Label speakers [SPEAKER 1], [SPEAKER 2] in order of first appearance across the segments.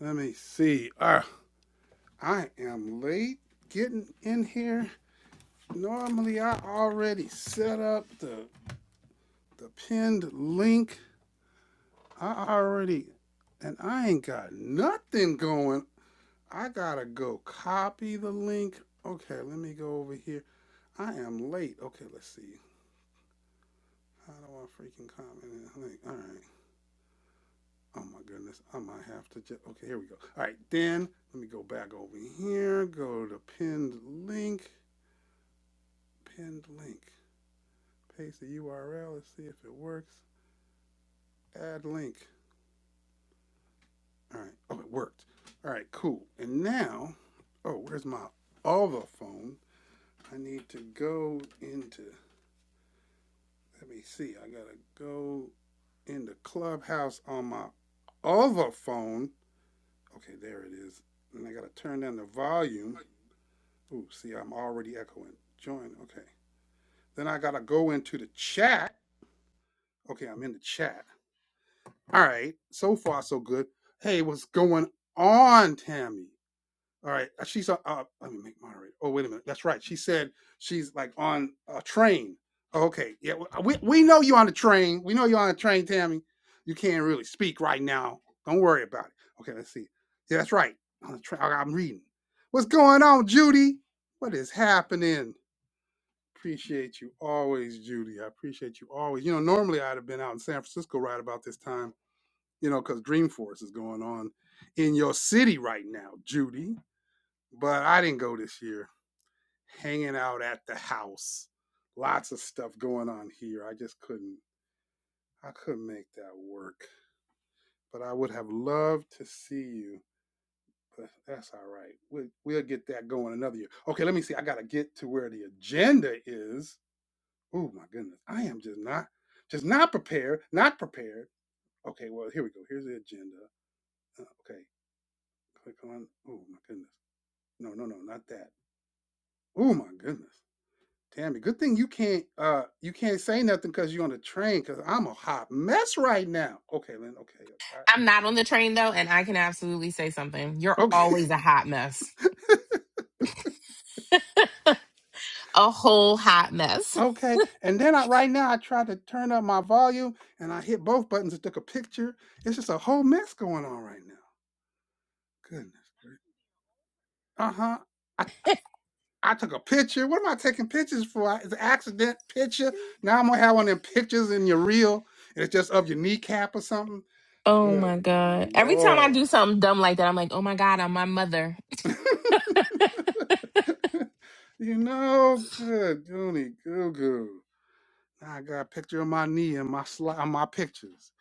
[SPEAKER 1] Let me see. Uh, I am late getting in here. Normally, I already set up the the pinned link. I already, and I ain't got nothing going. I gotta go copy the link. Okay, let me go over here. I am late. Okay, let's see. How do I freaking comment in the link? All right. Oh my goodness. I might have to just. Okay, here we go. All right, then let me go back over here. Go to pinned link. Pinned link. Paste the URL. Let's see if it works. Add link. All right. Oh, it worked. All right, cool. And now, oh, where's my other phone? I need to go into, let me see. I got to go into Clubhouse on my other phone. Okay, there it is. And I got to turn down the volume. Ooh, see, I'm already echoing. Join. Okay. Then I got to go into the chat. Okay, I'm in the chat. All right, so far so good. Hey, what's going on, Tammy? All right, uh, she's uh, uh let me make moderator. Oh, wait a minute, that's right. She said she's like on a train. Okay, yeah, w- uh, we we know you're on the train. We know you're on a train, Tammy. You can't really speak right now. Don't worry about it. Okay, let's see. Yeah, that's right. On the train, I'm reading. What's going on, Judy? What is happening? Appreciate you always, Judy. I appreciate you always. You know, normally I'd have been out in San Francisco right about this time you know, because Dreamforce is going on in your city right now, Judy. But I didn't go this year. Hanging out at the house. Lots of stuff going on here. I just couldn't I couldn't make that work. But I would have loved to see you. But that's all right. We'll we'll get that going another year. Okay, let me see. I gotta get to where the agenda is. Oh my goodness. I am just not just not prepared. Not prepared. Okay, well here we go. Here's the agenda. Uh, okay. Click on oh my goodness. No, no, no, not that. Oh my goodness. Tammy, good thing you can't uh you can't say nothing because you're on the train because I'm a hot mess right now. Okay, Lynn, okay,
[SPEAKER 2] I'm not on the train though, and I can absolutely say something.
[SPEAKER 1] okay.
[SPEAKER 2] You're
[SPEAKER 1] Okay.
[SPEAKER 2] always a hot mess, a whole hot mess.
[SPEAKER 1] okay. And then I right now I tried to turn up my volume and I hit both buttons and took a picture. It's just a whole mess going on right now. Goodness. Uh-huh. I took a picture. What am I taking pictures for? It's an accident picture. Now I'm gonna have one of them pictures in your reel, and it's just of your kneecap or something.
[SPEAKER 2] Oh
[SPEAKER 1] Good
[SPEAKER 2] my God. Every time I
[SPEAKER 1] lord.
[SPEAKER 2] do something dumb like that, I'm like, oh my God, I'm my mother.
[SPEAKER 1] you know, good goony goo goo. Now I got a picture of my knee in my sli- on my pictures.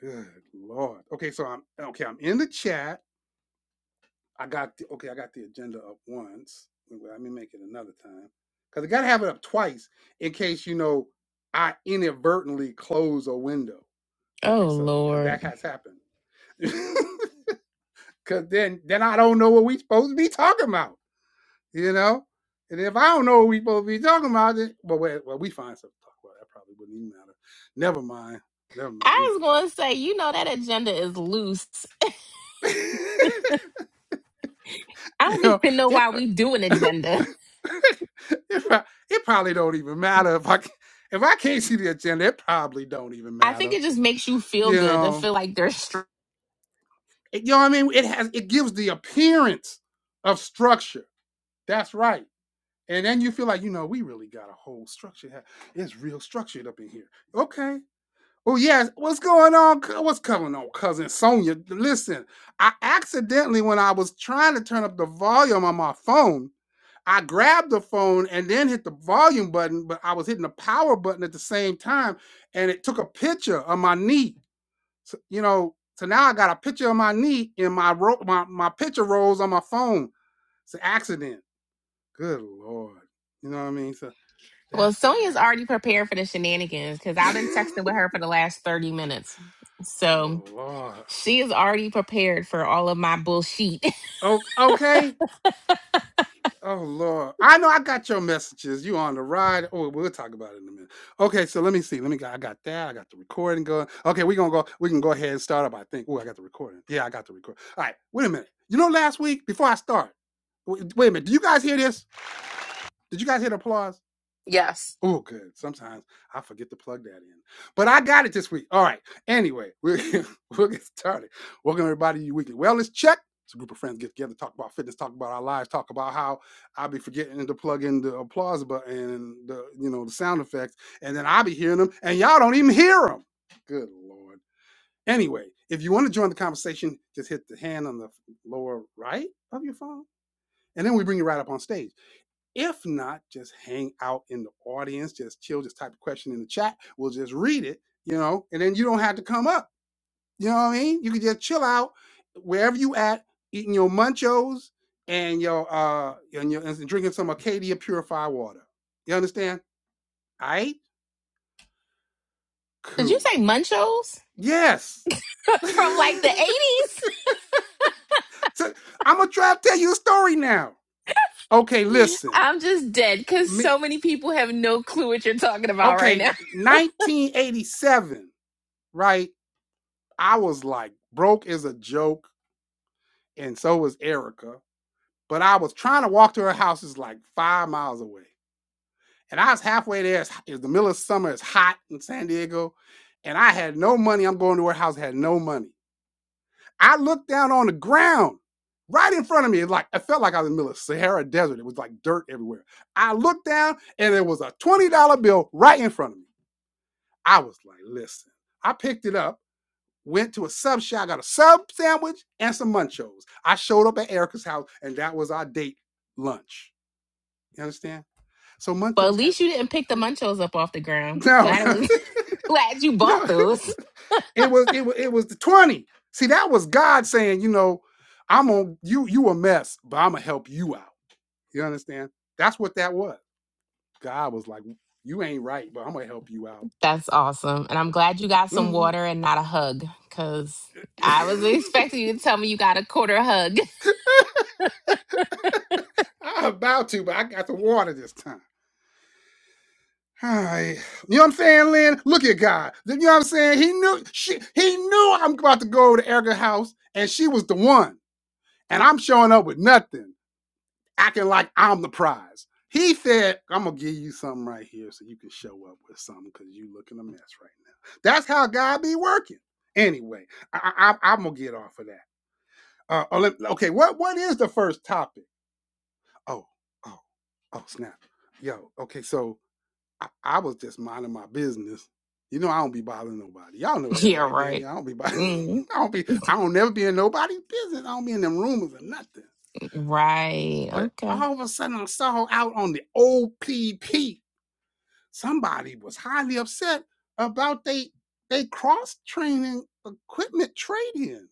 [SPEAKER 1] Good lord. Okay, so I'm okay. I'm in the chat. I got the, okay. I got the agenda up once. Well, Let me make it another time because I got to have it up twice in case you know I inadvertently close a window. Okay,
[SPEAKER 2] Oh
[SPEAKER 1] so because
[SPEAKER 2] Lord.
[SPEAKER 1] that has happened. Because then then I don't know what we supposed to be talking about, you know. And if I don't know what we supposed to be talking about, then well, well, well we find something to talk about. That probably wouldn't even matter. Never mind. Never mind.
[SPEAKER 2] I
[SPEAKER 1] We,
[SPEAKER 2] was going to say, you know, that agenda is loose. I
[SPEAKER 1] you
[SPEAKER 2] don't
[SPEAKER 1] know,
[SPEAKER 2] even know
[SPEAKER 1] it.
[SPEAKER 2] why we do an agenda.
[SPEAKER 1] it, pro- it probably don't even matter if I if I can't see the agenda. It probably don't even
[SPEAKER 2] I think
[SPEAKER 1] matter.
[SPEAKER 2] it just makes you feel
[SPEAKER 1] You
[SPEAKER 2] good to
[SPEAKER 1] know,
[SPEAKER 2] feel like there's str-
[SPEAKER 1] It- you know what I mean. It has it gives the appearance of structure. That's right. And then you feel like you know we really got a whole structure. It's real structured up in here. Okay. Oh yes. What's going on? What's going on, cousin Sonia? Listen, I accidentally when I was trying to turn up the volume on my phone. I grabbed the phone and then hit the volume button, but I was hitting the power button at the same time, and it took a picture of my knee. So, you know, so now I got a picture of my knee in my ro- my my picture rolls on my phone. It's an accident. Good lord, you know what I mean? So
[SPEAKER 2] well,
[SPEAKER 1] that's what
[SPEAKER 2] Sonia's already prepared for the shenanigans because I've been
[SPEAKER 1] happened.
[SPEAKER 2] texting with her for the last 30 minutes. So
[SPEAKER 1] oh lord.
[SPEAKER 2] she is already prepared for all of my bullshit.
[SPEAKER 1] Oh, okay. Oh Lord. I know I got your messages. You on the ride. Oh, we'll talk about it in a minute. Okay, so let me see. Let me go. I got that. I got the recording going. Okay, we're gonna go, we can go ahead and start up. I think. Oh, I got the recording. Yeah, I got the record. All right, wait a minute. You know, last week before I start, wait, wait a minute. Do you guys hear this? Did you guys hear the applause?
[SPEAKER 2] Yes.
[SPEAKER 1] Oh, good. Sometimes I forget to plug that in, but I got it this week. All right. Anyway, we'll, we'll get started. Welcome everybody to your weekly wellness check. It's a group of friends get together, talk about fitness, talk about our lives, talk about how I'll be forgetting to plug in the applause button and the you know the sound effects, and then I'll be hearing them, and y'all don't even hear them. Good lord. Anyway, if you want to join the conversation, just hit the hand on the lower right of your phone, and then we bring you right up on stage. If not, just hang out in the audience, just chill, just type a question in the chat. We'll just read it, you know, and then you don't have to come up. You know what I mean? You can just chill out wherever you at, eating your munchos and your uh and your and drinking some Acadia purified water. You understand? All right,
[SPEAKER 2] Did you
[SPEAKER 1] cool.
[SPEAKER 2] say Munchos
[SPEAKER 1] Yes.
[SPEAKER 2] from like
[SPEAKER 1] so
[SPEAKER 2] the
[SPEAKER 1] I'm gonna try to tell you a story now. Okay,
[SPEAKER 2] 80s?
[SPEAKER 1] listen.
[SPEAKER 2] I'm just dead because
[SPEAKER 1] Me,
[SPEAKER 2] so many people have no clue what you're talking about right
[SPEAKER 1] okay,
[SPEAKER 2] now.
[SPEAKER 1] 1987, right? I was like, broke is a joke, and so was Erica. But I was trying to walk to her house, it's like five miles away. And I was halfway there. It's, it's the middle of summer, it's hot in San Diego. And I had no money. I'm going to her house, I had no money. I looked down on the ground right in front of me. It like I felt like I was in the middle of Sahara Desert. It was like dirt everywhere. I looked down and there was a $20 bill right in front of me. I was like, listen, I picked it up went to a sub shop, got a sub sandwich and some munchos. I showed up at Erica's house, and that was our date lunch. You understand? So
[SPEAKER 2] But at
[SPEAKER 1] munchos have
[SPEAKER 2] least you didn't pick the Munchos up off the ground.
[SPEAKER 1] no,
[SPEAKER 2] Glad it was glad you bought
[SPEAKER 1] no.
[SPEAKER 2] those.
[SPEAKER 1] It was it was it was the twenty. See, that was God saying, you know, I'm on you. You a mess, but I'm gonna help you out. You understand? That's what that was. God was like, you ain't right, but I'm gonna help you out.
[SPEAKER 2] That's awesome. And I'm glad you got some
[SPEAKER 1] Mhm.
[SPEAKER 2] water and not a hug because I was expecting you to tell me you got a quarter hug.
[SPEAKER 1] I'm about to, but I got the water this time. Hi. You know what I'm saying, Lynn? Look at God. You know what I'm saying? He knew she he knew I'm about to go to Erica's house, and she was the one. And I'm showing up with nothing, acting like I'm the prize. He said, I'm gonna give you something right here so you can show up with something because you looking a mess right now. That's how God be working. Anyway, I, I, I, am gonna get off of that. Uh, oh, okay, what what is the first topic? Oh, oh, oh, snap. Yo, okay, so I, I was just minding my business. You know, I don't be bothering nobody. Y'all know that,
[SPEAKER 2] yeah,
[SPEAKER 1] right,
[SPEAKER 2] right.
[SPEAKER 1] Daniel? I don't be bothering.
[SPEAKER 2] Mm,
[SPEAKER 1] I don't be. I don't never be in nobody's business. I don't be in them rumors or nothing.
[SPEAKER 2] right.
[SPEAKER 1] But
[SPEAKER 2] okay.
[SPEAKER 1] all of a sudden, I saw out on the OPP. Somebody was highly upset about they they cross training equipment trade in.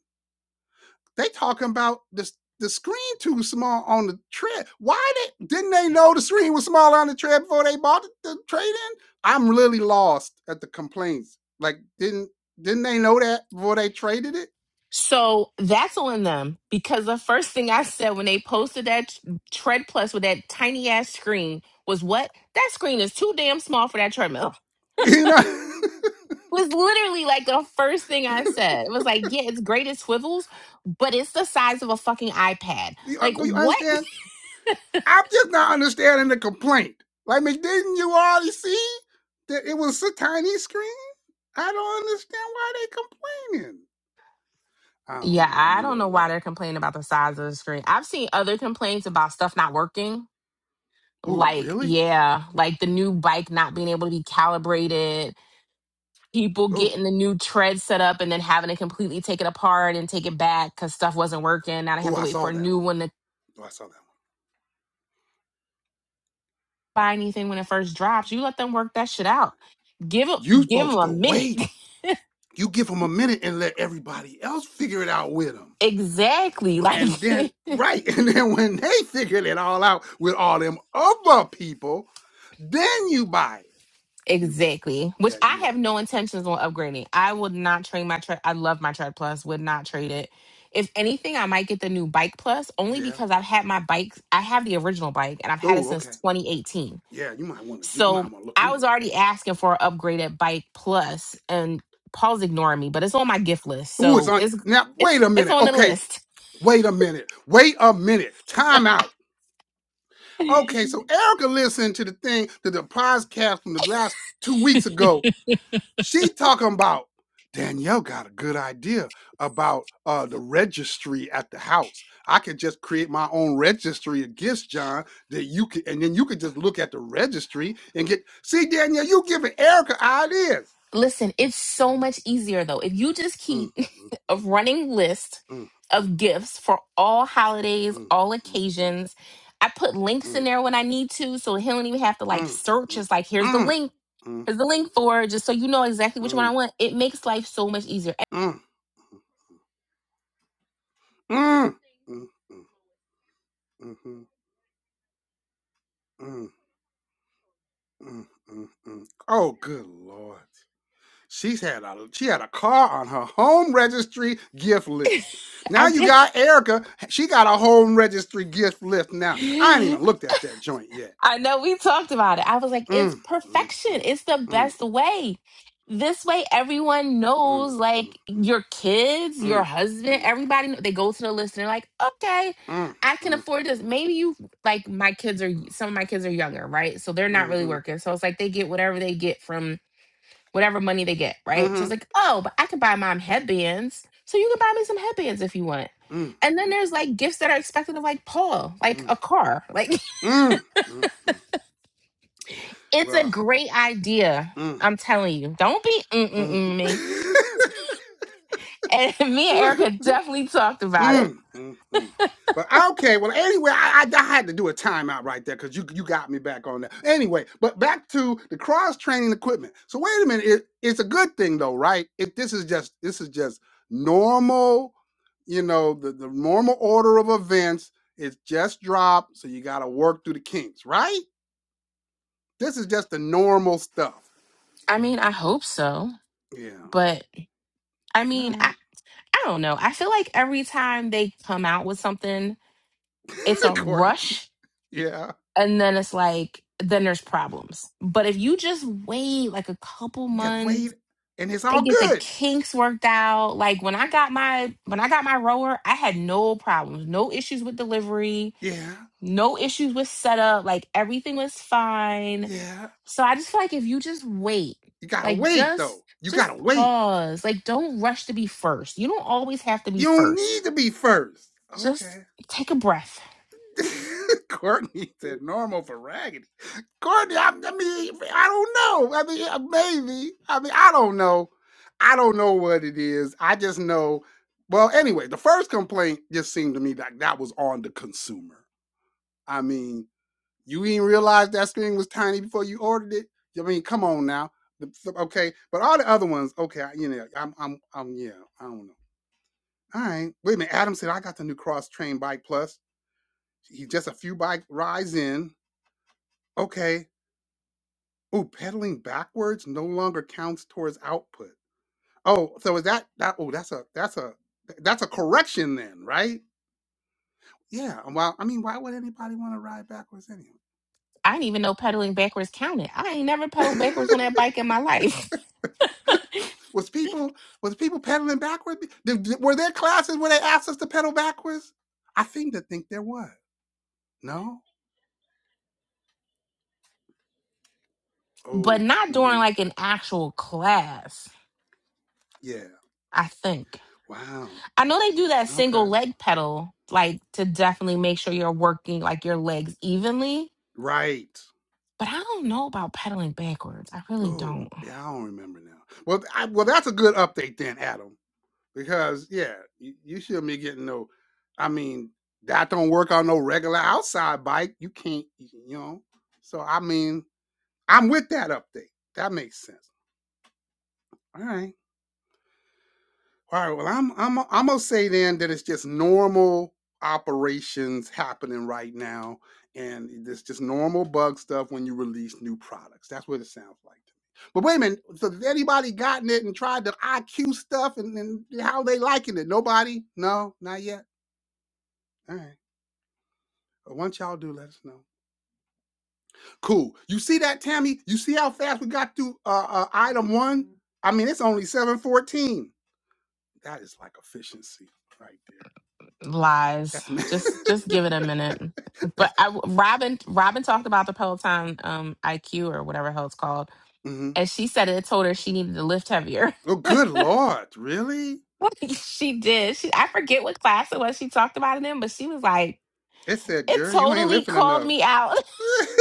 [SPEAKER 1] They talking about this the screen too small on the tread. Why they didn't they know the screen was small on the tread before they bought the, the trade in? I'm really lost at the complaints. Like didn't didn't they know that before they traded it?
[SPEAKER 2] So that's on them because the first thing I said when they posted that t- tread plus with that tiny ass screen was what? That screen is too damn small for that treadmill.
[SPEAKER 1] You know,
[SPEAKER 2] Was literally like the first thing I said. It was like, yeah, it's great it swivels, but it's the size of a fucking iPad.
[SPEAKER 1] you,
[SPEAKER 2] Like
[SPEAKER 1] you
[SPEAKER 2] what?
[SPEAKER 1] understand? I'm just not understanding the complaint. Like, didn't you already see that it was a tiny screen? I don't understand why they complaining. I don't
[SPEAKER 2] Yeah,
[SPEAKER 1] know. I'm a
[SPEAKER 2] I don't know
[SPEAKER 1] little
[SPEAKER 2] why they're
[SPEAKER 1] lost.
[SPEAKER 2] complaining about the size of the screen. I've seen other complaints about stuff not working.
[SPEAKER 1] Oh,
[SPEAKER 2] Like,
[SPEAKER 1] really?
[SPEAKER 2] yeah, like the new bike not being able to be calibrated people
[SPEAKER 1] Oh,
[SPEAKER 2] getting the new tread set up and then having to completely take it apart and take it back because stuff wasn't working. Now they have
[SPEAKER 1] oh,
[SPEAKER 2] to
[SPEAKER 1] I
[SPEAKER 2] wait
[SPEAKER 1] saw
[SPEAKER 2] for a
[SPEAKER 1] that
[SPEAKER 2] new
[SPEAKER 1] one.
[SPEAKER 2] one to
[SPEAKER 1] Oh, I saw that one.
[SPEAKER 2] buy anything when it first drops. You let them work that shit out. Give them,
[SPEAKER 1] You
[SPEAKER 2] give them
[SPEAKER 1] supposed
[SPEAKER 2] a
[SPEAKER 1] to
[SPEAKER 2] minute.
[SPEAKER 1] wait. You give them a minute and let everybody else figure it out with them.
[SPEAKER 2] exactly, like
[SPEAKER 1] And then, right, and then when they figured it all out with all them other people, then you buy it. You,
[SPEAKER 2] exactly. Which
[SPEAKER 1] yeah,
[SPEAKER 2] I
[SPEAKER 1] you're
[SPEAKER 2] have
[SPEAKER 1] right.
[SPEAKER 2] no intentions on upgrading. I would not trade my tread. I love my tread plus. Would not trade it. If anything, I might get the new bike plus only
[SPEAKER 1] Yeah.
[SPEAKER 2] because I've had my bike. I have the original bike and I've had it
[SPEAKER 1] Oh,
[SPEAKER 2] since
[SPEAKER 1] okay.
[SPEAKER 2] 2018
[SPEAKER 1] Yeah, you might want to do. You
[SPEAKER 2] So
[SPEAKER 1] might want to look
[SPEAKER 2] I
[SPEAKER 1] into
[SPEAKER 2] was
[SPEAKER 1] that.
[SPEAKER 2] already asking for an upgrade at Bike Plus, and Paul's ignoring me, but it's on my gift list,
[SPEAKER 1] Oh, it's
[SPEAKER 2] so
[SPEAKER 1] on
[SPEAKER 2] it's
[SPEAKER 1] now.
[SPEAKER 2] it's
[SPEAKER 1] Wait a
[SPEAKER 2] it's
[SPEAKER 1] minute.
[SPEAKER 2] on the
[SPEAKER 1] Okay,
[SPEAKER 2] list.
[SPEAKER 1] wait a minute. Wait a minute. Time out. Okay, so Erica listened to the thing to the podcast from the last two weeks ago She talking about Danielle got a good idea about uh, the registry at the house. I could just create my own registry of gifts, John. That you could, and then you could just look at the registry and get. See, Danielle, you giving Erica ideas.
[SPEAKER 2] Listen, it's so much easier though if you just
[SPEAKER 1] Mm, mm,
[SPEAKER 2] keep a running list
[SPEAKER 1] mm, mm,
[SPEAKER 2] of gifts for all holidays,
[SPEAKER 1] mm,
[SPEAKER 2] all occasions. I put
[SPEAKER 1] mm,
[SPEAKER 2] links in
[SPEAKER 1] mm,
[SPEAKER 2] there when I need to, so he don't even have to like
[SPEAKER 1] mm, mm, mm, mm, mm, mm, mm, mm, mm,
[SPEAKER 2] search.
[SPEAKER 1] mm,
[SPEAKER 2] It's like here's the
[SPEAKER 1] mm,
[SPEAKER 2] link, here's the link for, it, just so you know exactly which one I want. It makes life so much easier.
[SPEAKER 1] mm, mm, mm, mm. Oh, good lord. She's had a she had a car on her home registry gift list. Now
[SPEAKER 2] I
[SPEAKER 1] you
[SPEAKER 2] did.
[SPEAKER 1] got Erica. She got a home registry gift list now. I ain't even looked at that joint yet.
[SPEAKER 2] I know we talked about it. I was like, it's
[SPEAKER 1] Mm, mm,
[SPEAKER 2] perfection.
[SPEAKER 1] mm,
[SPEAKER 2] It's the
[SPEAKER 1] mm,
[SPEAKER 2] best way. This way, everyone
[SPEAKER 1] mm, mm,
[SPEAKER 2] knows, like your kids, your
[SPEAKER 1] mm,
[SPEAKER 2] husband,
[SPEAKER 1] mm,
[SPEAKER 2] everybody. kn- They go to the list and they're like, okay,
[SPEAKER 1] mm, mm,
[SPEAKER 2] I can
[SPEAKER 1] mm,
[SPEAKER 2] afford this. Maybe you like my kids are some of my kids are younger, right? So they're not really
[SPEAKER 1] mm, mhm,
[SPEAKER 2] working. So it's like they get whatever they get from whatever money they get,
[SPEAKER 1] mhm, mm,
[SPEAKER 2] right? So it's
[SPEAKER 1] mm,
[SPEAKER 2] like, oh, but I can buy mom headbands. So you can buy me some headbands if you want.
[SPEAKER 1] mm,
[SPEAKER 2] And then there's like gifts that are expected of like Paul, like a car. Like
[SPEAKER 1] mm, mm, mm, mm.
[SPEAKER 2] It's a
[SPEAKER 1] Well,
[SPEAKER 2] great idea.
[SPEAKER 1] mm,
[SPEAKER 2] I'm telling you. Don't be mm mm mm me. And me and
[SPEAKER 1] mm.
[SPEAKER 2] Erica definitely talked about it.
[SPEAKER 1] Mm, mm, mm. But okay, well, anyway, I, I, I had to do a timeout right there because you you got me back on that. Anyway, but back to the cross training equipment. So wait a minute, it, it's a good thing though, right? If this is just this is just normal, you know, the the normal order of events. It's just dropped, so you got to work through the kinks, right? This is just the normal stuff.
[SPEAKER 2] I mean, I hope so.
[SPEAKER 1] Yeah, all
[SPEAKER 2] But I mean, I,
[SPEAKER 1] right.
[SPEAKER 2] I don't know. I feel like every time they come out with something, it's a
[SPEAKER 1] Courtney.
[SPEAKER 2] rush.
[SPEAKER 1] Yeah,
[SPEAKER 2] And then it's like, then there's problems. But if you just wait like a couple
[SPEAKER 1] just
[SPEAKER 2] months,
[SPEAKER 1] wait, and it's
[SPEAKER 2] they
[SPEAKER 1] all
[SPEAKER 2] get the
[SPEAKER 1] good.
[SPEAKER 2] kinks worked out like when i got my when i got my rower i had no problems no issues with delivery
[SPEAKER 1] Yeah,
[SPEAKER 2] no issues with setup like everything was fine
[SPEAKER 1] yeah.
[SPEAKER 2] so i just feel like if you just wait
[SPEAKER 1] You gotta
[SPEAKER 2] like
[SPEAKER 1] wait
[SPEAKER 2] just
[SPEAKER 1] though. You
[SPEAKER 2] just
[SPEAKER 1] gotta wait.
[SPEAKER 2] pause like don't rush to be first you don't always have to be
[SPEAKER 1] You don't
[SPEAKER 2] first
[SPEAKER 1] need to be first.
[SPEAKER 2] just
[SPEAKER 1] Okay.
[SPEAKER 2] take a breath
[SPEAKER 1] Courtney said normal for raggedy. Courtney, I, I mean, I don't know. I mean, uh, maybe. I mean, I don't know. I don't know what it is. I just know. Well, anyway, the first complaint just seemed to me like that was on the consumer. I mean, you didn't realize that screen was tiny before you ordered it. I mean, come on now. Okay, but all the other ones, okay, you know, I'm, I'm, I'm, yeah, I don't know. All right. Wait a minute. Adam said, I got the new Cross Train Bike Plus. He just a few bike rides in. Okay. Oh, pedaling backwards no longer counts towards output. Oh, so is that that oh that's a that's a that's a correction then, right? Yeah. and Well, I mean, why would anybody want to ride backwards anyway?
[SPEAKER 2] I didn't even know pedaling backwards counted. I ain't never pedaled backwards on that bike in my life.
[SPEAKER 1] was people was people pedaling backwards? Did- did- were there classes where they asked us to pedal backwards? I seem to think there was. No?
[SPEAKER 2] but
[SPEAKER 1] Oh,
[SPEAKER 2] not during
[SPEAKER 1] hmm
[SPEAKER 2] like an actual class,
[SPEAKER 1] Yeah.
[SPEAKER 2] I think.
[SPEAKER 1] Wow.
[SPEAKER 2] I know they do that
[SPEAKER 1] Okay.
[SPEAKER 2] single leg pedal, like to definitely make sure you're working like your legs evenly.
[SPEAKER 1] Right.
[SPEAKER 2] But I don't know about pedaling backwards. I really
[SPEAKER 1] Oh,
[SPEAKER 2] don't.
[SPEAKER 1] yeah, I don't remember now. Well, I, well, that's a good update then, Adam, because yeah, you, you shouldn't be getting no. I mean, that don't work on no regular outside bike. You can't, y- you know. So I mean, I'm with that update. That makes sense. All right. All right. Well, I'm I'm I'm gonna say then that it's just normal operations happening right now, and it's just normal bug stuff when you release new products. That's what it sounds like to me. But wait a minute. So has anybody gotten it and tried the IQ stuff and, and how they liking it? Nobody? No, not yet. All right. But once y'all do, let us know. Cool. You see that, Tammy? You see how fast we got through uh, uh, item one? I mean, it's only seven fourteen. That is like efficiency right there.
[SPEAKER 2] Lies.
[SPEAKER 1] That's me.
[SPEAKER 2] Just just give it a minute. But
[SPEAKER 1] That's
[SPEAKER 2] I, Robin Robin talked about the Peloton um IQ or whatever the hell it's called,
[SPEAKER 1] mhm.
[SPEAKER 2] and she said it told her she needed to lift heavier.
[SPEAKER 1] Oh, good lord, really?
[SPEAKER 2] she did. She I forget what class it was she talked about it in, but she was like,
[SPEAKER 1] It said,
[SPEAKER 2] it
[SPEAKER 1] "Girl, you ain't
[SPEAKER 2] totally
[SPEAKER 1] lifting
[SPEAKER 2] called
[SPEAKER 1] enough."
[SPEAKER 2] me out.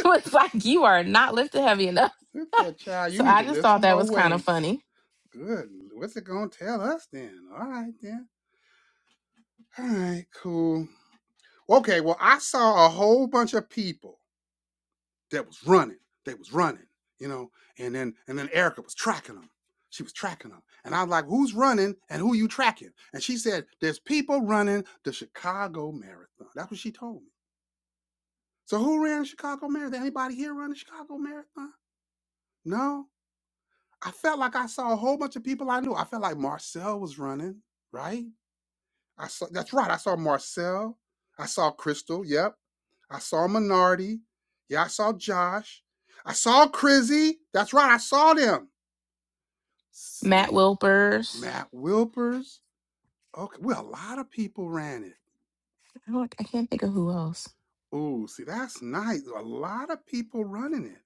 [SPEAKER 2] It's like, you are not lifted heavy enough.
[SPEAKER 1] it said, "Child, you
[SPEAKER 2] So
[SPEAKER 1] need
[SPEAKER 2] I
[SPEAKER 1] to
[SPEAKER 2] just
[SPEAKER 1] lift
[SPEAKER 2] thought
[SPEAKER 1] some
[SPEAKER 2] that
[SPEAKER 1] more
[SPEAKER 2] was kind of
[SPEAKER 1] weights."
[SPEAKER 2] funny.
[SPEAKER 1] Good. What's it gonna tell us then? All right then. All right, cool. Okay. Well, I saw a whole bunch of people that was running. They was running, you know. And then and then Erica was tracking them. She was tracking them, and I was like, "Who's running and who you tracking?" And she said, "There's people running the Chicago Marathon." That's what she told me. So who ran the Chicago Marathon? Anybody here run the Chicago Marathon? No. I felt like I saw a whole bunch of people I knew. I felt like Marcel was running, right? I saw that's right. I saw Marcel. I saw Crystal. Yep. I saw Minardi. Yeah, I saw Josh. I saw Crizzy. That's right. I saw them.
[SPEAKER 2] Matt
[SPEAKER 1] See,
[SPEAKER 2] Wilpers.
[SPEAKER 1] Matt Wilpers. Okay. Well, a lot of people ran it.
[SPEAKER 2] I, don't, I can't think of who else.
[SPEAKER 1] Ooh, see, that's nice. A lot of people running it.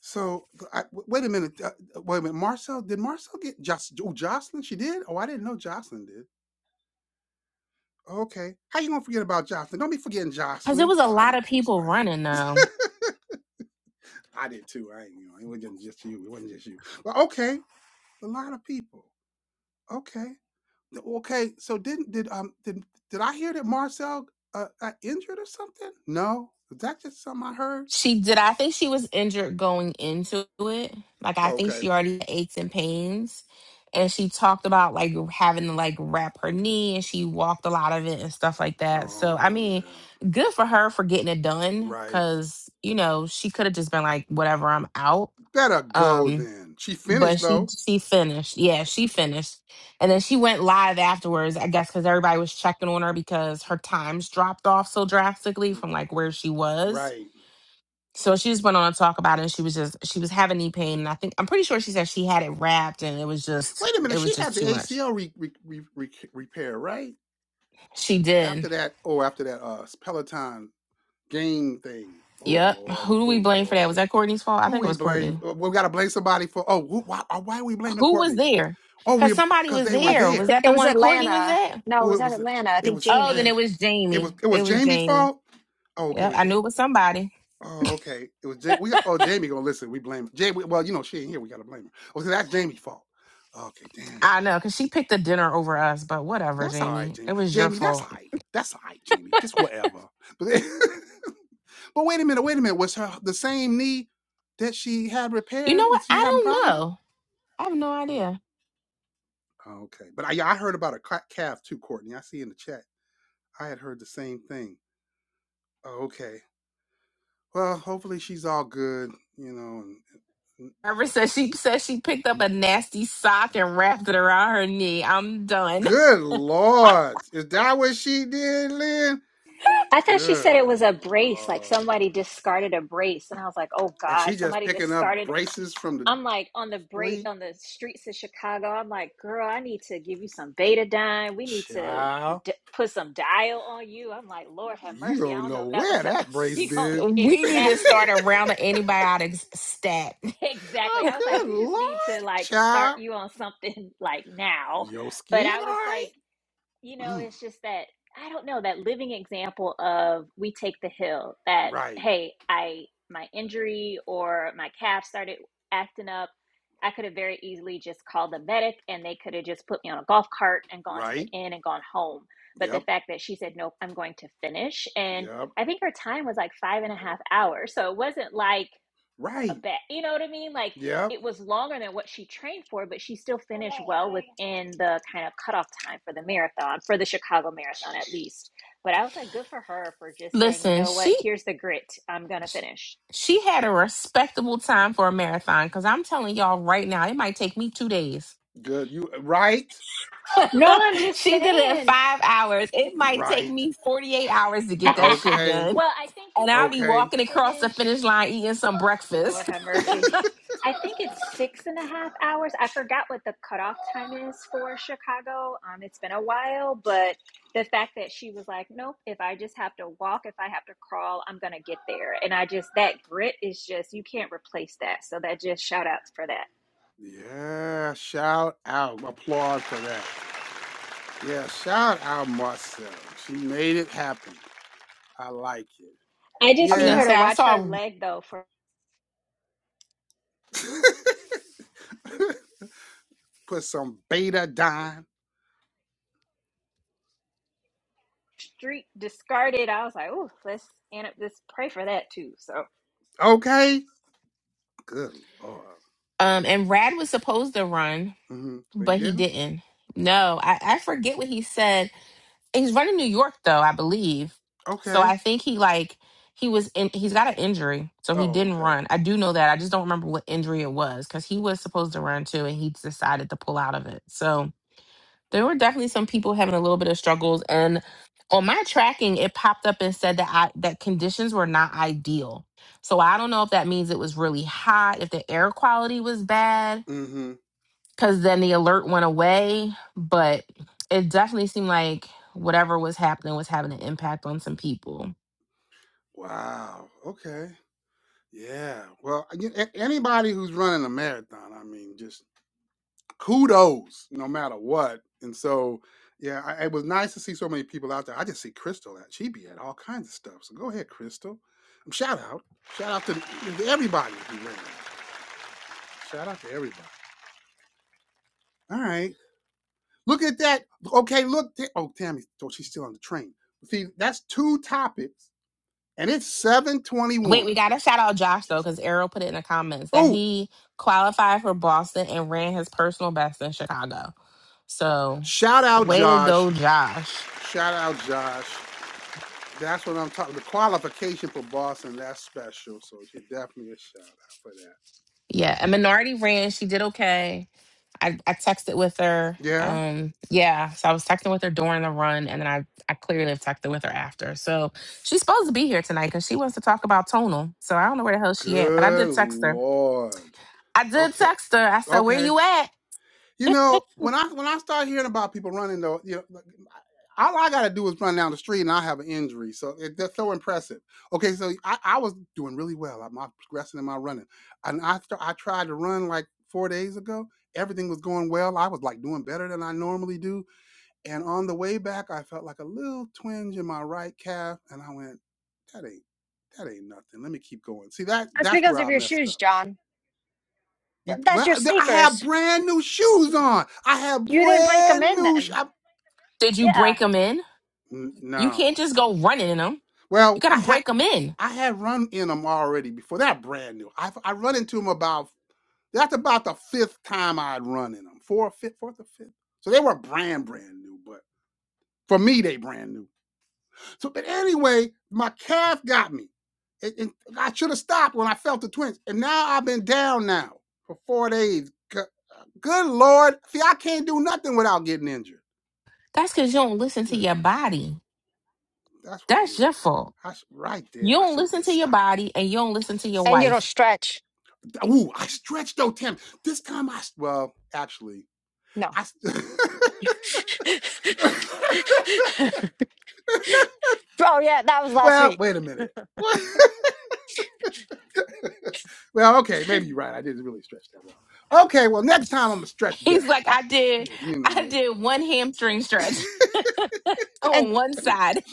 [SPEAKER 1] So th- I, w- wait a minute, uh, uh, wait a minute. Marcel, did Marcel get Joc- oh, Jocelyn? She did. Oh, I didn't know Jocelyn did. Okay, how you gonna forget about Jocelyn? Don't be forgetting
[SPEAKER 2] Because it
[SPEAKER 1] Jocelyn.
[SPEAKER 2] was a
[SPEAKER 1] Well, I
[SPEAKER 2] lot of
[SPEAKER 1] did too, so
[SPEAKER 2] people
[SPEAKER 1] I ain't.
[SPEAKER 2] running
[SPEAKER 1] gonna-
[SPEAKER 2] though.
[SPEAKER 1] I did too. I ain't. You know, it wasn't just you. It wasn't just you. But okay, a lot of people. Okay, Th- okay. So didn't did um did did I hear that Marcel uh, got injured or something? No, is that just something I heard?
[SPEAKER 2] She did. I think she was injured going into it. Like I think
[SPEAKER 1] Okay.
[SPEAKER 2] she already had aches and pains, and she talked about like having to like wrap her knee, and she walked a lot of it and stuff like that. So I
[SPEAKER 1] Oh
[SPEAKER 2] mean,
[SPEAKER 1] yeah,
[SPEAKER 2] good for her for getting it done.
[SPEAKER 1] right.
[SPEAKER 2] Because you know she could have just been like, whatever, I'm out.
[SPEAKER 1] Better go
[SPEAKER 2] Um,
[SPEAKER 1] then. She
[SPEAKER 2] but
[SPEAKER 1] finished
[SPEAKER 2] she
[SPEAKER 1] though.
[SPEAKER 2] she finished. Yeah, she finished, and then she went live afterwards. I guess because everybody was checking on her because her times dropped off so drastically from like where she was.
[SPEAKER 1] Right.
[SPEAKER 2] So she just went on to talk about it. And she was just she was having knee pain, and I think I'm pretty sure she said she had it wrapped, and it was just
[SPEAKER 1] Wait a minute.
[SPEAKER 2] it
[SPEAKER 1] She
[SPEAKER 2] was
[SPEAKER 1] had
[SPEAKER 2] just
[SPEAKER 1] the
[SPEAKER 2] too much.
[SPEAKER 1] ACL re- re- re- re- repair, right?
[SPEAKER 2] She did.
[SPEAKER 1] After that, oh, after that uh Peloton game thing. Oh
[SPEAKER 2] Yep.
[SPEAKER 1] Lord.
[SPEAKER 2] Who do we
[SPEAKER 1] Oh
[SPEAKER 2] blame for that? Was
[SPEAKER 1] Lord.
[SPEAKER 2] that Courtney's fault? I
[SPEAKER 1] Who
[SPEAKER 2] think it
[SPEAKER 1] we
[SPEAKER 2] was
[SPEAKER 1] blame?
[SPEAKER 2] Courtney.
[SPEAKER 1] uh, We got to blame somebody for. Oh, who, why? uh, Why are we blaming
[SPEAKER 2] Who was
[SPEAKER 1] Courtney?
[SPEAKER 2] there?
[SPEAKER 1] Oh, we
[SPEAKER 2] Because somebody
[SPEAKER 1] because
[SPEAKER 2] was
[SPEAKER 1] they were
[SPEAKER 3] I
[SPEAKER 2] there. Was
[SPEAKER 3] th-
[SPEAKER 1] there.
[SPEAKER 2] that
[SPEAKER 3] it
[SPEAKER 2] the
[SPEAKER 3] was
[SPEAKER 2] one Courtney was
[SPEAKER 3] Atlanta.
[SPEAKER 2] at?
[SPEAKER 3] No, it
[SPEAKER 1] Oh,
[SPEAKER 3] was
[SPEAKER 1] it
[SPEAKER 3] at
[SPEAKER 1] was
[SPEAKER 3] Atlanta. I
[SPEAKER 1] it
[SPEAKER 3] think
[SPEAKER 1] was
[SPEAKER 2] Oh, then
[SPEAKER 3] Jamie.
[SPEAKER 1] Atlanta.
[SPEAKER 2] it was
[SPEAKER 1] It was
[SPEAKER 2] Jamie.
[SPEAKER 1] it was
[SPEAKER 2] It was
[SPEAKER 1] Jamie's
[SPEAKER 2] Jamie.
[SPEAKER 1] fault. Oh, okay. It
[SPEAKER 2] Yep.
[SPEAKER 1] was.
[SPEAKER 2] I
[SPEAKER 1] Ja-
[SPEAKER 2] knew it was somebody.
[SPEAKER 1] Oh, okay. It was Jamie. We oh Jamie gonna listen. We blame Jamie. Well, you know she ain't here. We gotta blame her. Okay, that's Jamie's fault. Okay, dang.
[SPEAKER 2] I know, because she picked the dinner over us, but whatever,
[SPEAKER 1] That's all right,
[SPEAKER 2] Jamie.
[SPEAKER 1] Jamie.
[SPEAKER 2] It was your
[SPEAKER 1] Jamie, that's all
[SPEAKER 2] fault.
[SPEAKER 1] right. That's all right, Jamie. Just whatever. But, but wait a minute, wait a minute. Was her the same knee that she had
[SPEAKER 2] You know
[SPEAKER 1] repaired?
[SPEAKER 2] what?
[SPEAKER 1] Was she
[SPEAKER 2] I
[SPEAKER 1] having a
[SPEAKER 2] don't
[SPEAKER 1] problem
[SPEAKER 2] know. I have no
[SPEAKER 1] with?
[SPEAKER 2] idea.
[SPEAKER 1] Hmm, Okay. But I, yeah, I heard about a calf too, Courtney. I see in the chat. I had heard the same thing. Oh, okay. Well, hopefully she's all good, you know. And, and-
[SPEAKER 2] Ever since she said she picked up a nasty sock and wrapped it around her knee, I'm done.
[SPEAKER 1] good Lord. Is that what she did, Lynn?
[SPEAKER 4] I thought she said it
[SPEAKER 1] Good
[SPEAKER 4] was a brace, like
[SPEAKER 1] Lord.
[SPEAKER 4] somebody discarded a brace, and I was like, "Oh
[SPEAKER 1] And
[SPEAKER 4] God,
[SPEAKER 1] she just
[SPEAKER 4] somebody
[SPEAKER 1] picking up
[SPEAKER 4] discarded."
[SPEAKER 1] braces from the
[SPEAKER 4] I'm like on the break
[SPEAKER 1] street?
[SPEAKER 4] on the streets of Chicago. I'm like, "Girl, I need to give you some betadine. We need to
[SPEAKER 1] Child,
[SPEAKER 4] d- put some dial on you." I'm like, "Lord have
[SPEAKER 1] you
[SPEAKER 4] mercy." I
[SPEAKER 1] don't
[SPEAKER 4] don't
[SPEAKER 1] know
[SPEAKER 4] know if that
[SPEAKER 1] where
[SPEAKER 4] was a
[SPEAKER 1] that brace
[SPEAKER 4] you know
[SPEAKER 1] been.
[SPEAKER 2] we need to start
[SPEAKER 4] exactly,
[SPEAKER 2] a round of antibiotics stat.
[SPEAKER 4] exactly.
[SPEAKER 1] oh,
[SPEAKER 4] I was like,
[SPEAKER 1] good
[SPEAKER 4] "We just
[SPEAKER 1] lord,
[SPEAKER 4] need to like start
[SPEAKER 1] child.
[SPEAKER 4] you on something like now,"
[SPEAKER 1] Your
[SPEAKER 4] but
[SPEAKER 1] skin,
[SPEAKER 4] I
[SPEAKER 1] all
[SPEAKER 4] was
[SPEAKER 1] right?
[SPEAKER 4] like, you know,
[SPEAKER 1] Mm,
[SPEAKER 4] it's just that I don't know that living example of we take the hill that
[SPEAKER 1] right,
[SPEAKER 4] hey, I my injury or my calf started acting up. I could have very easily just called the medic and they could have just put me on a golf cart and gone to the
[SPEAKER 1] right.
[SPEAKER 4] inn and gone home. But the
[SPEAKER 1] Yep,
[SPEAKER 4] fact that she said, nope, I'm going to finish. And
[SPEAKER 1] yep,
[SPEAKER 4] I think her time was like five and a half hours. So it wasn't like a
[SPEAKER 1] right.
[SPEAKER 4] bet. You know what I mean? Like
[SPEAKER 1] Yep,
[SPEAKER 4] it was longer than what she trained for, but she still finished well within the kind of cutoff time for the marathon, for the Chicago marathon at least. But I was like, good for her for just saying, you
[SPEAKER 2] Listen,
[SPEAKER 4] know what?
[SPEAKER 2] she
[SPEAKER 4] Here's the grit. I'm going to finish.
[SPEAKER 2] she had a respectable time for a marathon because I'm telling y'all right now, it might take me two days.
[SPEAKER 1] good. You uh, right,
[SPEAKER 4] No, I'm just
[SPEAKER 2] she did it in
[SPEAKER 4] saying.
[SPEAKER 2] five hours. It might take
[SPEAKER 1] right.
[SPEAKER 2] me 48 hours to get that shit
[SPEAKER 1] Okay,
[SPEAKER 2] done.
[SPEAKER 4] well, I think you
[SPEAKER 2] and I'll
[SPEAKER 4] have
[SPEAKER 2] be
[SPEAKER 4] to
[SPEAKER 1] okay.
[SPEAKER 2] walking across the finish
[SPEAKER 4] finish.
[SPEAKER 2] line eating some
[SPEAKER 4] Lord
[SPEAKER 2] breakfast.
[SPEAKER 4] have mercy. I think it's six and a half hours. I forgot what the cutoff time is for Chicago. Um, it's been a while, but the fact that she was like, nope, if I just have to walk, if I have to crawl, I'm going to get there. And I just, that grit is just, you can't replace that. So that just shout outs for that.
[SPEAKER 1] yeah, shout out. Applaud for that. Yeah, shout out Marcel. She made it happen. I like it. But
[SPEAKER 4] I
[SPEAKER 2] I
[SPEAKER 4] just
[SPEAKER 2] was
[SPEAKER 4] need
[SPEAKER 2] gonna
[SPEAKER 4] her
[SPEAKER 1] yeah.
[SPEAKER 2] say
[SPEAKER 4] to
[SPEAKER 2] I
[SPEAKER 4] watch
[SPEAKER 2] saw
[SPEAKER 4] her
[SPEAKER 2] um
[SPEAKER 4] leg though for
[SPEAKER 1] Put some betadine.
[SPEAKER 4] street discarded. I was like, oh, let's, and let's pray for that too. So,
[SPEAKER 1] Okay. Good lord.
[SPEAKER 2] and Rad was supposed to run,
[SPEAKER 1] Mm-hmm. But you
[SPEAKER 2] but he
[SPEAKER 1] didn't.
[SPEAKER 2] didn't. No, I, I forget what he said. He's running New York though, I believe. So
[SPEAKER 1] Okay.
[SPEAKER 2] I think he like he was in he's got an injury, so he
[SPEAKER 1] Oh,
[SPEAKER 2] didn't
[SPEAKER 1] okay.
[SPEAKER 2] run. I do know that. I just don't remember what injury it was because he was supposed to run too and he decided to pull out of it. So there were definitely some people having a little bit of struggles and on my tracking it popped up and said that I, that conditions were not ideal so i don't know if that means it was really hot if the air quality was bad
[SPEAKER 1] Mm-hmm.
[SPEAKER 2] because then the alert went away but it definitely seemed like whatever was happening was having an impact on some people
[SPEAKER 1] Wow. Okay. Yeah. Well, again, a- anybody who's running a marathon, I mean, just kudos, no matter what. And so, yeah, I, it was nice to see so many people out there. I just see Crystal at she be at all kinds of stuff. So go ahead, Crystal. Um, Shout out, shout out to to everybody who ran. Shout out to everybody. All right. Look at that. Okay, look. Oh, Tammy, thought she's still on the train. See, that's two topics, and it's
[SPEAKER 2] wait
[SPEAKER 1] 721.
[SPEAKER 2] we gotta shout out josh though
[SPEAKER 1] Just
[SPEAKER 2] because errol put it in the comments that
[SPEAKER 1] oh,
[SPEAKER 2] he qualified for boston and ran his personal best in chicago so
[SPEAKER 1] shout out
[SPEAKER 2] way to
[SPEAKER 1] Josh.
[SPEAKER 2] go josh
[SPEAKER 1] Shout out Josh. That's what I'm talking. about. The qualification for Boston, that's special. So you definitely a shout out for that.
[SPEAKER 2] Yeah, a minority ran. She did okay. I, I texted with her.
[SPEAKER 1] Yeah.
[SPEAKER 2] Um, yeah, so I was texting with her during the run, and then I, I clearly have texted with her after. So she's supposed to be here tonight because she wants to talk about tonal. So I don't know where the hell she at, but I did
[SPEAKER 1] Good
[SPEAKER 2] text her.
[SPEAKER 1] lord.
[SPEAKER 2] I did
[SPEAKER 1] Okay.
[SPEAKER 2] text her. I said, "Where
[SPEAKER 1] Okay.
[SPEAKER 2] you at?
[SPEAKER 1] You know, when I when I start hearing about people running though, you know, like, all I gotta do is run down the street and I have an injury. So it, that's so impressive. Okay, so I, I was doing really well. I'm not progressing in my running, and I st- I tried to run like four days ago. Everything was going well. I was like doing better than I normally do. And on the way back, I felt like a little twinge in my right calf, and I went, "That ain't that ain't nothing. Let me keep going." See that
[SPEAKER 3] That's
[SPEAKER 1] that's
[SPEAKER 3] because
[SPEAKER 1] where
[SPEAKER 3] of
[SPEAKER 1] I
[SPEAKER 3] your
[SPEAKER 1] messed up
[SPEAKER 3] shoes, John.
[SPEAKER 1] you,
[SPEAKER 3] That's
[SPEAKER 1] well,
[SPEAKER 3] your
[SPEAKER 1] I have
[SPEAKER 3] sneakers.
[SPEAKER 1] brand new shoes on. I have
[SPEAKER 3] You didn't break them
[SPEAKER 1] brand
[SPEAKER 3] in
[SPEAKER 1] new. Sh-
[SPEAKER 3] then.
[SPEAKER 1] I-
[SPEAKER 2] Did you
[SPEAKER 3] Yeah.
[SPEAKER 2] break them in?
[SPEAKER 1] N-
[SPEAKER 2] You
[SPEAKER 1] no.
[SPEAKER 2] can't just go running in them. You
[SPEAKER 1] Well, I
[SPEAKER 2] gotta
[SPEAKER 1] had
[SPEAKER 2] break them in.
[SPEAKER 1] I had run in them already before. They're brand new. I I run into them about that's about the fifth time I'd run in them. Four, fifth, fourth or fifth. So they were brand brand new, but for me they brand new. So, but anyway, my calf got me. and it- I should have stopped when I felt the twinge, and now I've been down now for four days. Go- Good Lord, see, I can't do nothing without getting injured.
[SPEAKER 2] That's because you don't listen to your
[SPEAKER 1] Goodness gracious.
[SPEAKER 2] body.
[SPEAKER 1] That's what it
[SPEAKER 2] That's your
[SPEAKER 1] is.
[SPEAKER 2] fault.
[SPEAKER 1] I sh- right then,
[SPEAKER 2] You
[SPEAKER 1] I
[SPEAKER 2] don't
[SPEAKER 1] should have
[SPEAKER 2] listen
[SPEAKER 1] just
[SPEAKER 2] to your
[SPEAKER 1] stopped.
[SPEAKER 2] body, and you don't
[SPEAKER 1] I
[SPEAKER 2] listen to
[SPEAKER 1] should have
[SPEAKER 2] your
[SPEAKER 3] And you
[SPEAKER 1] stopped.
[SPEAKER 2] wife.
[SPEAKER 3] don't stretch.
[SPEAKER 1] Ooh, I stretched though, Tim. This time I well, actually,
[SPEAKER 3] No.
[SPEAKER 1] I.
[SPEAKER 3] oh, yeah. That was last
[SPEAKER 1] well,
[SPEAKER 3] week.
[SPEAKER 1] wait a minute. well, okay, maybe you're right. I didn't really stretch that well. Okay, well, next time I'm going to stretch
[SPEAKER 2] He's
[SPEAKER 1] better.
[SPEAKER 2] like, I did,
[SPEAKER 1] Good, you
[SPEAKER 2] I
[SPEAKER 1] know.
[SPEAKER 2] did one hamstring stretch
[SPEAKER 3] And,
[SPEAKER 2] on one side.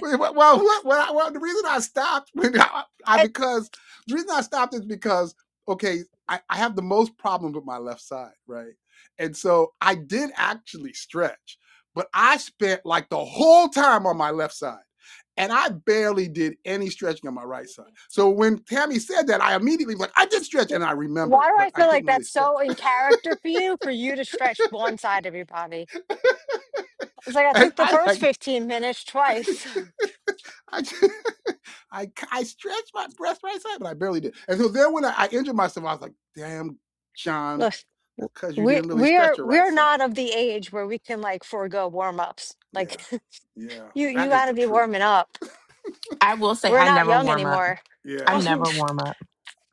[SPEAKER 1] Well, well, well, well, the reason I stopped, when I, I
[SPEAKER 3] and
[SPEAKER 1] because the reason I stopped is because okay, I, I have the most problems with my left side, right? And so I did actually stretch, but I spent like the whole time on my left side, and I barely did any stretching on my right side. So when Tammy said that, I immediately was like, I did stretch, and I
[SPEAKER 3] why
[SPEAKER 1] remembered,
[SPEAKER 3] do
[SPEAKER 1] but
[SPEAKER 3] I
[SPEAKER 1] I
[SPEAKER 3] feel like
[SPEAKER 1] didn't really
[SPEAKER 3] that's
[SPEAKER 1] stretch.
[SPEAKER 3] so in character for you, for you to stretch one side of your body? It's like I
[SPEAKER 1] And
[SPEAKER 3] took the
[SPEAKER 1] I
[SPEAKER 3] first
[SPEAKER 1] like
[SPEAKER 3] 15 minutes twice.
[SPEAKER 1] I, just, I, c- I stretched my breast right side, but I barely did. And so then when I, I injured myself, I was like, damn, John,
[SPEAKER 3] Look.
[SPEAKER 1] that's because you
[SPEAKER 3] We
[SPEAKER 1] didn't really
[SPEAKER 3] we
[SPEAKER 1] stretch
[SPEAKER 3] are
[SPEAKER 1] your
[SPEAKER 3] we
[SPEAKER 1] right
[SPEAKER 3] are
[SPEAKER 1] side.
[SPEAKER 3] not of the age where we can like forego warm ups. Like
[SPEAKER 1] Yeah. Yeah.
[SPEAKER 3] You you
[SPEAKER 1] That is the
[SPEAKER 3] gotta be
[SPEAKER 1] truth.
[SPEAKER 3] warming up.
[SPEAKER 2] I will say,
[SPEAKER 3] We're
[SPEAKER 2] I
[SPEAKER 3] not
[SPEAKER 2] never
[SPEAKER 3] young
[SPEAKER 2] warm up.
[SPEAKER 3] anymore.
[SPEAKER 2] I
[SPEAKER 1] Yeah.
[SPEAKER 3] Also,
[SPEAKER 2] never warm up.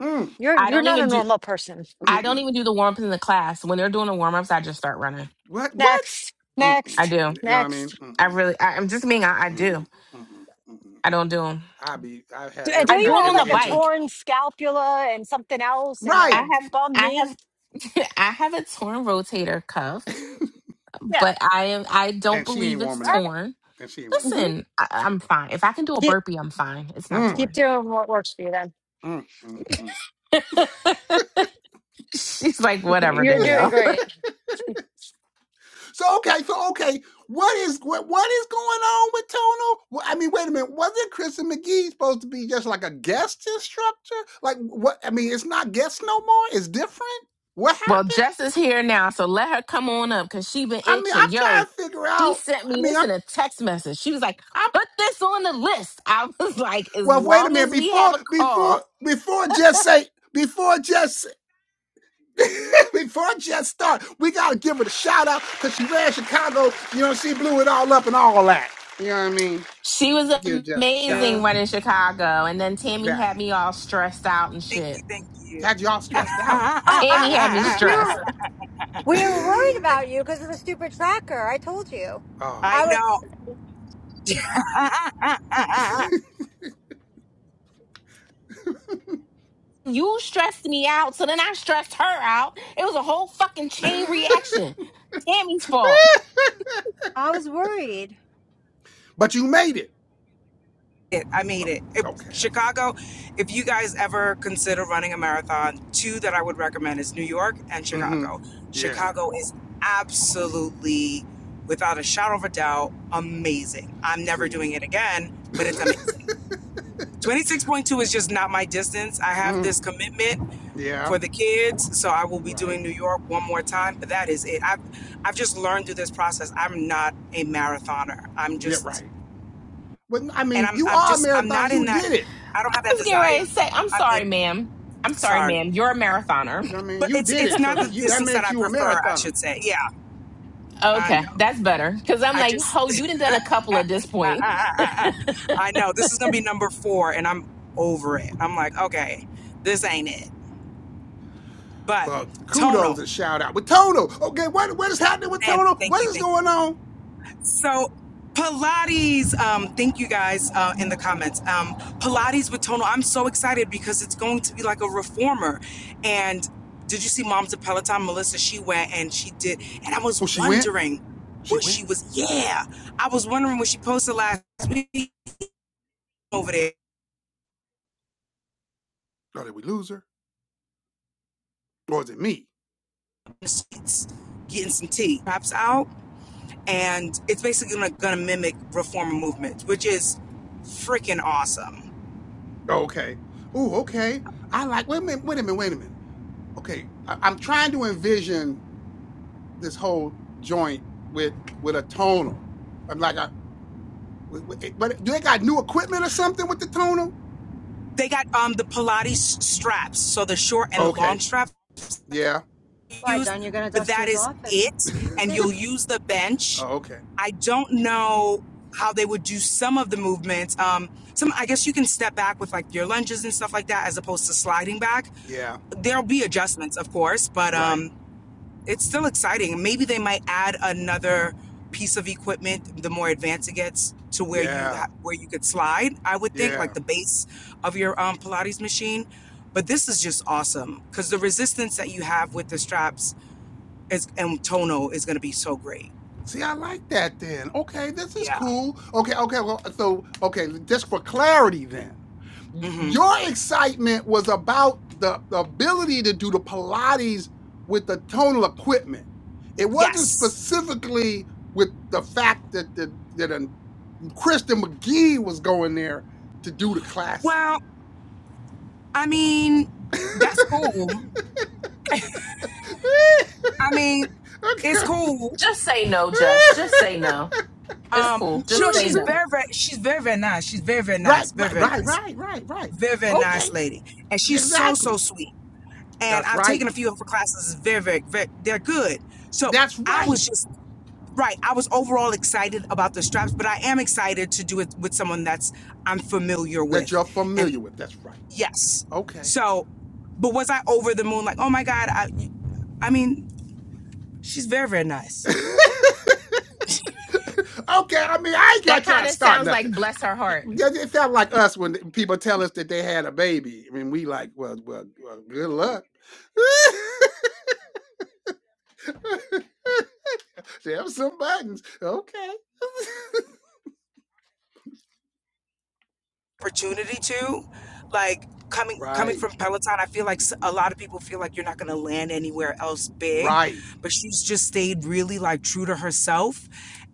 [SPEAKER 1] Mm,
[SPEAKER 3] You're
[SPEAKER 2] I
[SPEAKER 3] you're
[SPEAKER 2] don't
[SPEAKER 3] not a
[SPEAKER 2] even do.
[SPEAKER 3] normal person.
[SPEAKER 2] I don't
[SPEAKER 1] mm-mm.
[SPEAKER 2] even do the warm ups in the class. When they're doing the warm ups, I just start running.
[SPEAKER 1] What? What?
[SPEAKER 3] Next,
[SPEAKER 1] Mm-mm.
[SPEAKER 2] I
[SPEAKER 3] next,
[SPEAKER 2] do.
[SPEAKER 1] You know what I mean?
[SPEAKER 3] next.
[SPEAKER 2] I
[SPEAKER 1] Mm-mm.
[SPEAKER 2] really. I, I'm just being. I, I do.
[SPEAKER 1] Mm-mm. Mm-mm. Mm-mm.
[SPEAKER 2] I don't do them.
[SPEAKER 1] I be, I
[SPEAKER 3] Do,
[SPEAKER 1] have
[SPEAKER 3] and
[SPEAKER 1] every
[SPEAKER 2] I
[SPEAKER 3] don't
[SPEAKER 2] do
[SPEAKER 3] you
[SPEAKER 1] kind,
[SPEAKER 2] them
[SPEAKER 3] have
[SPEAKER 2] on the
[SPEAKER 3] like
[SPEAKER 1] every
[SPEAKER 3] a
[SPEAKER 1] injury.
[SPEAKER 2] bike.
[SPEAKER 3] torn scapula and something else and
[SPEAKER 1] Right.
[SPEAKER 3] a
[SPEAKER 2] I have.
[SPEAKER 3] bum
[SPEAKER 2] I
[SPEAKER 3] knee?
[SPEAKER 2] have. I have a torn rotator cuff,
[SPEAKER 3] Yeah.
[SPEAKER 2] but I am. I don't
[SPEAKER 1] And she ain't
[SPEAKER 2] believe it's
[SPEAKER 3] All
[SPEAKER 1] warming up.
[SPEAKER 3] right.
[SPEAKER 2] torn.
[SPEAKER 1] And she ain't warming
[SPEAKER 3] Mm-hmm.
[SPEAKER 2] Listen, I, I'm fine. If I can do a
[SPEAKER 3] Keep
[SPEAKER 2] burpee, I'm fine. It's not
[SPEAKER 1] up.
[SPEAKER 3] keep
[SPEAKER 2] torn.
[SPEAKER 3] doing what works for you. Then
[SPEAKER 1] Mm, mm, mm,
[SPEAKER 2] She's like, whatever,
[SPEAKER 3] you're
[SPEAKER 1] mm.
[SPEAKER 3] doing
[SPEAKER 2] Dale.
[SPEAKER 3] great.
[SPEAKER 1] So okay, so okay, what is what what is going on with Tono? Well, I mean, wait a minute, wasn't Kristen McGee supposed to be just like a guest instructor? Like what? I mean, it's not guest no more. It's different. What
[SPEAKER 2] Well,
[SPEAKER 1] happened?
[SPEAKER 2] Jess is here now, so let her come on up because she been
[SPEAKER 1] I mean,
[SPEAKER 2] itching.
[SPEAKER 1] I'm
[SPEAKER 2] Yo,
[SPEAKER 1] trying to figure
[SPEAKER 2] she
[SPEAKER 1] out.
[SPEAKER 2] sent
[SPEAKER 1] I
[SPEAKER 2] me
[SPEAKER 1] mean,
[SPEAKER 2] this
[SPEAKER 1] I'm
[SPEAKER 2] in a text message. She was like,
[SPEAKER 1] I'm
[SPEAKER 2] put this on the list. I was like, as
[SPEAKER 1] well. Wait a
[SPEAKER 2] long
[SPEAKER 1] minute,
[SPEAKER 2] as we have
[SPEAKER 1] before
[SPEAKER 2] a call.
[SPEAKER 1] before before just say before just. Before I just start, we gotta give her a shout out because she ran Chicago. You know, she blew it all up and all that. You know what I mean?
[SPEAKER 2] She was
[SPEAKER 1] Give Jess a shout
[SPEAKER 2] amazing
[SPEAKER 5] you.
[SPEAKER 1] out.
[SPEAKER 2] running Chicago. And then Tammy
[SPEAKER 1] Exactly.
[SPEAKER 2] had me all stressed out and
[SPEAKER 5] Thank
[SPEAKER 2] shit.
[SPEAKER 5] you. Thank you.
[SPEAKER 1] had y'all stressed out.
[SPEAKER 3] Oh, I
[SPEAKER 2] Tammy
[SPEAKER 3] was
[SPEAKER 2] had me
[SPEAKER 3] 'cause we
[SPEAKER 2] stressed.
[SPEAKER 3] were we were worried about you because of the stupid tracker. I told you,
[SPEAKER 1] oh
[SPEAKER 5] I
[SPEAKER 3] I
[SPEAKER 1] yeah.
[SPEAKER 3] was
[SPEAKER 5] know.
[SPEAKER 2] You stressed me out, so then I stressed her out. It was a whole fucking chain reaction. Tammy's fault.
[SPEAKER 3] I was worried.
[SPEAKER 1] but you made it.
[SPEAKER 5] I made
[SPEAKER 1] Oh,
[SPEAKER 5] it. If,
[SPEAKER 1] okay, that's what I'm
[SPEAKER 5] Chicago,
[SPEAKER 1] talking.
[SPEAKER 5] if you guys ever consider running a marathon, two that I would recommend is New York and
[SPEAKER 1] about. Mm-hmm.
[SPEAKER 5] Chicago.
[SPEAKER 1] Yeah.
[SPEAKER 5] Chicago is absolutely, without a shadow of a doubt, amazing. I'm never
[SPEAKER 1] See.
[SPEAKER 5] doing it again, but it's amazing. 26.2 is just not my distance. I have
[SPEAKER 1] mm,
[SPEAKER 5] this commitment
[SPEAKER 1] yeah.
[SPEAKER 5] for the kids. So I will be
[SPEAKER 1] Right.
[SPEAKER 5] doing New York one more time, but that is it. I've I've just learned through this process. I'm not a marathoner. I'm
[SPEAKER 1] Yeah.
[SPEAKER 5] just
[SPEAKER 1] Right. But I
[SPEAKER 5] and
[SPEAKER 1] mean,
[SPEAKER 5] I'm
[SPEAKER 1] you
[SPEAKER 5] I'm
[SPEAKER 1] are a
[SPEAKER 5] just I'm
[SPEAKER 1] marathoner.
[SPEAKER 5] not in
[SPEAKER 1] You
[SPEAKER 5] that
[SPEAKER 1] did it.
[SPEAKER 5] I don't have
[SPEAKER 2] I
[SPEAKER 5] that
[SPEAKER 2] was getting ready
[SPEAKER 5] desire.
[SPEAKER 2] to say, I'm
[SPEAKER 5] I
[SPEAKER 2] sorry,
[SPEAKER 5] mean,
[SPEAKER 2] ma'am. I'm sorry, ma'am.
[SPEAKER 5] sorry.
[SPEAKER 2] You're a marathoner.
[SPEAKER 1] You know what I mean,
[SPEAKER 5] But
[SPEAKER 1] you
[SPEAKER 5] it's
[SPEAKER 1] did
[SPEAKER 5] it's
[SPEAKER 1] it. So
[SPEAKER 5] not the
[SPEAKER 1] that you that
[SPEAKER 5] distance that
[SPEAKER 1] makes
[SPEAKER 5] I
[SPEAKER 1] you a
[SPEAKER 5] prefer, I
[SPEAKER 1] marathoner.
[SPEAKER 5] should say. Yeah, I
[SPEAKER 2] Okay,
[SPEAKER 5] know.
[SPEAKER 2] that's better. Because I'm
[SPEAKER 5] I
[SPEAKER 2] like,
[SPEAKER 5] just
[SPEAKER 2] ho, you done done a couple at this point.
[SPEAKER 5] I know. This is gonna be number four and I'm over it. I'm like, okay, this ain't it. But
[SPEAKER 1] Well, kudos
[SPEAKER 5] tonal.
[SPEAKER 1] and shout out with Toto. Okay, what what is happening with
[SPEAKER 5] And
[SPEAKER 1] Toto? What
[SPEAKER 5] thank you,
[SPEAKER 1] is
[SPEAKER 5] thank you.
[SPEAKER 1] going on?
[SPEAKER 5] So Pilates, um, thank you guys uh, in the comments. Um, Pilates with Tono, I'm so excited because it's going to be like a reformer. And did you see Moms of Peloton? Melissa, she went and she did, and I was
[SPEAKER 1] Oh, she went.
[SPEAKER 5] wondering
[SPEAKER 1] She
[SPEAKER 5] what
[SPEAKER 1] went.
[SPEAKER 5] she was. Yeah, I was wondering what she posted last week over there
[SPEAKER 1] Oh, did we lose her? Or is it me?
[SPEAKER 5] in the streets, getting some tea, perhaps out, and it's basically gonna, gonna mimic reformer movement, which is freaking awesome.
[SPEAKER 1] Oh, okay. Ooh, okay. I like. Wait a minute. Wait a minute. Wait a minute. Okay, I, I'm trying to envision this whole joint with with a tonal. I'm like, I, w- w- eh, but do they got new equipment or something with the tonal?
[SPEAKER 5] They got um the Pilates straps, so the short and the
[SPEAKER 1] Okay.
[SPEAKER 5] long straps
[SPEAKER 1] Yeah.
[SPEAKER 3] Why,
[SPEAKER 5] used,
[SPEAKER 3] John? You're gonna
[SPEAKER 5] but
[SPEAKER 3] dust
[SPEAKER 5] that
[SPEAKER 3] yours
[SPEAKER 5] is
[SPEAKER 3] off and
[SPEAKER 5] it. And
[SPEAKER 1] oh,
[SPEAKER 5] you'll use the bench.
[SPEAKER 1] okay.
[SPEAKER 5] I don't know how they would do some of the movements. Um, some I guess you can step back with like your lunges and stuff like that, as opposed to sliding back.
[SPEAKER 1] Yeah.
[SPEAKER 5] There'll be adjustments, of course, but um,
[SPEAKER 1] Right.
[SPEAKER 5] it's still exciting. Maybe they might add another piece of equipment the more advanced it gets to where you
[SPEAKER 1] Yeah.
[SPEAKER 5] ha- where you could slide. I would think like
[SPEAKER 1] Yeah.
[SPEAKER 5] the base of your um, Pilates machine. But this is just awesome because the resistance that you have with the straps is and tono is going to be so great.
[SPEAKER 1] See, I like that. Then okay, this is
[SPEAKER 5] Yeah.
[SPEAKER 1] cool. Okay. Okay. Well, so okay, just for clarity, then.
[SPEAKER 5] hmm
[SPEAKER 1] your excitement was about the, the ability to do the Pilates with the tonal equipment. It wasn't
[SPEAKER 5] Yes.
[SPEAKER 1] specifically with the fact that the, that a Kristen McGee was going there to do the classes.
[SPEAKER 5] Well, I mean, that's cool.
[SPEAKER 1] okay.
[SPEAKER 5] I mean, it's cool.
[SPEAKER 2] Just say no, Just. Just say no. It's
[SPEAKER 5] Um,
[SPEAKER 2] cool. Just
[SPEAKER 5] sure,
[SPEAKER 2] say
[SPEAKER 5] she's
[SPEAKER 2] no.
[SPEAKER 5] very, very, she's very, very nice. She's very, very
[SPEAKER 1] right,
[SPEAKER 5] nice. Very,
[SPEAKER 1] right,
[SPEAKER 5] very
[SPEAKER 1] right,
[SPEAKER 5] nice.
[SPEAKER 1] right, right, right.
[SPEAKER 5] very very
[SPEAKER 1] Okay,
[SPEAKER 5] nice lady and she's so
[SPEAKER 1] exactly.
[SPEAKER 5] so sweet and
[SPEAKER 1] That's
[SPEAKER 5] i've
[SPEAKER 1] right.
[SPEAKER 5] taken a few of her classes very very, very they're good so
[SPEAKER 1] That's
[SPEAKER 5] i
[SPEAKER 1] right.
[SPEAKER 5] was just right i was overall excited about the straps but i am excited to do it with someone that's i'm familiar
[SPEAKER 1] That
[SPEAKER 5] with
[SPEAKER 1] you're
[SPEAKER 5] and
[SPEAKER 1] familiar with. That's right.
[SPEAKER 5] yes
[SPEAKER 1] Okay.
[SPEAKER 5] so but was i over the moon like oh my god i i mean she's very very nice
[SPEAKER 1] okay, I mean, I ain't gonna
[SPEAKER 2] That
[SPEAKER 1] try
[SPEAKER 2] kind
[SPEAKER 1] to
[SPEAKER 2] of
[SPEAKER 1] start
[SPEAKER 2] sounds
[SPEAKER 1] nothing.
[SPEAKER 2] like bless her
[SPEAKER 1] It,
[SPEAKER 2] heart.
[SPEAKER 1] it felt like us when people tell us that they had a baby. I mean, we like, well, well, well good luck. There were some buttons. Okay.
[SPEAKER 5] opportunity to like coming coming
[SPEAKER 1] right.
[SPEAKER 5] from peloton i feel like s- a lot of people feel like you're not going to land anywhere else big
[SPEAKER 1] Right.
[SPEAKER 5] but she's just stayed really like true to herself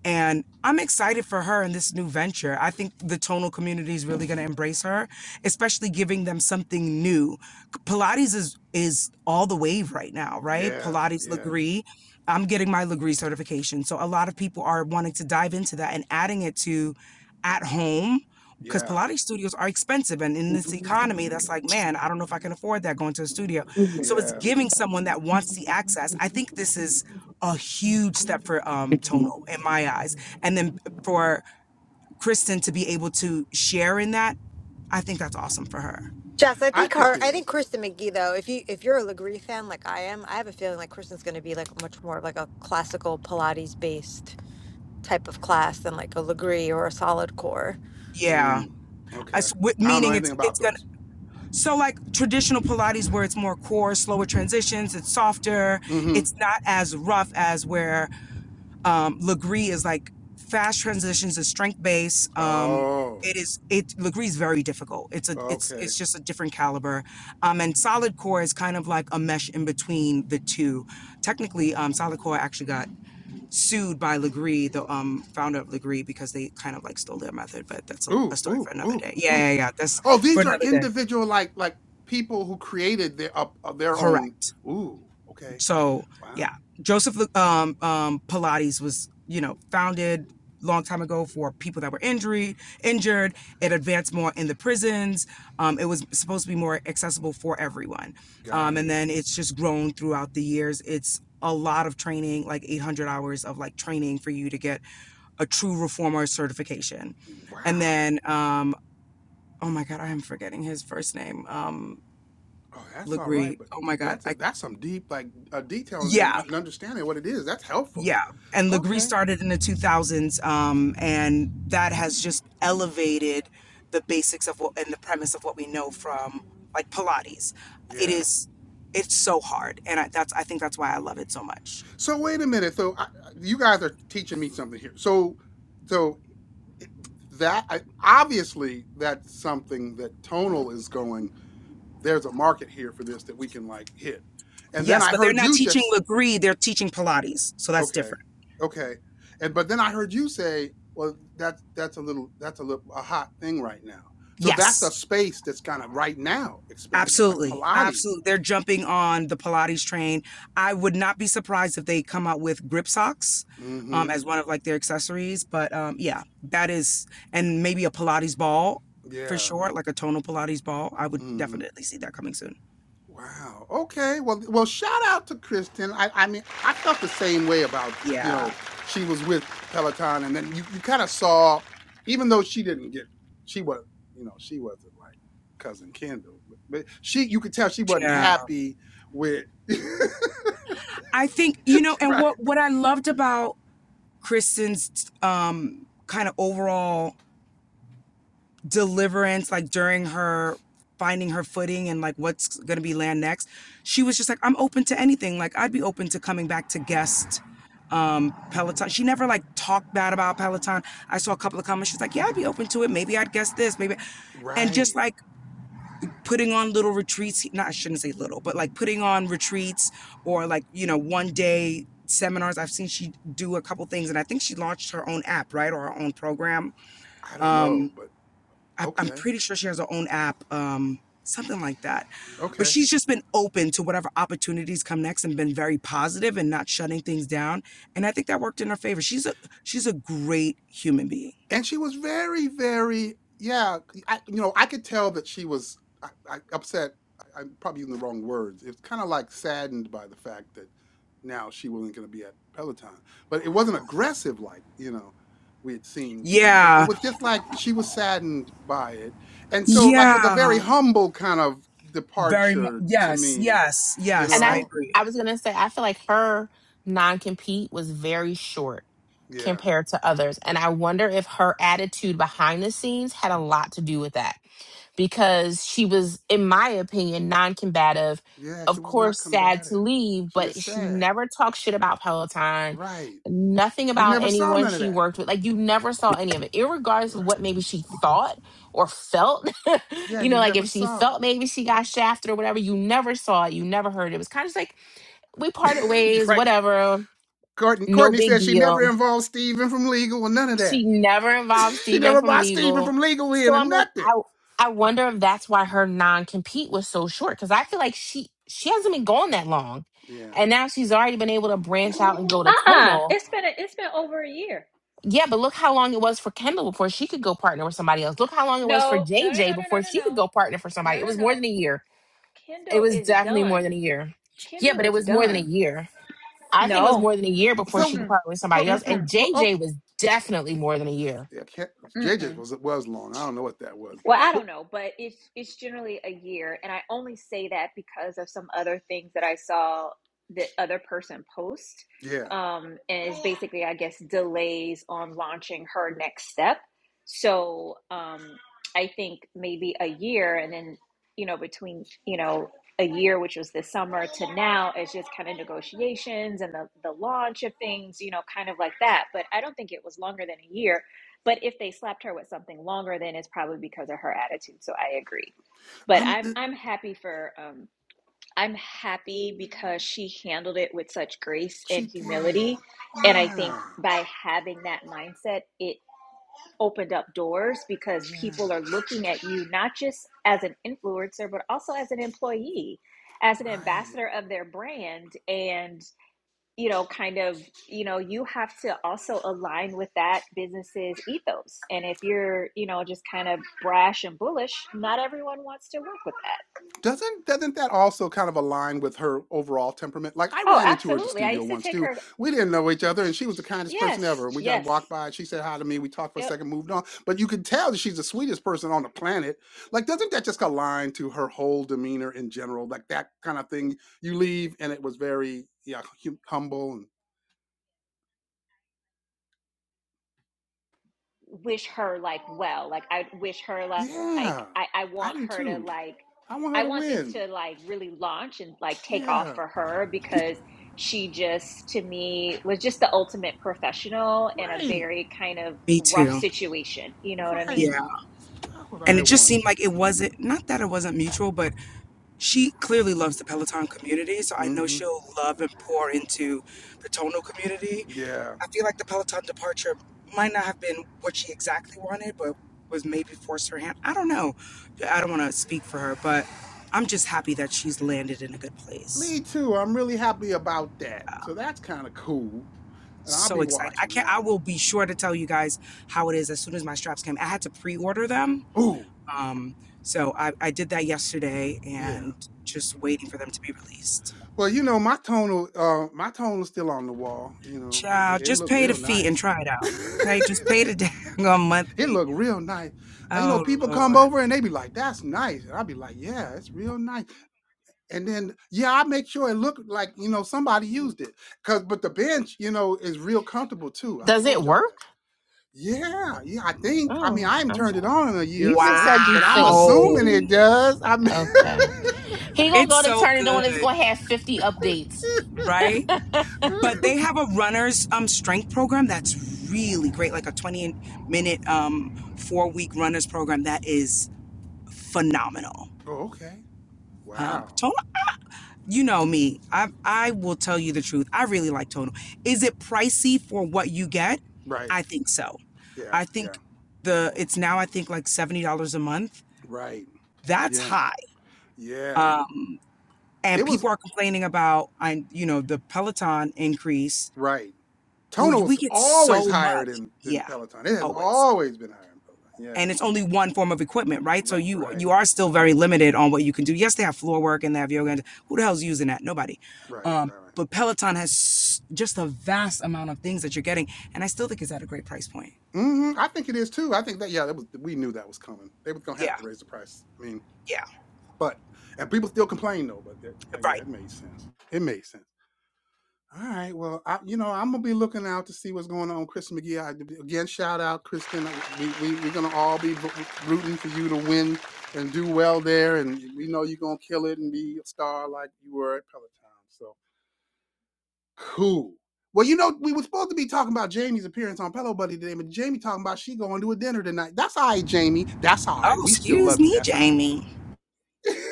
[SPEAKER 5] and i'm excited for her in this new venture i think the tonal community is really going to embrace her especially giving them something new pilates is is all the wave right now right
[SPEAKER 1] Yeah.
[SPEAKER 5] pilates
[SPEAKER 1] Yeah.
[SPEAKER 5] legree i'm getting my legree certification so a lot of people are wanting to dive into that and adding it to at home because
[SPEAKER 1] Yeah.
[SPEAKER 5] Pilates studios are expensive. And in this economy, that's like, man, I don't know if I can afford that going to a studio. So it's
[SPEAKER 1] Yeah.
[SPEAKER 5] giving someone that wants the access. I think this is a huge step for um, Tono in my eyes. And then for Kristen to be able to share in that, I think that's awesome for her.
[SPEAKER 3] Jess, I
[SPEAKER 1] I
[SPEAKER 3] think
[SPEAKER 1] think
[SPEAKER 3] her,
[SPEAKER 1] it
[SPEAKER 3] I think
[SPEAKER 1] is.
[SPEAKER 3] Kristen McGee though. If you if you're a Legree fan like I am, I have a feeling like Kristen's going to be like much more of like a classical Pilates based type of class than like a Legree or a solid core.
[SPEAKER 5] Yeah,
[SPEAKER 1] Mm,
[SPEAKER 5] I
[SPEAKER 1] okay. I don't know
[SPEAKER 5] meaning it's
[SPEAKER 1] anything about
[SPEAKER 5] it's gonna
[SPEAKER 1] those.
[SPEAKER 5] so like traditional Pilates where it's more core, slower transitions, it's softer,
[SPEAKER 1] Mm-hmm.
[SPEAKER 5] it's not as rough as where um, Legree is like fast transitions is strength base. Um,
[SPEAKER 1] Oh.
[SPEAKER 5] it is it Legree is very difficult. It's a it's
[SPEAKER 1] okay.
[SPEAKER 5] it's just a different caliber. Um, and solid core is kind of like a mesh in between the two. Technically, um, solid core actually got sued by Legree, the um, founder of Legree, because they kind of like stole their method. But that's a, a
[SPEAKER 1] Ooh,
[SPEAKER 5] story for
[SPEAKER 1] ooh,
[SPEAKER 5] another
[SPEAKER 1] ooh,
[SPEAKER 5] day. Yeah,
[SPEAKER 1] ooh.
[SPEAKER 5] yeah, yeah. That's
[SPEAKER 1] Oh,
[SPEAKER 5] for
[SPEAKER 1] these are
[SPEAKER 5] another day.
[SPEAKER 1] individual like like people who created their up uh, their own.
[SPEAKER 5] Correct.
[SPEAKER 1] Ooh, okay.
[SPEAKER 5] So
[SPEAKER 1] Wow.
[SPEAKER 5] yeah, Joseph um, um, Pilates was you know founded long time ago for people that were injured. Injured. It advanced more in the prisons. Um, it was supposed to be more accessible for everyone,
[SPEAKER 1] Got
[SPEAKER 5] um, and
[SPEAKER 1] it.
[SPEAKER 5] then it's just grown throughout the years. It's a lot of training, like 800 hours of like training for you to get a true reformer certification, and
[SPEAKER 1] Wow.
[SPEAKER 5] then um, oh my god, I am forgetting his first name. Um,
[SPEAKER 1] Oh, that's all right,
[SPEAKER 5] Legree.
[SPEAKER 1] but
[SPEAKER 5] Oh my
[SPEAKER 1] th-
[SPEAKER 5] god,
[SPEAKER 1] that's a,
[SPEAKER 5] I
[SPEAKER 1] that's some deep like uh, detail
[SPEAKER 5] yeah
[SPEAKER 1] and uh, understanding what it is. That's helpful.
[SPEAKER 5] Yeah, and Legree
[SPEAKER 1] Okay.
[SPEAKER 5] started in the 2000s, um, and that has just elevated the basics of what and the premise of what we know from like Pilates. It
[SPEAKER 1] Yeah.
[SPEAKER 5] is, it's so hard, and I, that's I think that's why I love it so much.
[SPEAKER 1] So wait a minute. So I, I- you guys are teaching me something here. So so i- that I, obviously that's something that tonal is going. there's a market here for this that we can like hit. And then
[SPEAKER 5] Yes,
[SPEAKER 1] I
[SPEAKER 5] but they're
[SPEAKER 1] heard
[SPEAKER 5] not
[SPEAKER 1] you
[SPEAKER 5] teaching
[SPEAKER 1] just
[SPEAKER 5] Legree; they're teaching Pilates, so that's
[SPEAKER 1] okay,
[SPEAKER 5] different.
[SPEAKER 1] okay, and but then I heard you say, well, that's that's a little that's a little a hot thing right now. So that's
[SPEAKER 5] Yes,
[SPEAKER 1] a space that's kind of right now expanding, like
[SPEAKER 5] Absolutely.
[SPEAKER 1] Pilates.
[SPEAKER 5] Absolutely. They're jumping on the Pilates train. I would not be surprised if they come out with grip socks um,
[SPEAKER 1] Mm-hmm.
[SPEAKER 5] as one of like their accessories. But um, yeah, that is, and maybe a Pilates ball for
[SPEAKER 1] Yeah.
[SPEAKER 5] sure, like a tonal Pilates ball. I would
[SPEAKER 1] Mm-hmm.
[SPEAKER 5] definitely see that coming soon.
[SPEAKER 1] Wow. Okay. Well, well, shout out to Kristen. I, I mean, I felt the same way about, you know,
[SPEAKER 5] Yeah.
[SPEAKER 1] she was with Peloton and then you, you kind of saw, even though she didn't get, she was, you know, she wasn't like cousin Kendall, but, but she, you could tell she wasn't
[SPEAKER 5] Yeah.
[SPEAKER 1] happy with,
[SPEAKER 5] I think, you know, and
[SPEAKER 1] right.
[SPEAKER 5] what, what I loved about Kristen's um, kind of overall deliverance, like during her finding her footing and like what's going to be land next, she was just like, I'm open to anything. Like, I'd be open to coming back to guest um, Peloton. She never like talked bad about Peloton. I saw a couple of comments. She's like, Yeah, I'd be open to it. Maybe I'd guest this. Maybe. And
[SPEAKER 1] Right.
[SPEAKER 5] just like putting on little retreats, not, I shouldn't say little, but like putting on retreats or like, you know, one day seminars. I've seen she do a couple things and I think she launched her own app, right? Or her own program
[SPEAKER 1] I don't know, but
[SPEAKER 5] I, I'm
[SPEAKER 1] okay.
[SPEAKER 5] pretty sure she has her own app, um, something like that. But
[SPEAKER 1] Okay.
[SPEAKER 5] she's just been open to whatever opportunities come next and been very positive and not shutting things down. And I think that worked in her favor. She's a she's a great human being.
[SPEAKER 1] and she was very very yeah I, you know i could tell that she was I, I, upset I, i'm probably using the wrong words it's kind of like saddened by the fact that now she wasn't going to be at peloton but it wasn't aggressive like you know we had seen it, it
[SPEAKER 5] Yeah,
[SPEAKER 1] was just like she was saddened by it and so like it was a very
[SPEAKER 5] yeah,
[SPEAKER 1] humble kind of
[SPEAKER 5] very much.
[SPEAKER 1] departure to
[SPEAKER 5] Yes,
[SPEAKER 1] me
[SPEAKER 5] yes,
[SPEAKER 1] you
[SPEAKER 5] yes.
[SPEAKER 2] and
[SPEAKER 5] I
[SPEAKER 2] I
[SPEAKER 1] know
[SPEAKER 5] agree.
[SPEAKER 2] I was gonna say I feel like her non compete was very short
[SPEAKER 1] yeah
[SPEAKER 2] compared to others, and I wonder if her attitude behind the scenes had a lot to do with that because she was, in my opinion, non combative.
[SPEAKER 1] yeah she
[SPEAKER 2] Of
[SPEAKER 1] was not
[SPEAKER 2] course, sad to
[SPEAKER 1] combative
[SPEAKER 2] leave,
[SPEAKER 1] she was
[SPEAKER 2] but
[SPEAKER 1] just
[SPEAKER 2] she
[SPEAKER 1] sad
[SPEAKER 2] never talked shit about Peloton,
[SPEAKER 1] right
[SPEAKER 2] nothing
[SPEAKER 1] you
[SPEAKER 2] about
[SPEAKER 1] never saw
[SPEAKER 2] anyone
[SPEAKER 1] none of
[SPEAKER 2] she
[SPEAKER 1] that
[SPEAKER 2] worked with. Like, you never saw any of it, irregardless of
[SPEAKER 1] right
[SPEAKER 2] what maybe she thought or felt.
[SPEAKER 1] Yeah,
[SPEAKER 2] you know,
[SPEAKER 1] you
[SPEAKER 2] like
[SPEAKER 1] never
[SPEAKER 2] if she
[SPEAKER 1] saw it.
[SPEAKER 2] felt maybe she got shafted or whatever, you never saw it, you never heard it. It was kind of just like, we parted
[SPEAKER 1] you
[SPEAKER 2] ways,
[SPEAKER 1] right.
[SPEAKER 2] whatever,
[SPEAKER 1] Courtney,
[SPEAKER 2] no
[SPEAKER 1] Courtney
[SPEAKER 2] big
[SPEAKER 1] says she never
[SPEAKER 2] deal
[SPEAKER 1] involved Steven from legal or none of that.
[SPEAKER 2] she never involved
[SPEAKER 1] she
[SPEAKER 2] Steven
[SPEAKER 1] never
[SPEAKER 2] from
[SPEAKER 1] brought Steven
[SPEAKER 2] legal.
[SPEAKER 1] from legal in
[SPEAKER 2] So
[SPEAKER 1] or
[SPEAKER 2] I'm like,
[SPEAKER 1] nothing.
[SPEAKER 2] I I wonder if that's why her non-compete was so short. Cause I feel like she she hasn't been gone that long.
[SPEAKER 1] Yeah.
[SPEAKER 2] And now she's already been able to branch out and go to
[SPEAKER 4] uh-uh.
[SPEAKER 2] tonal.
[SPEAKER 4] It's been, a, it's been over a year.
[SPEAKER 2] Yeah, but look how long it was for Kendall before she could go partner with somebody else. Look how long it was for
[SPEAKER 4] No, no, no,
[SPEAKER 2] JJ
[SPEAKER 4] no, no,
[SPEAKER 2] before
[SPEAKER 4] no,
[SPEAKER 2] she could
[SPEAKER 4] no,
[SPEAKER 2] go partner for
[SPEAKER 4] no, no,
[SPEAKER 2] somebody. It
[SPEAKER 4] no,
[SPEAKER 2] was more
[SPEAKER 4] no.
[SPEAKER 2] than a year. It
[SPEAKER 4] Kendall
[SPEAKER 2] was
[SPEAKER 4] is
[SPEAKER 2] definitely more
[SPEAKER 4] done.
[SPEAKER 2] than a year. Yeah,
[SPEAKER 4] Kendall
[SPEAKER 2] but it
[SPEAKER 4] is
[SPEAKER 2] was more than a
[SPEAKER 4] done.
[SPEAKER 2] year. I think it was
[SPEAKER 4] No.
[SPEAKER 2] more than a year before she could
[SPEAKER 1] So,
[SPEAKER 4] Mm-mm.
[SPEAKER 2] partner with
[SPEAKER 1] but,
[SPEAKER 2] somebody else.
[SPEAKER 1] but,
[SPEAKER 2] And
[SPEAKER 4] Mm-mm.
[SPEAKER 1] but oh,
[SPEAKER 2] JJ was definitely more than a year
[SPEAKER 1] yeah, J
[SPEAKER 4] Mm-mm.
[SPEAKER 1] JJ's was it was long. I don't know what that was, but
[SPEAKER 4] Well, I
[SPEAKER 1] but
[SPEAKER 4] don't know, but it's it's generally a year, and I only say that because of some other things that I saw the other person post,
[SPEAKER 1] yeah,
[SPEAKER 4] um, and it's basically, I guess, delays on launching her next step. So um, I think maybe a year, and then you know between you know a year, which was this summer, to now, it's just kind of negotiations and the the launch of things, you know, kind of like that. But I don't think it was longer than a year but if they slapped her with something longer, then it's probably because of her attitude. So I agree. But
[SPEAKER 1] I'm.
[SPEAKER 4] I'm I'm happy for um I'm happy because she handled it with such grace and
[SPEAKER 1] She did.
[SPEAKER 4] humility. And I think
[SPEAKER 1] Yeah.
[SPEAKER 4] by having that mindset, it opened up doors because
[SPEAKER 1] Yeah.
[SPEAKER 4] people are looking at you not just as an influencer, but also as an employee, as an
[SPEAKER 1] Right.
[SPEAKER 4] ambassador of their brand. and you know, kind of, you know, you have to also align with that business's ethos. And if you're, you know, just kind of brash and bullish, not everyone wants to work with that.
[SPEAKER 1] Doesn't doesn't that also kind of align with her overall temperament? Like I
[SPEAKER 4] Oh,
[SPEAKER 1] ran into her at the
[SPEAKER 4] absolutely. I
[SPEAKER 1] studio
[SPEAKER 4] used to
[SPEAKER 1] once
[SPEAKER 4] take
[SPEAKER 1] too.
[SPEAKER 4] her.
[SPEAKER 1] We didn't know each other, and she was the kindest person ever.
[SPEAKER 4] Yes,
[SPEAKER 1] And we just
[SPEAKER 4] yes.
[SPEAKER 1] walked by, and she said hi to me. We talked for a
[SPEAKER 4] Yep.
[SPEAKER 1] second, moved on. But you could tell that she's the sweetest person on the planet. Like, doesn't that just align to her whole demeanor in general? Like that kind of thing. You leave, and it was very yeah hum- humble and
[SPEAKER 4] wish her like well like i wish her like, like
[SPEAKER 1] yeah.
[SPEAKER 4] I, I
[SPEAKER 1] I
[SPEAKER 4] want
[SPEAKER 1] do
[SPEAKER 4] her to
[SPEAKER 1] too.
[SPEAKER 4] like
[SPEAKER 1] I want her
[SPEAKER 4] i
[SPEAKER 1] to
[SPEAKER 4] want this
[SPEAKER 1] win.
[SPEAKER 4] to like really launch and like take off
[SPEAKER 1] Yeah,
[SPEAKER 4] for her because she just to me was just the ultimate professional in a
[SPEAKER 1] right,
[SPEAKER 4] very kind of
[SPEAKER 5] Me
[SPEAKER 4] rough
[SPEAKER 5] too.
[SPEAKER 4] situation you know what i mean
[SPEAKER 5] Yeah.
[SPEAKER 1] right. That's what
[SPEAKER 5] And
[SPEAKER 1] I
[SPEAKER 5] it just
[SPEAKER 1] want.
[SPEAKER 5] seemed like it wasn't, not that it wasn't mutual, but she clearly loves the Peloton community. So I know
[SPEAKER 1] hmm
[SPEAKER 5] she'll love and pour into the Tonal community.
[SPEAKER 1] Yeah.
[SPEAKER 5] I feel like the Peloton departure might not have been what she exactly wanted, but was maybe forced her hand. I don't know. I don't want to speak for her, but I'm just happy that she's landed in a good place.
[SPEAKER 1] Me too. I'm really happy about that. So that's kind of cool. And I'll
[SPEAKER 5] So
[SPEAKER 1] be
[SPEAKER 5] excited. I
[SPEAKER 1] watching
[SPEAKER 5] can't
[SPEAKER 1] that
[SPEAKER 5] I
[SPEAKER 1] one.
[SPEAKER 5] will be sure to tell you guys how it is as soon as my straps came. I had to pre-order them
[SPEAKER 1] Ooh,
[SPEAKER 5] Um, so I, I did that yesterday
[SPEAKER 1] yeah.
[SPEAKER 5] and just waiting for them to be released.
[SPEAKER 1] Well, you know, my tonal, uh, my tonal still on the wall. You know, it,
[SPEAKER 5] Child,
[SPEAKER 1] it
[SPEAKER 5] just
[SPEAKER 1] looked
[SPEAKER 5] pay the
[SPEAKER 1] real
[SPEAKER 5] fee and
[SPEAKER 1] nice.
[SPEAKER 5] try it out. Okay, just
[SPEAKER 1] it
[SPEAKER 5] pay the daggone monthly.
[SPEAKER 1] looked real nice. And, you know,
[SPEAKER 5] Oh
[SPEAKER 1] people come
[SPEAKER 5] Lord.
[SPEAKER 1] over and they be like, "That's nice," and I'll be like, "Yeah, it's real nice." And then, yeah, I make sure it looked like you know somebody used it. Cause, but the bench, you know, is real comfortable too. I
[SPEAKER 2] does it
[SPEAKER 1] told y'all that.
[SPEAKER 2] work?
[SPEAKER 1] Yeah, yeah, I think. I mean,
[SPEAKER 2] Oh,
[SPEAKER 1] I haven't
[SPEAKER 2] I'm
[SPEAKER 1] turned
[SPEAKER 2] just,
[SPEAKER 1] it on in a year
[SPEAKER 2] you
[SPEAKER 1] or
[SPEAKER 2] just
[SPEAKER 1] so,
[SPEAKER 2] said you
[SPEAKER 1] but I'm
[SPEAKER 2] think.
[SPEAKER 5] Wow.
[SPEAKER 1] assuming it does. I mean,
[SPEAKER 2] Okay. He gonna
[SPEAKER 5] It's
[SPEAKER 2] go to
[SPEAKER 5] so
[SPEAKER 2] turn it on. It's
[SPEAKER 5] good,
[SPEAKER 2] gonna have 50 updates.
[SPEAKER 5] right? But
[SPEAKER 1] oh,
[SPEAKER 5] they have a runner's um strength program that's really great, like a 20 minute um four week runners program that is phenomenal.
[SPEAKER 1] okay.
[SPEAKER 5] Um,
[SPEAKER 1] Wow.
[SPEAKER 5] Tony you know me. I I will tell you the truth. I really like tonal. Is it pricey for what you get?
[SPEAKER 1] Right.
[SPEAKER 5] I think so.
[SPEAKER 1] Yeah.
[SPEAKER 5] I
[SPEAKER 1] Yeah.
[SPEAKER 5] think the it's now I think like seventy dollars a month.
[SPEAKER 1] Right.
[SPEAKER 5] That's
[SPEAKER 1] Yeah.
[SPEAKER 5] high.
[SPEAKER 1] Yeah.
[SPEAKER 5] Um,
[SPEAKER 1] It
[SPEAKER 5] and
[SPEAKER 1] was
[SPEAKER 5] people are complaining about I you know the Peloton increase,
[SPEAKER 1] right.
[SPEAKER 5] but
[SPEAKER 1] Toner
[SPEAKER 5] we
[SPEAKER 1] was
[SPEAKER 5] get
[SPEAKER 1] always
[SPEAKER 5] so
[SPEAKER 1] higher
[SPEAKER 5] much.
[SPEAKER 1] than than
[SPEAKER 5] Yeah,
[SPEAKER 1] Peloton. It has
[SPEAKER 5] always.
[SPEAKER 1] always been higher than Peloton. Yeah.
[SPEAKER 5] and it's only one form of equipment, right? So
[SPEAKER 1] Right.
[SPEAKER 5] you
[SPEAKER 1] Right.
[SPEAKER 5] you are still very limited on what you can do. Yes, they have floor work and they have yoga. And who the hell's using that? Nobody.
[SPEAKER 1] Right.
[SPEAKER 5] Um,
[SPEAKER 1] Right. Right.
[SPEAKER 5] but Peloton has just a vast amount of things that you're getting, and I still think it's at a great price point.
[SPEAKER 1] hmm I think it is too. I think that yeah, that was we knew that was coming. They were gonna have
[SPEAKER 5] Yeah,
[SPEAKER 1] to raise the price. I mean,
[SPEAKER 5] yeah,
[SPEAKER 1] but and people still complain though. But that, yeah, yeah,
[SPEAKER 5] right.
[SPEAKER 1] it made sense. It made sense. All right. Well, I, you know, I'm gonna be looking out to see what's going on, Kristen McGee. I, again, shout out, Kristen. We, we we're gonna all be vo- rooting for you to win and do well there, and we know you're gonna kill it and be a star like you were at Peloton. So cool. Well, you know, we were supposed to be talking about Jamie's appearance on Pillow Buddy today, but Jamie talking about she going to a dinner tonight. That's all right, Jamie. That's all right.
[SPEAKER 5] Oh,
[SPEAKER 1] We still
[SPEAKER 5] excuse
[SPEAKER 1] love you.
[SPEAKER 5] me,
[SPEAKER 1] That's all
[SPEAKER 5] Jamie.
[SPEAKER 1] right.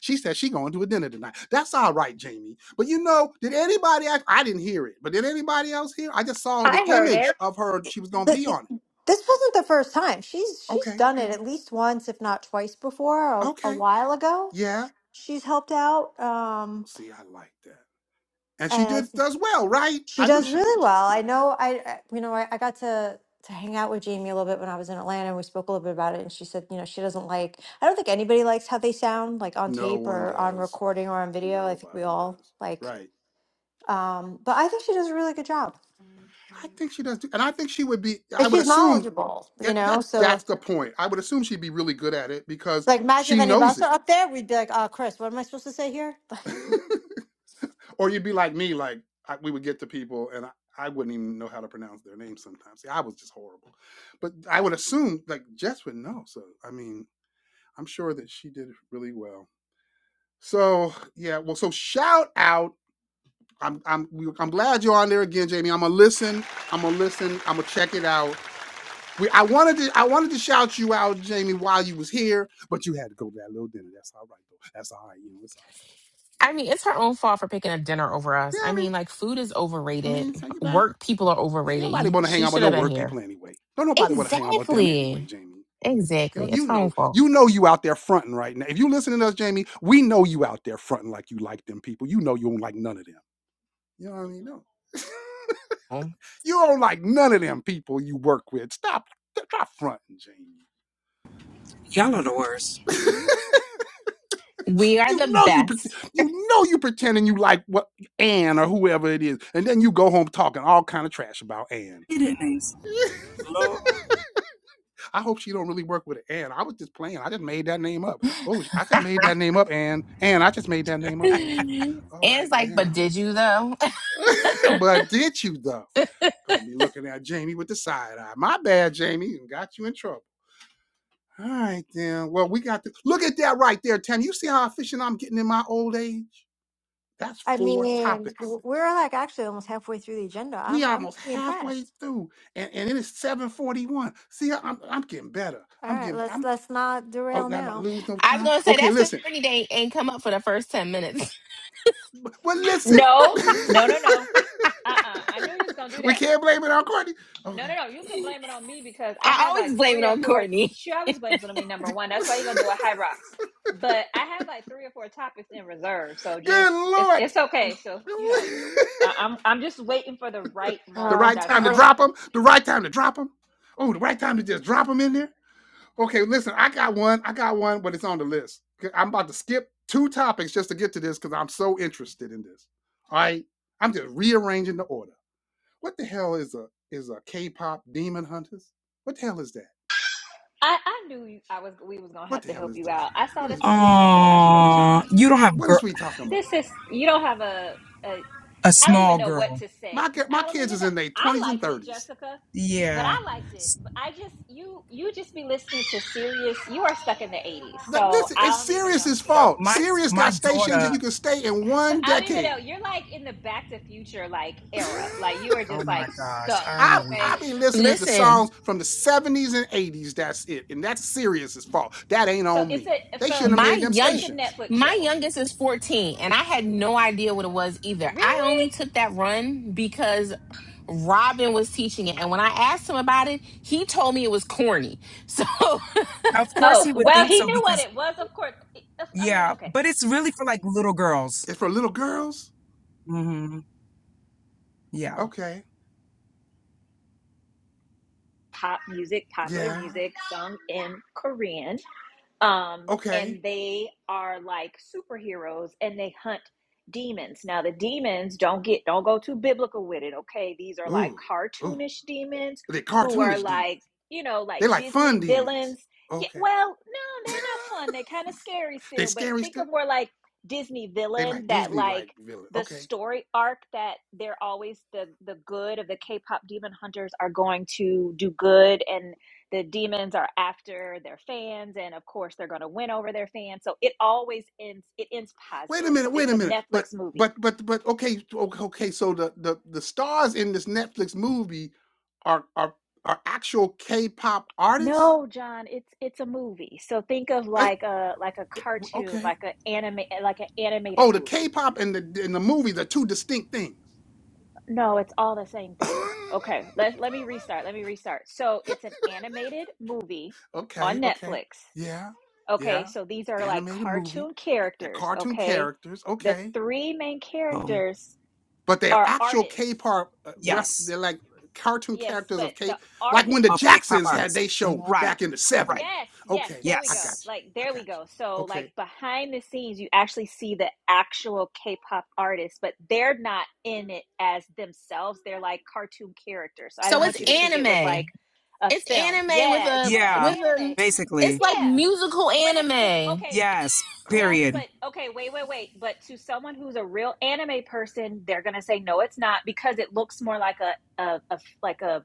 [SPEAKER 1] She said she going to a dinner tonight. That's all right, Jamie. But you know, did anybody? Act, I didn't hear it, but did anybody else hear? I just saw the
[SPEAKER 3] I heard
[SPEAKER 1] image
[SPEAKER 3] it.
[SPEAKER 1] of her. She was going to
[SPEAKER 3] Th-
[SPEAKER 1] be
[SPEAKER 3] th-
[SPEAKER 1] on it.
[SPEAKER 3] this wasn't the first time. She's she's
[SPEAKER 1] Okay,
[SPEAKER 3] done it at least once, if not twice before, a, a
[SPEAKER 1] okay,
[SPEAKER 3] while ago.
[SPEAKER 1] yeah.
[SPEAKER 3] She's helped out, um,
[SPEAKER 1] See, I like that, and she
[SPEAKER 3] and I
[SPEAKER 1] did does well, right?
[SPEAKER 3] She
[SPEAKER 1] I knew
[SPEAKER 3] does
[SPEAKER 1] she would.
[SPEAKER 3] really well. I
[SPEAKER 1] Yeah.
[SPEAKER 3] know. I I- you know I, I got to to hang out with Jamie a little bit when I was in Atlanta, and we spoke a little bit about it. And she said, you know, she doesn't like. I don't think anybody likes how they sound, like on
[SPEAKER 1] No
[SPEAKER 3] tape
[SPEAKER 1] one
[SPEAKER 3] or on
[SPEAKER 1] does.
[SPEAKER 3] recording or on video. I think we
[SPEAKER 1] Nobody
[SPEAKER 3] all
[SPEAKER 1] does.
[SPEAKER 3] like.
[SPEAKER 1] Right.
[SPEAKER 3] Um, but I think she does a really good job,
[SPEAKER 1] I think she does, do, and I think she would be.
[SPEAKER 3] and
[SPEAKER 1] I would
[SPEAKER 3] she's
[SPEAKER 1] assume.
[SPEAKER 3] knowledgeable.
[SPEAKER 1] Yeah,
[SPEAKER 3] You know,
[SPEAKER 1] that
[SPEAKER 3] so
[SPEAKER 1] that's the point. I would assume she'd be really good at it because
[SPEAKER 3] like imagine
[SPEAKER 1] she
[SPEAKER 3] if any of
[SPEAKER 1] knows
[SPEAKER 3] us are up there, we'd be like, "Oh, Chris, what am I supposed to say here?"
[SPEAKER 1] it. Or you'd be like me, like I, we would get to people and I, I wouldn't even know how to pronounce their names sometimes. See, I was just horrible. But I would assume like Jess would know. So I mean, I'm sure that she did really well. So yeah, well, so shout out. I'm I'm I'm glad you're on there again, Jamie. I'm gonna listen. I'm gonna listen. I'm gonna check it out. We, I wanted to I wanted to shout you out, Jamie, while you was here, but you had to go to that little dinner. That's all right, though. That's all right. You know, it's all right. You
[SPEAKER 2] I
[SPEAKER 1] know.
[SPEAKER 2] mean, it's her own fault for picking a dinner over us.
[SPEAKER 1] Yeah,
[SPEAKER 2] I
[SPEAKER 1] I mean,
[SPEAKER 2] mean, like food is
[SPEAKER 1] I
[SPEAKER 2] overrated.
[SPEAKER 1] mean, so you back.
[SPEAKER 2] Work people are
[SPEAKER 1] Yeah, ain't
[SPEAKER 2] overrated.
[SPEAKER 1] nobody
[SPEAKER 2] You
[SPEAKER 1] want to hang
[SPEAKER 2] she
[SPEAKER 1] out with
[SPEAKER 2] should
[SPEAKER 1] no
[SPEAKER 2] have been
[SPEAKER 1] work people
[SPEAKER 2] here.
[SPEAKER 1] anyway. Don't nobody want to hang out with them anyway,
[SPEAKER 2] Exactly.
[SPEAKER 1] Jamie. You know,
[SPEAKER 2] Exactly. It's
[SPEAKER 1] you
[SPEAKER 2] her
[SPEAKER 1] know,
[SPEAKER 2] own fault.
[SPEAKER 1] you know you out there fronting right now. If you listening to us, Jamie, we know you out there fronting like you like them people. You know you don't like none of them. You know what I mean? No. you don't like none of them people you work with. Stop, stop fronting, Jamie.
[SPEAKER 5] Y'all are the worst.
[SPEAKER 2] We are
[SPEAKER 1] you
[SPEAKER 2] the
[SPEAKER 1] know you,
[SPEAKER 2] best.
[SPEAKER 1] you know you pretending you like what Ann or whoever it is, and then you go home talking all kind of trash about Ann.
[SPEAKER 5] It is names, Lord.
[SPEAKER 1] I hope she don't really work with Ann. I was just playing. I just made that name up. Oh, I just made that name up, Ann. Ann, I just made that name up, Ann. All
[SPEAKER 2] And
[SPEAKER 1] right,
[SPEAKER 2] it's like, but
[SPEAKER 1] damn.
[SPEAKER 2] did you though?
[SPEAKER 1] but did you though? Gonna be looking at Jamie with the side eye. My bad, Jamie, got you in trouble. All right, then. Well, we got to look at that right there, Tam. You see how efficient I'm getting in my old age? That's
[SPEAKER 3] I
[SPEAKER 1] four
[SPEAKER 3] mean,
[SPEAKER 1] topics.
[SPEAKER 3] w- we're like actually almost halfway through the agenda.
[SPEAKER 1] We
[SPEAKER 3] I'm I'm
[SPEAKER 1] almost
[SPEAKER 3] pretty
[SPEAKER 1] halfway
[SPEAKER 3] impressed.
[SPEAKER 1] through, and, and it is 741. See, I'm I'm getting better.
[SPEAKER 3] All
[SPEAKER 1] I'm
[SPEAKER 3] right,
[SPEAKER 1] getting
[SPEAKER 3] let's
[SPEAKER 1] I'm
[SPEAKER 3] let's not
[SPEAKER 1] oh,
[SPEAKER 3] derail
[SPEAKER 1] not, not
[SPEAKER 3] now.
[SPEAKER 1] lose no
[SPEAKER 2] I was
[SPEAKER 1] time.
[SPEAKER 2] gonna say
[SPEAKER 1] Okay,
[SPEAKER 2] that's if
[SPEAKER 1] listen.
[SPEAKER 2] Courtney Day ain't come up for the first ten minutes.
[SPEAKER 1] Well, listen,
[SPEAKER 4] no no no no uh-uh i knew you was gonna do
[SPEAKER 1] we
[SPEAKER 4] that
[SPEAKER 1] can't blame it on Courtney.
[SPEAKER 4] No,
[SPEAKER 1] Okay.
[SPEAKER 4] no, no. You can blame it on me because I
[SPEAKER 2] I
[SPEAKER 4] have like
[SPEAKER 2] always blame it
[SPEAKER 4] three or
[SPEAKER 2] on
[SPEAKER 4] four.
[SPEAKER 2] Courtney.
[SPEAKER 4] She always blames it on me. Number one, that's why you're gonna do a high rocks. But I have like three or four topics in reserve, so just
[SPEAKER 1] Good
[SPEAKER 4] it's
[SPEAKER 1] Lord.
[SPEAKER 4] it's okay. So you know, I- I'm I'm just waiting for the right
[SPEAKER 1] the
[SPEAKER 4] moment.
[SPEAKER 3] Uh,
[SPEAKER 1] right
[SPEAKER 4] That's
[SPEAKER 1] time
[SPEAKER 2] And
[SPEAKER 1] to
[SPEAKER 2] re-
[SPEAKER 4] all.
[SPEAKER 1] drop them. The right time to drop them. Oh, the right time to just drop them in there. Okay, listen, I got one. I got one, but it's on the list. 'Kay, I'm about to skip two topics just to get to this because I'm so interested in this. All right. I'm just rearranging the order. What the hell is a is a K-pop demon hunters? What the hell is that?
[SPEAKER 4] I I knew you- I was we was gonna
[SPEAKER 1] What
[SPEAKER 4] have
[SPEAKER 1] the
[SPEAKER 4] to
[SPEAKER 1] hell
[SPEAKER 4] help
[SPEAKER 1] is
[SPEAKER 4] you
[SPEAKER 1] this?
[SPEAKER 4] out. I saw
[SPEAKER 1] What is?
[SPEAKER 4] this on the agenda. I said,
[SPEAKER 5] Aw,
[SPEAKER 4] John,
[SPEAKER 5] you don't have
[SPEAKER 1] What is
[SPEAKER 5] girl,
[SPEAKER 1] we talking about?
[SPEAKER 4] this is you don't have a. a
[SPEAKER 5] a
[SPEAKER 4] I don't even
[SPEAKER 5] small
[SPEAKER 4] know what
[SPEAKER 5] girl.
[SPEAKER 4] to
[SPEAKER 1] My
[SPEAKER 4] say.
[SPEAKER 1] my
[SPEAKER 4] I don't
[SPEAKER 1] kids
[SPEAKER 4] even
[SPEAKER 1] is
[SPEAKER 4] know.
[SPEAKER 1] in their
[SPEAKER 4] I
[SPEAKER 1] twenties and
[SPEAKER 4] liked it,
[SPEAKER 1] thirties.
[SPEAKER 4] Jessica, but
[SPEAKER 5] Yeah.
[SPEAKER 4] I liked it. But I just you you just be listening to serious. You are stuck in the '80s, so
[SPEAKER 1] Listen,
[SPEAKER 4] I
[SPEAKER 1] it's
[SPEAKER 4] don't even know.
[SPEAKER 1] Sirius's
[SPEAKER 5] No,
[SPEAKER 1] fault.
[SPEAKER 5] my
[SPEAKER 1] Sirius
[SPEAKER 5] my
[SPEAKER 1] got stations,
[SPEAKER 5] daughter.
[SPEAKER 1] and you can stay in one
[SPEAKER 4] I don't even know.
[SPEAKER 1] decade.
[SPEAKER 4] You're like in the Back to Future like era. Like you are
[SPEAKER 5] Oh
[SPEAKER 4] just
[SPEAKER 5] my
[SPEAKER 4] like
[SPEAKER 5] gosh,
[SPEAKER 4] stuck.
[SPEAKER 1] I've
[SPEAKER 5] I'm weak.
[SPEAKER 4] Okay,
[SPEAKER 1] I've been listening to
[SPEAKER 2] Listen,
[SPEAKER 1] songs from the seventies and eighties. That's it, and that's Sirius's fault. That ain't
[SPEAKER 4] so
[SPEAKER 1] on
[SPEAKER 4] it's
[SPEAKER 1] me.
[SPEAKER 4] a it
[SPEAKER 1] They
[SPEAKER 4] felt
[SPEAKER 1] shouldn't have
[SPEAKER 2] my
[SPEAKER 1] made them
[SPEAKER 2] young,
[SPEAKER 4] it's a
[SPEAKER 1] stations.
[SPEAKER 4] Netflix
[SPEAKER 2] my
[SPEAKER 4] show.
[SPEAKER 2] youngest is fourteen, and I had no idea what it was either. I
[SPEAKER 4] Really?
[SPEAKER 2] only took that run because Robin was teaching it, and when I asked him about it, he told me it was corny. So
[SPEAKER 5] Of course
[SPEAKER 4] Oh
[SPEAKER 5] he would
[SPEAKER 4] well,
[SPEAKER 5] think
[SPEAKER 4] he
[SPEAKER 5] so
[SPEAKER 4] knew what
[SPEAKER 5] because
[SPEAKER 4] it was. Of course. I mean,
[SPEAKER 5] yeah,
[SPEAKER 4] okay.
[SPEAKER 5] but it's really for like little girls.
[SPEAKER 1] It's for little girls.
[SPEAKER 5] hmm Yeah.
[SPEAKER 1] Okay,
[SPEAKER 4] Pop music, popular
[SPEAKER 1] yeah,
[SPEAKER 4] music, sung in Korean um,
[SPEAKER 1] okay.
[SPEAKER 4] and they are like superheroes and they hunt demons. Now the demons don't get don't go too biblical with it, okay? These are like
[SPEAKER 1] Ooh, ooh.
[SPEAKER 4] cartoonish demons
[SPEAKER 1] They
[SPEAKER 4] who are
[SPEAKER 1] cartoonish demons.
[SPEAKER 4] like you know
[SPEAKER 1] They
[SPEAKER 4] like
[SPEAKER 1] like fun
[SPEAKER 4] Disney
[SPEAKER 1] demons.
[SPEAKER 4] villains. Yeah,
[SPEAKER 1] Okay.
[SPEAKER 4] well, no, they're not fun. They're kind of scary
[SPEAKER 1] they
[SPEAKER 4] still, but
[SPEAKER 1] scary
[SPEAKER 4] think of
[SPEAKER 1] still.
[SPEAKER 4] more like Disney
[SPEAKER 1] They
[SPEAKER 4] villain
[SPEAKER 1] like
[SPEAKER 4] that
[SPEAKER 1] Disney
[SPEAKER 4] like
[SPEAKER 1] like villain.
[SPEAKER 4] the
[SPEAKER 1] Okay.
[SPEAKER 4] story arc that they're always the the good of the K-pop demon hunters are going to do good and the demons are after their fans and of course they're going to win over their fans so it always ends it ends
[SPEAKER 1] wait a
[SPEAKER 4] positive so
[SPEAKER 1] minute, wait
[SPEAKER 4] it's
[SPEAKER 1] a
[SPEAKER 4] a
[SPEAKER 1] minute. But
[SPEAKER 4] netflix movie
[SPEAKER 1] but but but okay, okay. okay, So the the the stars in this Netflix movie are are are actual K-pop artists.
[SPEAKER 4] no john it's it's a movie so think of
[SPEAKER 1] Uh,
[SPEAKER 4] like a like a
[SPEAKER 1] it-
[SPEAKER 4] cartoon
[SPEAKER 1] Okay.
[SPEAKER 4] like a anime like an animated
[SPEAKER 1] Oh, the
[SPEAKER 4] movie
[SPEAKER 1] K-pop and the and the movies are two distinct things.
[SPEAKER 4] no it's all the same thing okay let, let me restart let me restart so it's an animated movie on
[SPEAKER 1] okay, okay,
[SPEAKER 4] netflix
[SPEAKER 1] yeah,
[SPEAKER 4] okay
[SPEAKER 1] yeah.
[SPEAKER 4] so these are like
[SPEAKER 1] Animated movie,
[SPEAKER 4] cartoon
[SPEAKER 1] they're
[SPEAKER 4] characters
[SPEAKER 1] cartoon
[SPEAKER 4] okay
[SPEAKER 1] characters.
[SPEAKER 4] the
[SPEAKER 1] Okay,
[SPEAKER 4] three main
[SPEAKER 5] Oh,
[SPEAKER 4] characters
[SPEAKER 1] but they're
[SPEAKER 4] Our
[SPEAKER 1] actual
[SPEAKER 4] artist.
[SPEAKER 1] K-pop. uh, Rep,
[SPEAKER 4] Yes.
[SPEAKER 5] yes.
[SPEAKER 1] they're like cartoon
[SPEAKER 4] Yes,
[SPEAKER 1] characters
[SPEAKER 4] but
[SPEAKER 1] of K,
[SPEAKER 4] the
[SPEAKER 1] like when the
[SPEAKER 4] artist
[SPEAKER 5] Of K-pop
[SPEAKER 1] Jacksons had
[SPEAKER 5] artists.
[SPEAKER 1] their show
[SPEAKER 5] Right.
[SPEAKER 1] back in the
[SPEAKER 5] Right.
[SPEAKER 1] seventies.
[SPEAKER 4] Yes, yes,
[SPEAKER 1] Okay,
[SPEAKER 4] there we
[SPEAKER 1] I
[SPEAKER 4] go.
[SPEAKER 1] got
[SPEAKER 5] Yes.
[SPEAKER 1] you.
[SPEAKER 4] Like
[SPEAKER 1] I
[SPEAKER 4] there we
[SPEAKER 1] got
[SPEAKER 4] go.
[SPEAKER 1] you.
[SPEAKER 4] So like
[SPEAKER 1] Okay,
[SPEAKER 4] behind the scenes you actually see the actual K-pop artists, but they're not in it as themselves. They're like cartoon characters. So I do not
[SPEAKER 2] So
[SPEAKER 1] I
[SPEAKER 2] it's
[SPEAKER 4] want you
[SPEAKER 1] get
[SPEAKER 4] to
[SPEAKER 1] it.
[SPEAKER 4] think it was like
[SPEAKER 2] anime.
[SPEAKER 4] a
[SPEAKER 2] It's
[SPEAKER 4] film.
[SPEAKER 2] anime with
[SPEAKER 4] Yeah, it's
[SPEAKER 2] a
[SPEAKER 4] kind of like
[SPEAKER 5] Yeah.
[SPEAKER 2] with
[SPEAKER 4] anime.
[SPEAKER 2] a. It's
[SPEAKER 5] Basically.
[SPEAKER 2] like
[SPEAKER 4] Yeah.
[SPEAKER 2] musical
[SPEAKER 4] But it's it's
[SPEAKER 2] anime.
[SPEAKER 4] okay.
[SPEAKER 5] Yes.
[SPEAKER 4] Yes,
[SPEAKER 1] Okay,
[SPEAKER 5] Period.
[SPEAKER 4] but okay, wait, wait, wait. But to someone who's a real anime person, they're gonna say no, it's not because it looks more like a a, a like a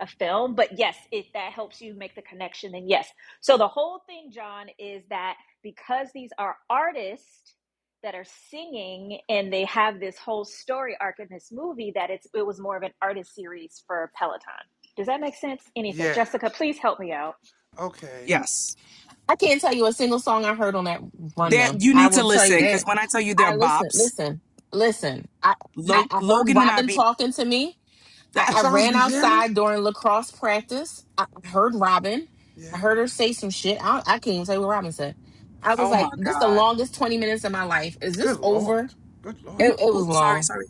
[SPEAKER 4] a film. But yes, if that helps you make the connection, then yes. So the whole thing, John, is that because these are artists that are singing and they have this whole story arc in this movie, that it's it was more of an artist series for Peloton. Does that make sense? Anissa,
[SPEAKER 1] yeah.
[SPEAKER 4] Jessica, please help me out.
[SPEAKER 1] Okay,
[SPEAKER 5] Yes.
[SPEAKER 2] I can't tell you a single song I heard on that run though.
[SPEAKER 5] That you
[SPEAKER 2] I
[SPEAKER 5] need to
[SPEAKER 2] will tell you
[SPEAKER 5] listen because
[SPEAKER 2] that.
[SPEAKER 5] when I tell you they're
[SPEAKER 2] I listen,
[SPEAKER 5] bops,
[SPEAKER 2] listen, listen. I
[SPEAKER 1] you
[SPEAKER 2] I,
[SPEAKER 5] Lo-
[SPEAKER 2] I heard
[SPEAKER 5] Logan and I
[SPEAKER 2] Robin
[SPEAKER 5] be.
[SPEAKER 2] talking to me. I,
[SPEAKER 1] the
[SPEAKER 2] I
[SPEAKER 1] songs
[SPEAKER 2] ran
[SPEAKER 1] be jamming.
[SPEAKER 2] outside during lacrosse practice. I heard Robin. I
[SPEAKER 1] Yeah.
[SPEAKER 2] heard her say some shit. I, I can't even tell you what Robin said. I was
[SPEAKER 5] oh my
[SPEAKER 2] like, this is the
[SPEAKER 5] God.
[SPEAKER 2] longest twenty minutes of my life. Is this
[SPEAKER 1] Good lord.
[SPEAKER 2] over?
[SPEAKER 1] Good lord.
[SPEAKER 2] It,
[SPEAKER 5] Oop.
[SPEAKER 2] it was
[SPEAKER 5] Oop. Sorry.
[SPEAKER 2] long.
[SPEAKER 5] Sorry.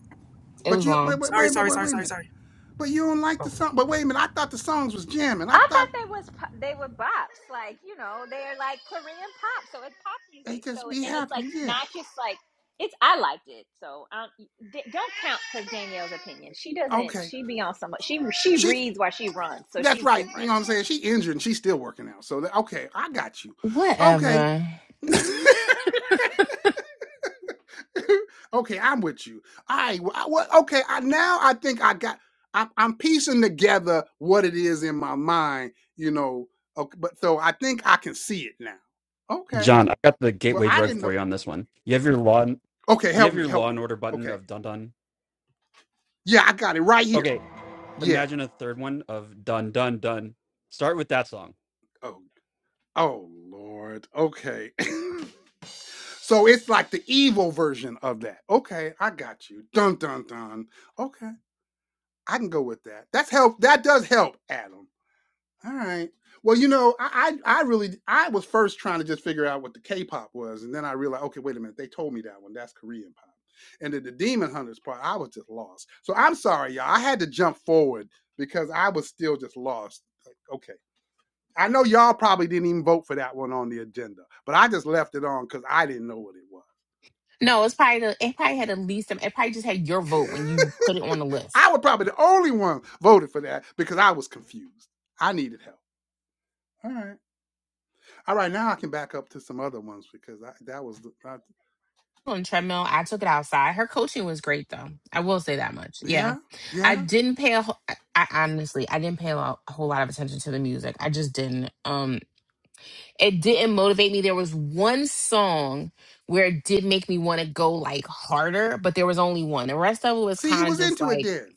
[SPEAKER 2] It
[SPEAKER 1] But
[SPEAKER 2] was
[SPEAKER 1] you
[SPEAKER 2] long.
[SPEAKER 1] wait wait
[SPEAKER 5] Sorry.
[SPEAKER 1] wait wait
[SPEAKER 5] Sorry.
[SPEAKER 1] wait,
[SPEAKER 5] Sorry.
[SPEAKER 1] wait a
[SPEAKER 5] Sorry.
[SPEAKER 1] minute.
[SPEAKER 5] Sorry.
[SPEAKER 1] But you don't like the
[SPEAKER 5] Oh.
[SPEAKER 1] song. But wait a minute. I thought the songs was jamming. I
[SPEAKER 4] I thought
[SPEAKER 1] thought
[SPEAKER 4] they was po- they were bops, like you know, they're like Korean pop, so it's pop
[SPEAKER 1] they
[SPEAKER 4] music.
[SPEAKER 1] just
[SPEAKER 4] So
[SPEAKER 1] be
[SPEAKER 4] and it's like
[SPEAKER 1] happening. Yeah.
[SPEAKER 4] not just like it's. I liked it, so um, d- don't count because Danielle's opinion. She doesn't.
[SPEAKER 1] Okay.
[SPEAKER 4] She be on some. She she
[SPEAKER 1] She.
[SPEAKER 4] reads while she runs, so
[SPEAKER 1] That's
[SPEAKER 4] she's
[SPEAKER 1] right. You
[SPEAKER 4] different.
[SPEAKER 1] know what I'm saying? She injured and she's still working out. So okay, I got you. Okay.
[SPEAKER 2] Whatever.
[SPEAKER 1] okay, I'm with you. All right. well, I, what, okay, I, now I think I got. I'm, I'm piecing together what it is in my mind. You know. Okay, but so I think I can see it now. Okay.
[SPEAKER 6] John, I got the
[SPEAKER 1] Well,
[SPEAKER 6] gateway
[SPEAKER 1] I
[SPEAKER 6] drug
[SPEAKER 1] didn't
[SPEAKER 6] for
[SPEAKER 1] know.
[SPEAKER 6] you on this one. You have your law.
[SPEAKER 1] Okay,
[SPEAKER 6] Do you
[SPEAKER 1] help
[SPEAKER 6] have
[SPEAKER 1] me.
[SPEAKER 6] your
[SPEAKER 1] Help
[SPEAKER 6] Law
[SPEAKER 1] me.
[SPEAKER 6] and Order button
[SPEAKER 1] Okay.
[SPEAKER 6] of Dun Dun?
[SPEAKER 1] Yeah, I got it right here.
[SPEAKER 6] Okay,
[SPEAKER 1] Yeah.
[SPEAKER 6] imagine a third one of Dun Dun Dun. Start with that song.
[SPEAKER 1] Oh. Oh Lord. Okay. So it's like the evil version of that. Okay, I got you. Dun dun dun. Okay, I can go with that. That's help. That does help, Adam. All right. Well, you know, I I, I really I was first trying to just figure out what the K-pop was, and then I realized, okay, wait a minute, they told me that one. That's Korean pop. And then the Demon Hunters part, I was just lost. So I'm sorry, y'all. I had to jump forward because I was still just lost. Like, okay. I know y'all probably didn't even vote for that one on the agenda, but I just left it on because I didn't know what it was.
[SPEAKER 2] No, it's probably the it probably had the least. It probably just had your vote when you put it on the
[SPEAKER 1] I
[SPEAKER 2] list.
[SPEAKER 1] was probably the only one voted for that because I was confused. I needed help. All right. All right. Now I can back up to some other ones because I, that was the. I,
[SPEAKER 2] On treadmill, I took it outside. Her coaching was great, though. I will say that much. Yeah,
[SPEAKER 1] yeah.
[SPEAKER 2] I
[SPEAKER 1] Yeah.
[SPEAKER 2] didn't pay a. wh- I, I honestly, I didn't pay a, lo- a whole lot of attention to the music. I just didn't. Um, it didn't motivate me. There was one song where it did make me want to go like harder, but there was only one. The rest of it was
[SPEAKER 1] See, you
[SPEAKER 2] kind of
[SPEAKER 1] was
[SPEAKER 2] just
[SPEAKER 1] into it
[SPEAKER 2] like
[SPEAKER 1] then.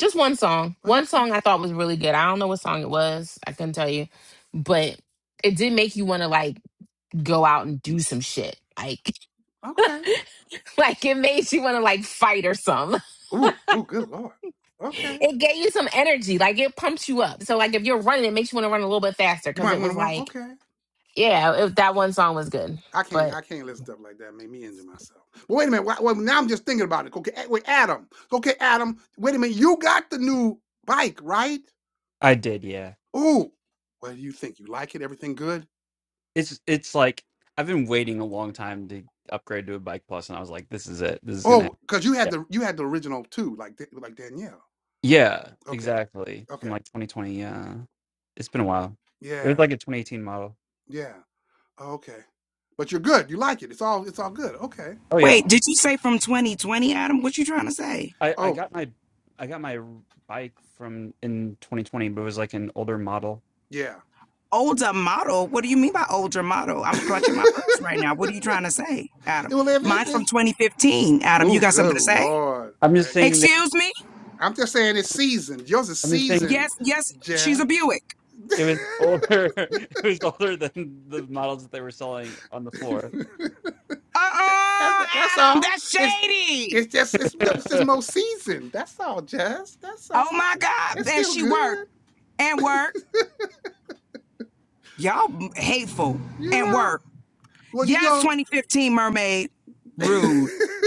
[SPEAKER 2] just one song.
[SPEAKER 1] Well,
[SPEAKER 2] One
[SPEAKER 1] okay.
[SPEAKER 2] song I thought was really good. I don't know what song it was. I couldn't tell you, but it did make you want to like go out and do some shit. Like,
[SPEAKER 1] Okay.
[SPEAKER 2] like it made you want to like fight or something.
[SPEAKER 1] Ooh. Ooh. Good lord. Okay.
[SPEAKER 2] It gave you some energy. Like it pumps you up. So like if you're running, it makes you want to run a little bit faster
[SPEAKER 1] You
[SPEAKER 2] because
[SPEAKER 1] might
[SPEAKER 2] it
[SPEAKER 1] want
[SPEAKER 2] was
[SPEAKER 1] to want.
[SPEAKER 2] like,
[SPEAKER 1] Okay.
[SPEAKER 2] yeah, it, that one song was good.
[SPEAKER 1] I can't.
[SPEAKER 2] but.
[SPEAKER 1] I can't listen to stuff like that. Make me injure myself. But wait a minute. Well, now I'm just thinking about it. Okay. eh, Wait, Adam. Okay, Adam. Wait a minute. You got the new bike, right?
[SPEAKER 6] I did, yeah.
[SPEAKER 1] Ooh. What do you think? You like it? Everything good?
[SPEAKER 6] It's it's like I've been waiting a long time to upgrade to a Bike Plus, and I was like, this is it. This is gonna
[SPEAKER 1] Oh,
[SPEAKER 6] happen.
[SPEAKER 1] because you had
[SPEAKER 6] Yeah,
[SPEAKER 1] the you had the original too, like Da- like Danielle.
[SPEAKER 6] yeah,
[SPEAKER 1] Okay,
[SPEAKER 6] exactly. From
[SPEAKER 1] okay,
[SPEAKER 6] like 2020. Yeah, it's been a while. It
[SPEAKER 1] yeah,
[SPEAKER 6] was like a 2018 model.
[SPEAKER 1] yeah, okay. But you're good. You like it. It's all it's all good. Okay.
[SPEAKER 6] Oh yeah,
[SPEAKER 5] Wait. Did you say from 2020, Adam? What you trying to say?
[SPEAKER 6] I I
[SPEAKER 1] Oh
[SPEAKER 6] got my I got my bike from in 2020, but it was like an older model.
[SPEAKER 1] yeah.
[SPEAKER 5] Older model? What do you mean by older model?
[SPEAKER 1] it
[SPEAKER 5] I'm clutching my pearls right now. What are you trying to say, Adam?
[SPEAKER 1] will live. It's,
[SPEAKER 5] Mine's from
[SPEAKER 1] it's
[SPEAKER 5] 2015. Adam, you
[SPEAKER 1] oh
[SPEAKER 5] got something
[SPEAKER 1] good
[SPEAKER 5] to say?
[SPEAKER 1] lord.
[SPEAKER 6] I'm just
[SPEAKER 1] Like,
[SPEAKER 6] saying
[SPEAKER 5] Excuse me?
[SPEAKER 1] I'm just saying it's seasoned. Yours is
[SPEAKER 6] I'm just saying
[SPEAKER 1] seasoned,
[SPEAKER 5] Yes, yes, she's
[SPEAKER 1] Jeff.
[SPEAKER 5] a Buick.
[SPEAKER 6] it was older. It was older than the models that they were selling on the floor.
[SPEAKER 5] Uh
[SPEAKER 1] that's
[SPEAKER 5] uh
[SPEAKER 1] that's
[SPEAKER 5] Adam,
[SPEAKER 1] all.
[SPEAKER 5] that's
[SPEAKER 1] It's
[SPEAKER 5] shady.
[SPEAKER 1] it's just it's, it's just more seasoned. That's all, Jess. That's
[SPEAKER 5] Oh
[SPEAKER 1] all.
[SPEAKER 5] my
[SPEAKER 1] It's
[SPEAKER 5] God. And
[SPEAKER 1] still
[SPEAKER 5] she worked
[SPEAKER 1] good,
[SPEAKER 5] and worked. Y'all hateful
[SPEAKER 1] you
[SPEAKER 5] and
[SPEAKER 1] know.
[SPEAKER 5] work.
[SPEAKER 1] Well, you
[SPEAKER 5] Yes,
[SPEAKER 1] know,
[SPEAKER 5] 2015 Mermaid. Rude.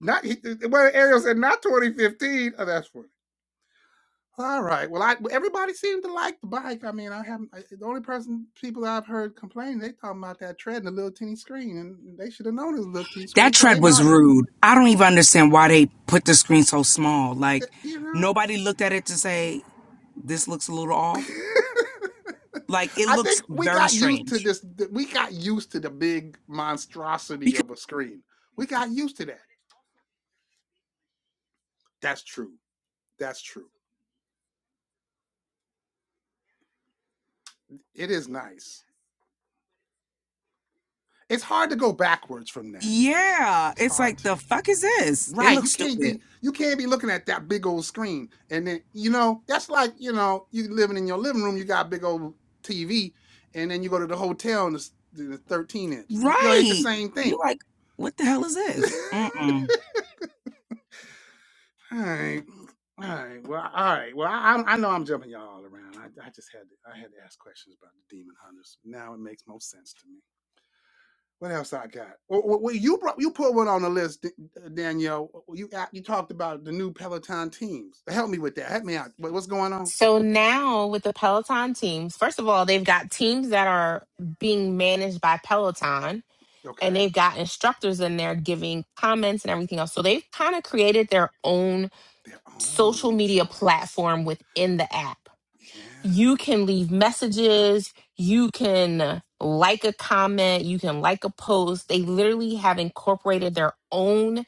[SPEAKER 1] not he, well, Ariel said not 2015. Oh, that's funny. All right. Well, I everybody seemed to like the bike. I mean, I haven't. I, the only person people I've heard complain, they talking about that tread and the little teeny screen, and they should have known it was a little teeny screen
[SPEAKER 5] That
[SPEAKER 1] before they
[SPEAKER 5] tread was
[SPEAKER 1] bought it.
[SPEAKER 5] rude. I don't even understand why they put the screen so small. Like
[SPEAKER 1] You know.
[SPEAKER 5] nobody looked at it to say this looks a little off. Like it
[SPEAKER 1] I think
[SPEAKER 5] looks
[SPEAKER 1] we
[SPEAKER 5] very
[SPEAKER 1] got used to
[SPEAKER 5] strange.
[SPEAKER 1] this. We got used to the big monstrosity
[SPEAKER 5] Because
[SPEAKER 1] of a screen. We got used to that. That's true. That's true. It is nice. It's hard to go backwards from that.
[SPEAKER 5] yeah,
[SPEAKER 1] It's
[SPEAKER 5] it's
[SPEAKER 1] hard
[SPEAKER 5] like
[SPEAKER 1] to.
[SPEAKER 5] the fuck is this? It
[SPEAKER 1] Right. You
[SPEAKER 5] looks
[SPEAKER 1] can't
[SPEAKER 5] stupid.
[SPEAKER 1] be you can't be looking at that big old screen. And then, you know, that's like, you know, you living in your living room, you got a big old TV, and then you go to the hotel and it's the 13 inch. You know, it ain't the
[SPEAKER 5] Right.
[SPEAKER 1] same
[SPEAKER 5] You
[SPEAKER 1] thing.
[SPEAKER 5] like what the hell is this? Mm-mm.
[SPEAKER 1] all right. All right. Well, all right. Well, I, I I know I'm jumping y'all all around. I, I just had to I had to ask questions about the demon hunters. Now it makes most sense to me. What else I got? Well, well, well, you brought you put one on the list, uh, Danielle. Well, You you talked about the new Peloton teams. Help me with that. Help me out. What- What's going on?
[SPEAKER 2] So now with the Peloton teams, first of all, they've got teams that are being managed by Peloton and
[SPEAKER 1] Okay,
[SPEAKER 2] they've got instructors in there giving comments and everything else. So they've kind of created their own
[SPEAKER 1] their
[SPEAKER 2] social
[SPEAKER 1] own
[SPEAKER 2] media
[SPEAKER 1] joints.
[SPEAKER 2] platform within the app. You
[SPEAKER 1] Yeah,
[SPEAKER 2] can leave messages, you can like a comment, you can like a post. They literally have incorporated their own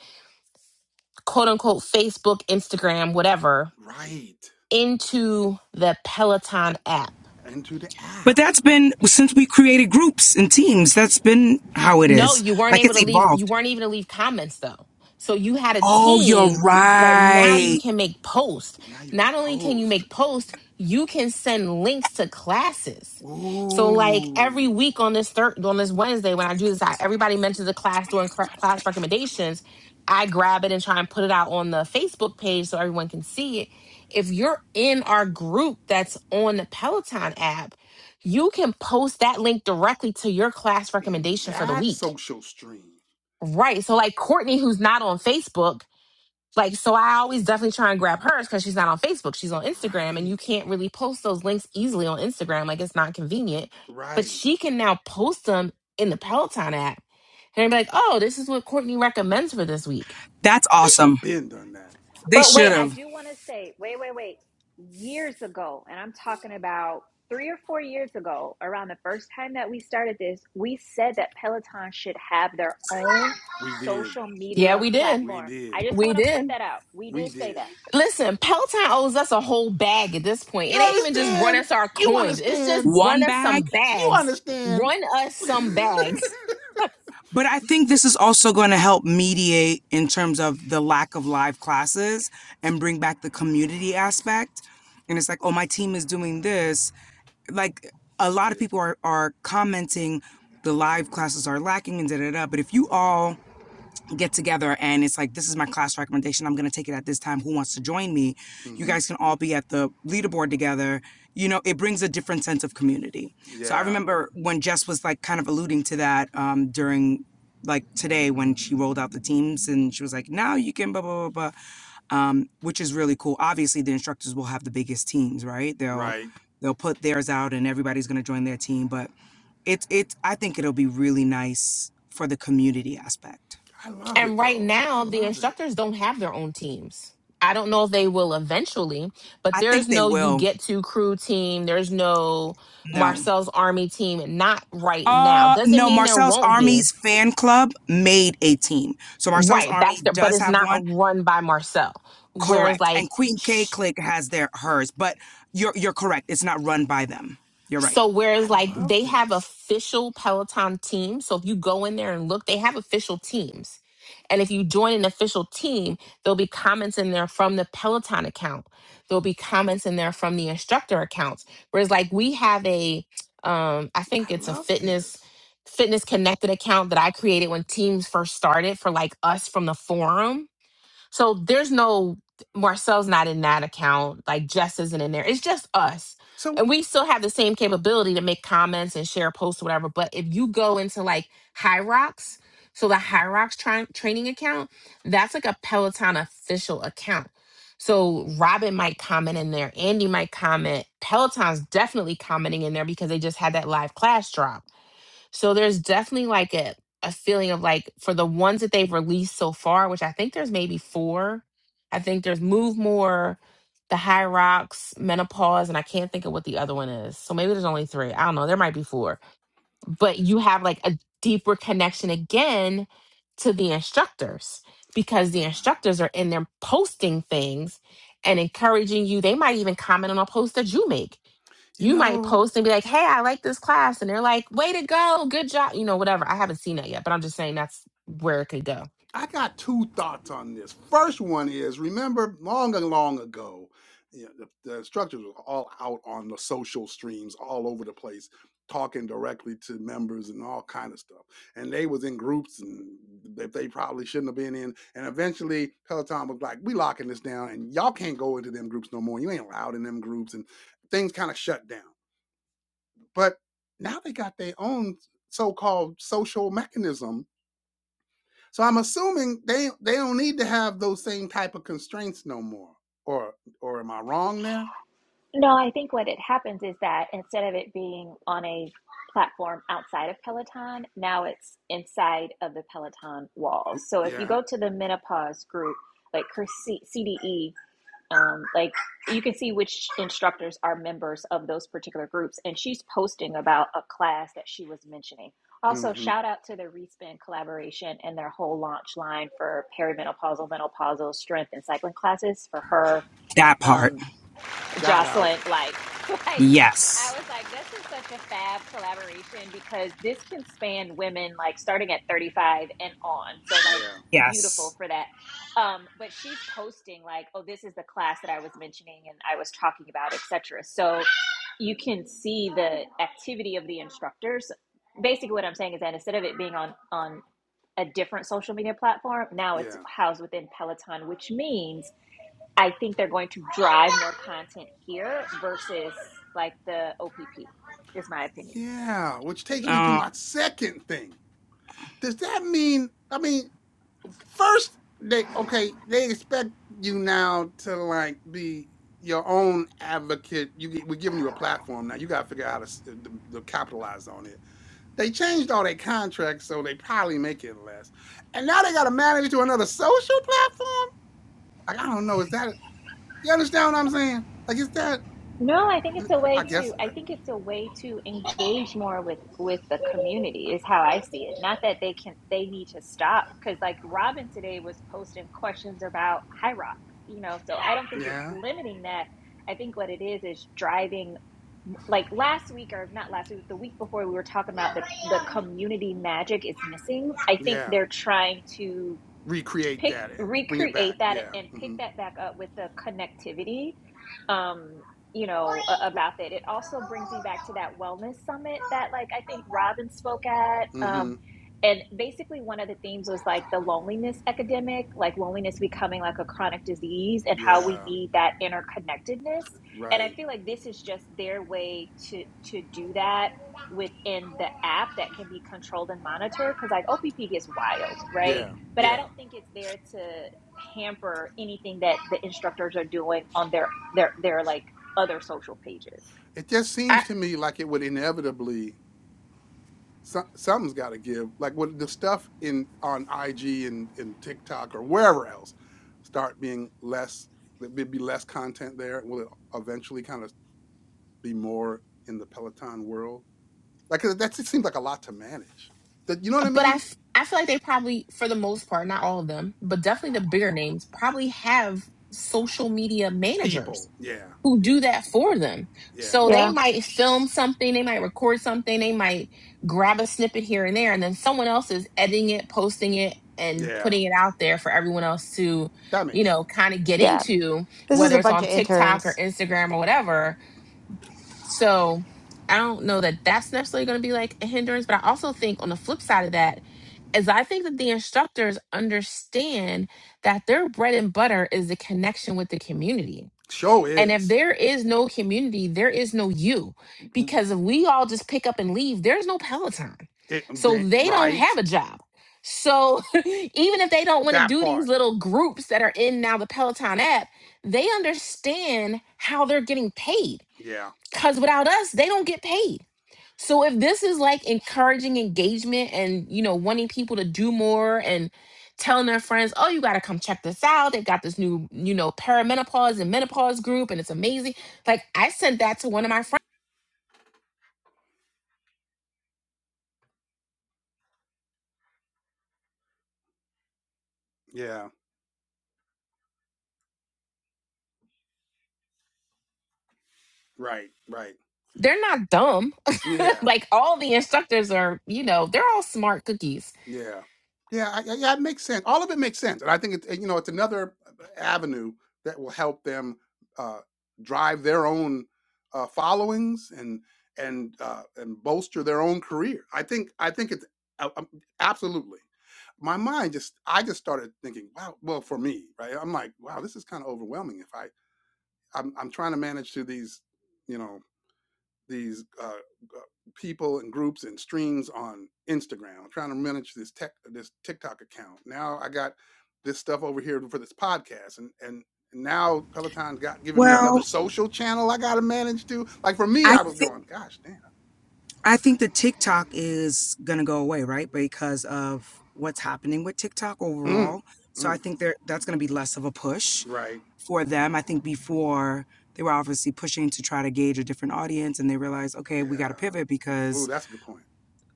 [SPEAKER 2] quote unquote Facebook, Instagram, whatever
[SPEAKER 1] right.
[SPEAKER 2] into the Peloton app.
[SPEAKER 1] Into the
[SPEAKER 5] But
[SPEAKER 1] app.
[SPEAKER 5] that's been since we created groups and teams. That's been how it
[SPEAKER 2] No,
[SPEAKER 5] is.
[SPEAKER 2] you weren't
[SPEAKER 5] Like
[SPEAKER 2] able to
[SPEAKER 5] it's
[SPEAKER 2] leave. You
[SPEAKER 5] evolved.
[SPEAKER 2] weren't even to leave comments though. So you had a
[SPEAKER 5] Oh, you're
[SPEAKER 2] team, but now you
[SPEAKER 5] right.
[SPEAKER 2] can make posts.
[SPEAKER 1] Now you can
[SPEAKER 2] Not only can you
[SPEAKER 1] post.
[SPEAKER 2] make posts, you can send links to classes. So like every
[SPEAKER 1] Ooh,
[SPEAKER 2] week on this third on this Wednesday when I do this, I, everybody mentions a class during cra- class recommendations. I grab it and try and put it out on the Facebook page so everyone can see it. If you're in our group that's on the Peloton app you can post that link directly to your class
[SPEAKER 1] in
[SPEAKER 2] recommendation for the
[SPEAKER 1] that
[SPEAKER 2] week.
[SPEAKER 1] social stream.
[SPEAKER 2] Right. So like Courtney, who's not on Facebook, like so I always definitely try and grab hers because she's not on Facebook. She's on Instagram and you
[SPEAKER 1] Right,
[SPEAKER 2] can't really post those links easily on Instagram. Like it's not convenient. But
[SPEAKER 1] right.
[SPEAKER 2] she can now post them in the Peloton app. And I'd be like, oh, this is what Courtney recommends for this week.
[SPEAKER 5] That's
[SPEAKER 1] They should
[SPEAKER 5] awesome.
[SPEAKER 1] have been done that.
[SPEAKER 5] They
[SPEAKER 4] But
[SPEAKER 5] should
[SPEAKER 4] wait, I
[SPEAKER 5] have
[SPEAKER 4] do want to say, wait, wait, wait. Years ago, and I'm talking about three or four years ago, around the first time that we started this, we said that Peloton should have their own
[SPEAKER 1] We did.
[SPEAKER 4] social
[SPEAKER 2] Yeah,
[SPEAKER 4] media
[SPEAKER 2] we did.
[SPEAKER 1] We
[SPEAKER 4] platform.
[SPEAKER 1] did.
[SPEAKER 4] I just
[SPEAKER 2] We
[SPEAKER 4] want to point
[SPEAKER 2] did.
[SPEAKER 4] that out. We
[SPEAKER 1] We
[SPEAKER 4] did say
[SPEAKER 1] did.
[SPEAKER 4] that.
[SPEAKER 2] Listen, Peloton owes us a whole bag at this point.
[SPEAKER 1] You
[SPEAKER 2] It ain't even just run
[SPEAKER 1] understand?
[SPEAKER 2] us our
[SPEAKER 1] You
[SPEAKER 2] coins. It's just
[SPEAKER 1] understand?
[SPEAKER 2] run
[SPEAKER 5] one
[SPEAKER 2] us
[SPEAKER 5] bag
[SPEAKER 2] some
[SPEAKER 1] You
[SPEAKER 2] bags.
[SPEAKER 1] understand?
[SPEAKER 2] Run us some bags.
[SPEAKER 5] But I think this is also going to help mediate in terms of the lack of live classes and bring back the community aspect. And it's like, oh, my team is doing this. Like a lot of
[SPEAKER 1] yeah.
[SPEAKER 5] people are, are commenting the live classes are lacking and da da da. But if you all get together and it's like this is my class recommendation i'm going to take it at this time who wants to join me you
[SPEAKER 1] hmm
[SPEAKER 5] guys can all be at the leaderboard together you know it brings a different sense of community so i
[SPEAKER 1] Yeah.
[SPEAKER 5] remember when jess was like kind of alluding to that um, during like today when she rolled out the teams and she was like now you can blah blah blah blah um, which is really cool obviously the instructors will have the biggest teams right they'll
[SPEAKER 1] Right.
[SPEAKER 5] they'll put theirs out and everybody's going to join their team but it's it's i think it'll be really nice for the community aspect
[SPEAKER 1] I love
[SPEAKER 2] And
[SPEAKER 1] it
[SPEAKER 2] right
[SPEAKER 1] though. I
[SPEAKER 2] now, the
[SPEAKER 1] love it.
[SPEAKER 2] instructors don't have their own teams. I don't know if they will eventually, but
[SPEAKER 5] I
[SPEAKER 2] there's
[SPEAKER 5] think they
[SPEAKER 2] no you
[SPEAKER 5] will.
[SPEAKER 2] get to crew team. There's no
[SPEAKER 5] No.
[SPEAKER 2] Marcel's army team. Not right now.
[SPEAKER 5] Uh
[SPEAKER 2] Doesn't
[SPEAKER 5] no,
[SPEAKER 2] mean there
[SPEAKER 5] Marcel's
[SPEAKER 2] won't be.
[SPEAKER 5] Army's fan club made a team. So Marcel's
[SPEAKER 2] Right.
[SPEAKER 5] Army
[SPEAKER 2] That's the, but
[SPEAKER 5] does
[SPEAKER 2] it's
[SPEAKER 5] have
[SPEAKER 2] not
[SPEAKER 5] one.
[SPEAKER 2] run by Marcel. Whereas
[SPEAKER 5] Correct.
[SPEAKER 2] like
[SPEAKER 5] And Queen K Click has their hers, but you're you're correct. It's not run by them. You're right.
[SPEAKER 2] So whereas
[SPEAKER 1] I
[SPEAKER 2] like
[SPEAKER 1] love
[SPEAKER 2] they have
[SPEAKER 1] this.
[SPEAKER 2] official Peloton teams. So if you go in there and look, they have official teams. And if you join an official team, there'll be comments in there from the Peloton account. There'll be comments in there from the instructor accounts. Whereas like we have a um I
[SPEAKER 1] I
[SPEAKER 2] think it's a
[SPEAKER 1] love
[SPEAKER 2] fitness
[SPEAKER 1] this.
[SPEAKER 2] fitness connected account that I created when teams first started for like us from the forum so there's no Marcel's not in that account. Like Jess isn't in there. It's just us. And
[SPEAKER 1] So
[SPEAKER 2] we still have the same capability to make comments and share posts or whatever. But if you go into like High Rocks, so the High Rocks tri- training account, that's like a Peloton official account. So Robin might comment in there, Andy might comment, Peloton's definitely commenting in there because they just had that live class drop so there's definitely like a, a feeling of like for the ones that they've released so far, which I think there's maybe four. I think there's Move More, The High Rocks, Menopause, and I can't think of what the other one is. So maybe there's only three. I don't know. There might be four but you have like a deeper connection again to the instructors because the
[SPEAKER 1] yeah.
[SPEAKER 2] instructors are in there posting things and encouraging you. They might even comment on a post that you make.
[SPEAKER 1] You
[SPEAKER 2] You might
[SPEAKER 1] know.
[SPEAKER 2] post and be like, hey, I like this class. And they're like, way to go. Good job. You know, whatever. I haven't seen that yet, but I'm just saying that's where it could go.
[SPEAKER 1] I got two thoughts on this. First one is remember long and long ago, you know, the, the instructors were all out on the social streams all over the place, talking directly to members and all kind of stuff. And they was in groups and that they probably shouldn't have been in. And eventually Peloton was like, we locking this down and y'all can't go into them groups no more. You ain't allowed in them groups and things kind of shut down. But now they got their own so-called social mechanism so I'm assuming they they don't need to have those same type of constraints no more. Or or am I wrong there?
[SPEAKER 4] No, I think what it happens is that instead of it being on a platform outside of Peloton, now it's inside of the Peloton walls. So if you
[SPEAKER 1] Yeah.
[SPEAKER 4] go to the menopause group, like her CDE um, like you can see which instructors are members of those particular groups and she's posting about a class that she was mentioning also
[SPEAKER 1] Mm-hmm.
[SPEAKER 4] shout out to the respin collaboration and their whole launch line for perimenopausal menopausal strength and cycling classes for her
[SPEAKER 5] That
[SPEAKER 4] um,
[SPEAKER 5] part.
[SPEAKER 1] Shout out.
[SPEAKER 4] Jocelyn, like, like I
[SPEAKER 5] Yes.
[SPEAKER 4] was like, this is such a fab collaboration because this can span women like starting at 35 and on. So like
[SPEAKER 1] Yeah.
[SPEAKER 4] beautiful
[SPEAKER 5] Yes.
[SPEAKER 4] for that. Um, but she's posting like, oh, this is the class that I was mentioning and I was talking about, etc. So you can see the activity of the instructors. Basically what I'm saying is that instead of it being on on a different social media platform, now it's
[SPEAKER 1] Yeah.
[SPEAKER 4] housed within Peloton, which means I think they're going to drive more content here versus like the OPP, is my opinion.
[SPEAKER 1] Yeah. Which takes me to
[SPEAKER 5] Uh,
[SPEAKER 1] my second thing. Does that mean I mean, first they okay, they expect you now to like be your own advocate. You we're giving you a platform now. You gotta figure out how to, to, to capitalize on it They changed all their contracts, so they probably make it less. And now they got to manage to another social platform. Like I don't know, is that you understand what I'm saying? Like is that?
[SPEAKER 4] No, I think
[SPEAKER 1] uh,
[SPEAKER 4] it's a
[SPEAKER 1] I
[SPEAKER 4] way
[SPEAKER 1] guess
[SPEAKER 4] to. I
[SPEAKER 1] uh,
[SPEAKER 4] think it's a way to engage more with with the community is how I see it. Not that they can they need to stop because like Robin today was posting questions about high rocks, you know. So I don't think
[SPEAKER 1] yeah,
[SPEAKER 4] it's limiting that. I think what it is is driving like last week or not last week, the week before we were talking about the the community magic is missing. I think
[SPEAKER 1] yeah.
[SPEAKER 4] they're trying to
[SPEAKER 1] Recreate
[SPEAKER 4] pick
[SPEAKER 1] that, eh, bring it
[SPEAKER 4] recreate
[SPEAKER 1] back.
[SPEAKER 4] that
[SPEAKER 1] Yeah,
[SPEAKER 4] and pick
[SPEAKER 1] mm-hmm,
[SPEAKER 4] that back up with the connectivity um you know about that it also brings me back to that wellness summit that like i think robin spoke at
[SPEAKER 1] mm-hmm.
[SPEAKER 4] um and basically one of the themes was like the loneliness epidemic like loneliness becoming like a chronic disease and how we
[SPEAKER 1] Yeah,
[SPEAKER 4] need that interconnectedness and i
[SPEAKER 1] right.
[SPEAKER 4] feel like this is just their way to to do that within the app that can be controlled and monitored because like opp gets wild right
[SPEAKER 1] Yeah,
[SPEAKER 4] but I
[SPEAKER 1] yeah.
[SPEAKER 4] don't think it's there to hamper anything that the instructors are doing on their their their like other social pages.
[SPEAKER 1] It just
[SPEAKER 2] I,
[SPEAKER 1] seems to me like it would inevitably So, something's got to give. Like when the stuff in on IG and, and TikTok or wherever else start being less, there'd be less content there. Will it eventually kind of be more in the Peloton world? Like 'cause that's it seems like a lot to manage. That you know what I
[SPEAKER 2] but I,
[SPEAKER 1] mean?
[SPEAKER 2] f- I feel like they probably, for the most part, not all of them, but definitely the bigger names probably have social media managers
[SPEAKER 1] People. Yeah,
[SPEAKER 2] who
[SPEAKER 1] yeah,
[SPEAKER 2] do that for them.
[SPEAKER 1] yeah,
[SPEAKER 2] So
[SPEAKER 3] yeah.
[SPEAKER 2] they might film something, they might record something, they might grab a snippet here and there, and then someone else is editing it, posting it, and
[SPEAKER 1] yeah.
[SPEAKER 2] putting it out there for everyone else to,
[SPEAKER 1] That
[SPEAKER 2] you
[SPEAKER 1] makes
[SPEAKER 2] know,
[SPEAKER 1] sense.
[SPEAKER 2] kind of get
[SPEAKER 3] Yeah,
[SPEAKER 2] into,
[SPEAKER 3] this is
[SPEAKER 2] whether
[SPEAKER 3] a
[SPEAKER 2] it's
[SPEAKER 3] bunch
[SPEAKER 2] on
[SPEAKER 3] of
[SPEAKER 2] TikTok or
[SPEAKER 3] interns.
[SPEAKER 2] Instagram or whatever. So I don't know that that's necessarily going to be like a hindrance, but I also think on the flip side of that is I think that the instructors understand that their bread and butter is the connection with the community
[SPEAKER 1] Show
[SPEAKER 2] and if
[SPEAKER 1] is
[SPEAKER 2] there is no community, there is no you. Because if we all just pick up and leave, there's no Peloton.
[SPEAKER 1] it,
[SPEAKER 2] So
[SPEAKER 1] da-
[SPEAKER 2] they don't
[SPEAKER 1] right
[SPEAKER 2] have a job. So even if they don't want to
[SPEAKER 1] that
[SPEAKER 2] do these
[SPEAKER 1] part.
[SPEAKER 2] little groups that are in now the Peloton app, they understand how they're getting paid.
[SPEAKER 1] Yeah,
[SPEAKER 2] Because without us, they don't get paid. So if this is like encouraging engagement and you know wanting people to do more and telling their friends, "Oh, you got to come check this out. They've got this new, you know, perimenopause and menopause group and it's amazing." Like I sent that to one of my friends.
[SPEAKER 1] yeah. Right, right.
[SPEAKER 2] They're not dumb.
[SPEAKER 1] Yeah,
[SPEAKER 2] like all the instructors are, you know, they're all smart cookies.
[SPEAKER 1] Yeah, yeah, I, I- yeah. It makes sense. All of it makes sense, and I think it's you know it's another uh, avenue that will help them uh, drive their own uh, followings and and uh, and bolster their own career. I think I think it's uh, um, absolutely. My mind just I just started thinking, wow. Well, for me, right? I'm like, wow, this is kind of overwhelming. If I I'm, I'm trying to manage to these, you know these uh, uh, people and groups and streams on Instagram. I'm trying to manage this tech this TikTok account. Now I got this stuff over here for this podcast, and and now Peloton's got giving me another
[SPEAKER 5] well,
[SPEAKER 1] social channel I got to manage too. Like for me,
[SPEAKER 5] I
[SPEAKER 1] I was
[SPEAKER 5] think.
[SPEAKER 1] going, gosh, damn,
[SPEAKER 5] I
[SPEAKER 1] that's
[SPEAKER 5] think that TikTok is going to go away, right? Because of what's happening with TikTok
[SPEAKER 1] a lot. Mm,
[SPEAKER 5] overall. So
[SPEAKER 1] mm,
[SPEAKER 5] I think there that's going to be less of a push
[SPEAKER 1] right?
[SPEAKER 5] for them. I think before they were obviously pushing to try to gauge a different audience and they realized, okay,
[SPEAKER 1] Yeah.
[SPEAKER 5] we got to pivot
[SPEAKER 1] Ooh,
[SPEAKER 5] because
[SPEAKER 1] that's a good point.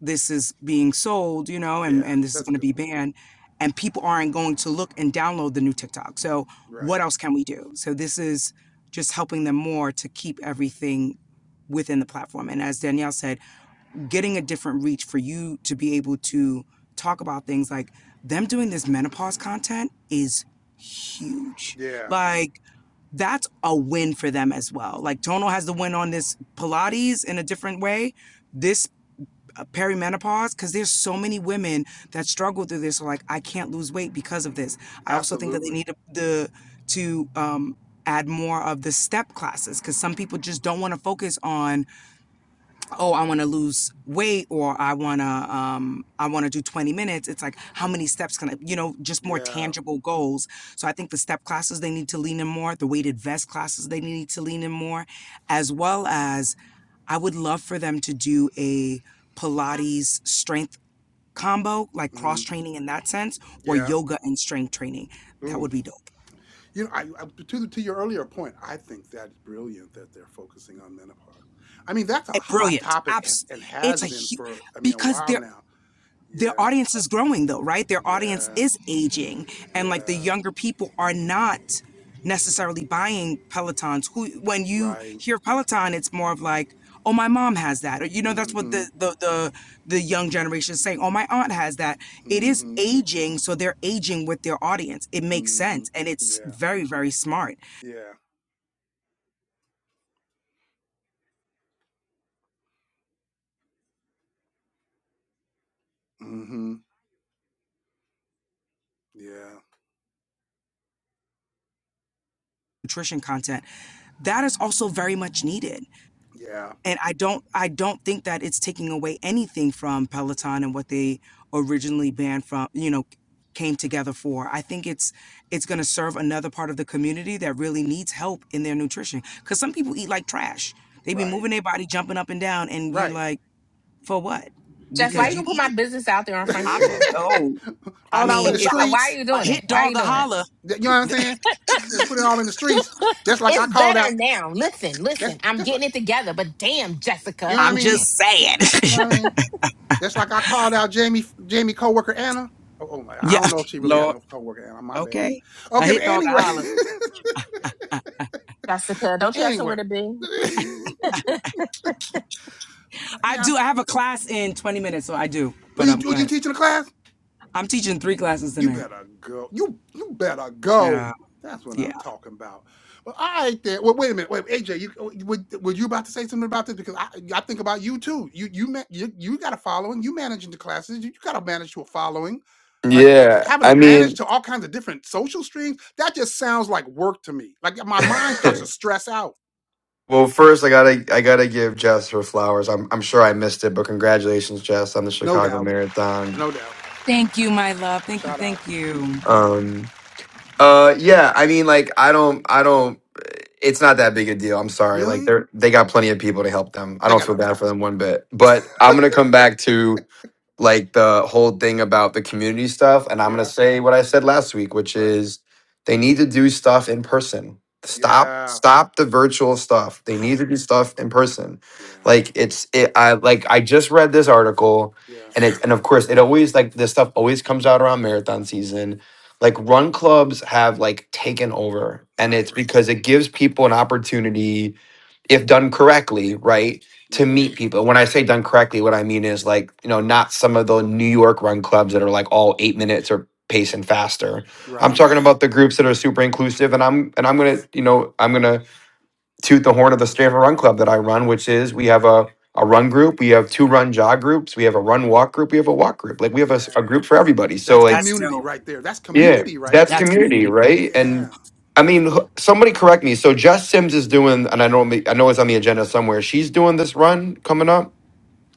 [SPEAKER 5] this is being sold, you know, and,
[SPEAKER 1] Yeah,
[SPEAKER 5] and this is
[SPEAKER 1] that's a
[SPEAKER 5] going to
[SPEAKER 1] good
[SPEAKER 5] be
[SPEAKER 1] point.
[SPEAKER 5] banned and people aren't going to look and download the new TikTok. So
[SPEAKER 1] Right?
[SPEAKER 5] what else can we do? So this is just helping them more to keep everything within the platform. And as Danielle said, getting a different reach for you to be able to talk about things like them doing this menopause content is huge.
[SPEAKER 1] Yeah,
[SPEAKER 5] Like that's a win for them as well. Like Tono has the win on this Pilates in a different way. This uh, perimenopause, because there's so many women that struggle through this. So like, I can't lose weight because of this. I also think that they
[SPEAKER 1] absolutely.
[SPEAKER 5] need the to um, add more of the step classes because some people just don't want to focus on oh i want to lose weight or i want to um i want to do 20 minutes it's like how many steps can i you know just more
[SPEAKER 1] Yeah.
[SPEAKER 5] tangible goals so i think the step classes they need to lean in more the weighted vest classes they need to lean in more as well as i would love for them to do a pilates strength combo like cross
[SPEAKER 1] Mm,
[SPEAKER 5] training in that sense or
[SPEAKER 1] yeah.
[SPEAKER 5] yoga and strength training that would
[SPEAKER 1] Ooh,
[SPEAKER 5] be dope
[SPEAKER 1] You know, I, I to to your earlier point, I think that's brilliant that they're focusing on menopause. I mean, that's a
[SPEAKER 5] Eh,
[SPEAKER 1] hot
[SPEAKER 5] brilliant
[SPEAKER 1] topic as
[SPEAKER 5] absolutely
[SPEAKER 1] and
[SPEAKER 5] it's
[SPEAKER 1] has
[SPEAKER 5] a
[SPEAKER 1] been
[SPEAKER 5] huge
[SPEAKER 1] for I mean a
[SPEAKER 5] because
[SPEAKER 1] while
[SPEAKER 5] there
[SPEAKER 1] now.
[SPEAKER 5] their
[SPEAKER 1] Yeah,
[SPEAKER 5] audience is growing though, right? Their audience
[SPEAKER 1] yeah,
[SPEAKER 5] is aging and like the
[SPEAKER 1] yeah.
[SPEAKER 5] younger people are not necessarily buying Pelotons. Who when you
[SPEAKER 1] Right.
[SPEAKER 5] hear Peloton, it's more of like, oh my mom has that. Or you know, that's what
[SPEAKER 1] Mm-hmm.
[SPEAKER 5] the the the, the young generation is saying. Oh my aunt has that. It is
[SPEAKER 1] Mm-hmm.
[SPEAKER 5] aging, so they're aging with their audience. It makes
[SPEAKER 1] Mm-hmm.
[SPEAKER 5] sense and it's
[SPEAKER 1] Yeah.
[SPEAKER 5] very, very smart
[SPEAKER 1] Yeah. Mm-hmm. Yeah.
[SPEAKER 5] nutrition content. That is also very much needed.
[SPEAKER 1] Yeah.
[SPEAKER 5] and I don't I don't think that it's taking away anything from Peloton and what they originally banned from, you know, came together for. I think it's it's going to serve another part of the community that really needs help in their nutrition cuz some people eat like trash. They be
[SPEAKER 1] Right.
[SPEAKER 5] moving their body jumping up and down and you're
[SPEAKER 1] Right.
[SPEAKER 5] like, "For what?"
[SPEAKER 2] Jess, why
[SPEAKER 5] Because
[SPEAKER 2] you
[SPEAKER 1] Yeah.
[SPEAKER 5] you
[SPEAKER 2] going to put my
[SPEAKER 5] eat.
[SPEAKER 2] business out there on Front
[SPEAKER 5] I'm
[SPEAKER 2] Street?
[SPEAKER 5] oh, I
[SPEAKER 1] all out in
[SPEAKER 5] mean,
[SPEAKER 1] the
[SPEAKER 2] why,
[SPEAKER 5] if a
[SPEAKER 2] why are
[SPEAKER 1] streets.
[SPEAKER 2] you
[SPEAKER 5] a
[SPEAKER 2] doing it?
[SPEAKER 5] hit
[SPEAKER 2] Why are
[SPEAKER 5] dog
[SPEAKER 2] you
[SPEAKER 5] a
[SPEAKER 2] doing it?
[SPEAKER 5] holler,
[SPEAKER 1] You know what I'm saying? Just put it all in the streets, just like I
[SPEAKER 2] It's
[SPEAKER 1] called
[SPEAKER 2] better
[SPEAKER 1] out.
[SPEAKER 2] now. Listen,
[SPEAKER 1] That's
[SPEAKER 2] listen. I'm
[SPEAKER 1] just like
[SPEAKER 2] getting it together, but damn,
[SPEAKER 1] you
[SPEAKER 2] Jessica,
[SPEAKER 1] know what I
[SPEAKER 5] I'm just
[SPEAKER 1] mean.
[SPEAKER 5] saying.
[SPEAKER 1] You know what I mean? Just like I called out Jamie, Jamie coworker Anna. Oh, oh my, I
[SPEAKER 5] yeah,
[SPEAKER 1] don't know if she really had
[SPEAKER 5] Lord.
[SPEAKER 1] no coworker Anna. My bad.
[SPEAKER 5] Okay. A
[SPEAKER 1] Okay, but
[SPEAKER 5] hit dog a
[SPEAKER 1] anyway,
[SPEAKER 5] holler.
[SPEAKER 2] Jessica,
[SPEAKER 1] but
[SPEAKER 2] don't you have somewhere
[SPEAKER 1] anyway,
[SPEAKER 2] to be?
[SPEAKER 5] I
[SPEAKER 1] yeah.
[SPEAKER 5] do. I have a class in 20 minutes, so I do.
[SPEAKER 1] Are
[SPEAKER 5] But
[SPEAKER 1] you
[SPEAKER 5] um,
[SPEAKER 1] are
[SPEAKER 5] go
[SPEAKER 1] you
[SPEAKER 5] ahead.
[SPEAKER 1] teaching a class?
[SPEAKER 5] I'm teaching three classes
[SPEAKER 1] You
[SPEAKER 5] tonight.
[SPEAKER 1] better go. You you better go.
[SPEAKER 5] Yeah.
[SPEAKER 1] That's what
[SPEAKER 5] Yeah.
[SPEAKER 1] I'm talking about. Well, I ain't there. Well, wait a minute. Wait, AJ, you oh, would were you about to say something about this? Because I I think about you too. You you ma- you, you got a following. You managing the classes. You, you got to manage your following. Like
[SPEAKER 7] Yeah,
[SPEAKER 1] having
[SPEAKER 7] I
[SPEAKER 1] to manage
[SPEAKER 7] mean,
[SPEAKER 1] to all kinds of different social streams. That just sounds like work to me. Like my mind starts to stress out.
[SPEAKER 7] well, first I gotta I gotta give Jess her flowers. I'm I'm sure I missed it, but congratulations, Jess, on the
[SPEAKER 1] No
[SPEAKER 7] Chicago
[SPEAKER 1] doubt.
[SPEAKER 7] Marathon.
[SPEAKER 1] No doubt.
[SPEAKER 5] Thank you, my love. Thank you.
[SPEAKER 1] Shout out.
[SPEAKER 5] Thank you.
[SPEAKER 7] Um, uh, yeah, I mean, like I don't I don't. It's not that big a deal. I'm sorry. Like
[SPEAKER 1] Really?
[SPEAKER 7] they're they got plenty of people to help them. I
[SPEAKER 1] They
[SPEAKER 7] don't
[SPEAKER 1] got
[SPEAKER 7] feel
[SPEAKER 1] enough
[SPEAKER 7] bad for
[SPEAKER 1] time.
[SPEAKER 7] them one bit. But I'm gonna come back to like the whole thing about the community stuff. And I'm going
[SPEAKER 1] Yeah.
[SPEAKER 7] to say what I said last week, which
[SPEAKER 1] Right.
[SPEAKER 7] is they need to do stuff in person. Stop,
[SPEAKER 1] Yeah.
[SPEAKER 7] stop the virtual stuff. They
[SPEAKER 1] I
[SPEAKER 7] need to
[SPEAKER 1] am.
[SPEAKER 7] do stuff in person.
[SPEAKER 1] Yeah.
[SPEAKER 7] Like it's, it, I like, I just read this article
[SPEAKER 1] Yeah.
[SPEAKER 7] and it, and of course it always like this stuff always comes out around marathon season. Like run clubs have like taken over and
[SPEAKER 1] Right.
[SPEAKER 7] it's because it gives people an opportunity if done correctly, right? To
[SPEAKER 1] Yeah.
[SPEAKER 7] meet people. When I say done correctly, what I mean is like, you know, not some of the New York run clubs that are like all eight minutes or pacing faster. I'm
[SPEAKER 1] Right.
[SPEAKER 7] talking about the groups that are super inclusive and I'm and I'm gonna, you know, I'm gonna toot the horn of the Stanford Run Club that I run, which is we have a a run group, we have two run jog groups, we have a run walk group, we have a walk group. Like we have a, s- a
[SPEAKER 1] Yeah.
[SPEAKER 7] group for everybody. So
[SPEAKER 1] That's
[SPEAKER 7] like
[SPEAKER 5] That's
[SPEAKER 1] community
[SPEAKER 5] dope.
[SPEAKER 1] right there. That's
[SPEAKER 7] yeah,
[SPEAKER 1] community right
[SPEAKER 7] that's
[SPEAKER 5] That's
[SPEAKER 1] there.
[SPEAKER 7] community,
[SPEAKER 5] community.
[SPEAKER 7] right?
[SPEAKER 1] Yeah.
[SPEAKER 7] And I mean, wh- somebody correct me. So Jess Sims is doing, and I know me- I know it's on the agenda somewhere. She's doing this run coming up.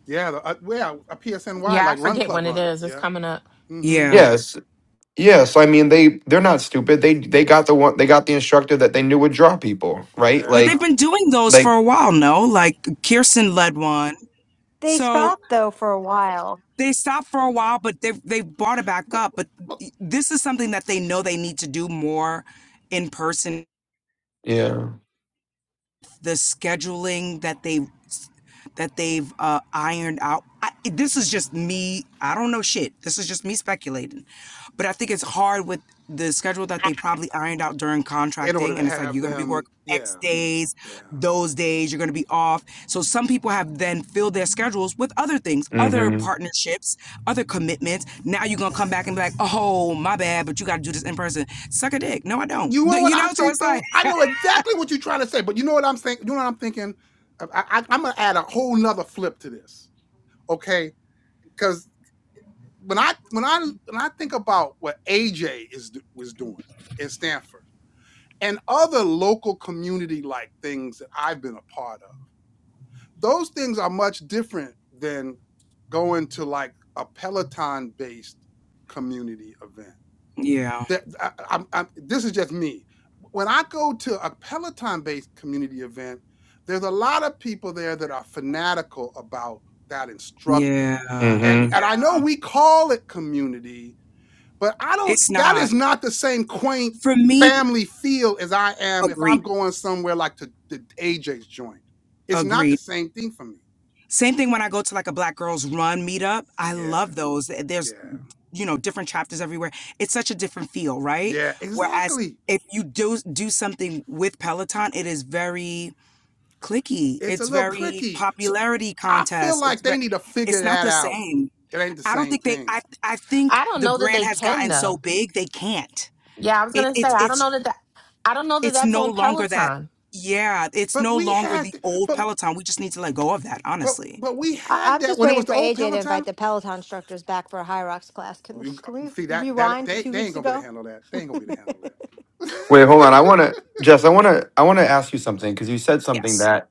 [SPEAKER 1] Yeah. The, uh, yeah. A PSNY
[SPEAKER 2] Yeah, I
[SPEAKER 1] like Run
[SPEAKER 2] forget
[SPEAKER 1] Club
[SPEAKER 2] when it
[SPEAKER 1] Run.
[SPEAKER 2] is. It's
[SPEAKER 1] Yeah.
[SPEAKER 2] coming up.
[SPEAKER 1] Mm-hmm.
[SPEAKER 5] Yeah.
[SPEAKER 7] Yes, yes. I mean, they they're not stupid. They they got the one. They got the instructor that they knew would draw people, right?
[SPEAKER 5] But
[SPEAKER 7] Like
[SPEAKER 5] they've
[SPEAKER 1] Yeah.
[SPEAKER 5] been doing those
[SPEAKER 7] like
[SPEAKER 5] for a while, no? Like Kirsten led one.
[SPEAKER 3] They
[SPEAKER 5] So
[SPEAKER 3] stopped though for a while.
[SPEAKER 5] they stopped for a while, but they they brought it back
[SPEAKER 1] But,
[SPEAKER 5] up. But
[SPEAKER 1] but
[SPEAKER 5] this is something that they know they need to do more in person.
[SPEAKER 7] yeah.
[SPEAKER 5] The scheduling that they that they've uh, ironed out. I, this is just me. I don't know shit. This is just me speculating. But I think it's hard with the schedule that they probably ironed out during
[SPEAKER 1] in order
[SPEAKER 5] contracting.
[SPEAKER 1] to
[SPEAKER 5] And it's like,
[SPEAKER 1] have
[SPEAKER 5] you're going to be work
[SPEAKER 1] them,
[SPEAKER 5] X
[SPEAKER 1] yeah.
[SPEAKER 5] days,
[SPEAKER 1] Yeah.
[SPEAKER 5] those days, you're going to be off. So some people have then filled their schedules with other things, other
[SPEAKER 7] Mm-hmm.
[SPEAKER 5] partnerships, other commitments. Now you're going to come back and be like, oh, my bad, but you got to do this in person. Suck a dick. No, I don't.
[SPEAKER 1] You know what
[SPEAKER 5] You know,
[SPEAKER 1] I
[SPEAKER 5] so
[SPEAKER 1] think
[SPEAKER 5] it's like,
[SPEAKER 1] though? I know exactly what you're trying to say, but you know what I'm saying? You know what I'm thinking? Uh, I, I, I'm gonna add a whole nother flip to this. Okay. Because when I when I when I think about what AJ is do- was doing in Stanford. and other local community like things that I've been a part of. Those things are much different than going to like a Peloton based community event.
[SPEAKER 5] yeah.
[SPEAKER 1] That I, i i this is just me. When I go to a Peloton based community event, there's a lot of people there that are fanatical about that instructor.
[SPEAKER 5] Yeah,
[SPEAKER 1] And
[SPEAKER 7] Mm-hmm.
[SPEAKER 1] and
[SPEAKER 5] yeah.
[SPEAKER 1] I know we call it community, but I don't.
[SPEAKER 5] It's
[SPEAKER 1] That
[SPEAKER 5] not.
[SPEAKER 1] is not the same quaint
[SPEAKER 5] For me
[SPEAKER 1] family feel as I am if I'm
[SPEAKER 5] Agreed.
[SPEAKER 1] going somewhere like to the AJ's joint. It's not the
[SPEAKER 5] Agreed.
[SPEAKER 1] same thing for me.
[SPEAKER 5] Same thing when I go to like a Black Girls Run meetup. I
[SPEAKER 1] Yeah,
[SPEAKER 5] love those.
[SPEAKER 1] yeah,
[SPEAKER 5] There's, you know, different chapters everywhere. It's such a different feel, right?
[SPEAKER 1] yeah.
[SPEAKER 5] Whereas
[SPEAKER 1] Exactly.
[SPEAKER 5] if you do do something with Peloton, it is very clicky.
[SPEAKER 1] It's a
[SPEAKER 5] It's
[SPEAKER 1] little
[SPEAKER 5] very
[SPEAKER 1] clicky. So
[SPEAKER 5] popularity
[SPEAKER 1] I feel
[SPEAKER 5] contest.
[SPEAKER 1] like
[SPEAKER 5] It's
[SPEAKER 1] they
[SPEAKER 5] very
[SPEAKER 1] need to figure
[SPEAKER 5] it's not
[SPEAKER 1] that
[SPEAKER 5] the
[SPEAKER 1] out.
[SPEAKER 5] same.
[SPEAKER 1] It ain't the
[SPEAKER 5] I don't
[SPEAKER 1] same
[SPEAKER 5] think they
[SPEAKER 1] thing.
[SPEAKER 5] I I think
[SPEAKER 2] I don't
[SPEAKER 5] the
[SPEAKER 2] know that
[SPEAKER 5] brand
[SPEAKER 2] they
[SPEAKER 5] has
[SPEAKER 2] can
[SPEAKER 5] gotten so
[SPEAKER 2] though.
[SPEAKER 5] big they can't.
[SPEAKER 2] Yeah, I was
[SPEAKER 5] It
[SPEAKER 2] gonna say
[SPEAKER 5] it's
[SPEAKER 1] Yeah.
[SPEAKER 2] I don't know
[SPEAKER 5] it's
[SPEAKER 2] that, that I don't know that
[SPEAKER 5] it's
[SPEAKER 2] that's
[SPEAKER 5] no
[SPEAKER 2] on
[SPEAKER 5] longer that
[SPEAKER 2] Peloton.
[SPEAKER 5] yeah, it's
[SPEAKER 1] But
[SPEAKER 5] no
[SPEAKER 1] we
[SPEAKER 5] longer
[SPEAKER 1] had,
[SPEAKER 5] the
[SPEAKER 1] th-
[SPEAKER 5] old
[SPEAKER 1] but
[SPEAKER 5] Peloton. We just need to let go of that,
[SPEAKER 1] but
[SPEAKER 5] honestly.
[SPEAKER 1] but we
[SPEAKER 3] I-
[SPEAKER 1] had
[SPEAKER 3] I'm
[SPEAKER 1] that
[SPEAKER 3] just
[SPEAKER 1] when it was
[SPEAKER 3] waiting
[SPEAKER 1] the
[SPEAKER 3] for
[SPEAKER 1] old
[SPEAKER 3] AJ to invite
[SPEAKER 1] Peloton.
[SPEAKER 3] the Peloton instructors back for a High Rocks class. Can
[SPEAKER 1] You
[SPEAKER 3] can
[SPEAKER 1] g-
[SPEAKER 3] we
[SPEAKER 1] see that that
[SPEAKER 3] rewind to
[SPEAKER 1] they
[SPEAKER 3] two
[SPEAKER 1] they ain't
[SPEAKER 3] weeks
[SPEAKER 1] gonna be able to
[SPEAKER 3] ago?
[SPEAKER 1] handle that. They
[SPEAKER 3] I
[SPEAKER 1] ain't gonna be able to handle that.
[SPEAKER 7] Wait, hold on. I want to Jess. I want to I want to ask you something because you said something
[SPEAKER 5] Yes.
[SPEAKER 7] that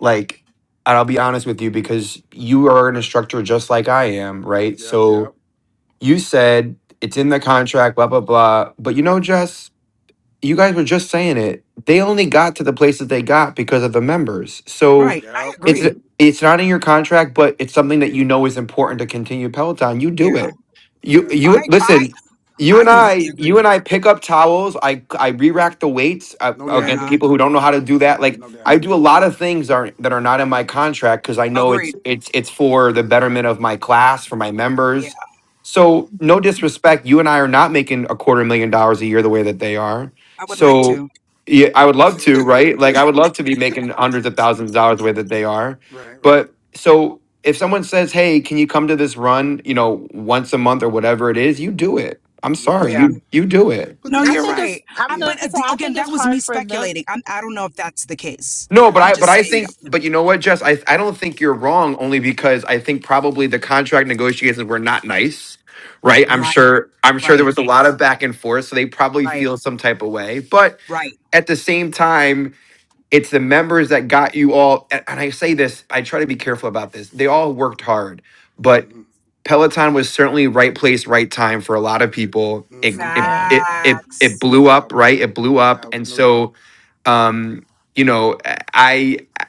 [SPEAKER 7] like. And I'll be honest with you because you are an instructor just like I am, right?
[SPEAKER 1] yep,
[SPEAKER 7] So
[SPEAKER 1] yep,
[SPEAKER 7] you said it's in the contract, blah, blah, blah. But you know, Jess, you guys were just saying it. They only got to the places they got because of the members. So
[SPEAKER 5] Right. I
[SPEAKER 1] yep,
[SPEAKER 7] it's
[SPEAKER 5] agree.
[SPEAKER 7] it's not in your contract, but it's something that you know is important to continue Peloton. You
[SPEAKER 5] Yeah.
[SPEAKER 7] do it. You
[SPEAKER 1] yeah.
[SPEAKER 5] I
[SPEAKER 7] you
[SPEAKER 5] I
[SPEAKER 7] listen. You
[SPEAKER 1] Yeah,
[SPEAKER 5] I
[SPEAKER 7] and
[SPEAKER 5] completely
[SPEAKER 7] I, you
[SPEAKER 5] agree.
[SPEAKER 7] and I pick up towels. I I re-rack the weights uh,
[SPEAKER 1] no doubt,
[SPEAKER 7] against
[SPEAKER 5] Yeah.
[SPEAKER 7] people who don't know how to do
[SPEAKER 1] N-
[SPEAKER 7] that. Like
[SPEAKER 1] no
[SPEAKER 7] I
[SPEAKER 1] doubt.
[SPEAKER 7] do a lot of things that are that are not in my contract because I know it's
[SPEAKER 5] Agreed.
[SPEAKER 7] it's it's for the betterment of my class for my
[SPEAKER 5] Yeah.
[SPEAKER 7] members. So no disrespect, you and I are not making a quarter million dollars a year the way that they are
[SPEAKER 5] I would like
[SPEAKER 7] so
[SPEAKER 5] to.
[SPEAKER 7] yeah, I would love to, right? Like I would love to be making hundreds of thousands of dollars the way that they are.
[SPEAKER 1] right, right.
[SPEAKER 7] But so if someone says, Hey, can you come to this run, you know, once a month or whatever it is, you do it. I'm sorry,
[SPEAKER 1] Yeah,
[SPEAKER 5] Yeah.
[SPEAKER 7] you you do it.
[SPEAKER 1] but
[SPEAKER 5] No,
[SPEAKER 1] th-
[SPEAKER 2] I
[SPEAKER 5] you're
[SPEAKER 1] this
[SPEAKER 2] think
[SPEAKER 1] is
[SPEAKER 2] it's.
[SPEAKER 5] right.
[SPEAKER 2] I was
[SPEAKER 5] I,
[SPEAKER 2] gonna
[SPEAKER 1] yeah,
[SPEAKER 5] but
[SPEAKER 2] say
[SPEAKER 5] ag-
[SPEAKER 2] I
[SPEAKER 5] again,
[SPEAKER 2] think it's
[SPEAKER 5] that was me
[SPEAKER 2] hard for them.
[SPEAKER 5] speculating. I'm, I don't know if that's the case.
[SPEAKER 7] No, but
[SPEAKER 1] yeah.
[SPEAKER 5] I'm
[SPEAKER 7] I but
[SPEAKER 5] just
[SPEAKER 7] I
[SPEAKER 5] saying that
[SPEAKER 7] think
[SPEAKER 5] could
[SPEAKER 7] but
[SPEAKER 5] be.
[SPEAKER 7] you know what, Jess, I I don't think you're wrong only because I think probably the contract negotiations were not nice. Right. I'm
[SPEAKER 5] Right.
[SPEAKER 7] sure I'm sure there
[SPEAKER 5] Right.
[SPEAKER 7] was a lot of back and forth. So they probably
[SPEAKER 5] Right.
[SPEAKER 7] feel some type of way. But
[SPEAKER 5] Right.
[SPEAKER 7] at the same time, It's the members that got you all. And and I say this, I try to be careful about this. They all worked hard, but
[SPEAKER 1] hmm
[SPEAKER 7] Peloton was certainly right place, right time for a lot of people. It
[SPEAKER 1] hmm
[SPEAKER 7] it
[SPEAKER 2] Yeah,
[SPEAKER 7] it it, it
[SPEAKER 5] Facts.
[SPEAKER 1] No
[SPEAKER 7] blew up,
[SPEAKER 1] doubt,
[SPEAKER 7] right? It blew
[SPEAKER 1] no
[SPEAKER 7] up,
[SPEAKER 1] doubt,
[SPEAKER 7] and
[SPEAKER 1] no doubt,
[SPEAKER 7] so um, you know, I, I,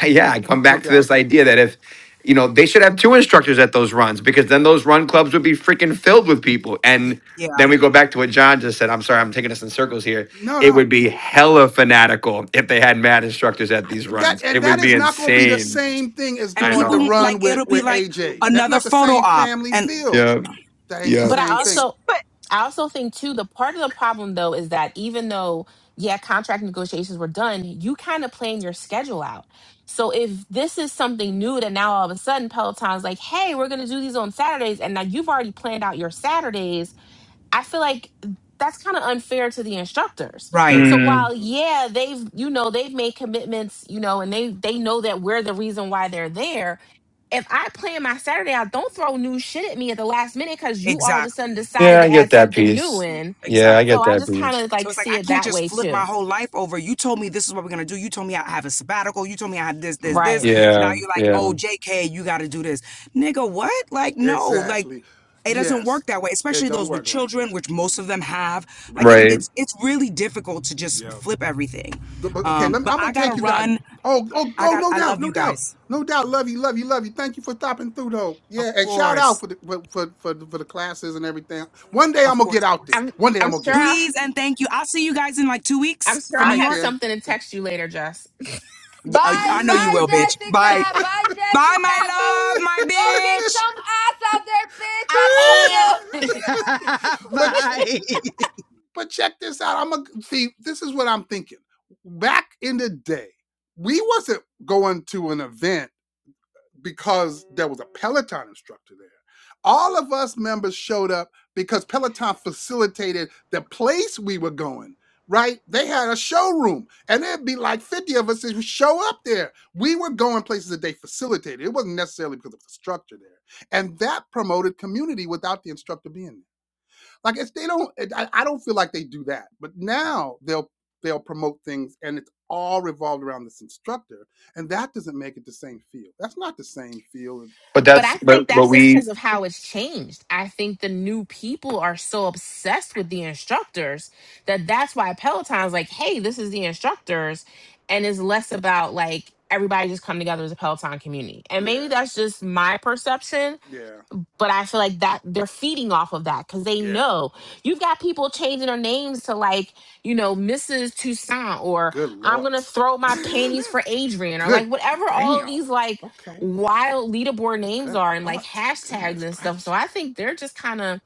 [SPEAKER 7] I yeah, I come
[SPEAKER 1] no
[SPEAKER 7] back to
[SPEAKER 1] doubt.
[SPEAKER 7] this idea that if you know they should have two instructors at those runs because then those run clubs would be freaking filled with people
[SPEAKER 1] The-
[SPEAKER 7] and.
[SPEAKER 5] Yeah.
[SPEAKER 7] Then we go back to what John just said. I'm sorry, I'm taking us in circles here
[SPEAKER 1] No,
[SPEAKER 7] it would
[SPEAKER 1] no.
[SPEAKER 7] be hella fanatical if they had mad instructors at
[SPEAKER 1] I
[SPEAKER 7] these
[SPEAKER 1] th- That
[SPEAKER 7] runs. It
[SPEAKER 1] and that
[SPEAKER 7] would be
[SPEAKER 1] is not going to be the
[SPEAKER 7] insane.
[SPEAKER 1] same thing as
[SPEAKER 5] And
[SPEAKER 7] I
[SPEAKER 1] going to
[SPEAKER 5] people
[SPEAKER 7] know.
[SPEAKER 1] run
[SPEAKER 5] like
[SPEAKER 1] with
[SPEAKER 5] it'll be
[SPEAKER 1] with
[SPEAKER 5] like
[SPEAKER 1] AJ. That's
[SPEAKER 5] another
[SPEAKER 1] not the
[SPEAKER 5] photo
[SPEAKER 1] same
[SPEAKER 5] op
[SPEAKER 1] family
[SPEAKER 5] and
[SPEAKER 1] feel.
[SPEAKER 7] Yeah.
[SPEAKER 1] That ain't the
[SPEAKER 7] Yeah.
[SPEAKER 2] but I
[SPEAKER 1] same
[SPEAKER 5] it's
[SPEAKER 1] thing.
[SPEAKER 2] also
[SPEAKER 8] But
[SPEAKER 2] I also think too the part of the problem though is that even though yeah contract negotiations were done, you kind of plan your schedule out. So if this is something new that now all of a sudden Peloton's like, hey, we're gonna do these on Saturdays, and now you've already planned out your Saturdays I feel like that's kind of unfair to the instructors.
[SPEAKER 5] right.
[SPEAKER 2] So
[SPEAKER 7] Mm,
[SPEAKER 2] while
[SPEAKER 1] Mhm,
[SPEAKER 2] yeah, they've you know they've made commitments, you know, and they they know that we're the reason why they're there. If I plan my Saturday out, don't throw new shit at me at the last minute because you all of a sudden
[SPEAKER 5] Exactly.
[SPEAKER 2] decided
[SPEAKER 7] yeah, I
[SPEAKER 2] to
[SPEAKER 7] get
[SPEAKER 2] add
[SPEAKER 7] that
[SPEAKER 2] something new
[SPEAKER 7] piece.
[SPEAKER 1] mm
[SPEAKER 2] in.
[SPEAKER 7] Yeah, I
[SPEAKER 5] Exactly.
[SPEAKER 2] So
[SPEAKER 7] get
[SPEAKER 2] I
[SPEAKER 7] that
[SPEAKER 2] just kind
[SPEAKER 7] piece.
[SPEAKER 2] of
[SPEAKER 5] So
[SPEAKER 2] like
[SPEAKER 5] it's like
[SPEAKER 2] see
[SPEAKER 5] I
[SPEAKER 2] it
[SPEAKER 5] can't
[SPEAKER 2] that
[SPEAKER 5] just
[SPEAKER 2] way
[SPEAKER 5] flip my
[SPEAKER 2] too.
[SPEAKER 5] whole life over. You told me this is what we're gonna do. You told me I have a sabbatical. You told me I have this, this, this.
[SPEAKER 2] Right.
[SPEAKER 5] Now
[SPEAKER 7] Yeah.
[SPEAKER 5] you're like,
[SPEAKER 7] Yeah.
[SPEAKER 5] oh, JK, you gotta do this. Nigga, what? Like, no, like
[SPEAKER 1] Exactly.
[SPEAKER 5] it doesn't
[SPEAKER 1] Yes,
[SPEAKER 5] work that way,
[SPEAKER 1] it
[SPEAKER 5] especially
[SPEAKER 1] don't
[SPEAKER 5] those with
[SPEAKER 1] work like
[SPEAKER 5] children,
[SPEAKER 1] that.
[SPEAKER 5] which most of them have. Like it,
[SPEAKER 1] Right.
[SPEAKER 7] Right.
[SPEAKER 5] it's it's really difficult to just
[SPEAKER 1] Yep.
[SPEAKER 5] flip everything.
[SPEAKER 1] The- but okay,
[SPEAKER 5] Um,
[SPEAKER 1] let me,
[SPEAKER 5] but
[SPEAKER 1] I'm
[SPEAKER 5] I
[SPEAKER 1] gonna take
[SPEAKER 5] gotta
[SPEAKER 1] you guys.
[SPEAKER 5] run.
[SPEAKER 1] Oh, oh,
[SPEAKER 5] I
[SPEAKER 1] oh,
[SPEAKER 5] got
[SPEAKER 1] no
[SPEAKER 5] I
[SPEAKER 1] doubt,
[SPEAKER 5] love
[SPEAKER 1] no
[SPEAKER 5] you
[SPEAKER 1] doubt,
[SPEAKER 5] guys.
[SPEAKER 1] no doubt. Love you, love you, love you. Thank you for stopping through, though. Yeah,
[SPEAKER 5] Of
[SPEAKER 1] and shout out
[SPEAKER 5] course.
[SPEAKER 1] for the for for for, the- for the classes and everything. One day I'm
[SPEAKER 5] Of
[SPEAKER 1] gonna get
[SPEAKER 5] course, of
[SPEAKER 1] out there.
[SPEAKER 5] course.
[SPEAKER 2] I'm
[SPEAKER 1] One day
[SPEAKER 2] I'm
[SPEAKER 1] I'm gonna
[SPEAKER 2] sure
[SPEAKER 1] get out
[SPEAKER 2] I'll
[SPEAKER 1] there.
[SPEAKER 5] Please and thank you. I'll see you guys in like two
[SPEAKER 2] I'm
[SPEAKER 5] weeks
[SPEAKER 2] sure
[SPEAKER 5] for
[SPEAKER 1] All
[SPEAKER 5] New
[SPEAKER 2] I'll
[SPEAKER 1] right
[SPEAKER 2] have
[SPEAKER 5] York.
[SPEAKER 1] then.
[SPEAKER 2] something to text you later, Jess.
[SPEAKER 5] Yeah, I
[SPEAKER 9] Bye,
[SPEAKER 5] I know you
[SPEAKER 9] bye,
[SPEAKER 5] will, bitch. Bye.
[SPEAKER 9] Jessica. Bye,
[SPEAKER 5] Bye, my
[SPEAKER 9] Jessica.
[SPEAKER 5] love, my
[SPEAKER 9] Go, go, kick
[SPEAKER 5] bitch.
[SPEAKER 9] some ass out there, bitch. I love you.
[SPEAKER 1] but but check this out. I'm gonna see. This is what I'm thinking. Back in the day, we wasn't going to an event because there was a Peloton instructor there. All of us members showed up because Peloton facilitated the place we were going, right? They had a showroom and there'd be like 50 of us that would show up there. We were going places that they facilitated. It wasn't necessarily because of the structure there. And that promoted community without the instructor being there. Like it's they don't. It, I, I don't feel like they do that. But now they'll they'll promote things, and it's all revolved around this instructor, and that doesn't make it the same feel. That's not the same feel.
[SPEAKER 7] But
[SPEAKER 2] But
[SPEAKER 7] that's
[SPEAKER 2] I think
[SPEAKER 7] but but
[SPEAKER 2] that's just
[SPEAKER 7] we
[SPEAKER 2] because of how it's changed. I think the new people are so obsessed with the instructors that that's why Peloton's like, hey, this is the instructors. And it's less about like everybody just come together as a Peloton community. And maybe
[SPEAKER 1] Yeah,
[SPEAKER 2] that's just my perception
[SPEAKER 1] yeah,
[SPEAKER 2] but I feel like that they're feeding off of that because they
[SPEAKER 1] yeah.
[SPEAKER 2] know you've got people changing their names to like, you know, Mrs. Toussaint or
[SPEAKER 1] Good
[SPEAKER 2] I'm
[SPEAKER 1] lord.
[SPEAKER 2] gonna throw my panties for Adrian or like
[SPEAKER 1] Good
[SPEAKER 2] whatever all of
[SPEAKER 1] damn.
[SPEAKER 2] these like
[SPEAKER 1] Okay.
[SPEAKER 2] wild leaderboard names
[SPEAKER 1] Good
[SPEAKER 2] are and like
[SPEAKER 1] lord.
[SPEAKER 2] hashtags
[SPEAKER 1] Goodness
[SPEAKER 2] and stuff. So
[SPEAKER 1] gracious.
[SPEAKER 2] I think they're just kind of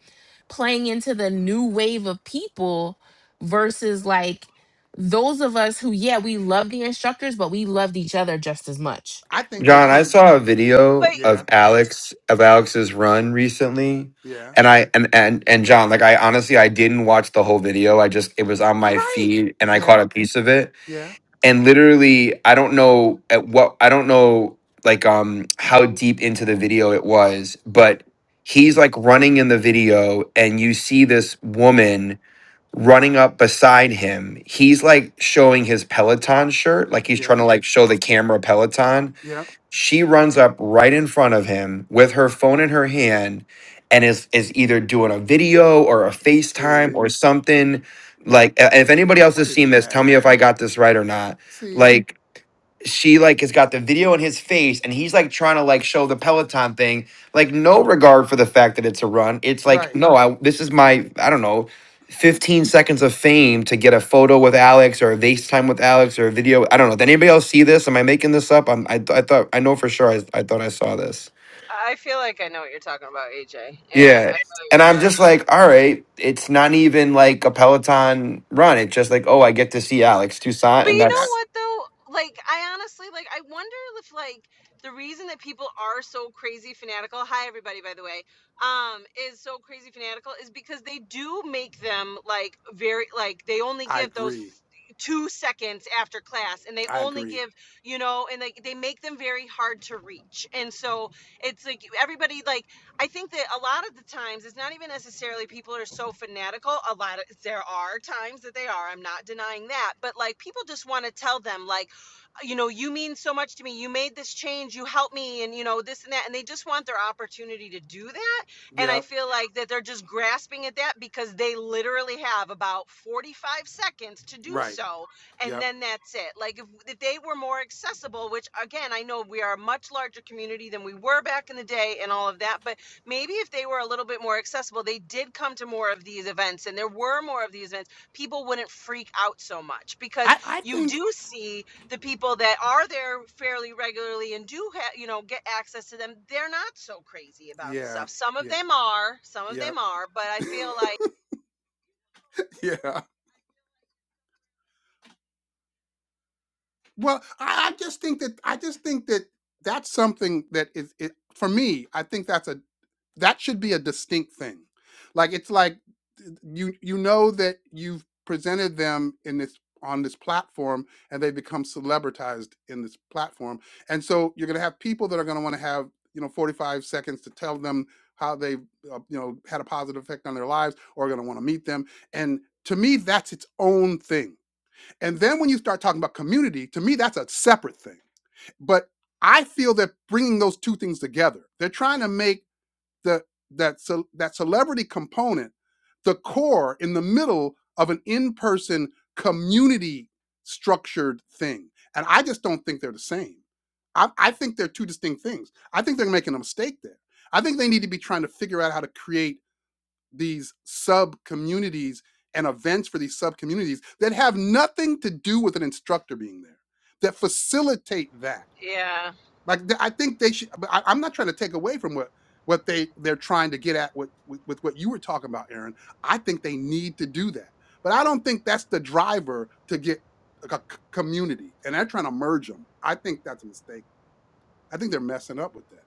[SPEAKER 2] playing into the new wave of people versus like those of us who, yeah, we love the instructors, but we loved each other just as much
[SPEAKER 1] I think they
[SPEAKER 7] John, I
[SPEAKER 1] can't.
[SPEAKER 7] saw a
[SPEAKER 8] but
[SPEAKER 7] video of
[SPEAKER 1] Yeah,
[SPEAKER 7] Alex of Alex's run recently.
[SPEAKER 1] yeah.
[SPEAKER 7] And I and and and John, like I honestly I didn't watch the whole video. I just it was on my
[SPEAKER 1] Right.
[SPEAKER 7] feed and I
[SPEAKER 1] Yeah,
[SPEAKER 7] caught a piece of it
[SPEAKER 1] yeah,
[SPEAKER 7] and literally i don't know at what i don't know like um how deep into the video it was
[SPEAKER 1] yeah,
[SPEAKER 7] but he's like running in the video and you see this woman running up beside him he's like showing his peloton shirt like he's trying
[SPEAKER 1] yeah,
[SPEAKER 7] to like show the camera peloton
[SPEAKER 1] yeah.
[SPEAKER 7] she runs up right in front of him with her phone in her hand and is is either doing a video or a FaceTime
[SPEAKER 1] See,
[SPEAKER 7] or something. Like a- if anybody else
[SPEAKER 1] what
[SPEAKER 7] has
[SPEAKER 1] is
[SPEAKER 7] seen this, tell
[SPEAKER 1] that?
[SPEAKER 7] me if I got this right or not.
[SPEAKER 1] See,
[SPEAKER 7] Like she like has got the video in his face and he's like trying to like show the peloton thing like no regard for the fact that it's a run it's like
[SPEAKER 1] right.
[SPEAKER 7] no i this is my i don't know 15 seconds of fame to get a photo with alex or a facetime with alex or a video i don't know did anybody else see this am i making this up I'm, I, th- I thought i know for sure I, I thought i saw this
[SPEAKER 8] I feel like I know what you're talking about, AJ. Yeah, I
[SPEAKER 7] yeah
[SPEAKER 8] feel like
[SPEAKER 7] and
[SPEAKER 8] I
[SPEAKER 7] i'm
[SPEAKER 8] saw.
[SPEAKER 7] just like all right it's not even like a peloton run it's just like oh i get to see alex toussaint
[SPEAKER 8] But
[SPEAKER 7] and
[SPEAKER 8] you know
[SPEAKER 1] That
[SPEAKER 7] that's
[SPEAKER 8] what though? Like I honestly like I wonder if like the reason that people are so crazy fanatical, hi everybody by the way, um, is so crazy fanatical is because they do make them like very like they only
[SPEAKER 1] I
[SPEAKER 8] give those
[SPEAKER 1] agree.
[SPEAKER 8] two seconds after class and they
[SPEAKER 1] I
[SPEAKER 8] only
[SPEAKER 1] agree.
[SPEAKER 8] give you know and like they make them very hard to reach and so it's like everybody like I think that a lot of the times it's not even necessarily people are so fanatical. A lot of there are times that they are. I'm not denying that. But like people just want to tell them like you know, you mean so much to me. You made this change. You helped me and you know this and that and they just want their opportunity to do that. And I
[SPEAKER 1] Yep.
[SPEAKER 8] feel like that they're just grasping at that because they literally have about 45 seconds to do
[SPEAKER 1] Right.
[SPEAKER 8] so and
[SPEAKER 1] Yep.
[SPEAKER 8] then that's it. Like if, if they were more accessible, which again, I know we are a much larger community than we were back in the day and all of that, but maybe if they were a little bit more accessible, they did come to more of these events and there were more of these events, people wouldn't freak out so much
[SPEAKER 1] I,
[SPEAKER 8] because
[SPEAKER 1] I
[SPEAKER 8] you
[SPEAKER 1] think
[SPEAKER 8] do see the people that are there fairly regularly and do ha- you know get access to them. They're not so crazy about the
[SPEAKER 1] yeah,
[SPEAKER 8] stuff. Some of
[SPEAKER 1] yeah,
[SPEAKER 8] them are, some of
[SPEAKER 1] yeah,
[SPEAKER 8] them are, but I feel like
[SPEAKER 1] yeah. Well, I, I just think that I just think that that's something that is it for me, I think that's a that should be a distinct thing like it's like you you know that you've presented them in this on this platform and they become celebritized in this platform and so you're going to have people that are going to want to have you know 45 seconds to tell them how they uh, you know had a positive effect on their lives or are going to want to meet them and to me that's its own thing and then when you start talking about community to me that's a separate thing but i feel that bringing those two things together they're trying to make the that ce- that celebrity component, the core in the middle of an in-person community structured thing. And I just don't think they're the same. I, I think they're two distinct things. I think they're making a mistake there. I think they need to be trying to figure out how to create these sub communities and events for these sub communities that have nothing to do with an instructor being there, that facilitate that.
[SPEAKER 8] yeah.
[SPEAKER 1] Like th- I think they should. but I, I'm not trying to take away from what what they they're trying to get at with, with with what you were talking about, Aaron. I think they need to do that, but I don't think that's the driver to get like a c- community. And they're trying to merge them. I think that's a mistake. I think they're messing up with that.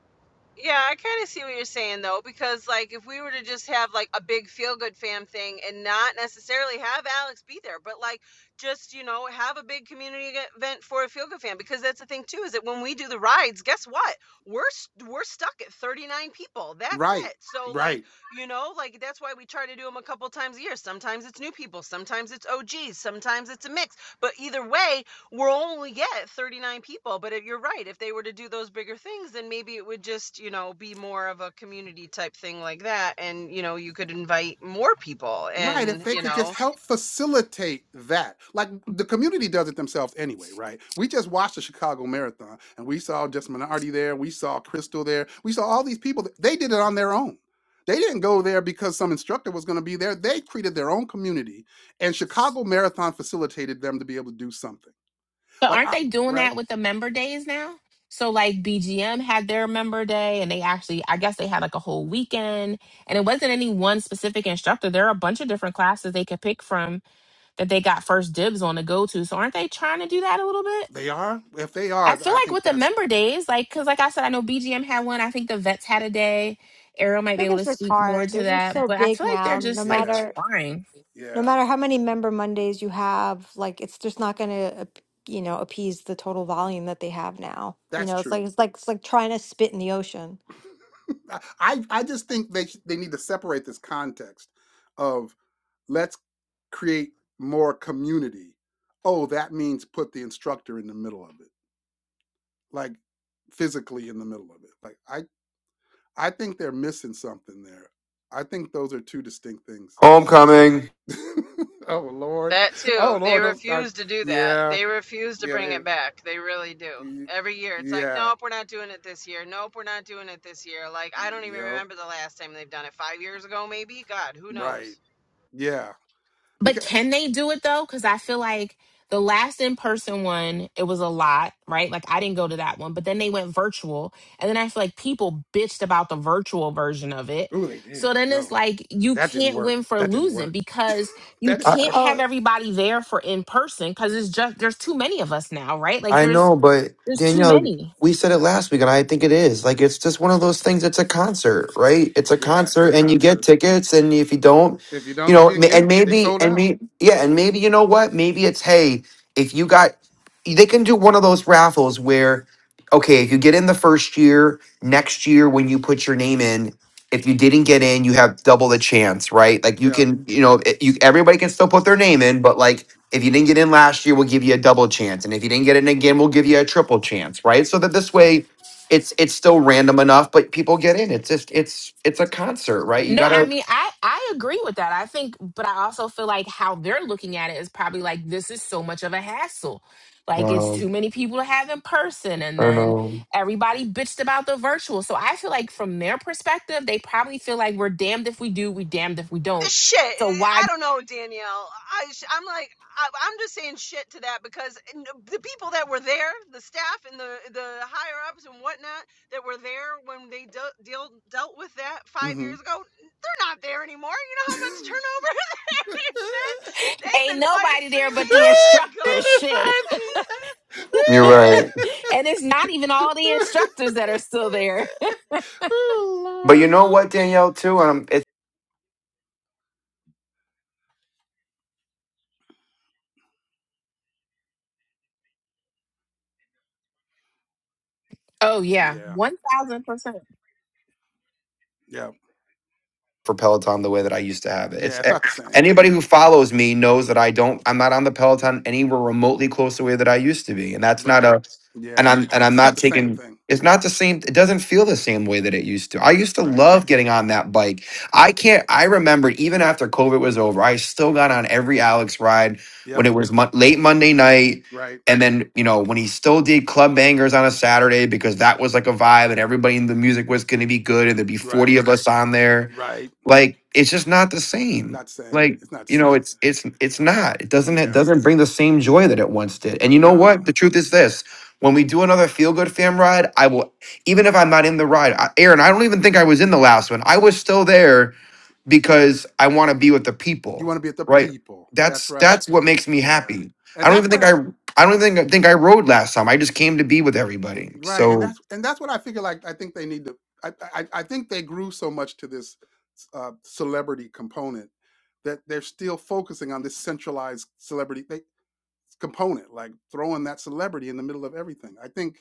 [SPEAKER 8] Yeah, I kind of see what you're saying though, because like if we were to just have like a big feel good fam thing and not necessarily have Alex be there, but like just you know have a big community e- event for a feel good fam, because that's the thing too is that when we do the rides, guess what? We're s- we're stuck at 39 people. That's
[SPEAKER 1] Right,
[SPEAKER 8] it. So
[SPEAKER 1] right.
[SPEAKER 8] like you know like that's why we try to do them a couple times a year. Sometimes it's new people, sometimes it's OGs, sometimes it's a mix. But either way, we're only get 39 people but if, you're right if they were to do those bigger things then maybe it would just you know be more of a community type thing like that and you know you could invite more people
[SPEAKER 1] Right, if
[SPEAKER 8] and
[SPEAKER 1] they
[SPEAKER 8] you
[SPEAKER 1] could just
[SPEAKER 8] know
[SPEAKER 1] help facilitate that. Like the community does it themselves anyway, right? We just watched the Chicago Marathon and we saw just Minardi there, we saw Crystal there, we saw all these people. that- They did it on their own. They didn't go there because some instructor was going to be there. They created their own community and Chicago Marathon facilitated them to be able to do something.
[SPEAKER 2] But
[SPEAKER 1] Like,
[SPEAKER 2] aren't
[SPEAKER 1] I,
[SPEAKER 2] they doing
[SPEAKER 1] right?
[SPEAKER 2] that with the member days now? So like BGM had their member day and they actually I guess they had like a whole weekend and it wasn't any one specific instructor. There are a bunch of different classes they could pick from that they got first dibs on to go to. So aren't they trying to do that a little bit?
[SPEAKER 1] They are? If they
[SPEAKER 2] I
[SPEAKER 1] are,
[SPEAKER 2] feel
[SPEAKER 1] I
[SPEAKER 2] like
[SPEAKER 1] think
[SPEAKER 2] with the
[SPEAKER 1] that's,
[SPEAKER 2] member days, like cuz like I said I know BGM had one. I think the vets had a day. Ariel might be
[SPEAKER 3] think
[SPEAKER 2] able
[SPEAKER 3] it's
[SPEAKER 2] to
[SPEAKER 3] just
[SPEAKER 2] speak more
[SPEAKER 3] hard.
[SPEAKER 2] to
[SPEAKER 3] They're just
[SPEAKER 2] that,
[SPEAKER 3] so
[SPEAKER 2] but I
[SPEAKER 3] big
[SPEAKER 2] feel like they're
[SPEAKER 3] now. No
[SPEAKER 2] just like
[SPEAKER 1] yeah,
[SPEAKER 3] matter
[SPEAKER 2] trying.
[SPEAKER 3] no
[SPEAKER 1] yeah,
[SPEAKER 3] matter how many member Mondays you have, like it's just not going to you know appease the total volume that they have now. You
[SPEAKER 1] that's
[SPEAKER 3] know, it's like
[SPEAKER 1] true.
[SPEAKER 3] it's like it's like trying to spit in the ocean.
[SPEAKER 1] I I just think they sh- they need to separate this context of let's create more community. Oh, that means put the instructor in the middle of it, like physically in the middle of it. Like I I think they're missing something there. I think those are two distinct things.
[SPEAKER 7] homecoming
[SPEAKER 1] oh Lord,
[SPEAKER 8] that too
[SPEAKER 1] oh
[SPEAKER 8] they
[SPEAKER 1] Lord, don't start.
[SPEAKER 8] refuse to do that
[SPEAKER 1] Yeah,
[SPEAKER 8] they refuse to
[SPEAKER 1] yeah,
[SPEAKER 8] bring
[SPEAKER 1] they,
[SPEAKER 8] it back they really do
[SPEAKER 1] yeah,
[SPEAKER 8] every year it's like
[SPEAKER 1] yeah,
[SPEAKER 8] nope we're not doing it this year nope we're not doing it this year like i
[SPEAKER 1] Mm,
[SPEAKER 8] don't even
[SPEAKER 1] yup.
[SPEAKER 8] remember the last time they've done it five years ago maybe god who knows
[SPEAKER 1] right, yeah.
[SPEAKER 2] But
[SPEAKER 1] Because.
[SPEAKER 2] can they do it though? Because I feel like the last in person one, it was a lot, right? Like I didn't go to that one, but then they went virtual. And then I feel like people bitched about the virtual version of it.
[SPEAKER 1] Ooh, they did.
[SPEAKER 2] So
[SPEAKER 1] I
[SPEAKER 2] then it's
[SPEAKER 1] know.
[SPEAKER 2] like you
[SPEAKER 1] That didn't
[SPEAKER 2] can't
[SPEAKER 1] work.
[SPEAKER 2] win for
[SPEAKER 1] That didn't
[SPEAKER 2] losing
[SPEAKER 1] work.
[SPEAKER 2] because you
[SPEAKER 1] That didn't
[SPEAKER 2] can't
[SPEAKER 1] work.
[SPEAKER 2] have
[SPEAKER 3] Oh,
[SPEAKER 2] everybody there for in person because it's just there's too many of us now, right? Like
[SPEAKER 7] I
[SPEAKER 2] there's
[SPEAKER 7] know, but
[SPEAKER 2] there's too
[SPEAKER 7] Danielle,
[SPEAKER 2] many.
[SPEAKER 7] we said it last week, and I think it is. Like, it's just one of those things. It's a concert, right? It's a
[SPEAKER 1] Yeah, it's a
[SPEAKER 7] concert, and you get
[SPEAKER 1] concert.
[SPEAKER 7] tickets, and if you don't,
[SPEAKER 1] If you
[SPEAKER 7] you
[SPEAKER 1] don't, you
[SPEAKER 7] know,
[SPEAKER 1] didn't
[SPEAKER 7] ma-
[SPEAKER 1] get
[SPEAKER 7] and
[SPEAKER 1] them. They
[SPEAKER 7] maybe,
[SPEAKER 1] sold
[SPEAKER 7] and
[SPEAKER 1] out.
[SPEAKER 7] me, yeah, and maybe you know what? Maybe it's hey, if you got, they can do one of those raffles where, okay, if you get in the first year, next year when you put your name in. If you didn't get in, you have double the chance, right? Like you
[SPEAKER 1] Yeah.
[SPEAKER 7] can, you know, it- you everybody can still put their name in, but
[SPEAKER 1] Right.
[SPEAKER 7] like if you didn't get in last year, we'll give you a double chance, and if you didn't get in again, we'll give you a triple chance, right? So that this way, it's it's still random enough, but people get in. It's just it's it's a concert, right? You
[SPEAKER 2] No, I
[SPEAKER 7] gotta.
[SPEAKER 2] mean, I I agree with that. I think, but I also feel like how they're looking at it is probably like this is so much of a hassle. Like it's
[SPEAKER 7] Well,
[SPEAKER 2] too many people to have in person, and
[SPEAKER 7] I
[SPEAKER 2] then
[SPEAKER 7] know
[SPEAKER 2] everybody bitched about the virtual. So I feel like from their perspective, they probably feel like we're damned if we do, we damned if we don't.
[SPEAKER 8] shit.
[SPEAKER 2] So why
[SPEAKER 8] I don't know, Danielle. I, I'm like, I, I'm just saying shit to that because the people that were there, the staff and the the higher ups and whatnot that were there when they dealt deal, dealt with that five
[SPEAKER 1] Mm-hmm.
[SPEAKER 8] years ago, they're not there anymore. You know how much turnover there's been? They've
[SPEAKER 2] ain't
[SPEAKER 8] been fired
[SPEAKER 2] nobody there
[SPEAKER 8] three
[SPEAKER 2] but the
[SPEAKER 8] layoffs
[SPEAKER 2] instructors?
[SPEAKER 8] ago.
[SPEAKER 1] David
[SPEAKER 2] Shit,
[SPEAKER 1] Fine
[SPEAKER 7] you're right,
[SPEAKER 2] and it's not even all the instructors that are still there.
[SPEAKER 7] but
[SPEAKER 1] oh
[SPEAKER 7] you know what, Danielle, too. Um,
[SPEAKER 2] Oh
[SPEAKER 1] Lord.
[SPEAKER 2] yeah,
[SPEAKER 1] Yeah.
[SPEAKER 2] one thousand percent.
[SPEAKER 1] Yeah.
[SPEAKER 7] for Peloton the way that I used to have it. It's
[SPEAKER 1] Yeah. It's
[SPEAKER 7] a-
[SPEAKER 1] not the same.
[SPEAKER 7] anybody who follows me knows that I don't I'm not on the Peloton anywhere remotely close to the way that I used to be. And that's not
[SPEAKER 1] Right.
[SPEAKER 7] a and
[SPEAKER 1] Yeah.
[SPEAKER 7] I'm and
[SPEAKER 1] It's
[SPEAKER 7] I'm
[SPEAKER 1] just not
[SPEAKER 7] not
[SPEAKER 1] the same
[SPEAKER 7] taking
[SPEAKER 1] thing.
[SPEAKER 7] it's not the same it doesn't feel the same way that it used to. I used to
[SPEAKER 1] Right.
[SPEAKER 7] love getting on that bike. I can't I remember even after COVID was over, I still got on every Alex ride when
[SPEAKER 1] Yep.
[SPEAKER 7] it was mon- late Monday night
[SPEAKER 1] Right.
[SPEAKER 7] and then, you know, when he still did club bangers on a Saturday because that was like a vibe and everybody in the music was going to be good and there'd be 40
[SPEAKER 1] Right.
[SPEAKER 7] of us on there
[SPEAKER 1] Right.
[SPEAKER 7] like it's just not the same.
[SPEAKER 1] Not the same.
[SPEAKER 7] Like
[SPEAKER 1] It's not the
[SPEAKER 7] you know,
[SPEAKER 1] same.
[SPEAKER 7] it's it's it's not. It doesn't it
[SPEAKER 1] Yeah.
[SPEAKER 7] doesn't bring the same joy that it once did. And you know
[SPEAKER 1] No,
[SPEAKER 7] what? The truth is this: when we do another feel good fam ride, I will. Even if I'm not in the ride, I, Aaron, I don't even think I was in the last one. I was still there because I want to be with the
[SPEAKER 1] you
[SPEAKER 7] people.
[SPEAKER 1] want to be at the
[SPEAKER 7] Right?
[SPEAKER 1] people. That's
[SPEAKER 7] That's
[SPEAKER 1] right.
[SPEAKER 7] that's what makes me
[SPEAKER 1] Yeah,
[SPEAKER 7] happy.
[SPEAKER 1] and
[SPEAKER 7] I don't
[SPEAKER 1] that's
[SPEAKER 7] even
[SPEAKER 1] what
[SPEAKER 7] think
[SPEAKER 1] I,
[SPEAKER 7] I. I don't even think, think I rode last time. I just came to be with everybody.
[SPEAKER 1] right, and
[SPEAKER 7] So
[SPEAKER 1] that's and that's what I figure. Like I think they need to. I I, I think they grew so much to this uh, celebrity component that they're still focusing on this centralized celebrity they, component, like throwing that celebrity in the middle of everything. I think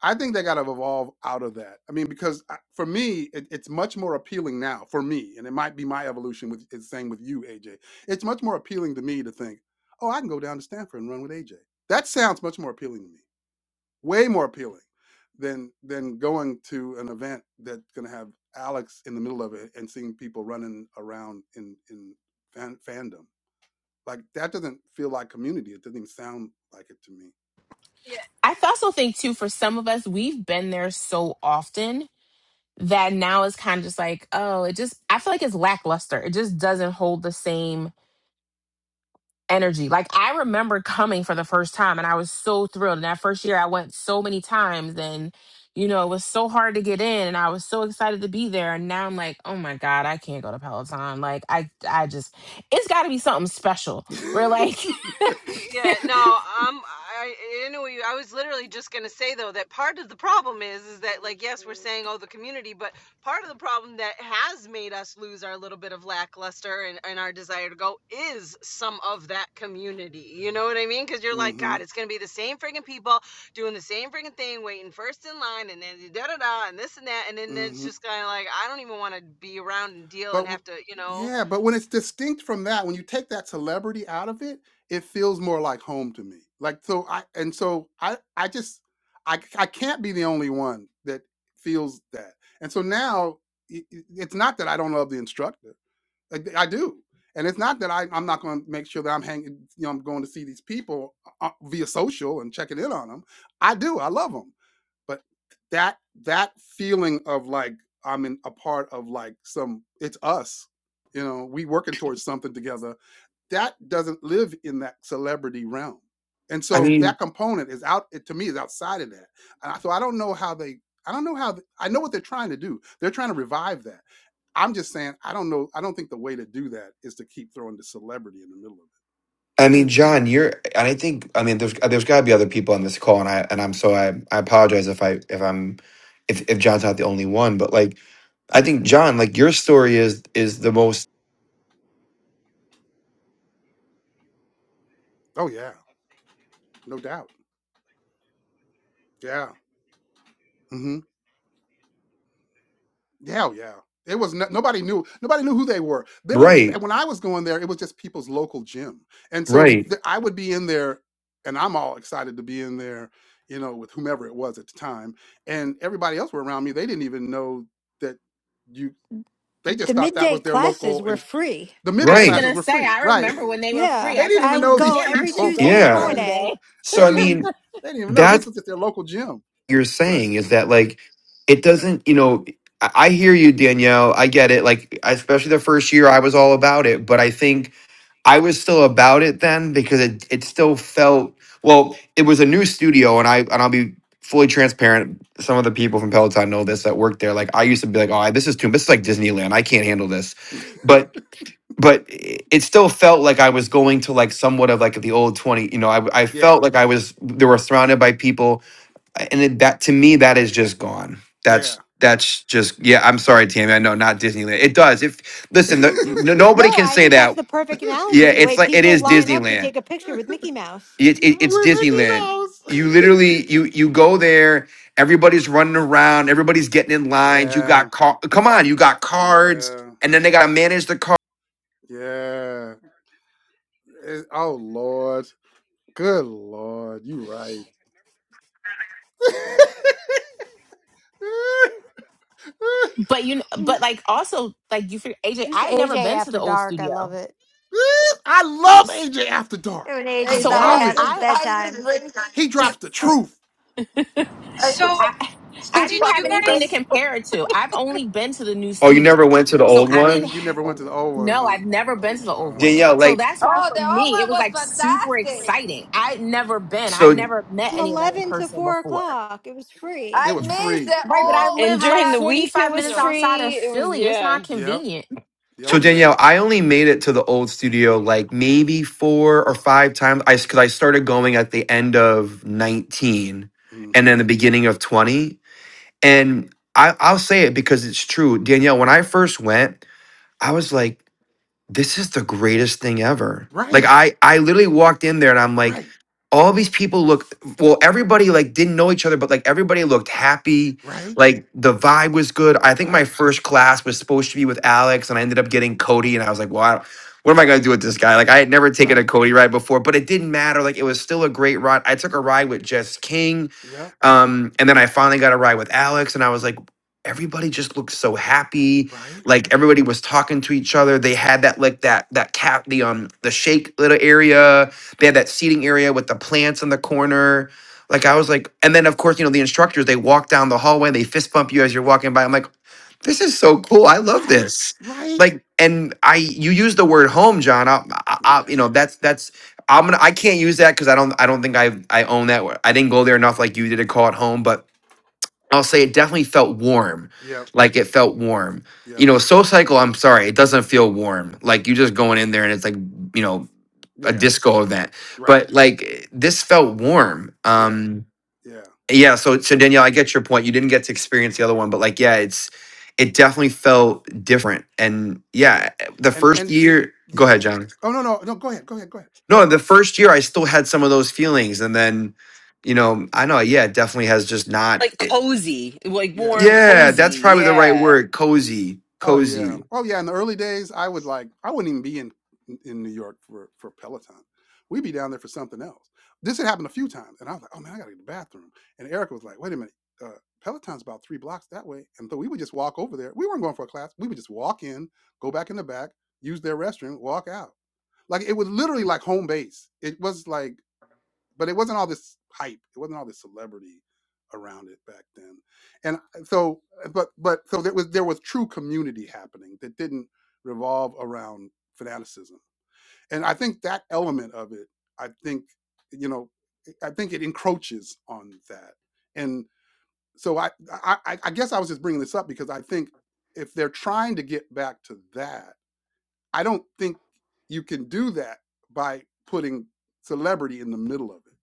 [SPEAKER 1] I think they got to evolve out of that. I mean, because I- for me, it, it's much more appealing now for me, and it might be my evolution with it's the same with you, AJ. It's much more appealing to me to think, oh, I can go down to Stanford and run with AJ. That sounds much more appealing to me, way more appealing than than going to an event that's going to have Alex in the middle of it and seeing people running around in in fan, fandom. Like that doesn't feel like community. It doesn't even sound like it to me.
[SPEAKER 2] I th- also think too, for some of us, we've been there so often that now is kind of just like, oh, it just, I feel like it's lackluster. It just doesn't hold the same energy. Like, I remember coming for the first time and I was so thrilled. And that first year, I went so many times and, you know, it was so hard to get in and I was so excited to be there. And now I'm like, oh my God, I can't go to Peloton. Like, I, I just, it's got to be something special. We're like,
[SPEAKER 8] Yeah, no, um, I, I know you. I was literally just gonna say though that part of the problem is is that like yes, we're saying oh the community, but part of the problem that has made us lose our little bit of lackluster and, and our desire to go is some of that community. You know what I mean? Because you're like,
[SPEAKER 1] hmm
[SPEAKER 8] God, it's gonna be the same friggin' people doing the same friggin' thing, waiting first in line, and then da da da, and this and that, and then it's
[SPEAKER 1] hmm
[SPEAKER 8] just kind of like I don't even want to be around and deal
[SPEAKER 1] But
[SPEAKER 8] and
[SPEAKER 1] w-
[SPEAKER 8] have to, you know.
[SPEAKER 1] yeah, but when it's distinct from that, when you take that celebrity out of it, it feels more like home to me. Like so, I and so I I just I I can't be the only one that feels that. And so now i- i- it's not that I don't love the instructor. I, d- I do. And it's not that I, I'm not going to make sure that I'm hanging, you know, I'm going to see these people uh, via social and checking in on them. I do. I love them but that that feeling of like i'm in a part of like some it's us you know we working towards something together that doesn't live in that celebrity realm and
[SPEAKER 7] I
[SPEAKER 1] so
[SPEAKER 7] mean,
[SPEAKER 1] that component is out it, to me is outside of that and I, so i don't know how they i don't know how th- i know what they're trying to do they're trying to revive that i'm just saying i don't know i don't think the way to do that is to keep throwing the celebrity in the middle of it
[SPEAKER 7] I
[SPEAKER 1] i
[SPEAKER 7] mean,
[SPEAKER 1] think
[SPEAKER 7] John, you're, and I think, I mean, there's there's got to be other people on this call, and I and I'm so I I apologize if I if I'm if if John's not the only one, but like I think John, like your story is is the most
[SPEAKER 1] oh yeah no doubt yeah Mm-hmm. Hell yeah. It was no, nobody knew nobody knew who they were. They were
[SPEAKER 7] right,
[SPEAKER 1] when I was going there, it was just people's local gym, and so Right.
[SPEAKER 7] right,
[SPEAKER 1] th- I would be in there, and I'm all excited to be in there, you know, with whomever it was at the time, and everybody else were around me. They didn't even know that you. They
[SPEAKER 3] the
[SPEAKER 1] just thought that
[SPEAKER 3] midday
[SPEAKER 1] was their
[SPEAKER 3] classes
[SPEAKER 1] local,
[SPEAKER 3] were
[SPEAKER 1] and
[SPEAKER 3] free.
[SPEAKER 1] the midday
[SPEAKER 2] I was
[SPEAKER 7] right,
[SPEAKER 1] classes
[SPEAKER 2] going to
[SPEAKER 1] were
[SPEAKER 2] say,
[SPEAKER 1] free,
[SPEAKER 2] I
[SPEAKER 1] right?
[SPEAKER 2] remember when they were free,
[SPEAKER 3] Yeah,
[SPEAKER 1] they
[SPEAKER 2] I
[SPEAKER 1] didn't
[SPEAKER 2] kept
[SPEAKER 3] I
[SPEAKER 1] even
[SPEAKER 3] would
[SPEAKER 1] know
[SPEAKER 2] thinking,
[SPEAKER 1] these
[SPEAKER 3] go
[SPEAKER 2] damn, I
[SPEAKER 3] every
[SPEAKER 2] should
[SPEAKER 1] people.
[SPEAKER 3] Tuesday
[SPEAKER 2] go
[SPEAKER 3] and
[SPEAKER 2] there
[SPEAKER 7] yeah.
[SPEAKER 1] they
[SPEAKER 2] one day.
[SPEAKER 3] Friday.
[SPEAKER 7] So I
[SPEAKER 1] didn't even
[SPEAKER 7] mean,
[SPEAKER 1] they didn't even know this
[SPEAKER 7] that's
[SPEAKER 1] was just their local gym,
[SPEAKER 7] what you're
[SPEAKER 1] right?
[SPEAKER 7] saying is that like it doesn't, you know, I, I hear you, Danielle, I get it. Like especially the first year, I was all about it, but I think I was still about it then because it it still felt well. It was a new studio, and I and I'll be fully transparent. Some of the people from Peloton know this that worked there. Like I used to be like, oh, this is too. This is like Disneyland. I can't handle this. But but i- it still felt like I was going to like somewhat of like the old twenty. You know, I I
[SPEAKER 1] Yeah,
[SPEAKER 7] felt like I was. They were surrounded by people, and it, that to me that is just gone.
[SPEAKER 1] yeah,
[SPEAKER 7] That's that's just yeah. I'm sorry, Tammy. I know not Disneyland. It does. If listen, the, n- nobody
[SPEAKER 3] No,
[SPEAKER 7] can
[SPEAKER 3] I
[SPEAKER 7] say
[SPEAKER 3] think that's
[SPEAKER 7] that
[SPEAKER 3] the perfect
[SPEAKER 7] yeah,
[SPEAKER 3] analogy. The
[SPEAKER 7] it's
[SPEAKER 3] way
[SPEAKER 7] like it
[SPEAKER 3] people
[SPEAKER 7] is
[SPEAKER 3] line
[SPEAKER 1] yeah.
[SPEAKER 3] up to
[SPEAKER 7] Disneyland.
[SPEAKER 3] take a picture with Mickey Mouse.
[SPEAKER 7] It,
[SPEAKER 1] Yeah,
[SPEAKER 7] it,
[SPEAKER 1] with
[SPEAKER 7] it's
[SPEAKER 1] Mickey
[SPEAKER 7] Disneyland.
[SPEAKER 1] Mouse.
[SPEAKER 7] You literally you you go there. Everybody's running around. Everybody's getting in lines. You
[SPEAKER 1] yeah,
[SPEAKER 7] got car- come on. You got cards,
[SPEAKER 1] yeah,
[SPEAKER 7] and then they gotta manage the car.
[SPEAKER 1] yeah. It- oh Lord, good Lord, you right.
[SPEAKER 2] But you, but like also like you figure AJ,
[SPEAKER 3] This
[SPEAKER 2] I
[SPEAKER 3] is
[SPEAKER 2] had never
[SPEAKER 3] AJ
[SPEAKER 2] been to the
[SPEAKER 3] after
[SPEAKER 2] old
[SPEAKER 3] dark. I love
[SPEAKER 2] studio,
[SPEAKER 3] it.
[SPEAKER 1] I love
[SPEAKER 2] S-
[SPEAKER 1] AJ After
[SPEAKER 3] when
[SPEAKER 1] Dark.
[SPEAKER 3] When
[SPEAKER 1] I
[SPEAKER 9] Hey,
[SPEAKER 3] AJ's
[SPEAKER 9] Jay,
[SPEAKER 2] so
[SPEAKER 3] up
[SPEAKER 2] I
[SPEAKER 1] love
[SPEAKER 9] are
[SPEAKER 3] past
[SPEAKER 9] you,
[SPEAKER 1] it.
[SPEAKER 3] his
[SPEAKER 2] I
[SPEAKER 9] are
[SPEAKER 3] bedtime,
[SPEAKER 9] you ready?
[SPEAKER 1] He drops the truth.
[SPEAKER 9] Are you
[SPEAKER 2] I
[SPEAKER 10] So,
[SPEAKER 2] I didn't
[SPEAKER 10] did you
[SPEAKER 2] have
[SPEAKER 9] fucking
[SPEAKER 2] anything to
[SPEAKER 9] ready?
[SPEAKER 10] guys?
[SPEAKER 2] compare it to. I've only been to the new
[SPEAKER 7] Oh, you never
[SPEAKER 2] studio,
[SPEAKER 7] went to the
[SPEAKER 1] Y'all
[SPEAKER 2] so
[SPEAKER 7] old
[SPEAKER 1] see,
[SPEAKER 2] I didn't
[SPEAKER 7] one,
[SPEAKER 1] you
[SPEAKER 2] ha-
[SPEAKER 1] never went to the old one,
[SPEAKER 2] no,
[SPEAKER 1] huh?
[SPEAKER 2] I've never been to the old one.
[SPEAKER 7] Danielle.
[SPEAKER 1] Oh,
[SPEAKER 2] So
[SPEAKER 7] Like
[SPEAKER 2] that's why
[SPEAKER 9] Oh,
[SPEAKER 2] for
[SPEAKER 9] the
[SPEAKER 2] me it
[SPEAKER 9] old one
[SPEAKER 2] was
[SPEAKER 9] was
[SPEAKER 2] like super
[SPEAKER 9] fantastic.
[SPEAKER 2] exciting. I'd never been, I'd
[SPEAKER 7] so
[SPEAKER 2] never met
[SPEAKER 3] from
[SPEAKER 2] any of them in
[SPEAKER 3] eleven to
[SPEAKER 2] person
[SPEAKER 3] four
[SPEAKER 2] before.
[SPEAKER 3] o'clock, it was free.
[SPEAKER 1] it
[SPEAKER 9] I
[SPEAKER 1] was
[SPEAKER 9] miss
[SPEAKER 1] free.
[SPEAKER 9] the
[SPEAKER 2] Right, but
[SPEAKER 1] Yeah.
[SPEAKER 2] I
[SPEAKER 9] old
[SPEAKER 8] And
[SPEAKER 2] live like
[SPEAKER 8] during
[SPEAKER 9] hat
[SPEAKER 8] the week, it
[SPEAKER 2] 45
[SPEAKER 8] was
[SPEAKER 2] minutes
[SPEAKER 9] studio.
[SPEAKER 2] outside
[SPEAKER 8] free.
[SPEAKER 2] of
[SPEAKER 8] It was,
[SPEAKER 2] Philly. It's
[SPEAKER 8] yeah.
[SPEAKER 2] not
[SPEAKER 1] Yep.
[SPEAKER 2] convenient.
[SPEAKER 1] yeah. Oh
[SPEAKER 7] so
[SPEAKER 1] yeah.
[SPEAKER 7] Danielle. I only made it to the old studio like maybe four or five times. I because I started going at the end of nineteen, and
[SPEAKER 1] hmm
[SPEAKER 7] then the beginning of twenty, and. I, I'll say it because it's true. Danielle, when I first went, I was like, this is the greatest thing ever. Like
[SPEAKER 1] Right.
[SPEAKER 7] I I literally walked in there and I'm like,
[SPEAKER 1] Right.
[SPEAKER 7] all these people look well, everybody like didn't know each other, but like everybody looked happy.
[SPEAKER 1] Right.
[SPEAKER 7] Like the vibe was good. I think my
[SPEAKER 1] Right.
[SPEAKER 7] first class was supposed to be with Alex, and I ended up getting Cody, and I was like, well, I don't- what am I gonna do with this guy? Like I had never taken a
[SPEAKER 1] Right.
[SPEAKER 7] Cody ride before, but it didn't matter. Like it was still a great ride. I took a ride with Jess King.
[SPEAKER 1] Yep. yeah.
[SPEAKER 7] Um, and then I finally got a ride with Alex, and I was like, everybody just looked so happy
[SPEAKER 1] Right.
[SPEAKER 7] like everybody was talking to each other. They had that like that that cat the um the shake little area. They had that seating area with the plants in the corner. Like I was like, and then of course you know the instructors they walk down the hallway they fist bump you as you're walking by. I'm like, this is so cool. I love
[SPEAKER 1] Right?
[SPEAKER 7] this.
[SPEAKER 1] Right?
[SPEAKER 7] Like, and I you use the word home, John. I, I, I you
[SPEAKER 1] Yeah.
[SPEAKER 7] know that's that's. I'm gonna. I can't use that because I don't. I don't think I. I own that. word. I didn't go there enough like you did to call it home. But I'll say it definitely felt warm.
[SPEAKER 1] Yep.
[SPEAKER 7] Like it felt warm. You
[SPEAKER 1] Yep.
[SPEAKER 7] know, Soul Cycle, I'm sorry, it doesn't feel warm. Like you're just going in there and it's like, you know, a
[SPEAKER 1] Yeah.
[SPEAKER 7] disco event.
[SPEAKER 1] Right.
[SPEAKER 7] But like eh, this felt warm.
[SPEAKER 1] Yeah.
[SPEAKER 7] Um
[SPEAKER 1] Yeah.
[SPEAKER 7] yeah, so so Danielle, I get your point. You didn't get to experience the other one, but like yeah, it's it definitely felt different. And yeah, eh, the
[SPEAKER 1] And
[SPEAKER 7] first
[SPEAKER 1] and
[SPEAKER 7] year, go
[SPEAKER 1] yeah.
[SPEAKER 7] ahead, John.
[SPEAKER 1] Oh no no no. Go ahead. Go ahead. Go ahead.
[SPEAKER 7] No, the first year I still had some of those feelings and then you know, I know, yeah, it definitely has just not.
[SPEAKER 8] Like cozy, like
[SPEAKER 1] Yeah.
[SPEAKER 8] warm,
[SPEAKER 7] Yeah, that's
[SPEAKER 8] cozy.
[SPEAKER 7] probably the right
[SPEAKER 8] Yeah.
[SPEAKER 7] word. Cozy,
[SPEAKER 1] Oh yeah.
[SPEAKER 7] cozy.
[SPEAKER 1] Oh yeah. In the early days, I would like I wouldn't even be in in New York for for Peloton. We'd be down there for something else. This had happened a few times, and I was like, oh man, I gotta go to the bathroom. And Erica was like, wait a minute. Uh, Peloton's about three blocks that way, and so we would just walk over there. We weren't going for a class. We would just walk in, go back in the back, use their restroom, walk out Like it was literally like home base. It was like, but it wasn't all this hype. It wasn't all this celebrity around it back then. And uh, so, uh, but but so there was there was true community happening that didn't revolve around fanaticism. And I think that element of it, I think, you know, I think it encroaches on that. And so I I, I guess I was just bringing this up because I think if they're trying to get back to that I don't think you can do that by putting celebrity in the middle of it.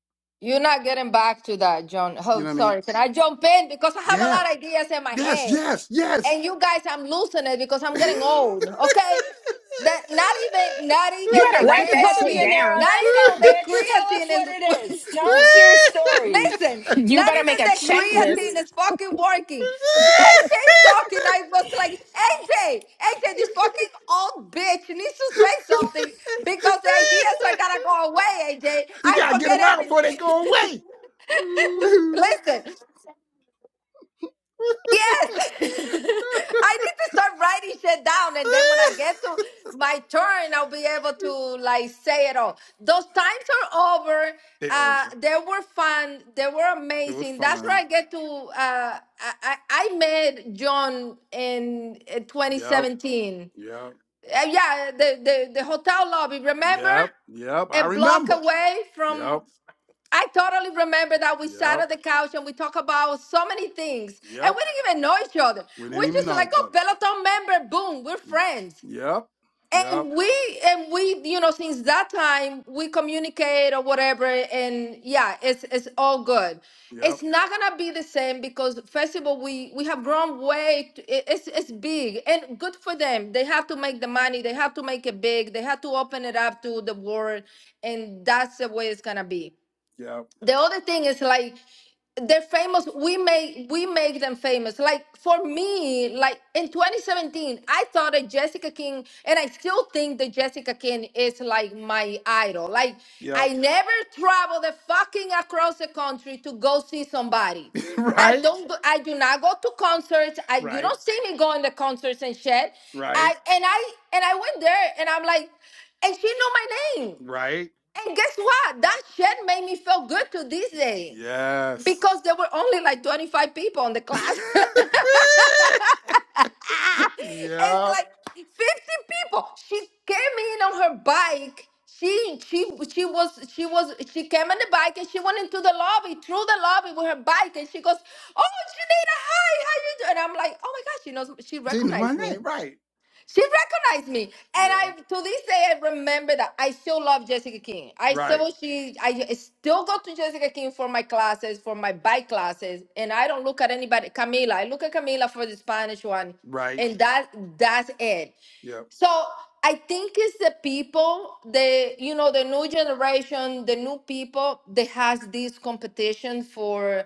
[SPEAKER 9] You're not getting back to that, John.
[SPEAKER 1] You know
[SPEAKER 9] Oh,
[SPEAKER 1] what I mean?
[SPEAKER 9] sorry. Can I jump in because I have a
[SPEAKER 1] Yeah.
[SPEAKER 9] lot of ideas in my
[SPEAKER 1] Yes,
[SPEAKER 9] head?
[SPEAKER 1] yes, yes.
[SPEAKER 9] and you guys i'm losing it because i'm getting old okay that not even not
[SPEAKER 2] You
[SPEAKER 9] even
[SPEAKER 2] better
[SPEAKER 9] the
[SPEAKER 2] write
[SPEAKER 8] Let's
[SPEAKER 2] that
[SPEAKER 8] go,
[SPEAKER 2] shit
[SPEAKER 9] creatine
[SPEAKER 8] Yanira.
[SPEAKER 2] down.
[SPEAKER 9] not
[SPEAKER 8] Let's
[SPEAKER 9] even
[SPEAKER 8] go,
[SPEAKER 9] the
[SPEAKER 8] bitch. Tell us
[SPEAKER 9] creatine
[SPEAKER 8] what it
[SPEAKER 9] is
[SPEAKER 8] is. Tell us your story.
[SPEAKER 9] listen
[SPEAKER 2] You
[SPEAKER 9] not
[SPEAKER 2] better
[SPEAKER 9] even
[SPEAKER 2] make a
[SPEAKER 9] the
[SPEAKER 2] checklist.
[SPEAKER 9] creatine is fucking working aj's talking i was like aj aj this fucking old bitch needs to say something because the ideas are gonna go away aj
[SPEAKER 1] you
[SPEAKER 9] i
[SPEAKER 1] gotta get
[SPEAKER 9] forget
[SPEAKER 1] them out before they go
[SPEAKER 9] everything
[SPEAKER 1] away.
[SPEAKER 9] listen Yes, I need to start writing shit down, and then when I get to my turn, I'll be able to like say it all. Those times are over.
[SPEAKER 1] they over.
[SPEAKER 9] Uh, they were fun. They were
[SPEAKER 1] It was
[SPEAKER 9] amazing. That's where
[SPEAKER 1] fun.
[SPEAKER 9] I get to. Uh, I, I I met John in uh,
[SPEAKER 1] Yep,
[SPEAKER 9] 2017.
[SPEAKER 1] yep,
[SPEAKER 9] Uh, yeah, the, the the hotel lobby. Remember,
[SPEAKER 1] yep, yep.
[SPEAKER 9] a
[SPEAKER 1] I
[SPEAKER 9] block
[SPEAKER 1] remember.
[SPEAKER 9] away
[SPEAKER 1] Yep.
[SPEAKER 9] from I totally remember that we sat
[SPEAKER 1] Yep.
[SPEAKER 9] on the couch and we talked about so many things, and
[SPEAKER 1] Yep.
[SPEAKER 9] we didn't even know each other.
[SPEAKER 1] We didn't
[SPEAKER 9] We're
[SPEAKER 1] even
[SPEAKER 9] just
[SPEAKER 1] know
[SPEAKER 9] like,
[SPEAKER 1] each
[SPEAKER 9] oh,
[SPEAKER 1] other.
[SPEAKER 9] Peloton member, boom, we're friends.
[SPEAKER 1] Yep. Yep.
[SPEAKER 9] And we and we, you know, since that time we communicate or whatever, and yeah, it's it's all good.
[SPEAKER 1] Yep.
[SPEAKER 9] It's not gonna be the same because first of all, we we have grown way. t- it- It's it's big and good for them. They have to make the money. They have to make it big. They have to open it up to the world, and that's the way it's gonna be
[SPEAKER 1] Yep.
[SPEAKER 9] the other thing is like they're famous we make we make them famous like for me like in 2017 i thought that jessica king and i still think that jessica king is like my idol like i
[SPEAKER 1] Yep.
[SPEAKER 9] never travel the fucking across the country to go see somebody I
[SPEAKER 1] right.
[SPEAKER 9] don't. go- I do not go to concerts. I you
[SPEAKER 1] Right.
[SPEAKER 9] don't see me going to concerts and shit. I
[SPEAKER 1] Right.
[SPEAKER 9] and I and I went there and I'm like, and she knew my name.
[SPEAKER 1] Right.
[SPEAKER 9] And guess what? That shit made me feel good to this day
[SPEAKER 1] Yes.
[SPEAKER 9] because there were only like 25 people in the class. it's
[SPEAKER 1] yep.
[SPEAKER 9] like 50 people. She came in on her bike. She she she was she was she came on the bike and she went into the lobby through the lobby with her bike and she goes, "Oh, Janita, hi, how you doing?" And I'm like, "Oh my God, she knows, she
[SPEAKER 1] She knew my
[SPEAKER 9] recognized me."
[SPEAKER 1] name. Right.
[SPEAKER 9] She recognized me, and I
[SPEAKER 1] Yeah.
[SPEAKER 9] to this day I remember that I still love Jessica King. I
[SPEAKER 1] Right.
[SPEAKER 9] still she I still go to Jessica King for my classes, for my bike classes, and I don't look at anybody. Camila, I look at Camila for the Spanish one,
[SPEAKER 1] Right.
[SPEAKER 9] and that that's it.
[SPEAKER 1] Yep.
[SPEAKER 9] So I think it's the people, the you know, the new generation, the new people that has this competition for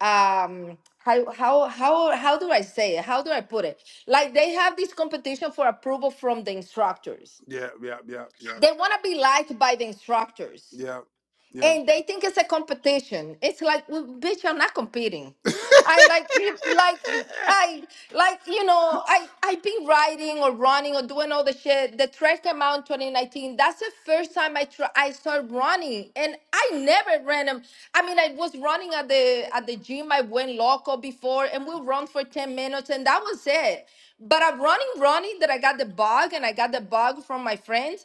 [SPEAKER 9] um how how how how do I say it? How do I put it? Like they have this competition for approval from the instructors.
[SPEAKER 1] Yep. Yep. Yep. Yep.
[SPEAKER 9] They want to be liked by the instructors.
[SPEAKER 1] Yep. Yep.
[SPEAKER 9] And they think it's a competition. It's like, well, bitch, I'm not competing. I like you- like I like you know I I been riding or running or doing all the shit. The track came out in 2019. That's the first time I try I started running, and I never ran. them. I mean, I was running at the at the gym. I went local before, and we run for 10 minutes, and that was it. But I'm running, running that I got the bug, and I got the bug from my friends.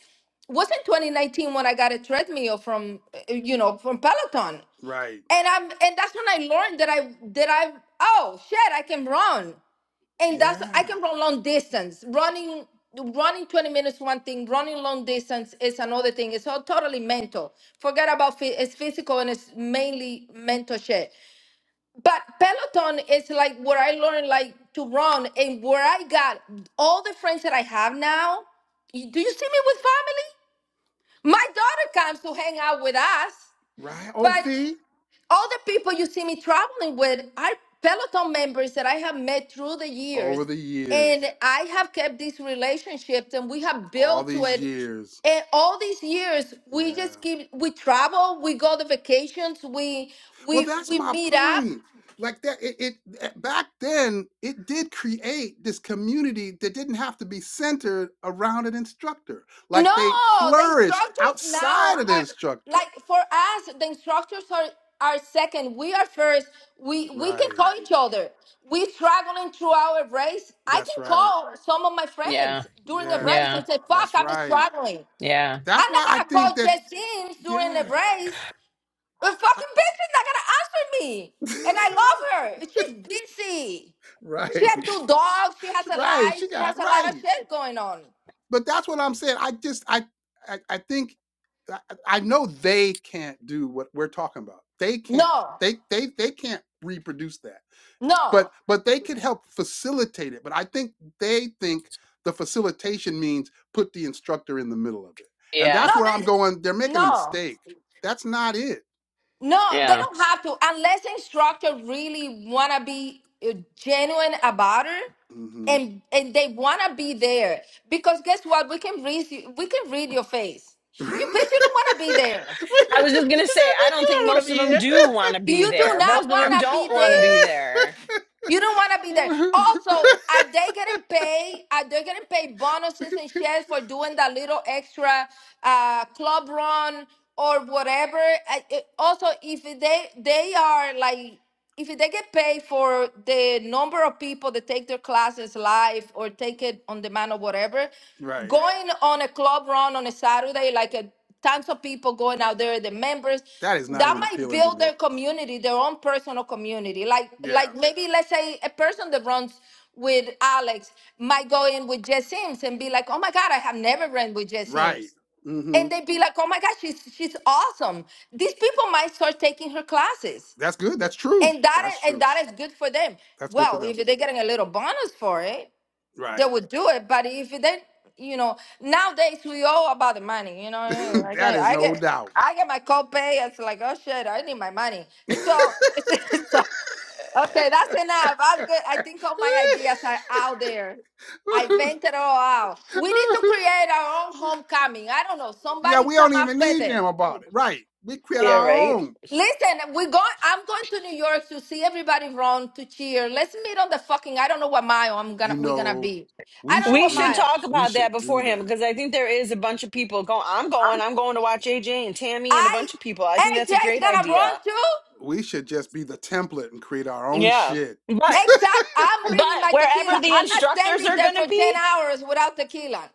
[SPEAKER 9] Wasn't 2019 when I got a treadmill from uh, you know from Peloton
[SPEAKER 1] right.
[SPEAKER 9] and I'm and that's when I learned that I that I oh shit I can run and that's I
[SPEAKER 1] Yeah.
[SPEAKER 9] can run long distance running running 20 minutes is one thing running long distance is another thing it's all totally mental forget about phy- it's physical and it's mainly mental shit but peloton is like where i learned like to run and where i got all the friends that i have now you- do you see me with family my daughter comes to hang out with us
[SPEAKER 1] Right. Oh,
[SPEAKER 9] but
[SPEAKER 1] see?
[SPEAKER 9] all the people you see me traveling with are peloton members that i have met through the
[SPEAKER 1] Over
[SPEAKER 9] years
[SPEAKER 1] the
[SPEAKER 9] and
[SPEAKER 1] years.
[SPEAKER 9] i have kept these relationships and we have
[SPEAKER 1] All
[SPEAKER 9] built to
[SPEAKER 1] these
[SPEAKER 9] it
[SPEAKER 1] years.
[SPEAKER 9] and all these years we
[SPEAKER 1] Yeah.
[SPEAKER 9] just keep we travel we go to vacations we
[SPEAKER 1] Well,
[SPEAKER 9] we
[SPEAKER 1] that's
[SPEAKER 9] we
[SPEAKER 1] my
[SPEAKER 9] meet up
[SPEAKER 1] point. Like that, it, it eh, back then it did create this community that didn't have to be centered around an instructor. Like they
[SPEAKER 9] No, the
[SPEAKER 1] flourished
[SPEAKER 9] instructors now
[SPEAKER 1] outside of the
[SPEAKER 9] are
[SPEAKER 1] instructor.
[SPEAKER 9] like for us, the instructors are are second. We are first. We we can
[SPEAKER 1] Right.
[SPEAKER 9] call each other. We struggling through our race. I
[SPEAKER 1] That's
[SPEAKER 9] can
[SPEAKER 1] right.
[SPEAKER 9] call some of my
[SPEAKER 8] Yeah.
[SPEAKER 9] friends during a
[SPEAKER 1] Yeah.
[SPEAKER 9] race
[SPEAKER 8] Yeah.
[SPEAKER 9] and say, fuck,
[SPEAKER 1] That's
[SPEAKER 9] I'm
[SPEAKER 1] right.
[SPEAKER 9] struggling.
[SPEAKER 8] Yeah.
[SPEAKER 1] That's
[SPEAKER 9] I'm not
[SPEAKER 1] why I
[SPEAKER 9] gonna
[SPEAKER 1] think
[SPEAKER 9] call
[SPEAKER 1] that.
[SPEAKER 9] Jessine during the
[SPEAKER 1] Yeah.
[SPEAKER 9] race. The
[SPEAKER 1] I,
[SPEAKER 9] fucking bitch is not gonna answer me. And I love her. She's busy. She
[SPEAKER 1] right.
[SPEAKER 9] has two dogs. She has a
[SPEAKER 1] Right.
[SPEAKER 9] life.
[SPEAKER 1] She
[SPEAKER 9] She
[SPEAKER 1] got
[SPEAKER 9] has a lot
[SPEAKER 1] right.
[SPEAKER 9] of shit going on.
[SPEAKER 1] but that's what I'm saying. I just I I, I think I, I know they can't do what we're talking about. They can't.
[SPEAKER 9] No,
[SPEAKER 1] They they they can't reproduce that. But
[SPEAKER 9] no.
[SPEAKER 1] but they could help facilitate it. But I think they think the facilitation means put the instructor in the middle of it. And
[SPEAKER 8] Yeah.
[SPEAKER 9] No,
[SPEAKER 1] that's where I'm going. They're
[SPEAKER 9] they
[SPEAKER 1] making a
[SPEAKER 9] no.
[SPEAKER 1] mistake. That's not it.
[SPEAKER 9] No, they
[SPEAKER 8] Yeah.
[SPEAKER 9] don't have to unless the instructor really want to be uh, genuine about it
[SPEAKER 1] hmm
[SPEAKER 9] and and they want to be there because guess what? We can read you, we can read your face. You
[SPEAKER 1] Is
[SPEAKER 9] bitch, you don't want to be there.
[SPEAKER 8] I
[SPEAKER 1] that
[SPEAKER 8] was just going to say, I
[SPEAKER 1] bitch you?
[SPEAKER 8] don't think
[SPEAKER 1] I want to
[SPEAKER 8] most of
[SPEAKER 1] be
[SPEAKER 8] them do want to be
[SPEAKER 9] You do
[SPEAKER 8] there.
[SPEAKER 9] not
[SPEAKER 8] Most of
[SPEAKER 9] want
[SPEAKER 8] them
[SPEAKER 9] to be
[SPEAKER 8] don't want to be
[SPEAKER 9] there.
[SPEAKER 8] there.
[SPEAKER 9] You don't want to be there.
[SPEAKER 1] here.
[SPEAKER 9] Also, are they getting paid? Are they getting paid bonuses and shares for doing that little extra uh, club run or whatever? I- it- Also, if they they are like if they get paid for the number of people that take their classes live or take it on demand or whatever,
[SPEAKER 1] Right.
[SPEAKER 9] going on a club run on a Saturday like a tons of people going out there, the members
[SPEAKER 1] That is not
[SPEAKER 9] that
[SPEAKER 1] even
[SPEAKER 9] might
[SPEAKER 1] appealing to
[SPEAKER 9] build
[SPEAKER 1] me.
[SPEAKER 9] their community, their own personal community. Like
[SPEAKER 1] Yeah.
[SPEAKER 9] like maybe let's say a person that runs with Alex might go in with Jess Sims and be like, oh my God, I have never ran with Jess
[SPEAKER 1] Right.
[SPEAKER 9] Sims.
[SPEAKER 1] Mm-hmm.
[SPEAKER 9] And they'd be like, oh my God, she's she's awesome. These people might start taking her classes.
[SPEAKER 1] That's good. That's true.
[SPEAKER 9] And that
[SPEAKER 1] That's
[SPEAKER 9] is and
[SPEAKER 1] true.
[SPEAKER 9] that is good for them.
[SPEAKER 1] That's good for
[SPEAKER 9] Well,
[SPEAKER 1] them.
[SPEAKER 9] if they're getting a little bonus for it, they
[SPEAKER 1] Right.
[SPEAKER 9] would do it. But if they, you know, nowadays we all about the money. You know, yeah, I
[SPEAKER 1] that
[SPEAKER 9] get,
[SPEAKER 1] is
[SPEAKER 9] I
[SPEAKER 1] no
[SPEAKER 9] get,
[SPEAKER 1] doubt.
[SPEAKER 9] I get my copay. It's like, oh shit, I need my money. And So, it's, so okay, that's enough. I'm good. I think all my ideas are out there. I vent it all out. We need to create our own homecoming. I don't know.
[SPEAKER 1] yeah,
[SPEAKER 9] Somebody
[SPEAKER 1] we don't
[SPEAKER 9] come up
[SPEAKER 1] even
[SPEAKER 9] with
[SPEAKER 1] need
[SPEAKER 9] it.
[SPEAKER 1] them about it. Right. We create
[SPEAKER 8] Yeah,
[SPEAKER 1] our
[SPEAKER 8] right.
[SPEAKER 1] own.
[SPEAKER 9] Listen, we go. I'm going to New York to see everybody run to cheer. Let's meet on the fucking. I don't know what mile I'm
[SPEAKER 1] You
[SPEAKER 9] gonna we're gonna
[SPEAKER 1] know,
[SPEAKER 9] be. I
[SPEAKER 1] we
[SPEAKER 9] don't know
[SPEAKER 1] should
[SPEAKER 8] We
[SPEAKER 9] what
[SPEAKER 1] do
[SPEAKER 8] should
[SPEAKER 9] mile.
[SPEAKER 1] that.
[SPEAKER 8] talk
[SPEAKER 1] We
[SPEAKER 8] about that
[SPEAKER 1] should do
[SPEAKER 8] beforehand
[SPEAKER 1] that.
[SPEAKER 8] because I think there is a bunch of people going. I'm going. I'm going to watch AJ and Tammy and a
[SPEAKER 9] I
[SPEAKER 8] bunch of people. I
[SPEAKER 9] A
[SPEAKER 8] think that's
[SPEAKER 9] J
[SPEAKER 8] a
[SPEAKER 9] is
[SPEAKER 8] great
[SPEAKER 9] gonna run
[SPEAKER 8] idea.
[SPEAKER 9] too.
[SPEAKER 1] We should just be the template and create our own
[SPEAKER 8] Yeah.
[SPEAKER 1] shit.
[SPEAKER 8] but.
[SPEAKER 9] Exact. I'm
[SPEAKER 8] But
[SPEAKER 9] bringing my tequila.
[SPEAKER 8] wherever the
[SPEAKER 9] I'm not
[SPEAKER 8] instructors
[SPEAKER 9] standing
[SPEAKER 8] are
[SPEAKER 9] there
[SPEAKER 8] going
[SPEAKER 9] for
[SPEAKER 8] to be,
[SPEAKER 9] ten hours without tequila.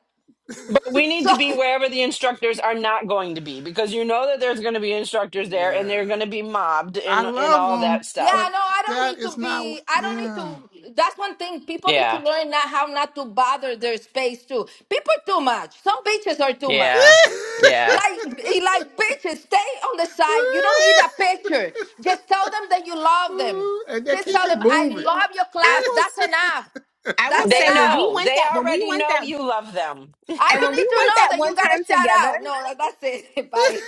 [SPEAKER 8] but we need
[SPEAKER 9] So
[SPEAKER 8] to be wherever the instructors are not going to be because you know that there's going to be instructors there and they're
[SPEAKER 1] Yeah.
[SPEAKER 8] going to be mobbed
[SPEAKER 1] I
[SPEAKER 8] and and
[SPEAKER 1] love
[SPEAKER 8] all
[SPEAKER 1] them,
[SPEAKER 8] that
[SPEAKER 9] yeah,
[SPEAKER 8] stuff.
[SPEAKER 1] but
[SPEAKER 9] no, I don't
[SPEAKER 1] that
[SPEAKER 9] need
[SPEAKER 1] is
[SPEAKER 9] to
[SPEAKER 1] not.
[SPEAKER 9] be. I don't need
[SPEAKER 1] Yeah.
[SPEAKER 9] to. That's one thing people need to
[SPEAKER 8] Yeah.
[SPEAKER 9] learn now how not to bother their space too. People too much. Some bitches are too much.
[SPEAKER 8] Yeah. Yeah.
[SPEAKER 9] Like, eh, like bitches, stay on the side. You don't need a picture. Just tell them that you love them.
[SPEAKER 1] and they
[SPEAKER 9] Just
[SPEAKER 1] keep
[SPEAKER 9] tell
[SPEAKER 1] it
[SPEAKER 9] them I
[SPEAKER 1] moving.
[SPEAKER 9] love your
[SPEAKER 2] I
[SPEAKER 9] class.
[SPEAKER 2] will.
[SPEAKER 9] That's enough.
[SPEAKER 2] I will
[SPEAKER 9] That's
[SPEAKER 2] say
[SPEAKER 8] They
[SPEAKER 2] when
[SPEAKER 9] enough.
[SPEAKER 2] we
[SPEAKER 8] know.
[SPEAKER 2] went
[SPEAKER 8] They
[SPEAKER 2] that when we
[SPEAKER 8] already
[SPEAKER 2] went
[SPEAKER 8] know
[SPEAKER 2] that
[SPEAKER 8] you love them.
[SPEAKER 9] I
[SPEAKER 2] and
[SPEAKER 9] don't
[SPEAKER 2] when
[SPEAKER 9] need
[SPEAKER 2] we
[SPEAKER 9] to
[SPEAKER 2] went
[SPEAKER 9] know
[SPEAKER 2] that
[SPEAKER 9] that you
[SPEAKER 2] one
[SPEAKER 9] got a
[SPEAKER 2] time
[SPEAKER 9] shout
[SPEAKER 2] together,
[SPEAKER 9] out. No, that- that's it. Bye.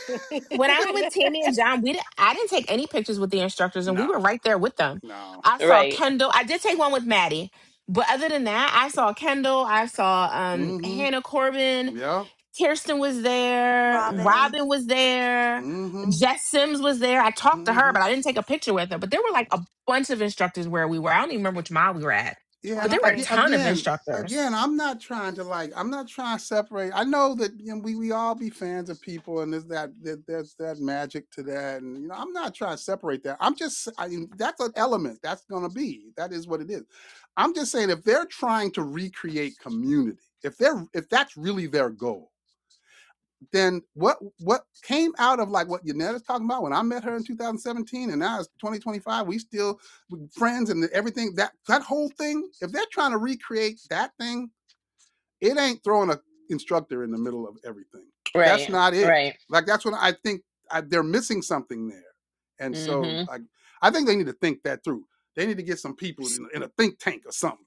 [SPEAKER 2] when I went with Tammy and John, we did, I didn't take any pictures with the instructors, and we
[SPEAKER 1] no,
[SPEAKER 2] were right there with them.
[SPEAKER 1] no.
[SPEAKER 2] I saw
[SPEAKER 8] Right.
[SPEAKER 2] Kendall. I did take one with Maddie, but other than that, I saw Kendall. I saw um,
[SPEAKER 1] Mm-hmm.
[SPEAKER 2] Hannah Corbin.
[SPEAKER 1] Yep.
[SPEAKER 2] Kirsten was there.
[SPEAKER 1] Yeah.
[SPEAKER 3] Robin,
[SPEAKER 2] Robin was there.
[SPEAKER 1] Mm-hmm.
[SPEAKER 2] Jess Sims was there. I talked to her,
[SPEAKER 1] Mm-hmm.
[SPEAKER 2] but I didn't take a picture with her. But there were like a bunch of instructors where we were. I don't even remember which mile we were at,
[SPEAKER 1] Yeah,
[SPEAKER 2] but
[SPEAKER 1] and I,
[SPEAKER 2] there were a
[SPEAKER 3] twenty-three.
[SPEAKER 1] aga-
[SPEAKER 2] ton of
[SPEAKER 1] again,
[SPEAKER 2] instructors.
[SPEAKER 1] again, I'm not trying to like, I'm not trying to separate. I know that you know, we we all be fans of people, and there's that that there's that magic to that, and you know, I'm not trying to separate that. I'm just, I mean, that's an element that's gonna be. That is what it is. I'm just saying, if they're trying to recreate community, if they're if that's really their goal, then what what came out of like what Yanetta's talking about when I met her in 2017 and now it's 2025, we still friends and everything that that whole thing, if they're trying to recreate that thing, it ain't throwing a instructor in the middle of everything. That's
[SPEAKER 8] Right.
[SPEAKER 1] not it.
[SPEAKER 8] Right.
[SPEAKER 1] Like that's when I think I, they're missing something there. And
[SPEAKER 8] Hmm.
[SPEAKER 1] so like I think they need to think that through. They need to get some people in, in a think tank or something.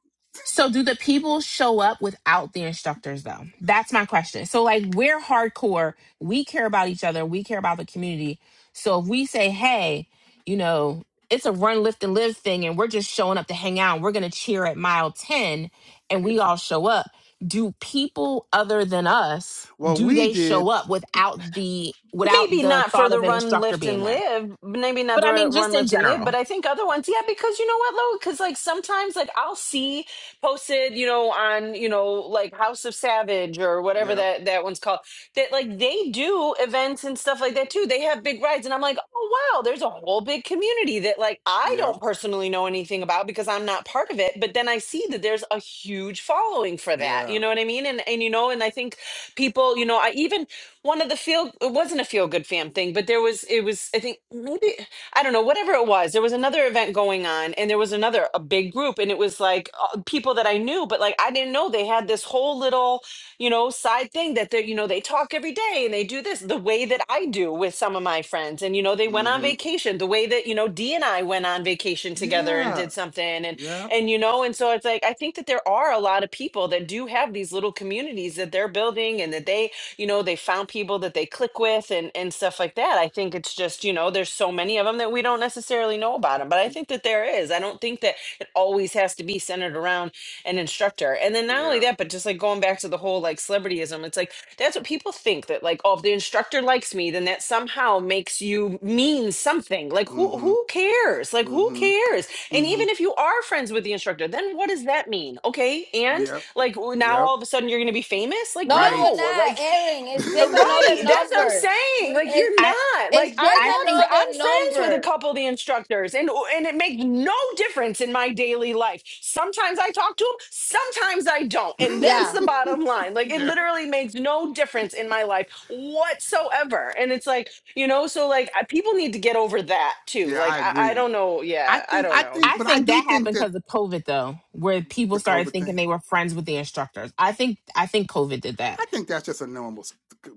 [SPEAKER 2] So do the people show up without the instructors though? That's my question. So like we're hardcore, we care about each other, we care about the community. So if we say, "Hey, you know, it's a run lift and live thing and we're just showing up to hang out, and we're going to cheer at mile 10 and we all show up." Do people other than us,
[SPEAKER 1] Well,
[SPEAKER 2] do
[SPEAKER 1] we
[SPEAKER 2] they show
[SPEAKER 1] did.
[SPEAKER 2] up without the without
[SPEAKER 8] Maybe
[SPEAKER 2] the
[SPEAKER 8] not for
[SPEAKER 2] thought
[SPEAKER 8] the
[SPEAKER 2] of an
[SPEAKER 8] run,
[SPEAKER 2] instructor
[SPEAKER 8] lift,
[SPEAKER 2] being
[SPEAKER 8] and
[SPEAKER 2] there?
[SPEAKER 8] live. Maybe not
[SPEAKER 2] But
[SPEAKER 8] the
[SPEAKER 2] I mean just
[SPEAKER 8] run,
[SPEAKER 2] in
[SPEAKER 8] lift, and live,
[SPEAKER 2] general.
[SPEAKER 8] but I think other ones, yeah, because you know what, Lo? Because like sometimes, like I'll see posted, you know, on you know, like House of Savage or whatever
[SPEAKER 1] Yeah.
[SPEAKER 8] that that one's called, that like they do events and stuff like that too. They have big rides, and I'm like, oh wow, there's a whole big community that like I
[SPEAKER 1] Yeah.
[SPEAKER 8] don't personally know anything about because I'm not part of it. But then I see that there's a huge following for that.
[SPEAKER 1] Yeah.
[SPEAKER 8] You know what I mean? And and you know, and I think people, you know, I even one of the feel it wasn't a feel good fam thing but there was it was i think maybe i don't know whatever it was there was another event going on and there was another a big group and it was like uh, people that i knew but like i didn't know they had this whole little you know side thing that they you know they talk every day and they do this the way that i do with some of my friends and you know they went
[SPEAKER 1] mm
[SPEAKER 8] on
[SPEAKER 1] Mhm.
[SPEAKER 8] vacation the way that you know d and i went on vacation together and
[SPEAKER 1] Yeah.
[SPEAKER 8] did something and
[SPEAKER 1] Yeah.
[SPEAKER 8] and you know and so it's like i think that there are a lot of people that do have these little communities that they're building and that they you know know they found people that they click with and and stuff like that i think it's just you know there's so many of them that we don't necessarily know about them but i think that there is i don't think that it always has to be centered around an instructor and then not only
[SPEAKER 1] Yeah.
[SPEAKER 8] that but just like going back to the whole like celebrityism it's like that's what people think that like oh if the instructor likes me then that somehow makes you mean something like who
[SPEAKER 1] Mm-hmm.
[SPEAKER 8] who cares like who
[SPEAKER 1] Mm-hmm.
[SPEAKER 8] cares and
[SPEAKER 1] Mm-hmm.
[SPEAKER 8] even if you are friends with the instructor then what does that mean okay and
[SPEAKER 1] Yep.
[SPEAKER 8] like w- now
[SPEAKER 1] Yep.
[SPEAKER 8] all of a sudden you're going to be famous like
[SPEAKER 9] No, you're
[SPEAKER 1] Right.
[SPEAKER 8] no
[SPEAKER 9] not,
[SPEAKER 8] like
[SPEAKER 9] Erin. It's
[SPEAKER 8] uh,
[SPEAKER 9] just another
[SPEAKER 8] Right. That's what I'm
[SPEAKER 9] number.
[SPEAKER 8] saying. Like
[SPEAKER 9] It,
[SPEAKER 8] you're
[SPEAKER 2] I
[SPEAKER 8] not. Like
[SPEAKER 9] it's just
[SPEAKER 2] I
[SPEAKER 8] I have
[SPEAKER 2] think
[SPEAKER 8] fr- I'm
[SPEAKER 9] another
[SPEAKER 8] friends with a
[SPEAKER 9] number.
[SPEAKER 8] couple of the instructors and oh, and it makes no difference in my daily life. Sometimes I talk to them, sometimes I don't. And that's
[SPEAKER 9] Yeah.
[SPEAKER 8] the bottom line. Like it
[SPEAKER 1] yeah.
[SPEAKER 8] literally makes no difference in my life whatsoever. And it's like, you know, so like I, people need to get over that too.
[SPEAKER 1] Yeah,
[SPEAKER 8] Like
[SPEAKER 1] I
[SPEAKER 8] I, I
[SPEAKER 1] agree.
[SPEAKER 8] don't know.
[SPEAKER 1] I
[SPEAKER 8] Yeah, I
[SPEAKER 1] think
[SPEAKER 8] don't
[SPEAKER 1] I
[SPEAKER 8] know.
[SPEAKER 1] think
[SPEAKER 2] I
[SPEAKER 1] but I
[SPEAKER 2] think
[SPEAKER 1] do
[SPEAKER 2] that
[SPEAKER 1] think
[SPEAKER 2] happened
[SPEAKER 1] that
[SPEAKER 2] because of COVID though, where people
[SPEAKER 1] the
[SPEAKER 2] started
[SPEAKER 1] COVID
[SPEAKER 2] thinking
[SPEAKER 1] thing,
[SPEAKER 2] they were friends with the instructors. I think I think COVID did
[SPEAKER 1] I
[SPEAKER 2] that.
[SPEAKER 1] think that's just a normal s- c-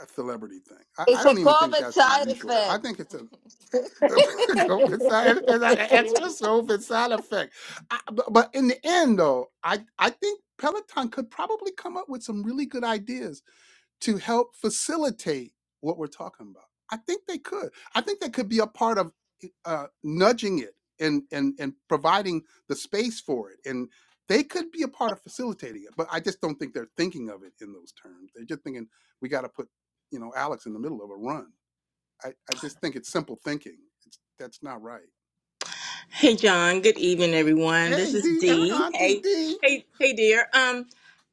[SPEAKER 1] a celebrity thing. I, I
[SPEAKER 9] It's a
[SPEAKER 1] don't even think
[SPEAKER 9] COVID
[SPEAKER 1] that's
[SPEAKER 9] side
[SPEAKER 1] unusual. I
[SPEAKER 9] effect.
[SPEAKER 1] think it's a COVID side it's like an extra COVID side effect. I, bu- but in the end though, I I think Peloton could probably come up with some really good ideas to help facilitate what we're talking about. I think they could. I think they could be a part of eh, uh, nudging it and and and providing the space for it, and they could be a part of facilitating it. But I just don't think they're thinking of it in those terms. They're just thinking we got to put you know Alex in the middle of a run. I I just think it's simple thinking. It's, that's not right.
[SPEAKER 11] Hey John, good evening everyone.
[SPEAKER 1] Hey
[SPEAKER 11] This is
[SPEAKER 1] D, uh,
[SPEAKER 11] Dee.
[SPEAKER 1] Auntie
[SPEAKER 11] Hey,
[SPEAKER 1] D.
[SPEAKER 11] hey, hey dear. Um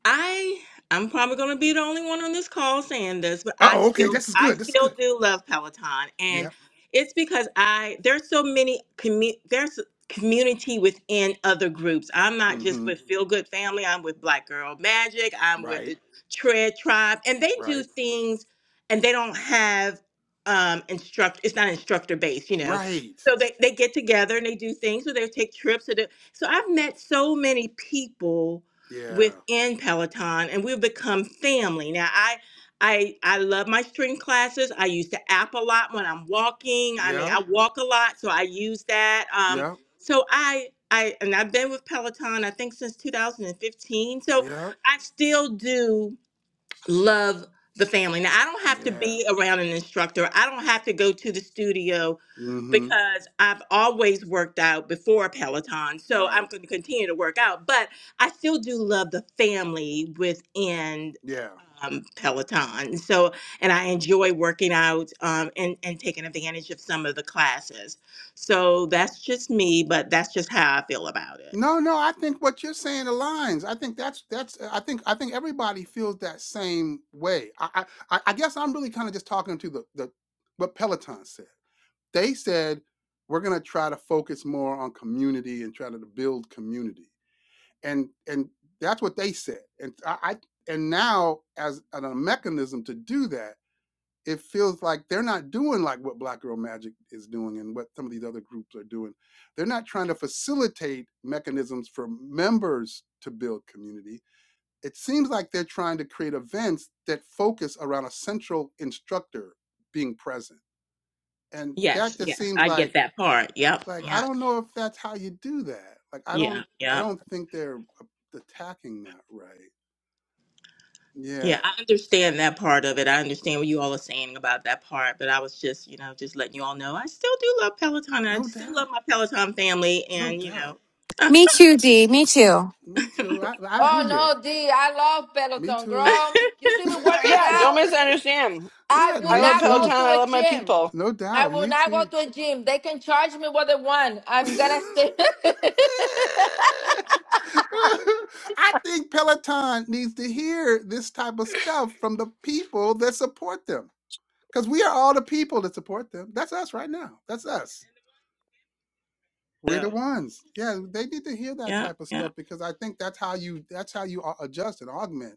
[SPEAKER 11] I I'm probably going to be the only one on this call saying this, but I
[SPEAKER 1] Oh, okay.
[SPEAKER 11] still
[SPEAKER 1] This is
[SPEAKER 11] I
[SPEAKER 1] good. This is good.
[SPEAKER 11] still do love Peloton and
[SPEAKER 1] Yeah.
[SPEAKER 11] it's because I there's so many commu- there's community within other groups. I'm not just
[SPEAKER 1] Mm-hmm.
[SPEAKER 11] with Feel Good Family, I'm with Black Girl Magic, I'm with
[SPEAKER 1] Right.
[SPEAKER 11] the Tread Tribe and they do
[SPEAKER 1] Right.
[SPEAKER 11] things and they don't have um instruct it's not instructor based, you know
[SPEAKER 1] Right.
[SPEAKER 11] so they, they get together and they do things, or they take trips. Or they, so I've met so many people
[SPEAKER 1] Yeah.
[SPEAKER 11] within Peloton, and we've become family. Now I I I love my string classes. I use the app a lot when I'm walking. I mean,
[SPEAKER 1] Yeah.
[SPEAKER 11] I walk a lot, so I use that. Um,
[SPEAKER 1] Yep.
[SPEAKER 11] so I I and I've been with Peloton I think since 2015. So
[SPEAKER 1] Yep.
[SPEAKER 11] I still do love the family. Now I don't have to
[SPEAKER 1] Yeah.
[SPEAKER 11] be around an instructor. I don't have to go to the studio
[SPEAKER 1] Mm-hmm.
[SPEAKER 11] because I've always worked out before Peloton. So I'm
[SPEAKER 1] Right.
[SPEAKER 11] going to continue to work out, but I still do love the family within
[SPEAKER 1] Yeah.
[SPEAKER 11] um, Peloton. So, and I enjoy working out um, and, and taking advantage of some of the classes. So that's just me, but that's just how I feel about it.
[SPEAKER 1] No, no, I think what you're saying aligns. I think that's that's I think I think everybody feels that same way. I I, I I guess I'm really kind of just talking to the, the what Peloton said. They said we're gonna try to focus more on community and try to build community. And and that's what they said. And I, I and now as a mechanism to do that it feels like they're not doing like what Black Girl Magic is doing and what some of these other groups are doing. They're not trying to facilitate mechanisms for members to build community. It seems like they're trying to create events that focus around a central instructor being present. And that
[SPEAKER 11] Yes,
[SPEAKER 1] just
[SPEAKER 11] yes,
[SPEAKER 1] seems
[SPEAKER 11] I get
[SPEAKER 1] like
[SPEAKER 11] that part. Yep,
[SPEAKER 1] like I
[SPEAKER 11] yep,
[SPEAKER 1] don't know if that's how you do that. Like I
[SPEAKER 11] yeah,
[SPEAKER 1] don't I
[SPEAKER 11] yep.
[SPEAKER 1] don't think they're attacking that right. Yeah.
[SPEAKER 11] Yeah, I understand that part of it. I understand what you all are saying about that part, but I was just, you know, just letting you all know I still do love Peloton. and I
[SPEAKER 1] No
[SPEAKER 11] still love
[SPEAKER 1] doubt.
[SPEAKER 11] my Peloton family,
[SPEAKER 1] No
[SPEAKER 11] and you know,
[SPEAKER 1] doubt.
[SPEAKER 10] Me too.
[SPEAKER 1] Me too. I I hear
[SPEAKER 9] oh
[SPEAKER 1] you.
[SPEAKER 9] no, D. I love
[SPEAKER 1] Me
[SPEAKER 9] Peloton,
[SPEAKER 1] too.
[SPEAKER 9] girl. You see me working
[SPEAKER 8] Yeah, don't
[SPEAKER 9] out.
[SPEAKER 8] misunderstand.
[SPEAKER 9] I
[SPEAKER 1] yeah,
[SPEAKER 9] will
[SPEAKER 8] I
[SPEAKER 1] me
[SPEAKER 8] love
[SPEAKER 9] not go
[SPEAKER 8] Peloton.
[SPEAKER 1] too.
[SPEAKER 9] to
[SPEAKER 8] I
[SPEAKER 9] a
[SPEAKER 8] love my
[SPEAKER 9] gym.
[SPEAKER 8] people.
[SPEAKER 1] No
[SPEAKER 9] I
[SPEAKER 1] doubt,
[SPEAKER 9] will
[SPEAKER 1] me
[SPEAKER 9] not go
[SPEAKER 1] too.
[SPEAKER 9] to a gym. They can charge me what they want. I'm gonna stay.
[SPEAKER 1] I think Peloton needs to hear this type of stuff from the people that support them. Because we are all the people that support them. That's us right now. That's us. We're the
[SPEAKER 11] so
[SPEAKER 1] ones. Yeah, they need to hear that
[SPEAKER 11] yeah,
[SPEAKER 1] type of
[SPEAKER 11] yeah.
[SPEAKER 1] stuff because I think that's how you that's how you au- adjust and augment.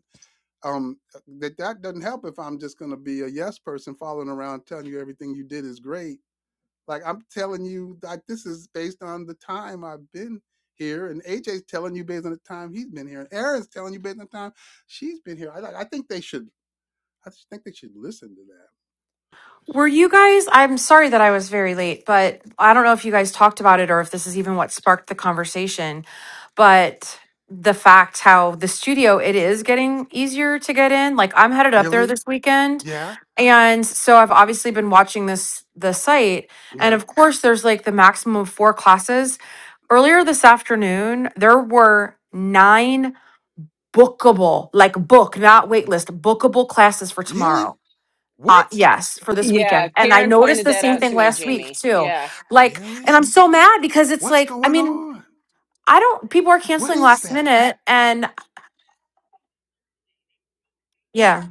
[SPEAKER 1] Um that that doesn't help if I'm just gonna be a yes person following around telling you everything you did is great Like I'm telling you, like this is based on the time I've been here, and AJ's telling you based on the time he's been here, and Erin's telling you based on the time she's been here. I like. I think they should. I just think they should listen to that.
[SPEAKER 10] Were you guys? I'm sorry that I was very late, but I don't know if you guys talked about it or if this is even what sparked the conversation. But the fact how the studio it is getting easier to get in. Like I'm headed up there
[SPEAKER 1] Really?
[SPEAKER 10] this weekend,
[SPEAKER 1] Yeah.
[SPEAKER 10] and so I've obviously been watching this the site, and
[SPEAKER 1] Yeah.
[SPEAKER 10] of course there's like the maximum of four classes. Earlier this afternoon, there were nine bookable, like book, not waitlist, bookable classes for
[SPEAKER 1] Really?
[SPEAKER 10] tomorrow. Uh,
[SPEAKER 1] What?
[SPEAKER 10] yes, for this weekend.
[SPEAKER 8] Yeah,
[SPEAKER 10] And I
[SPEAKER 8] Karen
[SPEAKER 10] noticed
[SPEAKER 8] pointed
[SPEAKER 10] the
[SPEAKER 8] that
[SPEAKER 10] same
[SPEAKER 8] out
[SPEAKER 10] thing
[SPEAKER 8] to me,
[SPEAKER 10] last week
[SPEAKER 8] Jamie.
[SPEAKER 10] too.
[SPEAKER 8] Yeah.
[SPEAKER 10] Like, and I'm
[SPEAKER 1] Really?
[SPEAKER 10] so mad because it's
[SPEAKER 1] What's
[SPEAKER 10] like, I
[SPEAKER 1] going
[SPEAKER 10] mean,
[SPEAKER 1] on?
[SPEAKER 10] I don't, people are
[SPEAKER 1] What
[SPEAKER 10] canceling
[SPEAKER 1] is
[SPEAKER 10] last
[SPEAKER 1] that?
[SPEAKER 10] minute. And yeah,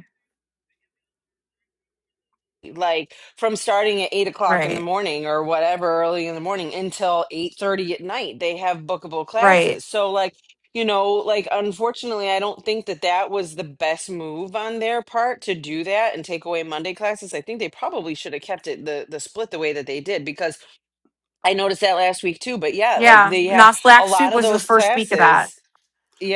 [SPEAKER 8] like from starting at eight o'clock in the
[SPEAKER 10] right,
[SPEAKER 8] morning or whatever early in the morning until eight thirty at night they have bookable
[SPEAKER 10] right.
[SPEAKER 8] classes so like you know like unfortunately i don't think that that was the best move on their part to do that and take away monday classes i think they probably should have kept it the the split the way that they did because i noticed that last week too but yeah like
[SPEAKER 10] Yeah,
[SPEAKER 8] they have
[SPEAKER 10] Nas
[SPEAKER 8] a
[SPEAKER 10] Black Soup
[SPEAKER 8] lot of
[SPEAKER 10] was the
[SPEAKER 8] those
[SPEAKER 10] first week of that.
[SPEAKER 8] classes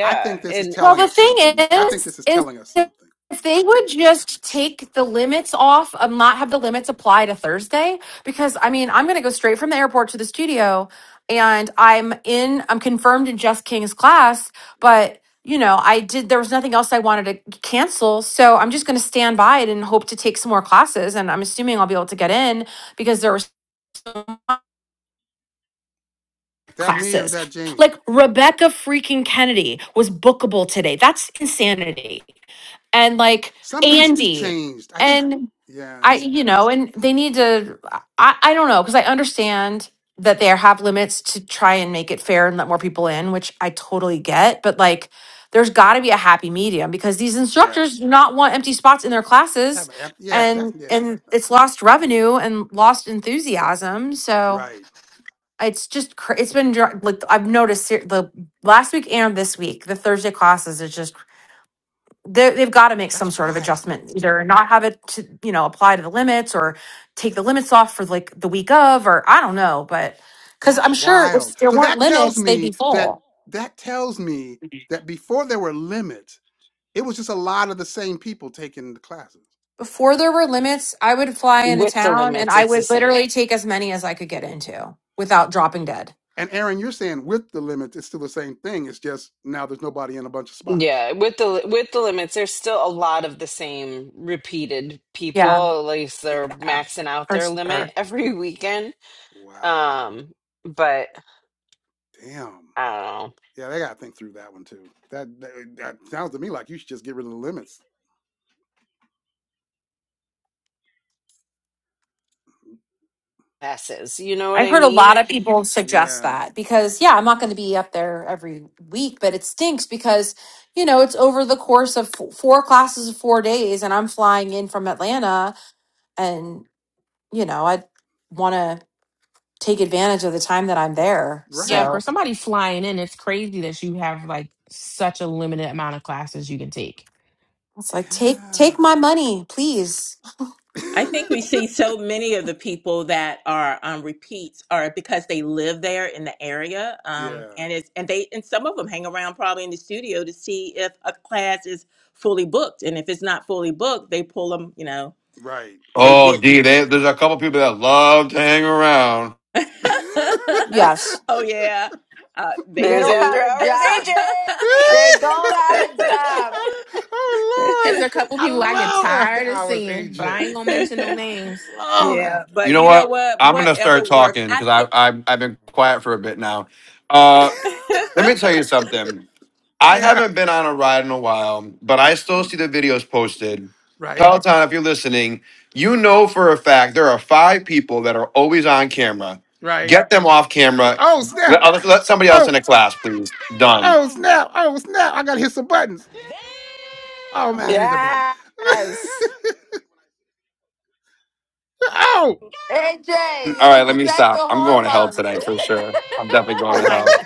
[SPEAKER 1] I think this is
[SPEAKER 8] and
[SPEAKER 10] Well,
[SPEAKER 1] telling
[SPEAKER 10] the
[SPEAKER 1] us
[SPEAKER 10] thing
[SPEAKER 1] something. I think this
[SPEAKER 10] is,
[SPEAKER 1] is
[SPEAKER 10] is
[SPEAKER 1] telling us something.
[SPEAKER 10] if they would just take the limits off, um, not have the limits apply to Thursday, because I mean, I'm going to go straight from the airport to the studio, and I'm in, I'm confirmed in Jess King's class, but you know, I did. There was nothing else I wanted to cancel, so I'm just going to stand by it and hope to take some more classes. And I'm assuming I'll be able to get in because there were
[SPEAKER 1] Is That me or is
[SPEAKER 10] classes.
[SPEAKER 1] that Jamie?
[SPEAKER 10] Like Rebecca freaking Kennedy was bookable today. That's insanity. and like
[SPEAKER 1] Something's
[SPEAKER 10] Andy
[SPEAKER 1] changed. I think.
[SPEAKER 10] and
[SPEAKER 1] Yeah.
[SPEAKER 10] I you know and they need to I I don't know because I understand that they have limits to try and make it fair and let more people in which I totally get but like there's got to be a happy medium because these
[SPEAKER 1] Yeah.
[SPEAKER 10] instructors do not want empty spots in their classes
[SPEAKER 1] Have an amp- yeah. That's
[SPEAKER 10] and
[SPEAKER 1] yeah.
[SPEAKER 10] and
[SPEAKER 1] That's not
[SPEAKER 10] it's
[SPEAKER 1] cool.
[SPEAKER 10] lost revenue and lost enthusiasm so
[SPEAKER 1] Right.
[SPEAKER 10] it's just cra- it's been dr- like I've noticed ser- the last week and this week the Thursday classes is just they they've got to make some
[SPEAKER 1] That's
[SPEAKER 10] sort of
[SPEAKER 1] wild.
[SPEAKER 10] adjustment, either not have it to, you know, apply to the limits or take the limits off for like the week of, or I don't know, but because
[SPEAKER 1] That's
[SPEAKER 10] I'm sure
[SPEAKER 1] wild.
[SPEAKER 10] if there
[SPEAKER 1] So
[SPEAKER 10] weren't
[SPEAKER 1] that tells
[SPEAKER 10] limits, they'd be
[SPEAKER 1] me that
[SPEAKER 10] full.
[SPEAKER 1] that tells me that before there were limits, it was just a lot of the same people taking the classes.
[SPEAKER 10] Before there were limits, I would fly into
[SPEAKER 8] with the
[SPEAKER 10] town and
[SPEAKER 8] limits
[SPEAKER 10] I
[SPEAKER 8] it's the
[SPEAKER 10] would
[SPEAKER 8] same
[SPEAKER 10] literally take as many as I could get into without dropping dead.
[SPEAKER 1] And Aaron, you're saying with the limits, it's still the same thing. It's just now there's nobody in a bunch of spots.
[SPEAKER 8] Yeah, with the with the limits, there's still a lot of the same repeated people.
[SPEAKER 10] Yeah.
[SPEAKER 8] At least they're maxing out their limit
[SPEAKER 10] Sure.
[SPEAKER 8] every weekend.
[SPEAKER 1] Wow.
[SPEAKER 8] Um, but
[SPEAKER 1] Damn.
[SPEAKER 8] I don't know,
[SPEAKER 1] Yeah, they gotta think through that one too. That that, eh, that sounds to me like you should just get rid of the limits.
[SPEAKER 8] passes. You know what
[SPEAKER 10] I've
[SPEAKER 8] I
[SPEAKER 10] heard a lot
[SPEAKER 8] mean?
[SPEAKER 10] of people suggest
[SPEAKER 1] Yeah.
[SPEAKER 10] that because, yeah, I'm not going to be up there every week, but it stinks because, you know, it's over the course of f- four classes of four days and I'm flying in from Atlanta and you know i want to take advantage of the time that i'm there
[SPEAKER 2] Yeah,
[SPEAKER 1] Right.
[SPEAKER 2] for
[SPEAKER 10] so
[SPEAKER 2] somebody flying in, it's crazy that you have like such a limited amount of classes you can take.
[SPEAKER 10] it's like take
[SPEAKER 1] Yeah.
[SPEAKER 10] take my money please
[SPEAKER 11] I think we see so many of the people that are um, repeats are because they live there in the area, um,
[SPEAKER 1] yeah.
[SPEAKER 11] and it's and they and some of them hang around probably in the studio to see if a class is fully booked, and if it's not fully booked, they pull them, you know
[SPEAKER 1] Right.
[SPEAKER 11] They
[SPEAKER 7] Oh,
[SPEAKER 11] get.
[SPEAKER 7] D, they, there's a couple people that love to hang around.
[SPEAKER 10] yes
[SPEAKER 11] oh yeah, uh, they
[SPEAKER 9] they
[SPEAKER 8] There's
[SPEAKER 9] don't
[SPEAKER 8] after
[SPEAKER 9] have
[SPEAKER 11] do.
[SPEAKER 9] a
[SPEAKER 8] hours
[SPEAKER 9] job.
[SPEAKER 8] agent.
[SPEAKER 9] They don't have a job.
[SPEAKER 1] I- oh
[SPEAKER 2] There's
[SPEAKER 1] Lord,
[SPEAKER 2] a couple
[SPEAKER 1] I
[SPEAKER 2] people I get
[SPEAKER 1] love After
[SPEAKER 2] tired of
[SPEAKER 1] Hours,
[SPEAKER 2] seeing, but
[SPEAKER 1] AJ.
[SPEAKER 2] I ain't gonna mention no
[SPEAKER 1] I
[SPEAKER 2] names.
[SPEAKER 1] love
[SPEAKER 11] yeah,
[SPEAKER 1] After
[SPEAKER 7] You
[SPEAKER 11] but
[SPEAKER 7] know
[SPEAKER 11] you know
[SPEAKER 7] what?
[SPEAKER 11] what?
[SPEAKER 7] I'm gonna start
[SPEAKER 11] Whatever works.
[SPEAKER 7] talking
[SPEAKER 11] I
[SPEAKER 7] because I,
[SPEAKER 11] think
[SPEAKER 7] I I've been quiet for a bit now.
[SPEAKER 1] Hours.
[SPEAKER 7] Uh, let me tell you something. I
[SPEAKER 1] yeah,
[SPEAKER 7] haven't been on a ride in a while, but I still
[SPEAKER 1] r-
[SPEAKER 7] see the videos posted.
[SPEAKER 1] right,
[SPEAKER 7] Peloton, if you're listening, you know for a fact there are five people that are always on camera.
[SPEAKER 1] right.
[SPEAKER 7] Get them off camera.
[SPEAKER 1] Oh snap!
[SPEAKER 7] Let, let somebody else
[SPEAKER 1] Oh,
[SPEAKER 7] in the class, please. Done.
[SPEAKER 1] oh snap! Oh snap! I gotta hit some buttons. Oh man, I hit the button.
[SPEAKER 8] Yes.
[SPEAKER 1] oh,
[SPEAKER 9] AJ, you
[SPEAKER 7] All right,
[SPEAKER 9] need
[SPEAKER 7] let
[SPEAKER 9] to
[SPEAKER 7] me
[SPEAKER 9] take the
[SPEAKER 7] stop. I'm going to hell
[SPEAKER 9] hormones.
[SPEAKER 7] tonight for sure. I'm definitely going
[SPEAKER 3] Oh
[SPEAKER 7] to
[SPEAKER 3] my,
[SPEAKER 7] hell.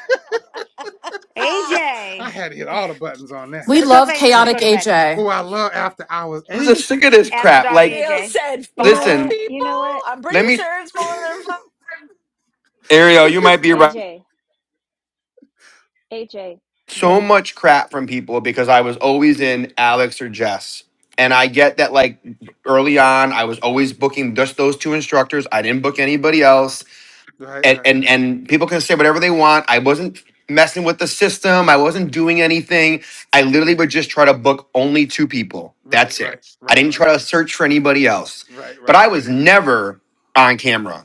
[SPEAKER 3] AJ.
[SPEAKER 1] I had to hit all the buttons on that.
[SPEAKER 10] we
[SPEAKER 3] So
[SPEAKER 10] love
[SPEAKER 3] somebody needs to
[SPEAKER 1] Good
[SPEAKER 3] go
[SPEAKER 10] chaotic
[SPEAKER 3] to
[SPEAKER 1] Lord.
[SPEAKER 3] bed
[SPEAKER 10] aj
[SPEAKER 1] Oh, I love After Hours,
[SPEAKER 7] I'm just
[SPEAKER 1] AJ.
[SPEAKER 7] sick of this
[SPEAKER 3] after
[SPEAKER 7] crap.
[SPEAKER 3] dark.
[SPEAKER 7] Like,
[SPEAKER 1] right,
[SPEAKER 8] Real
[SPEAKER 3] AJ.
[SPEAKER 8] said
[SPEAKER 4] You know
[SPEAKER 8] five
[SPEAKER 4] what?
[SPEAKER 7] listen,
[SPEAKER 4] You
[SPEAKER 8] people.
[SPEAKER 4] know what?
[SPEAKER 8] I'm pretty
[SPEAKER 7] let me,
[SPEAKER 8] sure it's more than five.
[SPEAKER 7] Ariel, you might be right.
[SPEAKER 4] AJ, AJ,
[SPEAKER 7] So
[SPEAKER 4] they
[SPEAKER 7] much crap from people because I was always in Alex or Jess. And I get that, like, early on, I was always booking just those two instructors. I didn't book anybody else.
[SPEAKER 1] right,
[SPEAKER 7] and and
[SPEAKER 1] right,
[SPEAKER 7] and people can say whatever they want. I wasn't messing with the system. I wasn't doing anything. I
[SPEAKER 1] right,
[SPEAKER 7] literally would just try to book only two people.
[SPEAKER 1] right,
[SPEAKER 7] That's
[SPEAKER 1] right,
[SPEAKER 7] it. I
[SPEAKER 1] right,
[SPEAKER 7] didn't
[SPEAKER 1] right.
[SPEAKER 7] try to search for anybody else.
[SPEAKER 1] Right,
[SPEAKER 7] But
[SPEAKER 1] right.
[SPEAKER 7] I was never on camera.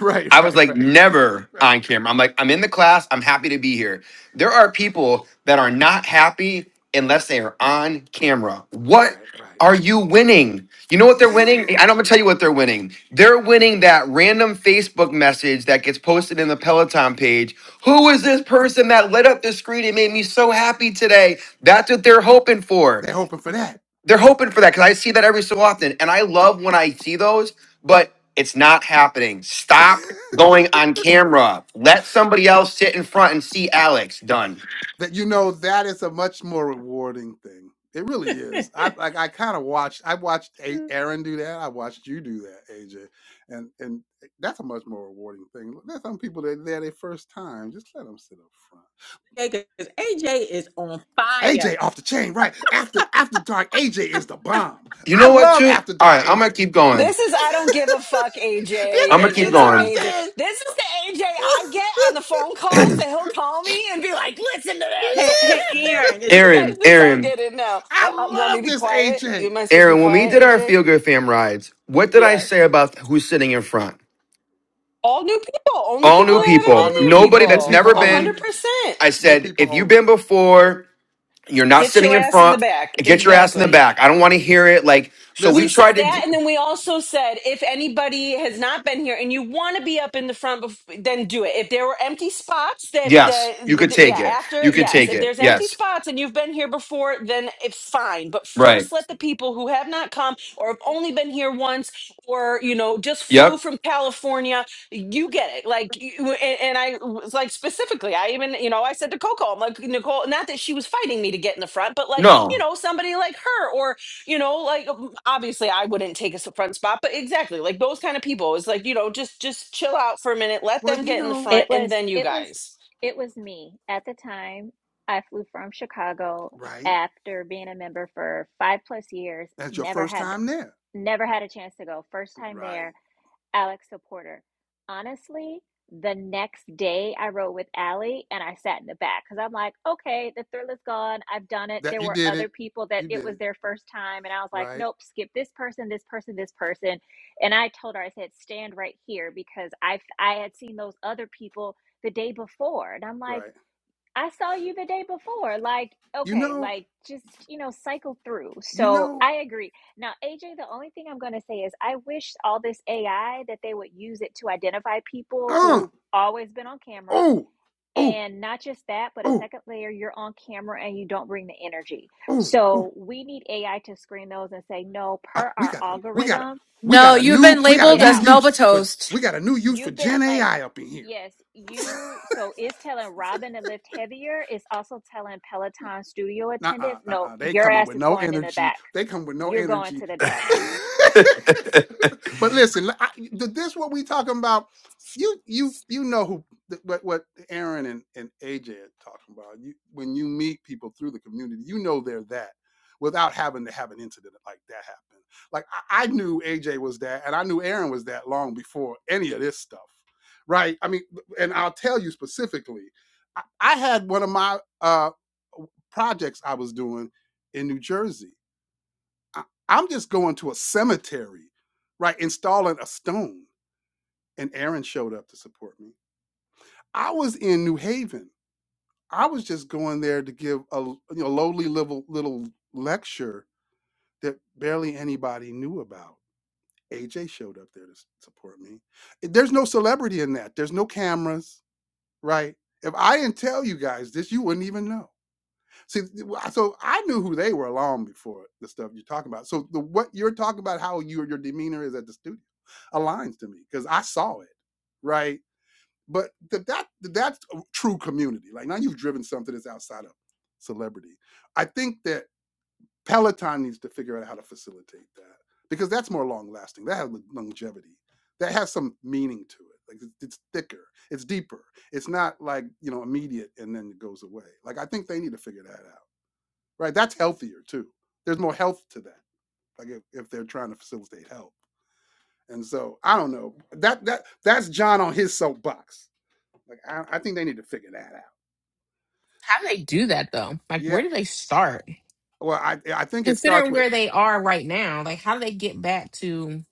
[SPEAKER 1] Right,
[SPEAKER 7] I was
[SPEAKER 1] right,
[SPEAKER 7] like,
[SPEAKER 1] right.
[SPEAKER 7] never
[SPEAKER 1] Right.
[SPEAKER 7] on camera. I'm like, I'm in the class. I'm happy to be here. There are people that are not happy unless they are on camera.
[SPEAKER 1] You're
[SPEAKER 7] What
[SPEAKER 1] Right, right.
[SPEAKER 7] are you winning? You know what they're winning? And I'm gonna tell you what they're winning. They're winning that random Facebook message that gets posted in the Peloton page. Who is this person that lit up the screen and made me so happy today? That's what they're hoping for
[SPEAKER 1] They're hoping for that.
[SPEAKER 7] they're hoping for that because I see that every so often, and I love when I see those, but it's not happening. Stop going on camera. Let somebody else sit in front and see Alex done.
[SPEAKER 1] that you know that is a much more rewarding thing. It really is. I like I kind of watched I watched A- Aaron do that. I watched you do that, AJ. And and eh, that's a much more rewarding thing. There's some people that they're their first time. Just let them sit up front.
[SPEAKER 11] because AJ is on fire.
[SPEAKER 1] AJ off the chain, right? After after dark, AJ is the bomb.
[SPEAKER 7] You
[SPEAKER 1] I
[SPEAKER 7] know what,
[SPEAKER 1] love
[SPEAKER 7] too?
[SPEAKER 1] after
[SPEAKER 7] All
[SPEAKER 1] dark
[SPEAKER 7] right, I'm
[SPEAKER 1] AJ.
[SPEAKER 7] gonna keep going.
[SPEAKER 8] This is I don't give a fuck, AJ,
[SPEAKER 7] I'm gonna
[SPEAKER 1] Listen,
[SPEAKER 8] and
[SPEAKER 7] keep
[SPEAKER 1] you know
[SPEAKER 8] it's
[SPEAKER 1] what I'm
[SPEAKER 7] going.
[SPEAKER 8] amazing.
[SPEAKER 1] saying?
[SPEAKER 8] This is the AJ I get on the phone calls that he'll call me and be like, listen to this.
[SPEAKER 11] Hey, hey, Aaron, is,
[SPEAKER 8] You guys
[SPEAKER 7] Aaron,
[SPEAKER 8] just all
[SPEAKER 7] Aaron,
[SPEAKER 8] get it now. Uh,
[SPEAKER 1] I
[SPEAKER 8] uh, You want me to
[SPEAKER 1] love
[SPEAKER 8] be
[SPEAKER 1] this
[SPEAKER 8] quiet?
[SPEAKER 1] AJ.
[SPEAKER 8] Am I supposed to be
[SPEAKER 7] Aaron. When we
[SPEAKER 8] quiet,
[SPEAKER 7] did our
[SPEAKER 8] AJ?
[SPEAKER 7] Feel Good Fam rides, what did I
[SPEAKER 8] Yeah.
[SPEAKER 7] say about who's sitting in front?
[SPEAKER 8] All new people, only
[SPEAKER 7] All
[SPEAKER 8] people
[SPEAKER 7] new
[SPEAKER 1] All
[SPEAKER 8] that haven't
[SPEAKER 7] people.
[SPEAKER 8] been
[SPEAKER 1] all new
[SPEAKER 8] there,
[SPEAKER 7] Nobody
[SPEAKER 1] people, new
[SPEAKER 7] that's
[SPEAKER 8] people.
[SPEAKER 1] people
[SPEAKER 7] never
[SPEAKER 8] A
[SPEAKER 1] only,
[SPEAKER 7] been.
[SPEAKER 8] 100%.
[SPEAKER 7] I
[SPEAKER 1] new
[SPEAKER 7] said,
[SPEAKER 1] people
[SPEAKER 7] if you've
[SPEAKER 1] only.
[SPEAKER 7] been before, you're not
[SPEAKER 8] Sit
[SPEAKER 7] sitting
[SPEAKER 8] your
[SPEAKER 7] in
[SPEAKER 8] ass in the
[SPEAKER 7] front
[SPEAKER 8] back.
[SPEAKER 7] get your ass in the
[SPEAKER 8] Exactly.
[SPEAKER 7] back. I don't want to hear it. Like, so we
[SPEAKER 8] We
[SPEAKER 1] Listen,
[SPEAKER 7] tried
[SPEAKER 8] said
[SPEAKER 7] to.
[SPEAKER 8] that, and then we also said if anybody has not been here and you want to be up in the front, bef- then do it. If there were empty spots that
[SPEAKER 7] Yes,
[SPEAKER 8] that
[SPEAKER 1] you
[SPEAKER 7] you could
[SPEAKER 8] th-
[SPEAKER 7] take
[SPEAKER 8] yeah
[SPEAKER 7] it. You
[SPEAKER 8] after
[SPEAKER 7] could
[SPEAKER 8] yes,
[SPEAKER 7] take
[SPEAKER 8] if
[SPEAKER 7] it.
[SPEAKER 8] there's empty
[SPEAKER 7] Yes.
[SPEAKER 8] spots and you've been here before, then it's fine. But
[SPEAKER 7] Right.
[SPEAKER 8] first, let the people who have not come or have only been here once or you know just flew
[SPEAKER 7] Yep.
[SPEAKER 8] from California, you get it. Like you- and, and I was like specifically, I even you know I said to Coco, I'm like Nicole, not that she was fighting me to get in the front, but like you
[SPEAKER 7] No.
[SPEAKER 8] know somebody like her you know like um, obviously i wouldn't take a s- front spot but exactly like those kind of people it's like you know just just chill out for a minute let
[SPEAKER 1] well,
[SPEAKER 8] them
[SPEAKER 1] you
[SPEAKER 8] get in the
[SPEAKER 1] know,
[SPEAKER 8] front
[SPEAKER 4] it
[SPEAKER 8] and
[SPEAKER 4] was
[SPEAKER 8] then you
[SPEAKER 4] it was
[SPEAKER 8] guys
[SPEAKER 4] it was me at the time. I flew from Chicago
[SPEAKER 1] right?
[SPEAKER 4] after being a member for 5 plus years,
[SPEAKER 1] That's your
[SPEAKER 4] never
[SPEAKER 1] first
[SPEAKER 4] had
[SPEAKER 1] time there,
[SPEAKER 4] never had a chance to go. First time
[SPEAKER 1] right?
[SPEAKER 4] there Alexa Porter. Honestly, the next day I rode with Allie and I sat in the back because I'm like, okay, the thrill is gone. I've done it.
[SPEAKER 1] That
[SPEAKER 4] There
[SPEAKER 1] you
[SPEAKER 4] were
[SPEAKER 1] did
[SPEAKER 4] other
[SPEAKER 1] it,
[SPEAKER 4] people that
[SPEAKER 1] you
[SPEAKER 4] it
[SPEAKER 1] did
[SPEAKER 4] was
[SPEAKER 1] it,
[SPEAKER 4] their first time. And I was like,
[SPEAKER 1] right?
[SPEAKER 4] nope, skip this person, this person, this person. And I told her, I said, stand right here because I, I had seen those other people the day before. And I'm like,
[SPEAKER 1] Right.
[SPEAKER 4] I saw you the day before. Like,
[SPEAKER 1] You
[SPEAKER 4] okay,
[SPEAKER 1] know,
[SPEAKER 4] like just, you know, cycle through.
[SPEAKER 1] you
[SPEAKER 4] So
[SPEAKER 1] know.
[SPEAKER 4] I agree. Now, AJ, the only thing I'm going to say is I wish all this AI that they would use it to identify people
[SPEAKER 1] Uh,
[SPEAKER 4] who've always been on camera.
[SPEAKER 1] oh, oh,
[SPEAKER 4] And not just that, but a
[SPEAKER 1] oh,
[SPEAKER 4] second layer, you're on camera and you don't bring the energy.
[SPEAKER 1] oh, oh.
[SPEAKER 4] So we need AI to screen those and say, no,
[SPEAKER 1] Ah,
[SPEAKER 4] per
[SPEAKER 1] we
[SPEAKER 4] our
[SPEAKER 1] got a, we got a,
[SPEAKER 4] algorithm,
[SPEAKER 1] we got
[SPEAKER 10] no
[SPEAKER 1] a
[SPEAKER 10] you've
[SPEAKER 1] new,
[SPEAKER 10] been
[SPEAKER 1] we got a
[SPEAKER 4] get
[SPEAKER 10] labeled
[SPEAKER 1] new
[SPEAKER 10] as
[SPEAKER 4] out.
[SPEAKER 10] melba
[SPEAKER 1] use for,
[SPEAKER 10] toast
[SPEAKER 1] we got a new use for
[SPEAKER 4] You've
[SPEAKER 1] Gen
[SPEAKER 4] been like,
[SPEAKER 1] AI up in here.
[SPEAKER 4] yes, you. So is telling Robin to lift heavier is also telling Peloton studio
[SPEAKER 1] uh uh
[SPEAKER 4] attendants, no,
[SPEAKER 1] uh They
[SPEAKER 4] your
[SPEAKER 1] coming
[SPEAKER 4] ass
[SPEAKER 1] with
[SPEAKER 4] is
[SPEAKER 1] no
[SPEAKER 4] going in the
[SPEAKER 1] energy.
[SPEAKER 4] back.
[SPEAKER 1] They come with no
[SPEAKER 4] You're going
[SPEAKER 1] energy.
[SPEAKER 4] to the back.
[SPEAKER 1] but listen, I, th- this what we talking about. You you you know who th- what what Aaron and, and AJ are talking about. You when you meet people through the community, you know they're that without having to have an incident like that happen. Like I, I knew AJ was that and I knew Aaron was that long before any of this stuff. Right? I mean, and I'll tell you specifically, I, I had one of my uh projects I was doing in New Jersey. I, I'm just going to a cemetery, right? Installing a stone. And Aaron showed up to support me. I was in New Haven. I was just going there to give a you know, lowly little, little lecture that barely anybody knew about. AJ showed up there to support me. There's no celebrity in that. There's no cameras, right? If I didn't tell you guys this, you wouldn't even know See, so I knew who they were long before the stuff you're talking about. So the what you're talking about, how your your demeanor is at the studio, aligns to me because I saw it, right? But that that that's true community. Like now you've driven something that's outside of celebrity. I think that Peloton needs to figure out how to facilitate that because that's more long lasting. That has longevity. That has some meaning to it. Like it's, it's thicker, it's deeper. It's not like you know immediate and then it goes away. Like I think they need to figure that out right? That's healthier too. There's more health to that, like if, if they're trying to facilitate health. And so I don't know that that that's John on his soapbox. Like I, I think they need to figure that out.
[SPEAKER 2] How do they do that though? Like, where
[SPEAKER 1] Yeah.
[SPEAKER 2] do they start?
[SPEAKER 1] Well, I I think it starts
[SPEAKER 2] Considering
[SPEAKER 1] with
[SPEAKER 2] where they are right now, like, how do they get back to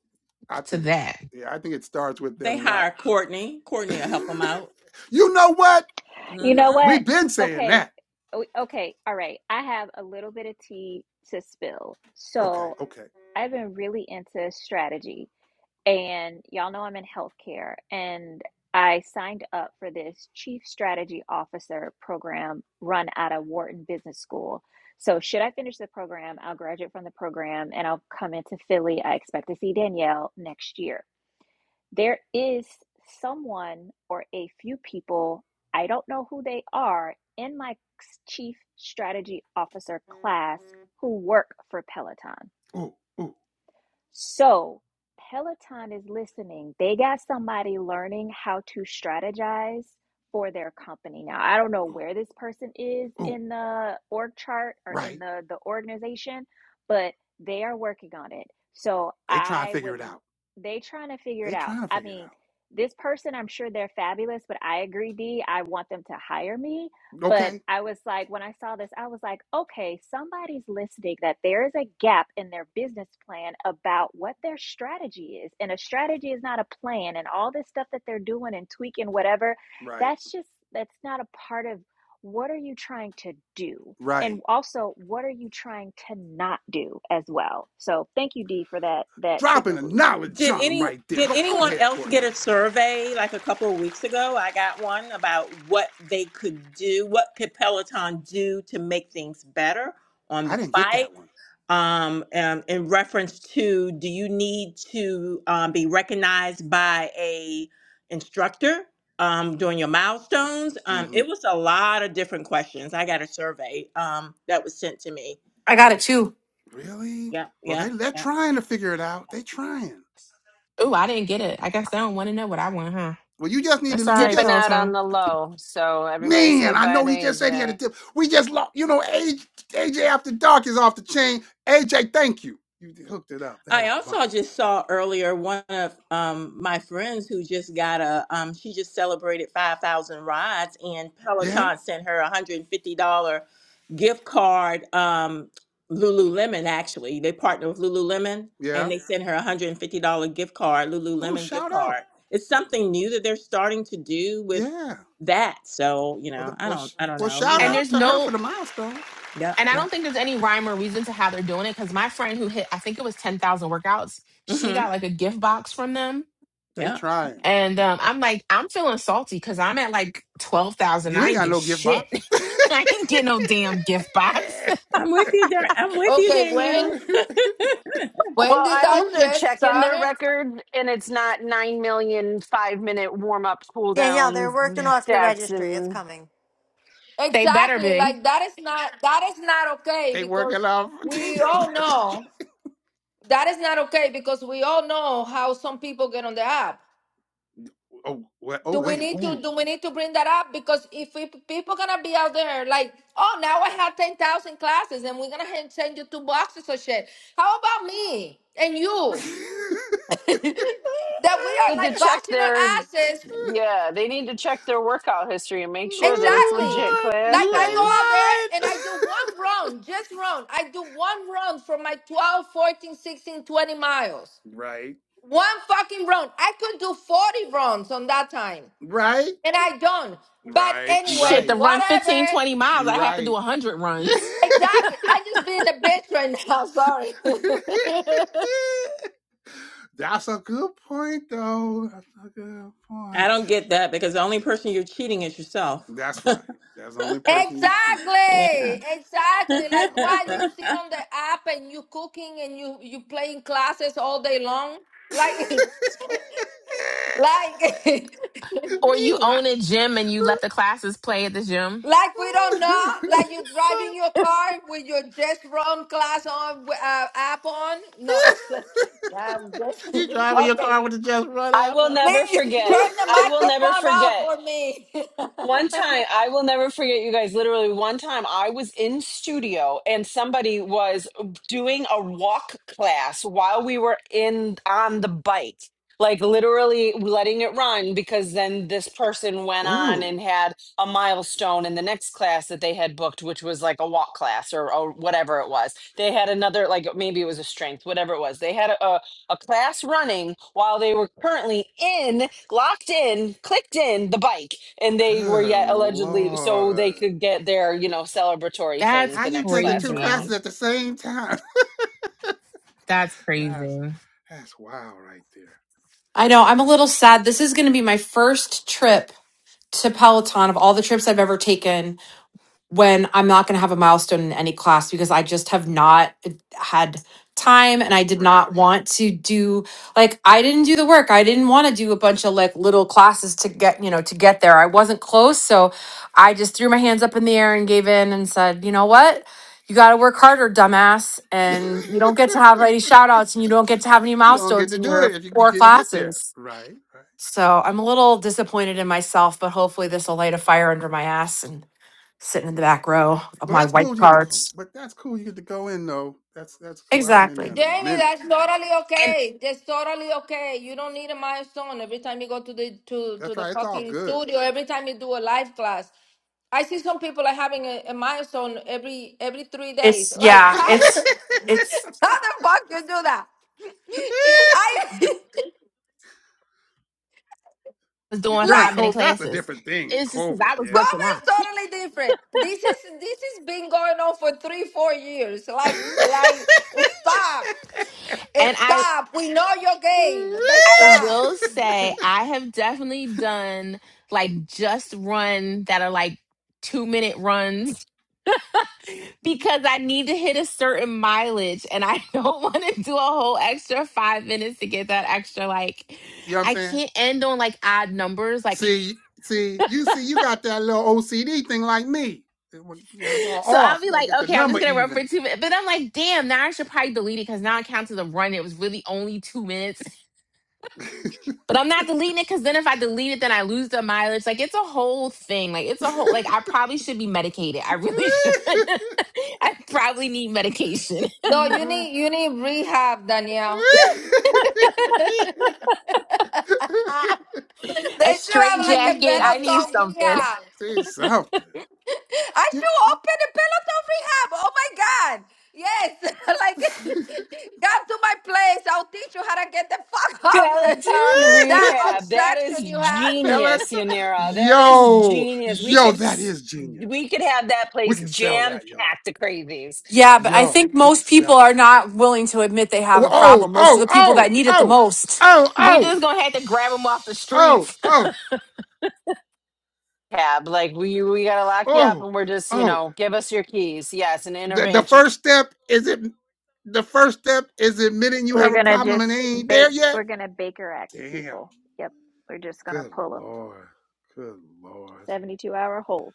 [SPEAKER 1] I
[SPEAKER 2] to
[SPEAKER 1] think
[SPEAKER 2] that?
[SPEAKER 1] yeah I think it starts with
[SPEAKER 11] they
[SPEAKER 1] them not.
[SPEAKER 11] hire Courtney. Courtney will help them out.
[SPEAKER 1] you know what?
[SPEAKER 4] You
[SPEAKER 11] hmm
[SPEAKER 4] know what?
[SPEAKER 1] We've been saying
[SPEAKER 4] Okay.
[SPEAKER 1] that.
[SPEAKER 4] o- Okay. All right. I have a little bit of tea to spill.
[SPEAKER 1] Okay.
[SPEAKER 4] So
[SPEAKER 1] Okay.
[SPEAKER 4] I've been really into strategy. and y'all know I'm in healthcare, and I signed up for this Chief Strategy Officer program run out of Wharton Business School. So, should I finish the program, I'll graduate from the program and I'll come into Philly. I expect to see Danielle next year. There is someone or a few people, I don't know who they are, in my Chief Strategy Officer class who work for Peloton.
[SPEAKER 1] Ooh ooh
[SPEAKER 4] So Peloton is listening. They got somebody learning how to strategize for their company. Now, I don't know
[SPEAKER 1] ooh
[SPEAKER 4] where this person is
[SPEAKER 1] ooh.
[SPEAKER 4] in the org chart or in
[SPEAKER 1] Right.
[SPEAKER 4] the, the organization, but they are working on it. So
[SPEAKER 1] They trying to
[SPEAKER 4] I
[SPEAKER 1] figure
[SPEAKER 4] would
[SPEAKER 1] it out.
[SPEAKER 4] they trying to figure
[SPEAKER 1] They
[SPEAKER 4] it out.
[SPEAKER 1] trying to
[SPEAKER 4] I
[SPEAKER 1] figure it
[SPEAKER 4] mean,
[SPEAKER 1] out.
[SPEAKER 4] this person, I'm sure they're fabulous, but I agree, D, I want them to hire me but
[SPEAKER 1] Okay.
[SPEAKER 4] I was like, when I saw this, I was like, okay, somebody's listening that there is a gap in their business plan about what their strategy is. And a strategy is not a plan, and all this stuff that they're doing and tweaking, whatever,
[SPEAKER 1] Right.
[SPEAKER 4] that's just, that's not a part of what are you trying to do?
[SPEAKER 1] Right.
[SPEAKER 4] And also, what are you trying to not do as well? So thank you, D, for that that
[SPEAKER 1] Dropping
[SPEAKER 4] signal
[SPEAKER 1] the
[SPEAKER 4] boost.
[SPEAKER 1] knowledge
[SPEAKER 11] Did
[SPEAKER 1] on them
[SPEAKER 11] any
[SPEAKER 1] right there.
[SPEAKER 11] Did
[SPEAKER 1] Go, go
[SPEAKER 11] anyone
[SPEAKER 1] ahead,
[SPEAKER 11] else
[SPEAKER 1] Courtney.
[SPEAKER 11] get a survey like a couple of weeks ago? I got one about what they could do. What could Peloton do to make things better on
[SPEAKER 1] I
[SPEAKER 11] the
[SPEAKER 1] didn't get
[SPEAKER 11] bike?
[SPEAKER 1] that one.
[SPEAKER 11] um, um, in reference to do you need to um, be recognized by a instructor um, during your milestones? Um,
[SPEAKER 1] hmm
[SPEAKER 11] it was a lot of different questions. I got a survey um, that was sent to me.
[SPEAKER 10] i got it too
[SPEAKER 1] Really?
[SPEAKER 11] Yeah,
[SPEAKER 1] Well,
[SPEAKER 11] yeah,
[SPEAKER 1] they they're
[SPEAKER 11] yeah.
[SPEAKER 1] trying to figure it out. They trying.
[SPEAKER 2] Oh, I didn't get it. I guess they don't want to know what I want, huh?
[SPEAKER 1] Well, you just need
[SPEAKER 2] That's
[SPEAKER 1] to.
[SPEAKER 2] all
[SPEAKER 1] You
[SPEAKER 2] right,
[SPEAKER 1] just
[SPEAKER 2] Peloton.
[SPEAKER 1] man. I know he just said he had a tip. We just lost. You know, AJ, after dark is off the chain. AJ, thank you. You hooked it up. That
[SPEAKER 11] I
[SPEAKER 1] was the bomb.
[SPEAKER 11] also just saw earlier one of um, my friends who just got a, um, she just celebrated 5,000 rides and
[SPEAKER 1] Yeah,
[SPEAKER 11] Peloton sent her a $150 gift card, um, Lululemon actually. They partner with Lululemon and
[SPEAKER 1] yeah.
[SPEAKER 11] they sent her a $150 gift card,
[SPEAKER 1] Oh,
[SPEAKER 11] Lululemon gift
[SPEAKER 1] shout out.
[SPEAKER 11] card. It's something new that they're starting to do with
[SPEAKER 1] Yeah.
[SPEAKER 11] that. So, you
[SPEAKER 1] Well,
[SPEAKER 11] know, I
[SPEAKER 1] well,
[SPEAKER 11] don't,
[SPEAKER 1] sh-
[SPEAKER 11] I don't
[SPEAKER 1] well,
[SPEAKER 11] know, you
[SPEAKER 1] shout
[SPEAKER 2] And
[SPEAKER 11] know,
[SPEAKER 1] out
[SPEAKER 2] there's
[SPEAKER 1] to her for
[SPEAKER 2] no,
[SPEAKER 1] the milestone.
[SPEAKER 11] yeah,
[SPEAKER 2] and I
[SPEAKER 11] yeah.
[SPEAKER 2] don't think there's any rhyme or reason to how they're doing it. Because my friend who hit, I think it was ten thousand workouts, she
[SPEAKER 11] Mm-hmm.
[SPEAKER 2] got like a gift box from them,
[SPEAKER 1] They
[SPEAKER 11] Yeah.
[SPEAKER 1] trying.
[SPEAKER 2] And um, I'm like, I'm feeling salty because I'm at like 12,000.
[SPEAKER 1] You
[SPEAKER 2] I
[SPEAKER 1] ain't
[SPEAKER 2] ain't
[SPEAKER 1] got
[SPEAKER 2] get
[SPEAKER 1] no gift
[SPEAKER 2] shit.
[SPEAKER 1] box.
[SPEAKER 2] I ain't get no damn gift box.
[SPEAKER 11] I'm with you, Dar- I'm with you,
[SPEAKER 9] Okay,
[SPEAKER 11] Danielle.
[SPEAKER 9] when when
[SPEAKER 8] well
[SPEAKER 9] did
[SPEAKER 8] i
[SPEAKER 9] that
[SPEAKER 8] hope they're
[SPEAKER 9] shit
[SPEAKER 8] checking their
[SPEAKER 9] started?
[SPEAKER 8] record and it's not nine million five minute warm-up cool
[SPEAKER 3] Danielle, they're
[SPEAKER 8] downs
[SPEAKER 3] working off your
[SPEAKER 8] checks
[SPEAKER 3] registry. It's
[SPEAKER 8] and
[SPEAKER 3] coming.
[SPEAKER 2] they better
[SPEAKER 9] Exactly.
[SPEAKER 2] be.
[SPEAKER 9] Like that is not that is not okay
[SPEAKER 1] they
[SPEAKER 9] because
[SPEAKER 1] working off
[SPEAKER 9] we
[SPEAKER 1] Daniel's
[SPEAKER 9] all
[SPEAKER 1] registry.
[SPEAKER 9] know that is not okay because we all know how some people get on the app.
[SPEAKER 1] Oh, wait, oh
[SPEAKER 9] Do we
[SPEAKER 1] wait,
[SPEAKER 9] need to
[SPEAKER 1] ooh.
[SPEAKER 9] do we need to bring that up? Because if we, people gonna be out there like, oh now I have ten thousand classes and we're gonna hand- send you two boxes of shit. How about me and you? That we are
[SPEAKER 8] need to
[SPEAKER 9] like
[SPEAKER 8] check
[SPEAKER 9] bashing our
[SPEAKER 8] their
[SPEAKER 9] asses
[SPEAKER 8] yeah they need to check their workout history and make sure that it's
[SPEAKER 1] Ooh,
[SPEAKER 9] Exactly.
[SPEAKER 8] legit
[SPEAKER 1] Lord, you
[SPEAKER 9] Like I go
[SPEAKER 8] classes
[SPEAKER 1] ain't
[SPEAKER 9] out there and
[SPEAKER 1] lying.
[SPEAKER 9] I do one round, just round. I do one round for my 12, 14, 16, 20 miles.
[SPEAKER 1] right,
[SPEAKER 9] One fucking round. I could do 40 rounds on that time.
[SPEAKER 1] right,
[SPEAKER 9] And I don't. But
[SPEAKER 1] right. You
[SPEAKER 9] anyway,
[SPEAKER 2] Shit, to
[SPEAKER 1] right,
[SPEAKER 2] run fifteen
[SPEAKER 9] whatever.
[SPEAKER 2] twenty miles,
[SPEAKER 1] you
[SPEAKER 2] I have to do
[SPEAKER 1] right.
[SPEAKER 2] 100 runs.
[SPEAKER 9] Exactly. I just being a bitch right now. Sorry.
[SPEAKER 1] That's a good point, though. That's a good
[SPEAKER 11] I
[SPEAKER 1] point.
[SPEAKER 11] don't get that because the only person you're cheating is yourself.
[SPEAKER 1] That's right. That's the only person you cheating.
[SPEAKER 9] Exactly, exactly.
[SPEAKER 1] That's the
[SPEAKER 9] Like
[SPEAKER 1] only
[SPEAKER 9] why do you
[SPEAKER 1] person.
[SPEAKER 9] sit on the app and you cooking and you you playing classes all day long? Like, like
[SPEAKER 2] Or
[SPEAKER 1] you
[SPEAKER 2] you
[SPEAKER 1] what?
[SPEAKER 2] own a gym and you let the classes play at the gym.
[SPEAKER 9] Like we don't know, like you driving your car with your just run class on uh, app on. No, I'm just
[SPEAKER 1] you driving your
[SPEAKER 9] okay.
[SPEAKER 1] car with the just run
[SPEAKER 8] I will
[SPEAKER 1] apple?
[SPEAKER 8] never
[SPEAKER 9] Please
[SPEAKER 8] forget.
[SPEAKER 9] turn the
[SPEAKER 8] I will never
[SPEAKER 9] microphone off
[SPEAKER 8] forget.
[SPEAKER 9] for me,
[SPEAKER 8] One time, I will never forget you guys. Literally, one time I was in studio and somebody was doing a walk class while we were in on the bike, like literally letting it run because then this person went on
[SPEAKER 1] Ooh,
[SPEAKER 8] and had a milestone in the next class that they had booked, which was like a walk class or, or whatever it was. They had another, like maybe it was a strength, whatever it was. They had a, a a class running while they were currently in, locked in, clicked in the bike and they were
[SPEAKER 1] good
[SPEAKER 8] yet allegedly so they
[SPEAKER 1] lord!
[SPEAKER 8] could get their, you know, celebratory
[SPEAKER 2] That's
[SPEAKER 8] thing
[SPEAKER 1] How
[SPEAKER 8] the
[SPEAKER 1] you
[SPEAKER 8] next
[SPEAKER 1] taking
[SPEAKER 8] class
[SPEAKER 1] two
[SPEAKER 2] crazy.
[SPEAKER 1] classes
[SPEAKER 8] around.
[SPEAKER 1] at the same time?
[SPEAKER 2] That's crazy.
[SPEAKER 1] that's that's wild right there.
[SPEAKER 10] i know i'm a little sad this is going to be my first trip to peloton of all the trips i've ever taken when I'm not going to have a milestone in any class because I just have not had time and I did
[SPEAKER 1] Right.
[SPEAKER 10] not want to do like I didn't do the work. I didn't want to do a bunch of like little classes to get, you know, to get there. I wasn't close, so I just threw my hands up in the air and gave in and said, "You know what? You got to work harder, dumbass, and you don't get to have any shout outs and you don't get to have any
[SPEAKER 1] you don't get
[SPEAKER 10] milestones
[SPEAKER 1] to
[SPEAKER 10] in
[SPEAKER 1] do
[SPEAKER 10] your
[SPEAKER 1] it if you, you
[SPEAKER 10] four
[SPEAKER 1] couldn't get there.
[SPEAKER 10] classes."
[SPEAKER 1] Right. Right.
[SPEAKER 10] So, I'm a little disappointed in myself, but hopefully this will light a fire under my ass and sitting in the back row of
[SPEAKER 1] Well,
[SPEAKER 10] my
[SPEAKER 1] that's cool.
[SPEAKER 10] white
[SPEAKER 1] You get to go,
[SPEAKER 10] cards.
[SPEAKER 1] but that's cool. You get to go in though. That's that's cool. I haven't been there
[SPEAKER 10] Exactly.
[SPEAKER 1] in a
[SPEAKER 9] Jamie.
[SPEAKER 1] minute.
[SPEAKER 9] That's totally
[SPEAKER 2] And.
[SPEAKER 9] okay. That's totally okay. You don't need a milestone every time you go to the to to
[SPEAKER 1] That's
[SPEAKER 9] the
[SPEAKER 1] right. It's all
[SPEAKER 9] fucking
[SPEAKER 1] good.
[SPEAKER 9] studio. Every time you do a live class, I see some people are having a, a milestone every every three days.
[SPEAKER 10] It's
[SPEAKER 9] Like
[SPEAKER 10] yeah,
[SPEAKER 9] how
[SPEAKER 10] it's
[SPEAKER 9] how
[SPEAKER 10] it's
[SPEAKER 9] the fuck you do that? I
[SPEAKER 2] was doing
[SPEAKER 1] During
[SPEAKER 2] five
[SPEAKER 9] like.
[SPEAKER 2] minute
[SPEAKER 1] COVID, that's a
[SPEAKER 2] classes.
[SPEAKER 1] different thing. In
[SPEAKER 2] It's just because
[SPEAKER 1] COVID,
[SPEAKER 2] I was
[SPEAKER 1] yeah.
[SPEAKER 2] working
[SPEAKER 9] Cover is
[SPEAKER 2] out.
[SPEAKER 9] totally different. This is this has been going on for three, four years. Like like stop.
[SPEAKER 2] And I
[SPEAKER 9] Stop. We know your game. Let's
[SPEAKER 2] I
[SPEAKER 9] stop.
[SPEAKER 2] will say I have definitely done like just run that are like two minute runs because I need to hit a certain mileage and I don't want to do a whole extra five minutes to get that extra like
[SPEAKER 1] you know what I'm
[SPEAKER 2] I
[SPEAKER 1] saying?
[SPEAKER 2] can't end on like odd numbers. Like
[SPEAKER 1] See, see, you see, you got that little OCD thing like me. It wa- It's all
[SPEAKER 2] so I'll
[SPEAKER 1] off. You
[SPEAKER 2] be
[SPEAKER 1] gotta
[SPEAKER 2] like,
[SPEAKER 1] get the
[SPEAKER 2] okay, I'm just
[SPEAKER 1] number
[SPEAKER 2] gonna run for
[SPEAKER 1] even.
[SPEAKER 2] two minutes. But I'm like, damn, now I should probably delete it because now it counts as a run. It was really only two minutes But I'm not deleting it because then if I delete it, then I lose the mileage. Like it's a whole thing. Like it's a whole like I probably should be medicated. I really should. I probably need medication.
[SPEAKER 9] No, you need
[SPEAKER 1] That's
[SPEAKER 9] you need rehab, Danielle. they
[SPEAKER 2] a
[SPEAKER 9] should have
[SPEAKER 2] straight
[SPEAKER 9] like a
[SPEAKER 2] jacket. I need
[SPEAKER 9] peloton
[SPEAKER 2] something.
[SPEAKER 9] rehab.
[SPEAKER 1] Say something.
[SPEAKER 9] I
[SPEAKER 1] You-
[SPEAKER 9] should open a peloton rehab. Oh my god. Yes, like come to my place. I'll teach you how to get the fuck off the,
[SPEAKER 8] Peloton
[SPEAKER 9] that
[SPEAKER 8] rehab. That
[SPEAKER 9] obsession
[SPEAKER 8] is
[SPEAKER 9] you have.
[SPEAKER 1] Pellet.
[SPEAKER 8] genius, Yanira. That is
[SPEAKER 1] Yo,
[SPEAKER 8] genius. We
[SPEAKER 1] yo,
[SPEAKER 8] could
[SPEAKER 1] that
[SPEAKER 8] s-
[SPEAKER 1] is genius.
[SPEAKER 8] we could have that
[SPEAKER 1] We
[SPEAKER 8] place
[SPEAKER 1] can sell
[SPEAKER 8] jam
[SPEAKER 1] that, y'all.
[SPEAKER 8] packed to crazies.
[SPEAKER 10] Yeah, but I
[SPEAKER 1] Yo,
[SPEAKER 10] think
[SPEAKER 1] we can
[SPEAKER 10] most people
[SPEAKER 1] sell
[SPEAKER 10] are
[SPEAKER 1] that.
[SPEAKER 10] not willing to admit they have
[SPEAKER 1] Oh,
[SPEAKER 10] a
[SPEAKER 1] oh,
[SPEAKER 10] problem. Most of
[SPEAKER 1] oh,
[SPEAKER 10] the people
[SPEAKER 1] oh,
[SPEAKER 10] that need it the
[SPEAKER 1] oh,
[SPEAKER 10] most.
[SPEAKER 1] oh,
[SPEAKER 2] We
[SPEAKER 1] oh,
[SPEAKER 2] just gonna have to grab them off the
[SPEAKER 1] oh,
[SPEAKER 2] streets.
[SPEAKER 1] oh,
[SPEAKER 8] Tab, like we we gotta lock you up
[SPEAKER 1] oh,
[SPEAKER 8] and we're just, you
[SPEAKER 1] oh.
[SPEAKER 8] know, give us your keys. Yes, an
[SPEAKER 1] The, the
[SPEAKER 8] intervention.
[SPEAKER 1] first step is it. The first step is admitting you
[SPEAKER 4] We're
[SPEAKER 1] have a
[SPEAKER 4] gonna
[SPEAKER 1] problem
[SPEAKER 4] just
[SPEAKER 1] and they ain't there
[SPEAKER 4] bake.
[SPEAKER 1] yet.
[SPEAKER 4] We're gonna Baker Act
[SPEAKER 1] Damn.
[SPEAKER 4] people. Yep, we're just gonna
[SPEAKER 1] Good
[SPEAKER 4] pull them.
[SPEAKER 1] lord. Good lord.
[SPEAKER 4] Seventy-two hour hold.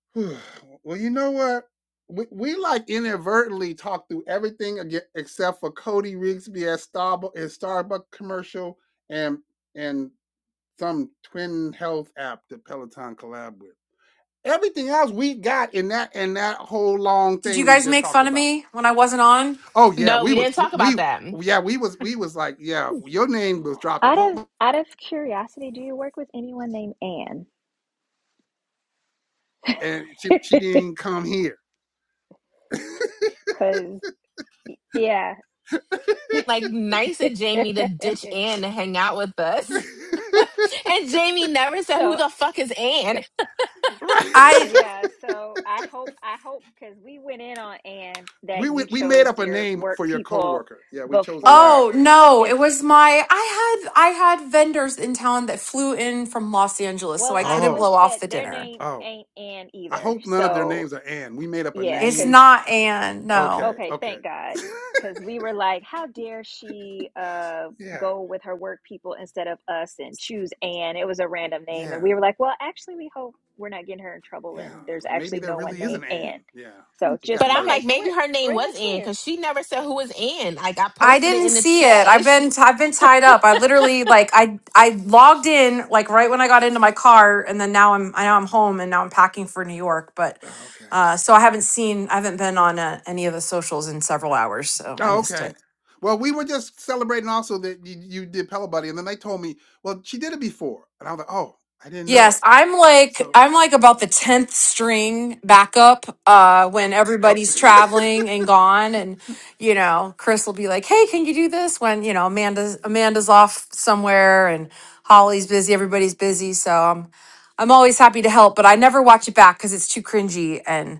[SPEAKER 1] Whew. well, you know what? We, we like inadvertently talked through everything again except for Cody Rigsby at Starbucks and Starbucks commercial and and some twin health app that Peloton collab with. Everything else we got in that in that whole long
[SPEAKER 10] Did you
[SPEAKER 1] thing we
[SPEAKER 10] guys
[SPEAKER 1] just
[SPEAKER 10] make
[SPEAKER 1] talked
[SPEAKER 10] fun of
[SPEAKER 1] about.
[SPEAKER 10] me when I wasn't on?
[SPEAKER 1] Oh yeah,
[SPEAKER 2] no,
[SPEAKER 1] we
[SPEAKER 2] we
[SPEAKER 1] was
[SPEAKER 2] didn't talk
[SPEAKER 1] we
[SPEAKER 2] about that.
[SPEAKER 1] we- yeah we was we was like yeah your name was dropped a
[SPEAKER 4] Out of
[SPEAKER 1] whole
[SPEAKER 4] out of curiosity, do you work with anyone named Anne?
[SPEAKER 1] and she she didn't come here.
[SPEAKER 4] Cause yeah.
[SPEAKER 2] Like nice of Jamie to ditch Ann to hang out with us. And Jamie never said who
[SPEAKER 4] so
[SPEAKER 2] the fuck is Ann.
[SPEAKER 1] right
[SPEAKER 10] I
[SPEAKER 4] yeah, so I hope I hope because we went in on Anne
[SPEAKER 1] We,
[SPEAKER 4] that
[SPEAKER 1] we
[SPEAKER 4] you
[SPEAKER 1] we made
[SPEAKER 4] chose
[SPEAKER 1] up a
[SPEAKER 4] your
[SPEAKER 1] name
[SPEAKER 4] work
[SPEAKER 1] for your
[SPEAKER 4] people
[SPEAKER 1] coworker. Yeah, we chose a name.
[SPEAKER 4] before
[SPEAKER 10] oh no,
[SPEAKER 4] if
[SPEAKER 10] it was my I had I had vendors in town that flew in from Los Angeles, so
[SPEAKER 4] well,
[SPEAKER 10] I
[SPEAKER 4] I
[SPEAKER 10] couldn't
[SPEAKER 4] hope
[SPEAKER 10] blow
[SPEAKER 1] Oh,
[SPEAKER 4] that
[SPEAKER 10] off the
[SPEAKER 4] their
[SPEAKER 10] dinner.
[SPEAKER 4] name
[SPEAKER 1] oh.
[SPEAKER 4] ain't Anne
[SPEAKER 1] I
[SPEAKER 4] either.
[SPEAKER 1] hope none of their
[SPEAKER 4] So
[SPEAKER 1] names are Ann. We made up a
[SPEAKER 4] yeah,
[SPEAKER 10] It's
[SPEAKER 1] name.
[SPEAKER 4] because
[SPEAKER 10] not Anne, no.
[SPEAKER 1] Okay,
[SPEAKER 4] Okay,
[SPEAKER 1] okay.
[SPEAKER 4] thank God. Because we were like, how dare she uh,
[SPEAKER 1] Yeah,
[SPEAKER 4] go with her work people instead of us and choose Anne? It was a random name. And
[SPEAKER 1] yeah,
[SPEAKER 4] we were like, well, actually, we hope we're not getting her in trouble
[SPEAKER 1] yeah.
[SPEAKER 4] and there's
[SPEAKER 1] Like maybe
[SPEAKER 4] actually
[SPEAKER 1] there
[SPEAKER 4] no one
[SPEAKER 1] really is
[SPEAKER 4] named
[SPEAKER 1] an Ann.
[SPEAKER 4] Anne.
[SPEAKER 1] Yeah,
[SPEAKER 4] So
[SPEAKER 1] we
[SPEAKER 4] just,
[SPEAKER 1] got
[SPEAKER 2] But I'm
[SPEAKER 4] okay,
[SPEAKER 2] like,
[SPEAKER 1] nervous.
[SPEAKER 4] so
[SPEAKER 2] maybe
[SPEAKER 4] we're,
[SPEAKER 2] her
[SPEAKER 4] we're
[SPEAKER 2] name
[SPEAKER 4] in the
[SPEAKER 2] was Ann
[SPEAKER 4] clear.
[SPEAKER 2] because she never said who was Ann. Like I
[SPEAKER 10] I
[SPEAKER 2] posted it
[SPEAKER 10] didn't
[SPEAKER 2] in the
[SPEAKER 10] see it.
[SPEAKER 2] chat.
[SPEAKER 10] I've been i I've been tied up. I literally like I I logged in like right when I got into my car, and then now I'm I know I'm home and now I'm packing for New York. But
[SPEAKER 1] Oh, okay.
[SPEAKER 10] uh, so I haven't seen I haven't been on uh, any of the socials in several hours, so I
[SPEAKER 1] Oh,
[SPEAKER 10] missed
[SPEAKER 1] okay.
[SPEAKER 10] it.
[SPEAKER 1] Well, we were just celebrating also that you, you did Pella Buddy, and then they told me, well, she did it before, and I was like, oh, I didn't
[SPEAKER 10] Yes,
[SPEAKER 1] know.
[SPEAKER 10] I'm like
[SPEAKER 1] So yes,
[SPEAKER 10] I'm like about the tenth string backup uh, when
[SPEAKER 1] I'm like,
[SPEAKER 10] everybody's traveling and
[SPEAKER 1] Oh.
[SPEAKER 10] gone, and you know Chris will be like, "Hey, can you do this?" When you know Amanda's Amanda's off somewhere and Holly's busy, everybody's busy, so I'm I'm always happy to help, but I never watch it back because it's too cringy and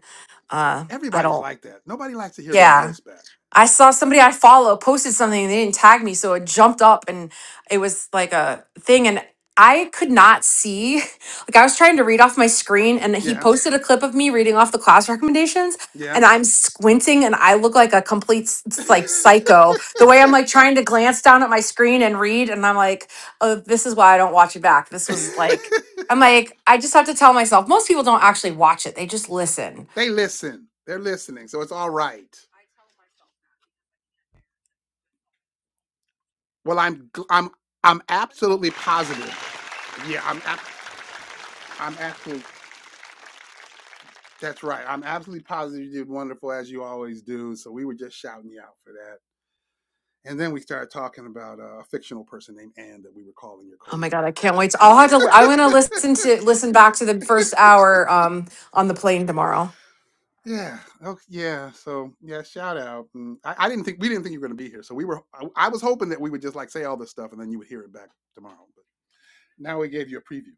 [SPEAKER 10] uh, I
[SPEAKER 1] everybody's
[SPEAKER 10] don't.
[SPEAKER 1] like that. Nobody likes to hear their
[SPEAKER 10] Yeah,
[SPEAKER 1] voice back.
[SPEAKER 10] I saw somebody I follow posted something and they didn't tag me, so it jumped up and it was like a thing and I could not see. Like I was trying to read off my screen and he
[SPEAKER 1] Yeah,
[SPEAKER 10] posted a clip of me reading off the class recommendations
[SPEAKER 1] yeah.
[SPEAKER 10] and I'm squinting and I look like a complete s- s- like psycho. The way I'm like trying to glance down at my screen and read and I'm like, "Oh, this is why I don't watch it back." This was like I'm like I just have to tell myself most people don't actually watch it. They just listen
[SPEAKER 1] they listen. They're listening, so it's all right. Well, I'm I'm I'm absolutely positive. Yeah, I'm I'm absolutely. That's right. I'm absolutely positive you did wonderful as you always do. So we were just shouting you out for that. And then we started talking about uh, a fictional person named Anne that we were calling your
[SPEAKER 10] Oh my God,
[SPEAKER 1] coworker.
[SPEAKER 10] I can't wait. to- I'll have to, I'm going to listen to, listen back to the first hour um, on the plane tomorrow.
[SPEAKER 1] Yeah. Okay. Yeah. So yeah, shout out. And I, I didn't think we didn't think you were gonna be here. So we were. I, I was hoping that we would just like say all this stuff and then you would hear it back tomorrow. But now we gave you a preview.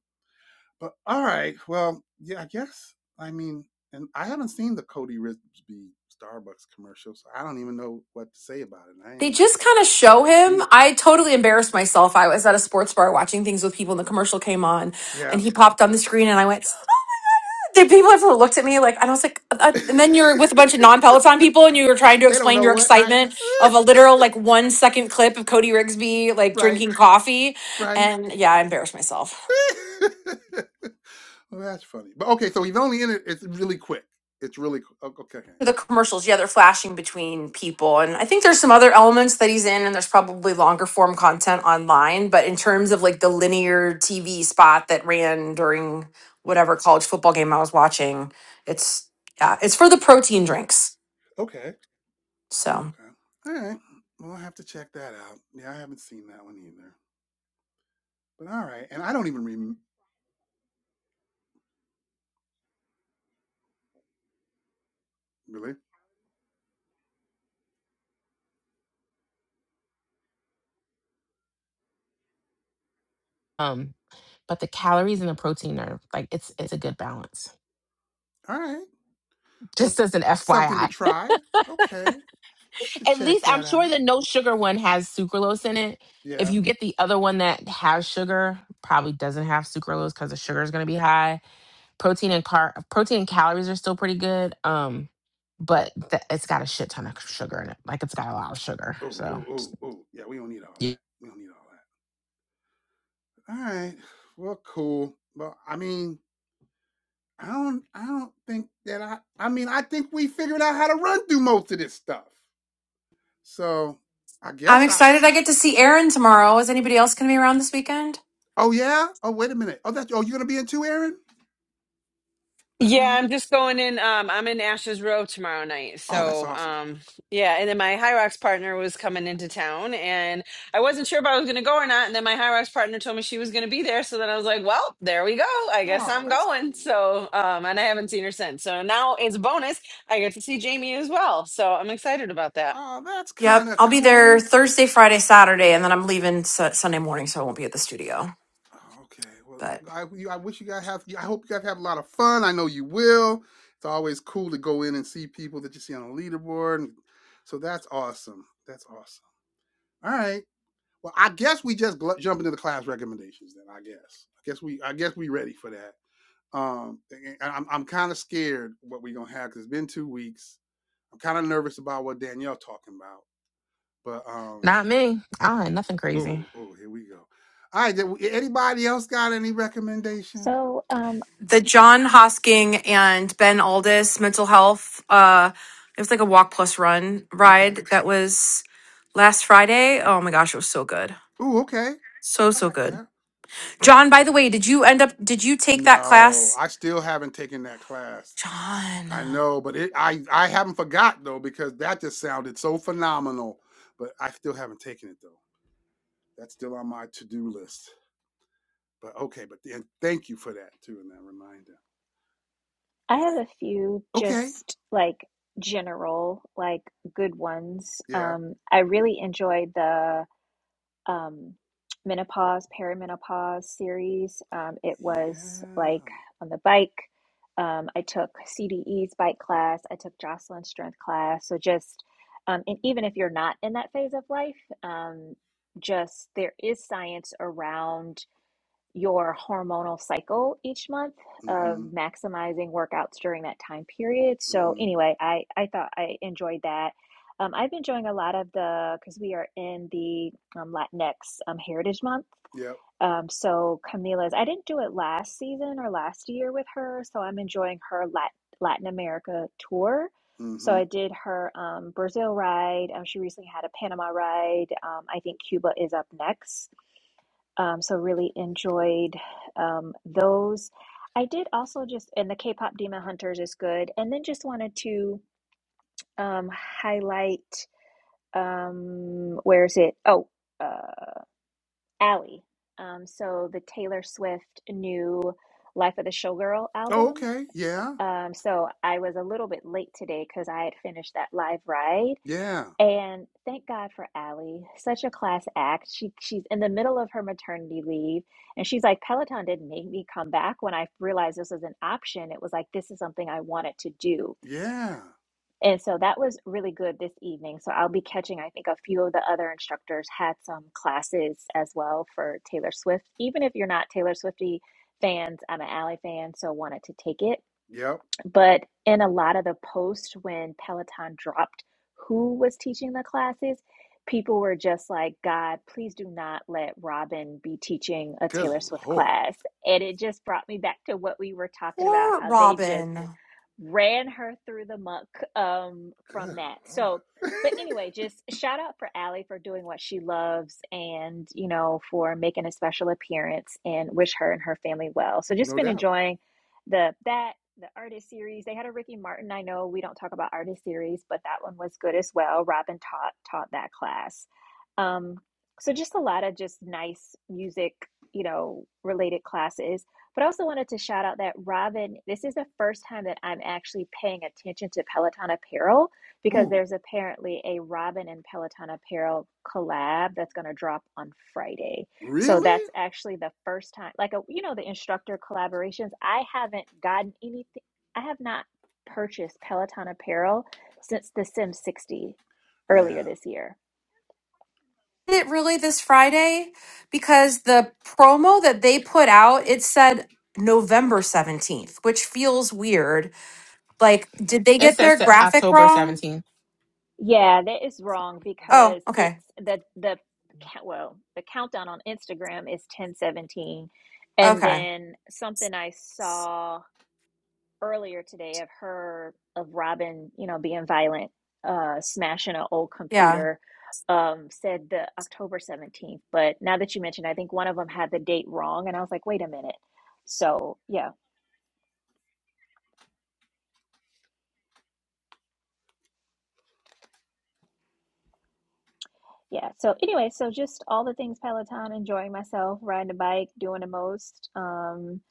[SPEAKER 1] But all right. Well, yeah. I guess. I mean, and I haven't seen the Cody Risby Starbucks commercial, so I don't even know what to say about it. I,
[SPEAKER 10] They
[SPEAKER 1] ain't,
[SPEAKER 10] just kind of
[SPEAKER 1] I
[SPEAKER 10] show
[SPEAKER 1] haven't seen
[SPEAKER 10] him.
[SPEAKER 1] it.
[SPEAKER 10] I totally embarrassed myself. I was at a sports bar watching things with people and the commercial came on
[SPEAKER 1] Yeah.
[SPEAKER 10] and he popped on the screen and I went, the people have looked at me like, and I was like, uh, uh,"
[SPEAKER 1] they
[SPEAKER 10] and then you're with a bunch of non-Peloton people and you were trying to
[SPEAKER 1] don't
[SPEAKER 10] explain
[SPEAKER 1] know
[SPEAKER 10] your
[SPEAKER 1] what, right?
[SPEAKER 10] excitement of a literal like one second clip of Cody Rigsby like
[SPEAKER 1] right.
[SPEAKER 10] drinking coffee.
[SPEAKER 1] Right.
[SPEAKER 10] And yeah, I embarrassed myself.
[SPEAKER 1] Well, that's funny. But okay, so he's only in it. It's really quick. It's really okay.
[SPEAKER 10] the commercials, yeah, they're flashing between people. And I think there's some other elements that he's in, and there's probably longer form content online. But in terms of like the linear TV spot that ran during whatever college football game I was watching, it's yeah, it's for the protein drinks.
[SPEAKER 1] Okay.
[SPEAKER 10] So
[SPEAKER 1] Okay. All right. Well, I have to check that out. Yeah, I haven't seen that one either. But all right, and I don't even rem really.
[SPEAKER 2] Um, but the calories and the protein are like it's it's a good balance.
[SPEAKER 1] All right. Well,
[SPEAKER 2] Just as an
[SPEAKER 1] something to
[SPEAKER 2] FYI.
[SPEAKER 1] try. Okay, to
[SPEAKER 2] At
[SPEAKER 1] check
[SPEAKER 2] least I'm
[SPEAKER 1] that
[SPEAKER 2] sure
[SPEAKER 1] out.
[SPEAKER 2] the no sugar one has sucralose in it. If
[SPEAKER 1] Yeah.
[SPEAKER 2] you get the other one that has sugar, probably doesn't have sucralose because the sugar is going to be high. Protein and car protein and calories are still pretty good. Um, but th- it's got a shit ton of sugar in it. Like it's got a lot of sugar.
[SPEAKER 1] Oh,
[SPEAKER 2] So
[SPEAKER 1] oh,
[SPEAKER 2] just-
[SPEAKER 1] oh, oh. Yeah, we don't need all that. We don't need all that. All right. Well, cool. Well, I mean, I don't, I don't think that I. I mean, I think we figured out how to run through most of this stuff. So I
[SPEAKER 10] I'm
[SPEAKER 1] guess I.
[SPEAKER 10] excited I get to see Aaron tomorrow. Is anybody else going to be around this weekend?
[SPEAKER 1] Oh yeah. Oh wait a minute. Oh that. Oh you're gonna be in too, Aaron. All
[SPEAKER 8] Yeah,
[SPEAKER 1] right.
[SPEAKER 8] I'm just going in. Um, I'm in Ashes Row tomorrow night.
[SPEAKER 1] Oh that's
[SPEAKER 8] So,
[SPEAKER 1] awesome.
[SPEAKER 8] um, yeah. And then my High Rocks partner was coming into town, and I wasn't sure if I was going to go or not. And then my High Rocks partner told me she was going to be there. So then I was like, well, there we go. I guess
[SPEAKER 1] Oh
[SPEAKER 8] I'm
[SPEAKER 1] that's
[SPEAKER 8] going.
[SPEAKER 1] cool.
[SPEAKER 8] So, um, and I haven't seen her since. So now it's a bonus. I get to see Jamie as well. So I'm excited about that.
[SPEAKER 1] Oh that's kind
[SPEAKER 10] Yep,
[SPEAKER 1] of
[SPEAKER 10] I'll be there
[SPEAKER 1] cool.
[SPEAKER 10] Thursday, Friday, Saturday, and then I'm leaving su- Sunday morning, so I won't be at the studio.
[SPEAKER 1] Oh, Okay. Well,
[SPEAKER 10] but.
[SPEAKER 1] I you, I wish you guys have. I hope you guys have a lot of fun. I know you will. It's always cool to go in and see people that you see on the leaderboard. So that's awesome. That's awesome. All right. Well, I guess we just gl- jump into the class recommendations then. I guess. I guess we. I guess we ready for that. Um, and I'm I'm kind of scared what we're gonna have because it's been two weeks. I'm kind of nervous about what Danielle's talking about, but um,
[SPEAKER 2] not me. I don't have nothing crazy.
[SPEAKER 1] oh oh, here we go. All right, did we- anybody else got any recommendations?
[SPEAKER 4] So um,
[SPEAKER 10] the John Hosking and Ben Aldis mental health. Uh, it was like a walk plus run
[SPEAKER 1] Okay.
[SPEAKER 10] ride that was last Friday. Oh my gosh, it was so good,
[SPEAKER 1] Oh, okay.
[SPEAKER 10] so
[SPEAKER 1] I
[SPEAKER 10] so
[SPEAKER 1] like
[SPEAKER 10] good.
[SPEAKER 1] that.
[SPEAKER 10] John, by the way, did you end up? Did you take that
[SPEAKER 1] No,
[SPEAKER 10] class,
[SPEAKER 1] I still haven't taken that class.
[SPEAKER 10] John?
[SPEAKER 1] I know, but it I I haven't forgot though because that just sounded so phenomenal. But I still haven't taken it though. That's still on my to do list. But okay, but and thank you for that too and that reminder.
[SPEAKER 4] I have a few
[SPEAKER 1] Okay,
[SPEAKER 4] just like general, like good ones.
[SPEAKER 1] Yeah.
[SPEAKER 4] Um, I really enjoyed the um, menopause, perimenopause series. Um, it
[SPEAKER 1] Yeah.
[SPEAKER 4] was like on the bike. Um, I took CDE's bike class. I took Jocelyn's strength class. So just, um, and even if you're not in that phase of life, um, just there is science around your hormonal cycle each month of
[SPEAKER 1] Mm-hmm.
[SPEAKER 4] maximizing workouts during that time period. So
[SPEAKER 1] Mm-hmm.
[SPEAKER 4] anyway, I I thought I enjoyed that. Um, I've been enjoying a lot of the because we are in the um, Latinx um, Heritage Month.
[SPEAKER 1] Yep.
[SPEAKER 4] Um, so Camila's, I didn't do it last season or last year with her, so I'm enjoying her Lat Latin America tour. So
[SPEAKER 1] Mm-hmm.
[SPEAKER 4] I did her um, Brazil ride. Um, she recently had a Panama ride. Um, I think Cuba is up next. Um, so really enjoyed um, those. I did also just, and the K-pop Demon Hunters is good. And then just wanted to um, highlight, um, where is it? Oh, uh, Ally. Um, so the Taylor Swift new Life of the Showgirl
[SPEAKER 1] Oh,
[SPEAKER 4] album.
[SPEAKER 1] okay. Yeah.
[SPEAKER 4] Um, so I was a little bit late today because I had finished that live ride.
[SPEAKER 1] Yeah.
[SPEAKER 4] And thank God for Allie, such a class act. She she's in the middle of her maternity leave, and she's like, Peloton didn't make me come back when I realized this was an option. It was like this is something I wanted to do,
[SPEAKER 1] Yeah.
[SPEAKER 4] and so that was really good this evening. So I'll be catching. I think a few of the other instructors had some classes as well for Taylor Swift. Even if you're not Taylor Swiftie fans, I'm an Allie fan, so wanted to take it
[SPEAKER 1] Yep.
[SPEAKER 4] but in a lot of the posts when Peloton dropped who was teaching the classes, people were just like, God, please do not let Robin be teaching a
[SPEAKER 1] Good
[SPEAKER 4] Taylor Swift
[SPEAKER 1] Lord.
[SPEAKER 4] class. And it just brought me back to what we were talking about
[SPEAKER 10] Poor
[SPEAKER 4] how they just
[SPEAKER 10] Robin.
[SPEAKER 4] ran her through the muck um, from
[SPEAKER 1] Good
[SPEAKER 4] that. So,
[SPEAKER 1] Lord.
[SPEAKER 4] but anyway, just shout out for Allie for doing what she loves and, you know, for making a special appearance and wish her and her family well. So just
[SPEAKER 1] no
[SPEAKER 4] been
[SPEAKER 1] doubt.
[SPEAKER 4] enjoying the, that, the artist series. They had a Ricky Martin. I know we don't talk about artist series, but that one was good as well. Robin taught, taught that class. Um, so just a lot of just nice music, you know, related classes but I also wanted to shout out that Robin, this is the first time that I'm actually paying attention to Peloton apparel because
[SPEAKER 1] Ooh.
[SPEAKER 4] there's apparently a Robin and Peloton apparel collab that's going to drop on Friday. So
[SPEAKER 1] Really?
[SPEAKER 4] that's actually the first time, like, a, you know, the instructor collaborations. I haven't gotten anything, I have not purchased Peloton apparel since the Sim 60 earlier
[SPEAKER 1] Yeah.
[SPEAKER 4] this year.
[SPEAKER 10] Did it really this Friday? Because the promo that they put out, it said November seventeenth, which feels weird. Like, did they
[SPEAKER 2] It
[SPEAKER 10] get
[SPEAKER 2] says
[SPEAKER 10] their
[SPEAKER 2] se-
[SPEAKER 10] graphic
[SPEAKER 2] October
[SPEAKER 10] wrong?
[SPEAKER 2] 17th.
[SPEAKER 4] Yeah, that is wrong
[SPEAKER 10] Oh,
[SPEAKER 4] because
[SPEAKER 10] okay,
[SPEAKER 4] it's the the ca- well, the countdown on Instagram is 1017. And
[SPEAKER 10] okay,
[SPEAKER 4] then something I saw earlier today of her of Robin, you know, being violent, uh smashing an old
[SPEAKER 10] yeah.
[SPEAKER 4] computer, um, said the October 17th. But now that you mentioned, I think one of them had the date wrong, and I was like, wait a minute. So yeah, Yeah. So anyway, so just all the things Peloton, enjoying myself, riding a bike, doing the most, um,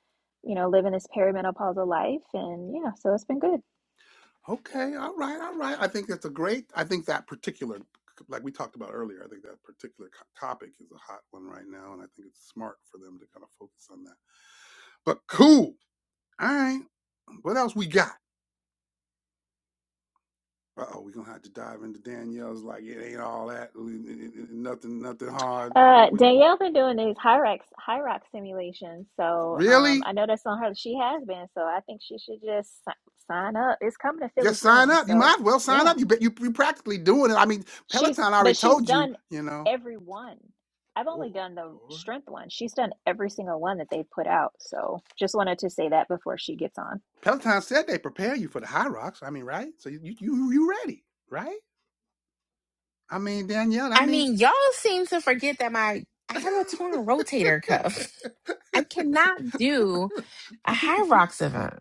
[SPEAKER 4] you know, living this perimenopausal life, and yeah, so it's been good.
[SPEAKER 1] Okay. All right. All right. I think that's a great, I think that particular, like we talked about earlier, I think that particular co- topic is a hot one right now. And I think it's smart for them to kind of focus on that. But cool. All right. What else we got? Uh oh, we're gonna have to dive into Danielle's like it ain't all that we- it- it- nothing nothing hard. We-
[SPEAKER 4] Uh,
[SPEAKER 1] we-
[SPEAKER 4] Danielle been doing these high rock high rock simulations, so um,
[SPEAKER 1] really?
[SPEAKER 4] I know that's on her. She has been, so I think she should just si- sign up. It's coming to Philly
[SPEAKER 1] Just sign
[SPEAKER 4] soon,
[SPEAKER 1] up. You
[SPEAKER 4] so
[SPEAKER 1] might as well sign
[SPEAKER 4] yeah,
[SPEAKER 1] up. You bet you you practically doing it. I mean,
[SPEAKER 4] she's
[SPEAKER 1] Peloton already
[SPEAKER 4] but she's
[SPEAKER 1] told you,
[SPEAKER 4] done
[SPEAKER 1] you know.
[SPEAKER 4] every one. I've only
[SPEAKER 1] Oh
[SPEAKER 4] done the
[SPEAKER 1] Lord.
[SPEAKER 4] strength one. She's done every single one that they've put out. So just wanted to say that before she gets on.
[SPEAKER 1] Peloton said they prepare you for the high rocks. I mean, right? So you you you ready, right? I mean, Danielle, I
[SPEAKER 2] I
[SPEAKER 1] mean
[SPEAKER 2] mean, y'all seem to forget that my I have a torn rotator cuff. I cannot do a high rocks event.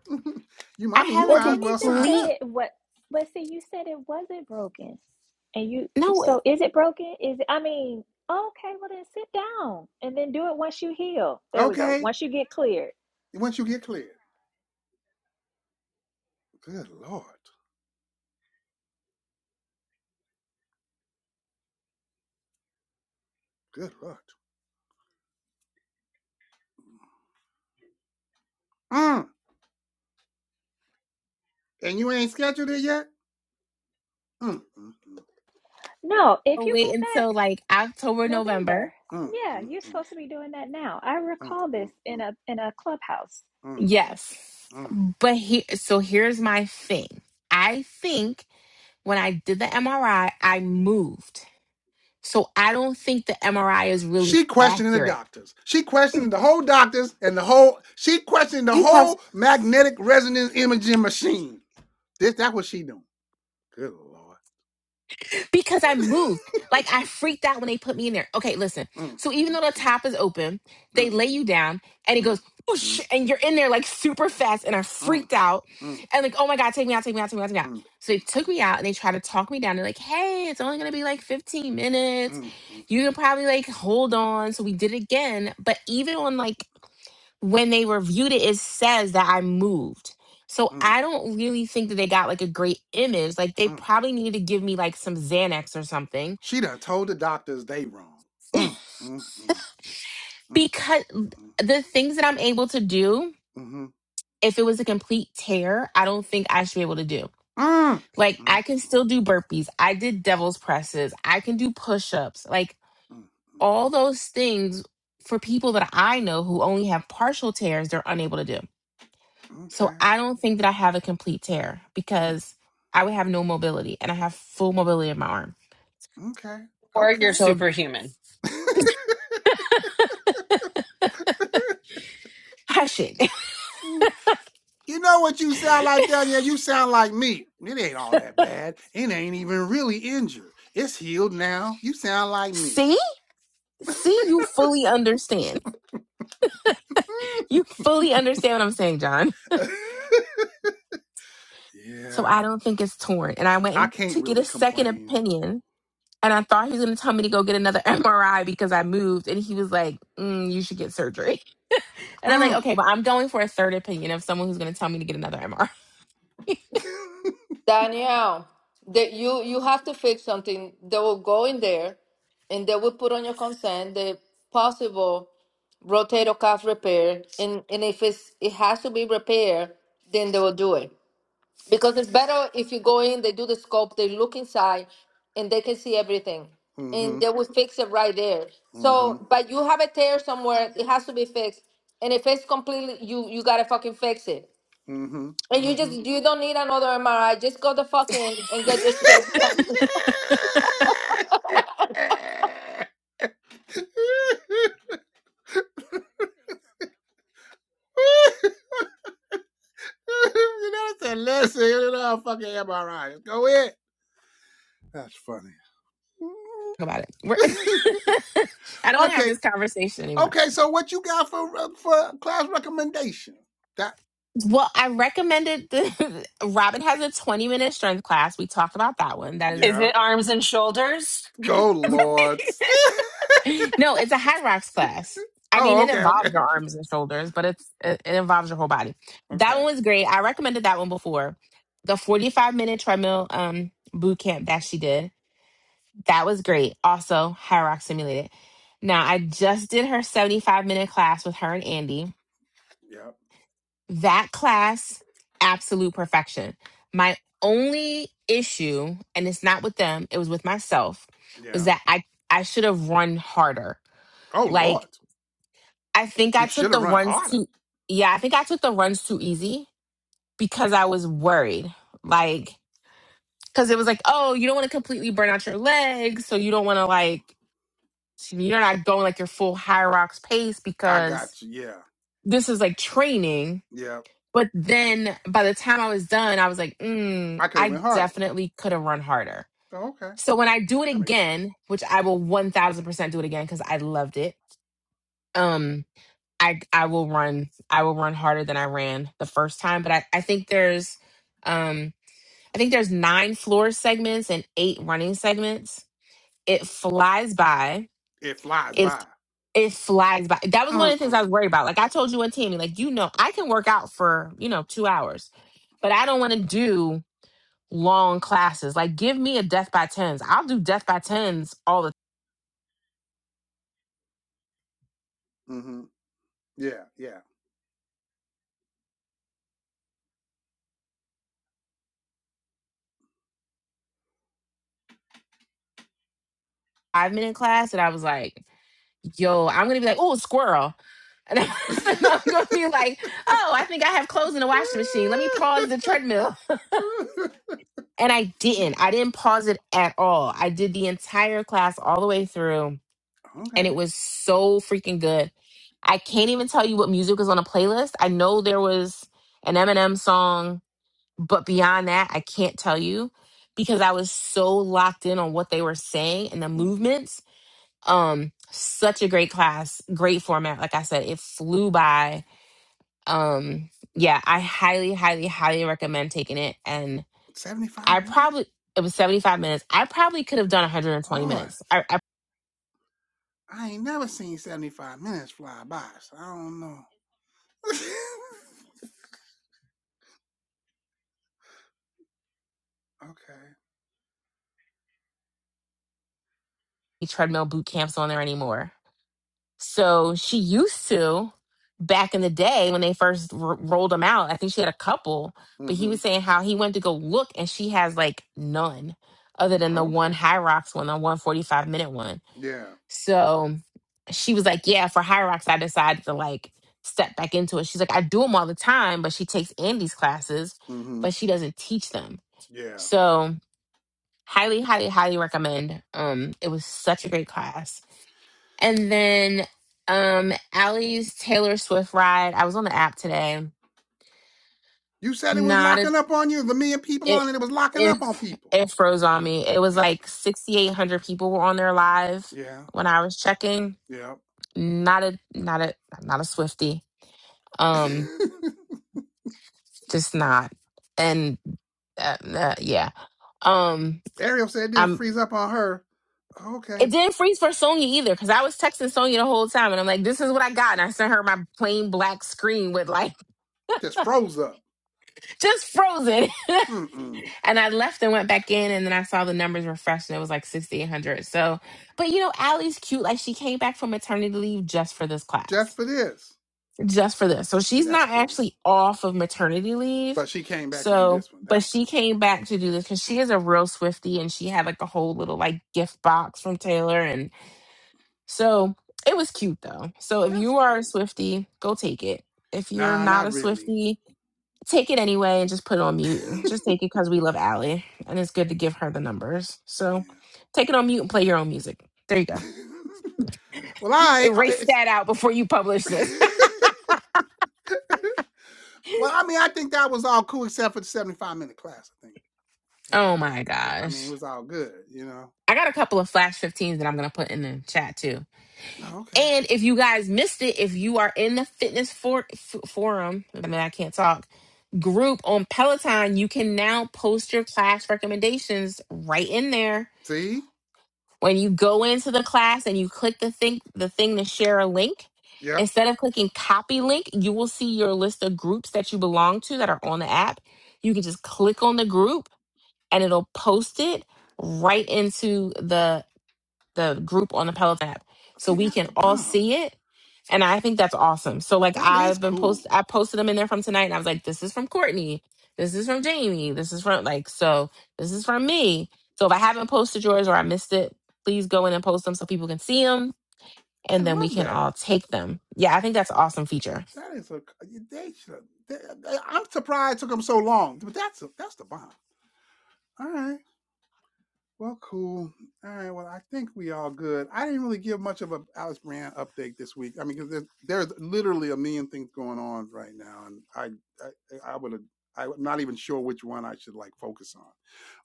[SPEAKER 1] you
[SPEAKER 2] I
[SPEAKER 1] I mean
[SPEAKER 2] have
[SPEAKER 1] you
[SPEAKER 2] a
[SPEAKER 4] Well,
[SPEAKER 1] might as
[SPEAKER 4] didn't you
[SPEAKER 1] well
[SPEAKER 4] just
[SPEAKER 1] sign
[SPEAKER 2] complete
[SPEAKER 1] up.
[SPEAKER 4] say it? What? But see, you said it wasn't broken, and you.
[SPEAKER 2] no it.
[SPEAKER 4] So is it broken? Is it? I mean, okay. Well, then sit down and then do it once you heal. There we go.
[SPEAKER 1] Okay.
[SPEAKER 4] Once you get cleared.
[SPEAKER 1] Once you get clear. Good Lord. Good Lord. Mm. And you ain't scheduled it yet? Mm, mm, mm,
[SPEAKER 4] No, if
[SPEAKER 2] I'll
[SPEAKER 4] you go
[SPEAKER 2] Wait
[SPEAKER 4] back
[SPEAKER 2] until like October, November.
[SPEAKER 4] November,
[SPEAKER 1] mm,
[SPEAKER 4] yeah,
[SPEAKER 1] mm,
[SPEAKER 4] you're
[SPEAKER 1] mm,
[SPEAKER 4] supposed to be doing that now. I
[SPEAKER 1] mm, mm,
[SPEAKER 4] recall this in
[SPEAKER 1] mm,
[SPEAKER 4] a in a clubhouse.
[SPEAKER 1] mm.
[SPEAKER 2] Yes.
[SPEAKER 1] mm.
[SPEAKER 2] But here so here's my thing. I think when I did the MRI, I I moved. So I don't think the MRI is really
[SPEAKER 1] She questioning the
[SPEAKER 2] accurate
[SPEAKER 1] doctors. She questioning the whole doctors and the whole, she questioning the
[SPEAKER 10] You have
[SPEAKER 1] whole magnetic resonance imaging machine. This, that's what she doing. Good Lord.
[SPEAKER 2] because I moved. Like I freaked out when they put me in there. Okay, listen.
[SPEAKER 1] Mm,
[SPEAKER 2] So even
[SPEAKER 1] mm,
[SPEAKER 2] though the
[SPEAKER 1] mm,
[SPEAKER 2] top is open, they
[SPEAKER 1] mm,
[SPEAKER 2] lay you down and it
[SPEAKER 1] mm,
[SPEAKER 2] goes
[SPEAKER 1] mm, mm,
[SPEAKER 2] whoosh and you're in there like super fast and I
[SPEAKER 1] mm, mm,
[SPEAKER 2] freaked out
[SPEAKER 1] mm,
[SPEAKER 2] and like, oh my God, take me out, take me out, take me out, take me out.
[SPEAKER 1] mm, mm,
[SPEAKER 2] So they took me out and they tried to talk me down. They're like, hey, it's only gonna be like 15 minutes.
[SPEAKER 1] mm, mm,
[SPEAKER 2] You can probably like hold on. So we did it again. But even on like when they reviewed it, it says that I moved. So
[SPEAKER 1] mm,
[SPEAKER 2] I don't really think that they got like a great image. Like they
[SPEAKER 1] mm.
[SPEAKER 2] probably needed to give me like some Xanax or something
[SPEAKER 1] She done told the doctors they wrong. Mm, mm, mm. Mm,
[SPEAKER 2] because
[SPEAKER 1] mm,
[SPEAKER 2] the things that I'm able to do,
[SPEAKER 1] mhm.
[SPEAKER 2] if it was a complete tear, I don't think I should be able to do.
[SPEAKER 1] Mm, mm,
[SPEAKER 2] Like
[SPEAKER 1] mm,
[SPEAKER 2] I can still do burpees. I did devil's presses. I can do push-ups. Like
[SPEAKER 1] mm,
[SPEAKER 2] all
[SPEAKER 1] mm, mm.
[SPEAKER 2] those things for people that I know who only have partial tears, they're unable to do. So
[SPEAKER 1] Okay.
[SPEAKER 2] I don't think that I have a complete tear
[SPEAKER 1] Mm,
[SPEAKER 2] because I would have no mobility and I have full mobility in my arm.
[SPEAKER 1] Okay.
[SPEAKER 8] Or you're
[SPEAKER 1] Okay.
[SPEAKER 2] So
[SPEAKER 8] superhuman.
[SPEAKER 2] hush it.
[SPEAKER 1] Mm. you know what you sound like, Danielle? You sound like me. It ain't all that bad. It ain't even really injured. It's healed now. You sound like me.
[SPEAKER 2] See? See, you fully understand. You fully understand what I'm saying, John.
[SPEAKER 1] Mm.
[SPEAKER 2] So
[SPEAKER 1] yeah.
[SPEAKER 2] I don't think it's torn. And I
[SPEAKER 1] I
[SPEAKER 2] went
[SPEAKER 1] can't
[SPEAKER 2] to get
[SPEAKER 1] really
[SPEAKER 2] a second
[SPEAKER 1] complain.
[SPEAKER 2] opinion and I thought he was going to tell me to go get another MRI because I moved. And he was like, mm, you should get surgery. And I'm like,
[SPEAKER 1] Mm.
[SPEAKER 2] okay, but I'm going for a third opinion of someone who's going to tell me to get another MRI
[SPEAKER 9] Danielle, that you you have to fix something. They will go in there, and they will put on your consent the possible rotator cuff repair, and and if it's it has to be repaired, then they will do it because it's better if you go in. They do the scope, they look inside, and they can see everything, and
[SPEAKER 1] mm-hmm.
[SPEAKER 9] they will fix it right there.
[SPEAKER 1] Mm-hmm.
[SPEAKER 9] So, but you have a tear somewhere, it has to be fixed, and if it's completely, you you gotta fucking fix it.
[SPEAKER 1] Mm-hmm.
[SPEAKER 9] And you just you don't need another MRI. Just go the fucking and get your shit. done.
[SPEAKER 1] Mm-hmm. you know, that's a lesson in our fucking MRI. Go ahead. That's funny.
[SPEAKER 2] about it. We're I don't want to have
[SPEAKER 1] okay,
[SPEAKER 2] this conversation anymore.
[SPEAKER 1] okay. So what you got for uh, for class recommendation? That
[SPEAKER 2] Well, I recommended the Robin has a 20 minute strength class. We talked about that one. That
[SPEAKER 8] Is
[SPEAKER 2] is
[SPEAKER 1] yeah.
[SPEAKER 8] it arms and shoulders?
[SPEAKER 1] Go Lord.
[SPEAKER 2] no, it's a high rocks class. I mean,
[SPEAKER 1] oh,
[SPEAKER 2] it
[SPEAKER 1] okay,
[SPEAKER 2] involves
[SPEAKER 1] okay,
[SPEAKER 2] your arms and shoulders, but it's it, it involves your whole body. That
[SPEAKER 1] okay.
[SPEAKER 2] one was great. I recommended that one before. The 45 minute treadmill um boot camp that she did. That was great. Also, high rock simulated. Now I just did her 75 minute class with her and Andy.
[SPEAKER 1] Yeah,
[SPEAKER 2] That class, absolute perfection. My only issue, and it's not with them, it was with myself, was
[SPEAKER 1] yeah.
[SPEAKER 2] that I I should have run harder.
[SPEAKER 1] Oh
[SPEAKER 2] Like
[SPEAKER 1] Lord,
[SPEAKER 2] I think
[SPEAKER 1] you
[SPEAKER 2] I took
[SPEAKER 1] should have
[SPEAKER 2] the
[SPEAKER 1] run
[SPEAKER 2] runs
[SPEAKER 1] harder.
[SPEAKER 2] too yeah, I think I took the runs too easy because I was worried. Like cuz it was like, "Oh, you don't want to completely burn out your legs, so you don't want to like you're not going like your full high rocks pace
[SPEAKER 1] I
[SPEAKER 2] because
[SPEAKER 1] got you. Yeah,
[SPEAKER 2] this is like training
[SPEAKER 1] yeah.
[SPEAKER 2] But then by the time I was done, I was like, mm,
[SPEAKER 1] I could have
[SPEAKER 2] I
[SPEAKER 1] went harder.
[SPEAKER 2] definitely could have run harder.
[SPEAKER 1] Oh, okay,
[SPEAKER 2] So when I do it
[SPEAKER 1] that makes sense.
[SPEAKER 2] again, which I will 1000% do it again because I loved it. Um, I, I will run, I will run harder than I ran the first time. But I, I think there's, um, I think there's nine floor segments and eight running segments. It flies by
[SPEAKER 1] It flies by.
[SPEAKER 2] it it flies by. That was one of
[SPEAKER 1] Mm
[SPEAKER 2] the things
[SPEAKER 1] mm.
[SPEAKER 2] I was worried about. Like I told you and Tammy, like you know, I can work out for you know two hours, but I don't want to do long classes. Like give me a death by tens. I'll do death by tens all the
[SPEAKER 1] hmm Yeah, yeah.
[SPEAKER 2] five minute class. And I was like, yo, I'm gonna be like, oh squirrel. And I'm gonna be like, oh, I think I have clothes in the washing machine. Let me pause the treadmill. And I didn't. I didn't pause it at all. I did the entire class all the way through
[SPEAKER 1] okay.
[SPEAKER 2] and it was so freaking good. I can't even tell you what music was on the playlist. I know there was an Eminem song, but beyond that, I can't tell you because I was so locked in on what they were saying and the
[SPEAKER 1] Mm hmm
[SPEAKER 2] movements. Um, such a great class, great format. Like I said, it flew by. Um, yeah, I highly, highly, highly recommend taking it. And
[SPEAKER 1] 75
[SPEAKER 2] I
[SPEAKER 1] minutes?
[SPEAKER 2] probably it was 75 minutes. I probably could have
[SPEAKER 1] Good
[SPEAKER 2] done 120
[SPEAKER 1] Lord.
[SPEAKER 2] minutes. I, I
[SPEAKER 1] I ain't never seen 75 minutes fly by, so I don't know. okay.
[SPEAKER 2] treadmill boot camps on there anymore. So she used to back in the day when they first r- rolled him out. I think she had a couple, but he
[SPEAKER 1] Mm-hmm.
[SPEAKER 2] was saying how he went to go look and she has like none other than the
[SPEAKER 1] Okay.
[SPEAKER 2] one High Rocks one, the 145 minute one.
[SPEAKER 1] Yeah.
[SPEAKER 2] So she was like, Yeah, for High Rocks, I decided to like step back into it. She's like, I do them all the time, but she takes Andy's classes,
[SPEAKER 1] Mm-hmm.
[SPEAKER 2] but she doesn't teach them.
[SPEAKER 1] Yeah.
[SPEAKER 2] So highly, highly, highly recommend. Um, it was such a great class and then um Allie's Taylor Swift ride. I was on the app today.
[SPEAKER 1] You said it was
[SPEAKER 2] Not a,
[SPEAKER 1] locking up on you. The million people
[SPEAKER 2] it
[SPEAKER 1] on it, it was locking
[SPEAKER 2] it
[SPEAKER 1] up on people.
[SPEAKER 2] it froze on me. It was like sixty eight hundred people were on there live
[SPEAKER 1] Yeah.
[SPEAKER 2] when I was checking.
[SPEAKER 1] Yeah.
[SPEAKER 2] Not a not a not a Swiftie. Um, just not. And uh, uh, yeah. Um,
[SPEAKER 1] Ariel said it didn't
[SPEAKER 2] I'm.
[SPEAKER 1] freeze up on her. Okay.
[SPEAKER 2] It didn't freeze for Sonya either because I was texting Sonya the whole time, and I'm like, "This is what I got," and I sent her my plain black screen with like
[SPEAKER 1] Just froze up.
[SPEAKER 2] just frozen.
[SPEAKER 1] Mm-mm.
[SPEAKER 2] And I left and went back in, and then I saw the numbers refreshed, and it was like 6,800. So, but you know, Allie's cute. Like, she came back from maternity leave just for this
[SPEAKER 1] Just
[SPEAKER 2] class,
[SPEAKER 1] for this.
[SPEAKER 2] just for this. So,
[SPEAKER 1] See,
[SPEAKER 2] she's
[SPEAKER 1] that's
[SPEAKER 2] not
[SPEAKER 1] cool.
[SPEAKER 2] actually off of maternity leave.
[SPEAKER 1] But she came back to do
[SPEAKER 2] So,
[SPEAKER 1] this one.
[SPEAKER 2] but
[SPEAKER 1] That's
[SPEAKER 2] she
[SPEAKER 1] cool.
[SPEAKER 2] came back to do this because she is a real Swifty, and she had like a whole little like gift box from Taylor. And so it was cute though. So, if
[SPEAKER 1] That's
[SPEAKER 2] you are a
[SPEAKER 1] cool.
[SPEAKER 2] Swifty, go take it. If you're
[SPEAKER 1] Nah,
[SPEAKER 2] not
[SPEAKER 1] not
[SPEAKER 2] a
[SPEAKER 1] really.
[SPEAKER 2] Swifty, take it anyway and just put it on mute. Just take it because we love Allie and it's good to give her the numbers. So take it on mute and play your own music. There you
[SPEAKER 1] Yeah.
[SPEAKER 2] go.
[SPEAKER 1] well, I
[SPEAKER 2] Erase
[SPEAKER 1] it's
[SPEAKER 2] that out before you publish this.
[SPEAKER 1] well, I mean, I think that was all cool except for the seventy-five minute class. I think. Yeah,
[SPEAKER 2] oh my
[SPEAKER 1] yeah. I mean, it
[SPEAKER 2] gosh.
[SPEAKER 1] was all good, you know.
[SPEAKER 2] I got a couple of Flash 15s that I'm going to put in the chat too.
[SPEAKER 1] Oh, okay.
[SPEAKER 2] And if you guys missed it, if you are in the fitness for- f- forum, I mean, I can't talk, group on Peloton, you can now post your class recommendations right in there
[SPEAKER 1] See.
[SPEAKER 2] when you go into the class and you click the thing the thing to share a link
[SPEAKER 1] Yep.
[SPEAKER 2] instead of clicking copy link you will see your list of groups that you belong to that are on the app you can just click on the group and it'll post it right into the the group on the Peloton app so
[SPEAKER 1] See,
[SPEAKER 2] we
[SPEAKER 1] that's
[SPEAKER 2] can
[SPEAKER 1] the
[SPEAKER 2] all
[SPEAKER 1] bomb.
[SPEAKER 2] see it. And I think that's awesome. So like
[SPEAKER 1] That is
[SPEAKER 2] I've been post
[SPEAKER 1] cool.
[SPEAKER 2] I posted them in there from tonight and I was like, this is from Courtney. This is from Jamie. This is from like so this is from me. So if I haven't posted yours or I missed it, please go in and post them so people can see them
[SPEAKER 1] I
[SPEAKER 2] and then we
[SPEAKER 1] love
[SPEAKER 2] can
[SPEAKER 1] that.
[SPEAKER 2] all take them. Yeah, I think that's an awesome feature.
[SPEAKER 1] That is a they should. they- I'm surprised it took them so long, but that's a, that's the bomb. All right. Well, cool. All right. Well, I think we all good. I didn't really give much of a Alex Brand update this week. I mean, because there's, there's literally a million things going on right now, and I I, I would I'm not even sure which one I should like focus on.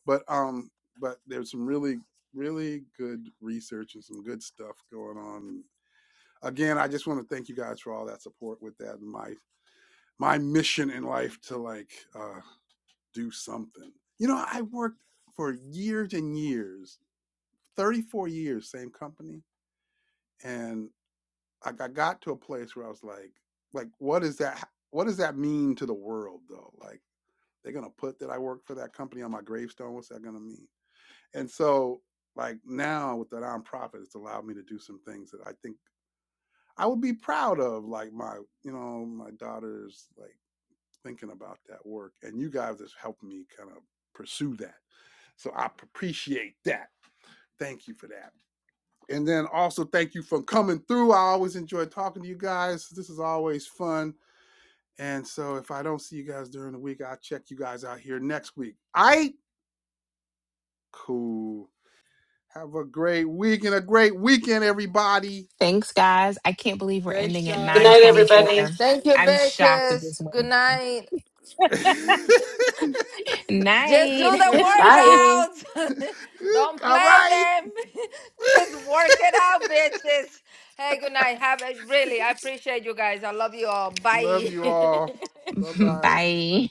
[SPEAKER 1] But um, but there's some really really good research and some good stuff going on. Again, I just want to thank you guys for all that support with that and my my mission in life to like uh do something. You know, I worked for years and years 34 years, same company. And like I got to a place where I was like, like, what is that? What does that mean to the world though? Like they're gonna put that I work for that company on my gravestone. What's that gonna mean? And so like now with the nonprofit, it's allowed me to do some things that I think I would be proud of, like my, you know, my daughter's like thinking about that work. And you guys have helped me kind of pursue that. So I appreciate that. Thank you for that. And then also thank you for coming through. I always enjoy talking to you guys. This is always fun. And so if I don't see you guys during the week, I'll check you guys out here next week. I cool. Have a great week and a great weekend, everybody.
[SPEAKER 2] Thanks guys. I can't believe we're
[SPEAKER 1] Thanks,
[SPEAKER 2] ending at
[SPEAKER 8] Good
[SPEAKER 1] guys.
[SPEAKER 8] night, everybody.
[SPEAKER 2] 924.
[SPEAKER 9] Thank you,
[SPEAKER 2] I'm shocked that this
[SPEAKER 9] bitches. Good
[SPEAKER 2] went.
[SPEAKER 9] night.
[SPEAKER 1] Good.
[SPEAKER 2] by.
[SPEAKER 9] Just do
[SPEAKER 2] Night.
[SPEAKER 9] the workouts.
[SPEAKER 1] Good.
[SPEAKER 9] don't
[SPEAKER 1] All
[SPEAKER 9] play
[SPEAKER 1] right.
[SPEAKER 9] them. just work it out, bitches. Hey, good night. Have it really. I appreciate you guys. I love you all.
[SPEAKER 1] Love
[SPEAKER 9] Bye.
[SPEAKER 1] you all. Bye bye.
[SPEAKER 2] Bye.